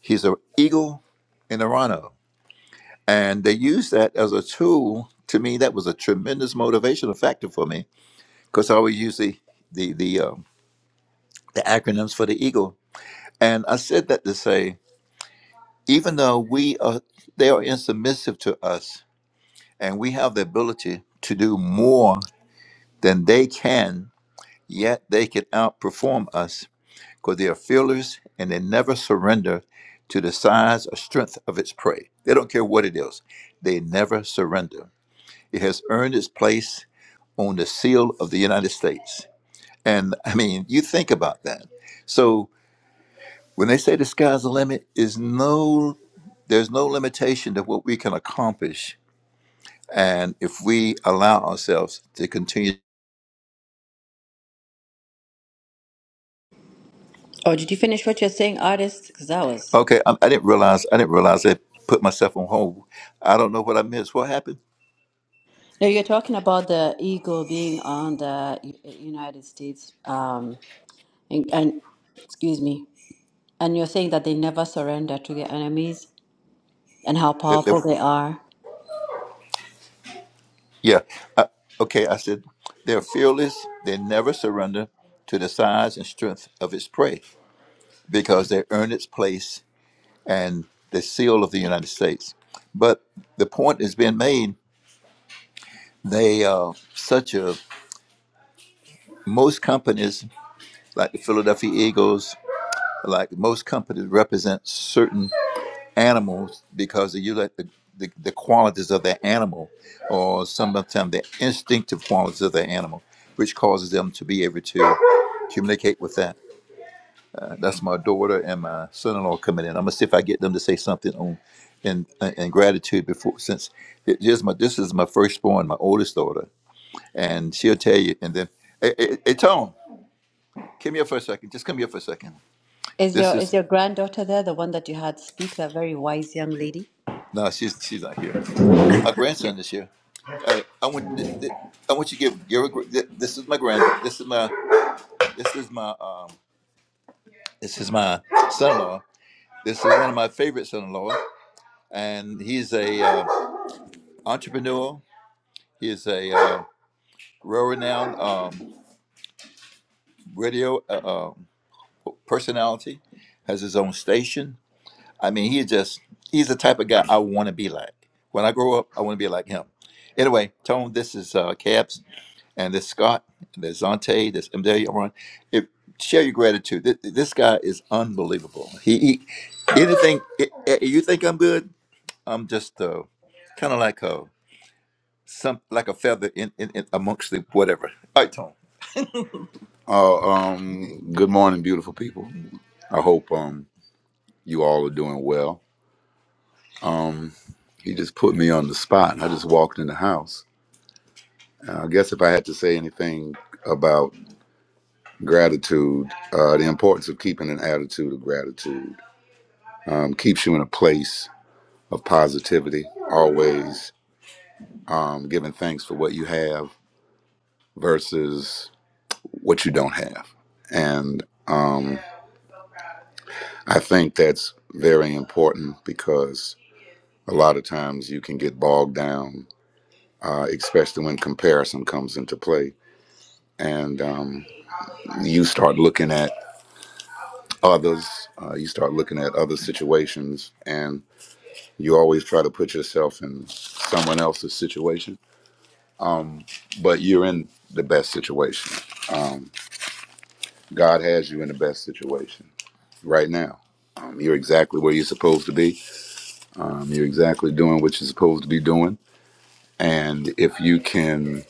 M: He's an eagle and a Rhino, and they used that as a tool. To me, that was a tremendous motivational factor for me because I always use the the the, um, the acronyms for the eagle. And I said that to say, even though we are, they are insubmissive to us and we have the ability to do more than they can, yet they can outperform us because they are fearless and they never surrender to the size or strength of its prey. They don't care what it is, they never surrender. It has earned its place on the seal of the United States. And I mean, you think about that. So when they say the sky's the limit, is no there's no limitation to what we can accomplish. And if we allow ourselves to continue
V: Oh, did you finish what you're saying, artist? Because that was.
M: Okay, I, I didn't realize. I didn't realize I put myself on hold. I don't know what I missed. What happened?
V: No, you're talking about the eagle being on the U- United States. Um, and, and excuse me. And you're saying that they never surrender to their enemies and how
M: That-
V: powerful
M: that-
V: they are.
M: yeah. I, okay, I said they're fearless. They never surrender to the size and strength of its prey because they earn its place and the seal of the United States. But the point is being made. They are such a most companies like the Philadelphia Eagles, like most companies represent certain animals because you let the, the, the qualities of the animal or sometimes the instinctive qualities of the animal, which causes them to be able to communicate with that. Uh, That's my daughter and my son-in-law coming in. I'm gonna see if I get them to say something on in uh, in gratitude before since it is my this is my firstborn, my oldest daughter, and she'll tell you. And then, hey, hey, hey Tom, come here for a second. Just come here for a second.
V: Is
M: This
V: your is
M: is
V: your granddaughter there, the one that you had speak, that very wise young lady?
M: No, she's she's not here. My grandson is here. Uh, I want th- th- I want you to give give a, gr- th- this is my grand this is my this is my um this is my son-in-law. This is one of my favorite son in law and he's a uh, entrepreneur. He is a uh, world-renowned um, radio uh, um, personality. Has his own station. I mean, he just he's the type of guy I want to be like. When I grow up, I want to be like him. Anyway, Tone, this is uh, Cabs. and there's Scott, and there's Zante, there's and there you are. If share your gratitude. This, this guy is unbelievable. He, he anything i- i- you think I'm good, I'm just uh, kind of like a some like a feather in, in, in amongst the whatever. All right, Tom. Oh, um, good morning, beautiful people. I hope um you all are doing well. He just put me on the spot. and I just walked in the house. Uh, I guess if I had to say anything about gratitude, uh, the importance of keeping an attitude of gratitude. um, keeps you in a place of positivity always um, giving thanks for what you have versus what you don't have and um, i think that's very important because a lot of times you can get bogged down uh, especially when comparison comes into play and um, you start looking at others uh, you start looking at other situations and you always try to put yourself in someone else's situation but you're in the best situation. Um, God has you in the best situation right now. Um, you're exactly where you're supposed to be. Um, you're exactly doing what you're supposed to be doing. And if you can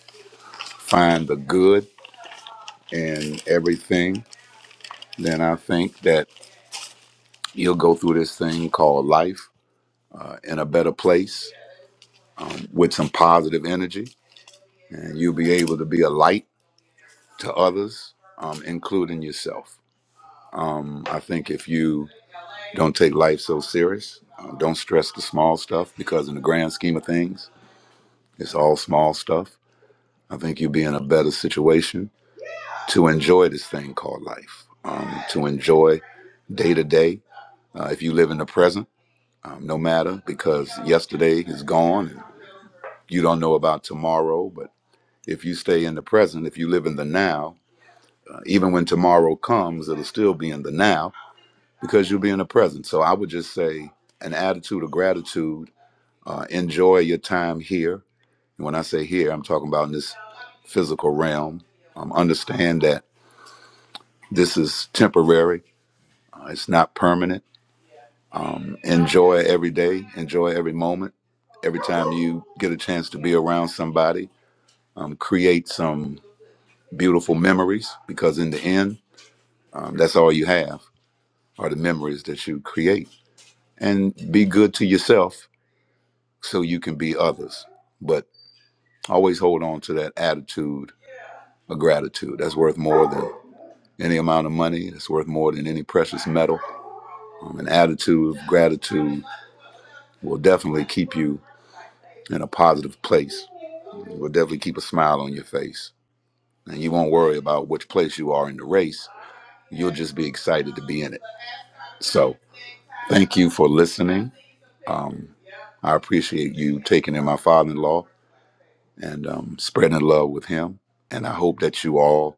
M: find the good in everything, then I think that you'll go through this thing called life uh, in a better place with some positive energy. And you'll be able to be a light to others, um, including yourself. Um, I think if you Don't take life so serious. Uh, don't stress the small stuff because, in the grand scheme of things, it's all small stuff. I think you'll be in a better situation to enjoy this thing called life, um, to enjoy day to day. Uh, If you live in the present, um, no matter, because yesterday is gone and you don't know about tomorrow. But if you stay in the present, if you live in the now, uh, even when tomorrow comes, it'll still be in the now because you'll be in the present. So I would just say an attitude of gratitude Uh, enjoy your time here. And when I say here, I'm talking about in this physical realm. Um, understand that this is temporary, uh, it's not permanent. Enjoy every day, enjoy every moment. Every time you get a chance to be around somebody, um, create some beautiful memories because, in the end, um, that's all you have are the memories that you create. And be good to yourself so you can be others. But always hold on to that attitude a gratitude that's worth more than any amount of money. It's worth more than any precious metal. Um, an attitude of gratitude will definitely keep you in a positive place. It will definitely keep a smile on your face, and you won't worry about which place you are in the race. You'll just be excited to be in it. So, thank you for listening. I appreciate you taking in my father-in-law and um, spreading love with him. And I hope that you all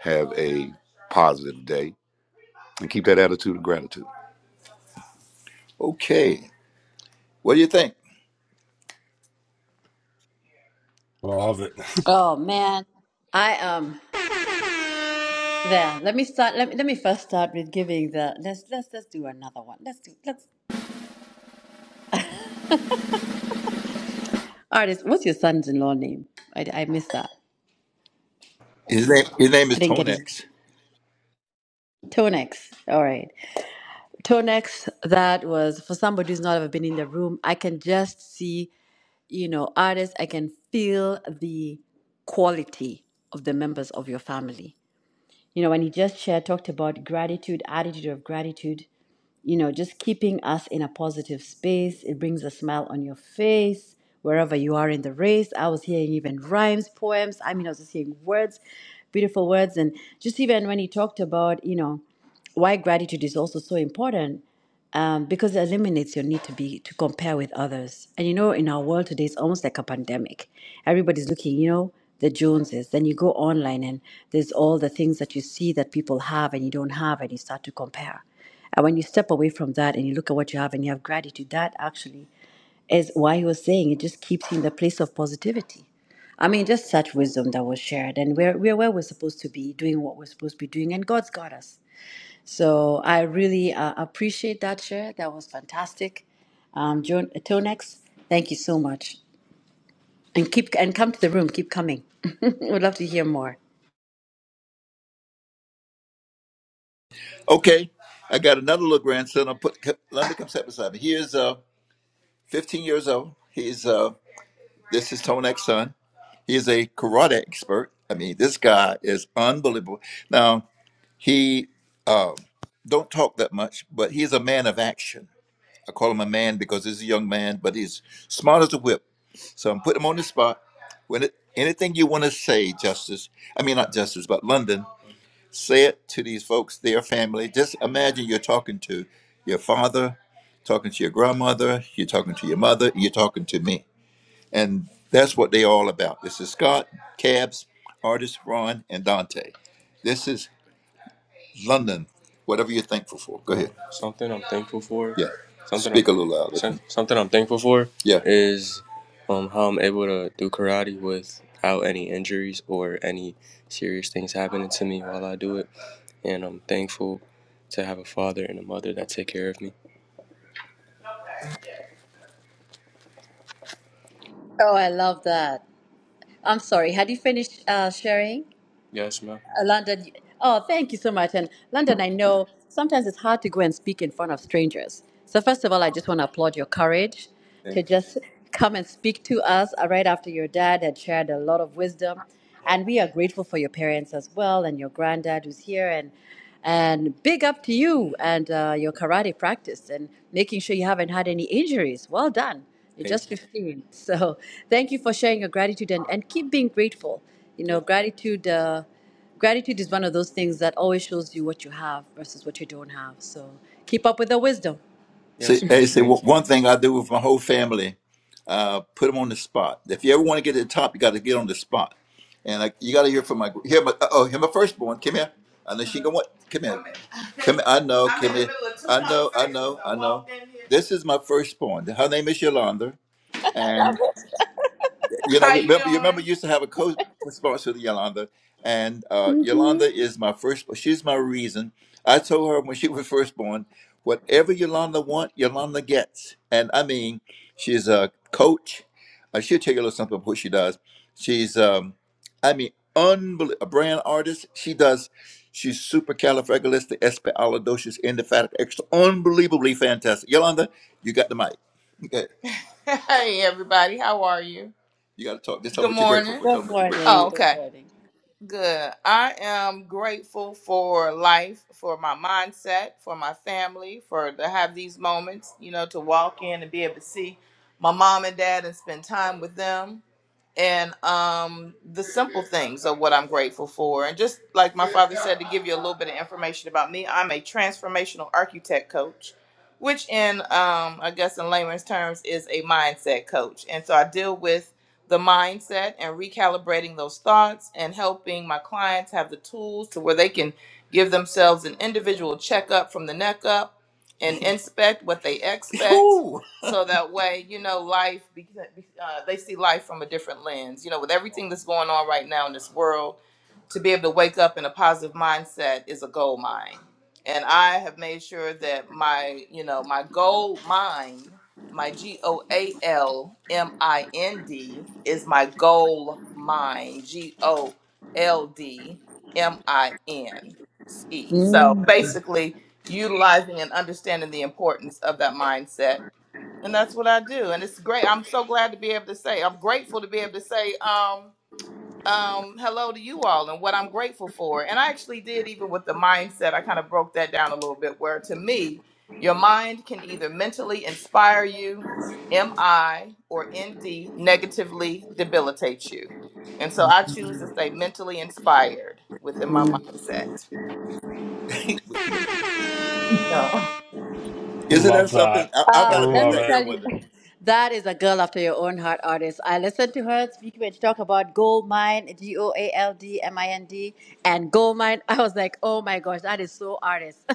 M: have a positive day and keep that attitude of gratitude. Okay. What do you think?
U: love it
V: Oh man, I am. There. Let me start. Let me, let me first start with giving the. Let's let's let's do another one. Let's do let's. Artist, what's your son's-in-law name? I I missed that.
M: His name, his name is
V: I didn't get his.
M: Tonex.
V: Tonex. All right. Tonex. That was for somebody who's not ever been in the room. I can just see. You know, artists. I can feel the quality of the members of your family. You know, when he just shared, talked about gratitude, attitude of gratitude. you know, just keeping us in a positive space. It brings a smile on your face wherever you are in the race. I was hearing even rhymes, poems. I mean, I was just hearing words, beautiful words. And just even when he talked about, you know, why gratitude is also so important, um, because it eliminates your need to be to compare with others. And you know, in our world today, it's almost like a pandemic. Everybody's looking, you know, the Joneses. Then you go online, and there's all the things that you see that people have and you don't have, and you start to compare. And when you step away from that and you look at what you have and you have gratitude, that actually is why he was saying it just keeps you in the place of positivity. I mean, just such wisdom that was shared, and we're, we're where we're supposed to be, doing what we're supposed to be doing, and God's got us. So I really uh, appreciate that share. That was fantastic. Um, Jo- Tonex, thank you so much. And keep and come to the room. Keep coming. We'd love to hear more.
M: Okay, I got another little grandson. I'll put London come step beside me. He is uh, 15 years old. He's uh, this is Tonex's son. He is a karate expert. I mean, this guy is unbelievable. Now he uh, don't talk that much, but he's a man of action. I call him a man because he's a young man, but he's smart as a whip. So I'm putting him on the spot. When it, anything you want to say, Justice, I mean not Justice, but London, say it to these folks, their family. Just imagine you're talking to your father, talking to your grandmother, you're talking to your mother, you're talking to me. And that's what they're all about. This is Scott, Cabs, artist Ron, and Dante. This is London, whatever you're thankful for. Go ahead. Something I'm thankful for. Yeah. Something I'm Speak I'm, a little louder. some- something I'm thankful for Yeah. is um how I'm able to do karate without any injuries or any serious things happening to me while I do it. And I'm thankful to have a father and a mother that take care of me.
V: Oh, I love that. I'm sorry. Had you finished uh, sharing?
M: Yes, ma'am.
V: Uh, London, oh, thank you so much. And London, I know sometimes it's hard to go and speak in front of strangers. So, first of all, I just want to applaud your courage to
M: Thank you.
V: just come and speak to us uh, right after your dad had shared a lot of wisdom. And we are grateful for your parents as well and your granddad who's here. And and big up to you and uh, your karate practice and making sure you haven't had any injuries. Well done. You're
M: Thank
V: just
M: you.
V: 15. So thank you for sharing your gratitude and, and keep being grateful. You
M: Yes.
V: know, gratitude. Uh, Gratitude is one of those things that always shows you what you have versus what you don't have. So keep up with the wisdom.
M: Say, Yes, hey, Lord. say Thank one you. thing I do with my whole family, uh, put them on the spot. If you ever want to get to the top, you got to get on the spot. And I, you got to hear from my here my uh, oh here my firstborn. Come here. I know she gonna want. Come here. Come here. I know. Come here. I know. I know. I know. This is my firstborn. Her name is Yolanda, you know, How you remember, you remember, doing? you used to have a co-sponsor, Yolanda, and uh, Yolanda is my first. She's my reason. I told her when she was first born, whatever Yolanda want, Yolanda gets. And I mean, she's a coach. Uh, she'll tell you a little something about what she does. She's, um, I mean, unbel- a brand artist. She does. She's super califragilistic, espialidocious, indefatigable, extra, unbelievably fantastic. Yolanda, you got the mic. Okay. Hey everybody, how are you? You got to talk. Just tell them Good what you're grateful morning. for. Tell
V: Good
M: them what you're grateful Oh,
V: morning.
M: for.
V: Good
M: okay.
V: morning.
M: Good. I am grateful for life, for my mindset, for my family, for to have these moments, you know, to walk in and be able to see my mom and dad and spend time with them and um, the simple things of what I'm grateful for. And just like my father said, to give you a little bit of information about me, I'm a transformational architect coach, which in um, I guess in layman's terms is a mindset coach. And so I deal with the mindset and recalibrating those thoughts and helping my clients have the tools to where they can give themselves an individual checkup from the neck up and inspect what they expect so that way you know life because uh, they see life from a different lens you know with everything that's going on right now in this world to be able to wake up in a positive mindset is a gold mine and i have made sure that my you know my gold mine my g-o-a-l-m-i-n-d is my goal mine g-o-l-d-m-i-n-e so
V: Mm.
M: basically utilizing and understanding the importance of that mindset and that's what I do. And it's great. I'm so glad to be able to say. I'm grateful to be able to say um um hello to you all and what I'm grateful for. And I actually did even with the mindset. I kind of broke that down a little bit where to me, your mind can either mentally inspire you, MI or ND negatively debilitate you. And so I choose to stay mentally inspired within my mindset. Isn't that
U: love
M: something?
U: that
M: I, I
U: i
M: got
V: Uh,
M: to
V: let
M: meet
V: me
U: love
M: that
U: it
M: girl
V: tell you,
M: one day.
V: that is a girl after your own heart artist. I listened to her speak when she talked about gold mine, G O A L D M I N D, and gold mine. I was like, oh my gosh, that is so artist,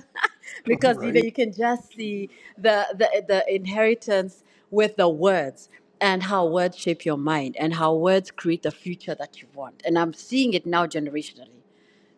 V: because you know
U: right
V: you can just see the the the inheritance with the words and how words shape your mind and how words create the future that you want. And I'm seeing it now generationally.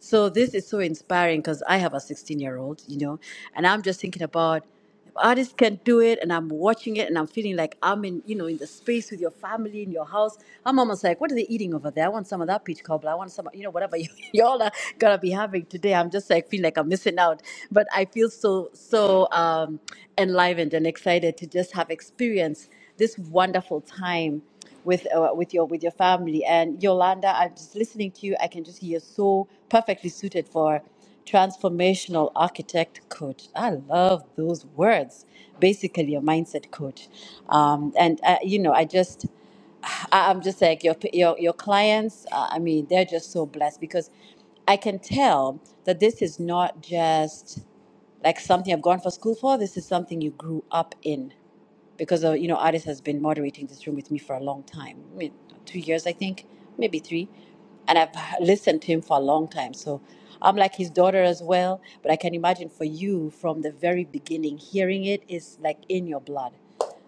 V: So this is so inspiring because I have a 16 year old, you know, and I'm just thinking about if artists can do it, and I'm watching it, and I'm feeling like I'm in, you know, in the space with your family in your house. I'm almost like, what are they eating over there? I want some of that peach cobbler. I want some, you know, whatever you, y'all are gonna be having today. I'm just like feeling like I'm missing out, but I feel so so um, enlivened and excited to just have experienced this wonderful time with uh, with your with your family. And Yolanda, I'm just listening to you. I can just hear so perfectly suited for transformational architect coach. I love those words. Basically, a mindset coach. Um, and uh, you know, I just I- I'm just like your your your clients. Uh, I mean, they're just so blessed because I can tell that this is not just like something I've gone for school for. This is something you grew up in because uh, you know Addis has been moderating this room with me for a long time, I mean, two years I think, maybe three, and I've listened to him for a long time. So I'm like his daughter as well. But I can imagine for you from the very beginning, hearing it is like in your blood.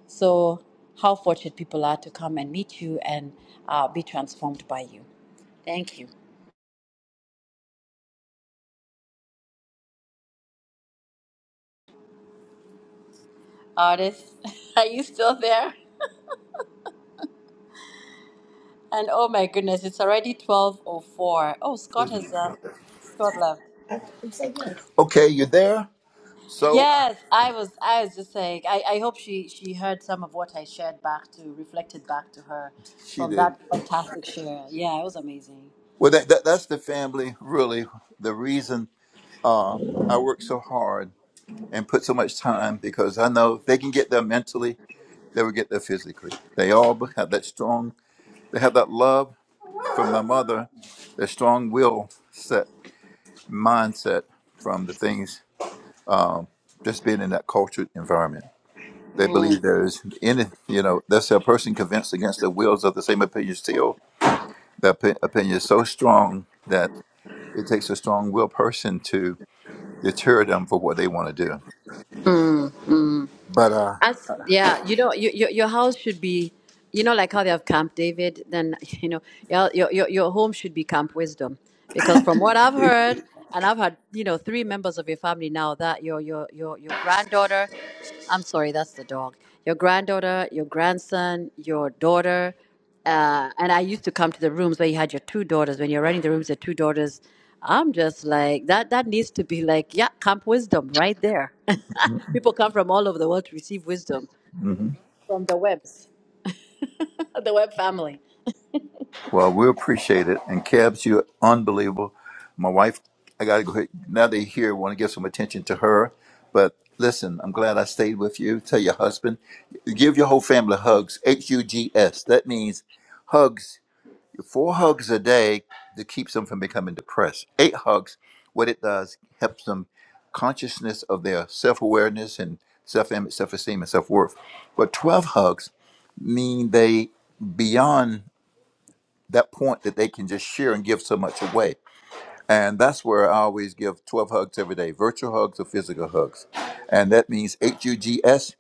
V: So how fortunate people are to come and meet you and uh, be transformed by you. Thank you. Artist, are you still there? And oh my goodness, it's already 12.04. Oh, four. Oh, Scott has, uh, Scott left.
M: Okay, you there? So
V: Yes, I was. I was just saying. I, I hope she she heard some of what I shared back to reflected back to her
M: she
V: from
M: did.
V: that fantastic share. Yeah, it was amazing.
M: Well, that, that that's the family really the reason uh, I work so hard and put so much time because I know if they can get there mentally, they will get there physically. They all have that strong, they have that love from my mother, that strong will set mindset from the things just being in that cultured environment. They
V: Mm.
M: believe there is any, you know, that's a person convinced against their wills of the same opinion still. That opi- opinion is so strong that it takes a strong will person to deter them for what they want to do.
V: Mm. mm.
M: But uh,
V: As yeah, you know, your your your house should be, you know, like how they have Camp David. Then you know, your your your your home should be Camp Wisdom, because from what I've heard, and I've had you know three members of your family now that your your your your granddaughter, I'm sorry, that's the dog. Your granddaughter, your grandson, your daughter uh, and I used to come to the rooms where you had your two daughters. When you're running the rooms, the two daughters, I'm just like that. That needs to be like yeah, Camp Wisdom right there. People come from all over the world to receive wisdom
M: hmm
V: from the webs, the web family.
M: well, we appreciate it. And Kebs, you're unbelievable. My wife, I gotta go. Ahead. Now they here want to give some attention to her. But listen, I'm glad I stayed with you. Tell your husband, give your whole family hugs. H U G S. That means hugs. Four hugs a day that keeps them from becoming depressed. Eight hugs. What it does helps them consciousness of their self awareness and self image, self esteem, and self worth. But twelve hugs mean they beyond that point that they can just share and give so much away. And that's where I always give 12 hugs every day, virtual hugs or physical hugs. And that means H U G S,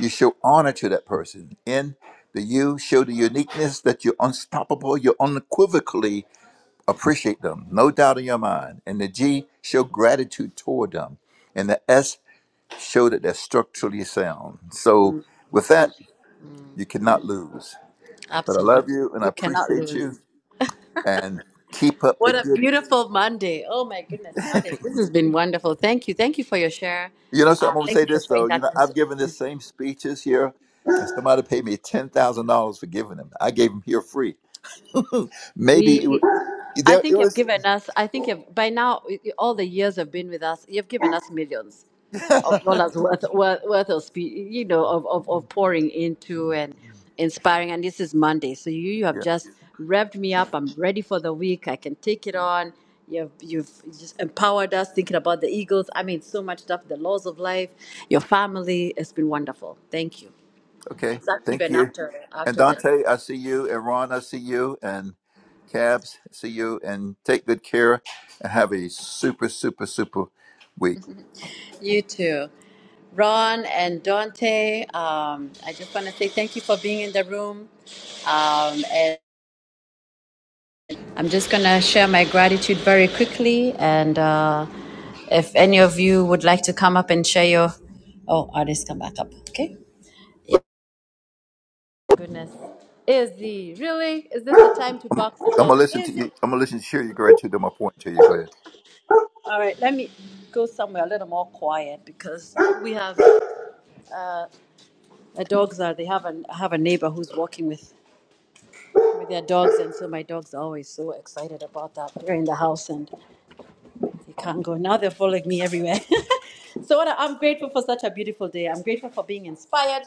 M: you show honor to that person. N, the U, show the uniqueness that you're unstoppable, you unequivocally appreciate them, no doubt in your mind. And the G, show gratitude toward them. And the S, show that they're structurally sound. So with that, you cannot lose. But I love
V: Absolutely,
M: you and I
V: you cannot
M: appreciate you.
V: lose.
M: and keep up the
V: What a
M: good.
V: beautiful Monday! Oh my goodness, Arif, this has been wonderful. Thank you, thank you for your share.
M: You know, so I'm
V: Um,
M: gonna
V: thank
M: say
V: you for
M: this
V: sharing
M: though. You
V: that.
M: know,
V: with us.
M: I've given this same speeches here, and somebody paid me ten thousand dollars for giving them. I gave them here free. Maybe it, wa-
V: We, I
M: there it
V: think you've
M: was.
V: given us. I think you've, by now, i- i- all the years you've been with us, you've given us millions of dollars worth worth, worth of spe- you know of, of, of pouring into and inspiring and this is monday so you you have
M: yeah.
V: just revved me up i'm ready for the week i can take it on you've you've just empowered us thinking about the eagles i mean so much stuff the laws of life your family it's been wonderful thank you
M: Okay.
V: it's actually
M: Thank
V: even
M: you.
V: after
M: And
V: after that
M: Dante, I see you. And Ron, I see you. And Cabs, I see you. And take good care. And have a super, super, super week.
V: you too Ron and Dante, um, I just want to say thank you for being in the room. Um, and I'm just going to share my gratitude very quickly. And uh, if any of you would like to come up and share your. Oh, artists, come back up. Okay. Goodness. Izzy, really? Is this the time to
M: I'm,
V: box it
M: I'm gonna
V: out?
M: listen to
V: Is
M: you.
V: it?
M: I'm gonna listen to you. You're great to my point to you. Go ahead.
V: All right, let me go somewhere a little more quiet because we have the dogs are they have a I have a neighbor who's walking with with their dogs and so my dogs are always so excited about that. They're in the house and You can't go. Now they're following me everywhere. so I- I'm grateful for such a beautiful day. I'm grateful for being inspired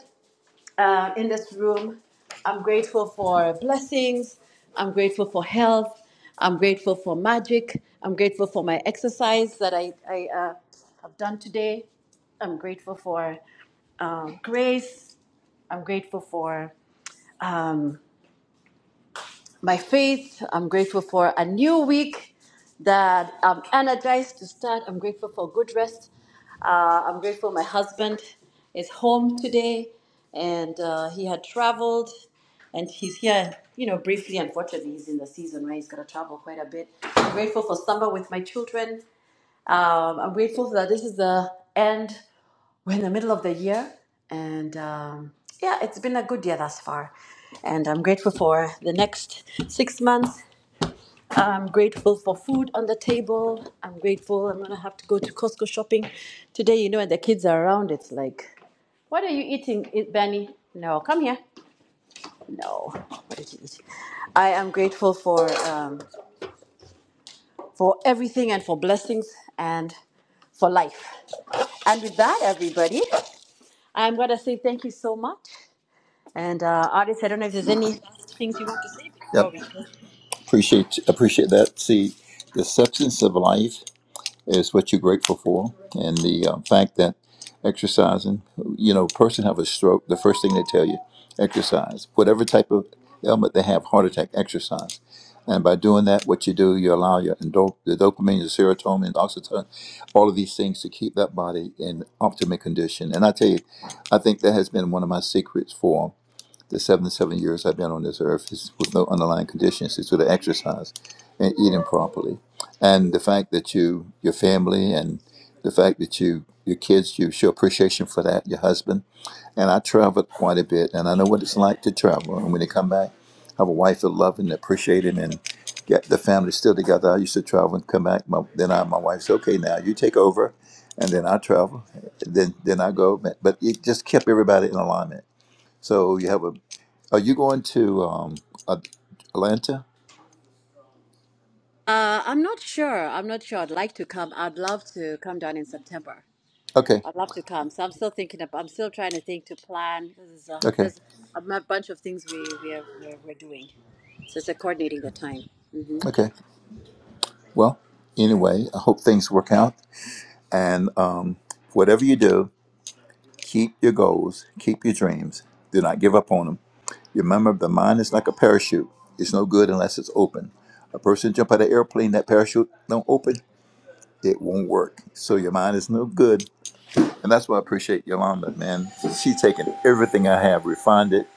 V: uh, in this room. I'm grateful for blessings. I'm grateful for health. I'm grateful for magic. I'm grateful for my exercise that I, I uh, have done today. I'm grateful for um, grace. I'm grateful for um, my faith. I'm grateful for a new week that I'm energized to start. I'm grateful for good rest. Uh, I'm grateful my husband is home today and uh, he had traveled and he's here, you know, briefly. Unfortunately, he's in the season where he's got to travel quite a bit. I'm grateful for summer with my children. Um, I'm grateful that this is the end. We're in the middle of the year, and um, yeah, it's been a good year thus far. And I'm grateful for the next six months. I'm grateful for food on the table. I'm grateful. I'm gonna have to go to Costco shopping today. You know, and the kids are around. It's like what are you eating, I- Benny? No, come here. No, what did you eat? I am grateful for um, for everything and for blessings and for life. And with that, everybody, I'm going to say thank you so much. And uh, artists, I don't know if there's any last things you want to say before
M: Yep.
V: we close.
M: Appreciate appreciate that. See, the substance of life is what you're grateful for, and the um, fact that exercising, you know, person have a stroke, the first thing they tell you, exercise. Whatever type of ailment they have, heart attack, exercise. And by doing that, what you do, you allow your endo- the dopamine, the serotonin, the oxytocin, all of these things to keep that body in optimal condition. And I tell you, I think that has been one of my secrets the seven seven years I've been on this earth is with no underlying conditions. It's with the exercise and eating properly, and the fact that you, your family, and the fact that you, your kids, you show appreciation for that. Your husband and I traveled quite a bit, and I know what it's like to travel. And when they come back, have a wife that love and appreciate it, and get the family still together. I used to travel and come back. My, then I, my wife said, "Okay, now you take over." and then I travel, then then I go. But but it just kept everybody in alignment. So you have a. Are you going to um, At- Atlanta?
V: Uh, I'm not sure. I'm not sure. I'd like to come. I'd love to come down in September.
M: Okay,
V: I'd love to come. So I'm still thinking. Of, I'm still trying to think to plan. There's a,
M: okay,
V: there's a m- bunch of things we we are we're, we're doing. So it's a coordinating the time.
M: okay. Well, anyway, I hope things work out. And um, whatever you do, keep your goals, keep your dreams. Do not give up on them. Remember, the mind is like a parachute. It's no good unless it's open. A person jump out of an airplane, that parachute don't open, it won't work. So your mind is no good. And that's why I appreciate Yolanda, man. She's taken everything I have, refined it,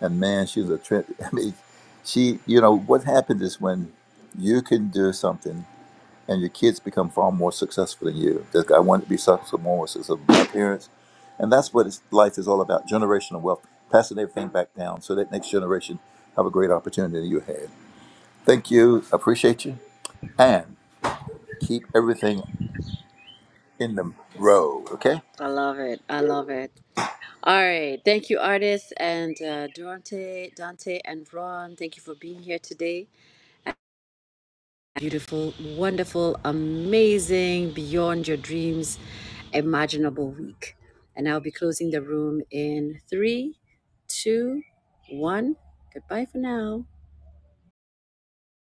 M: And man, she's a trend. I mean, she, you know, what happens is when you can do something and your kids become far more successful than you. Like, I wanted to be so, so more successful than my parents. And that's what it's, life is all about generational wealth, passing everything back down so that next generation have a great opportunity that you had. Thank you. Appreciate you. And keep everything in the row, okay?
V: I love it. I love it. All right. Thank you, artists and uh, Durante, Dante, and Ron. Thank you for being here today. beautiful, wonderful, amazing, beyond your dreams, imaginable week. And I'll be closing the room in three, two, one. Goodbye for now.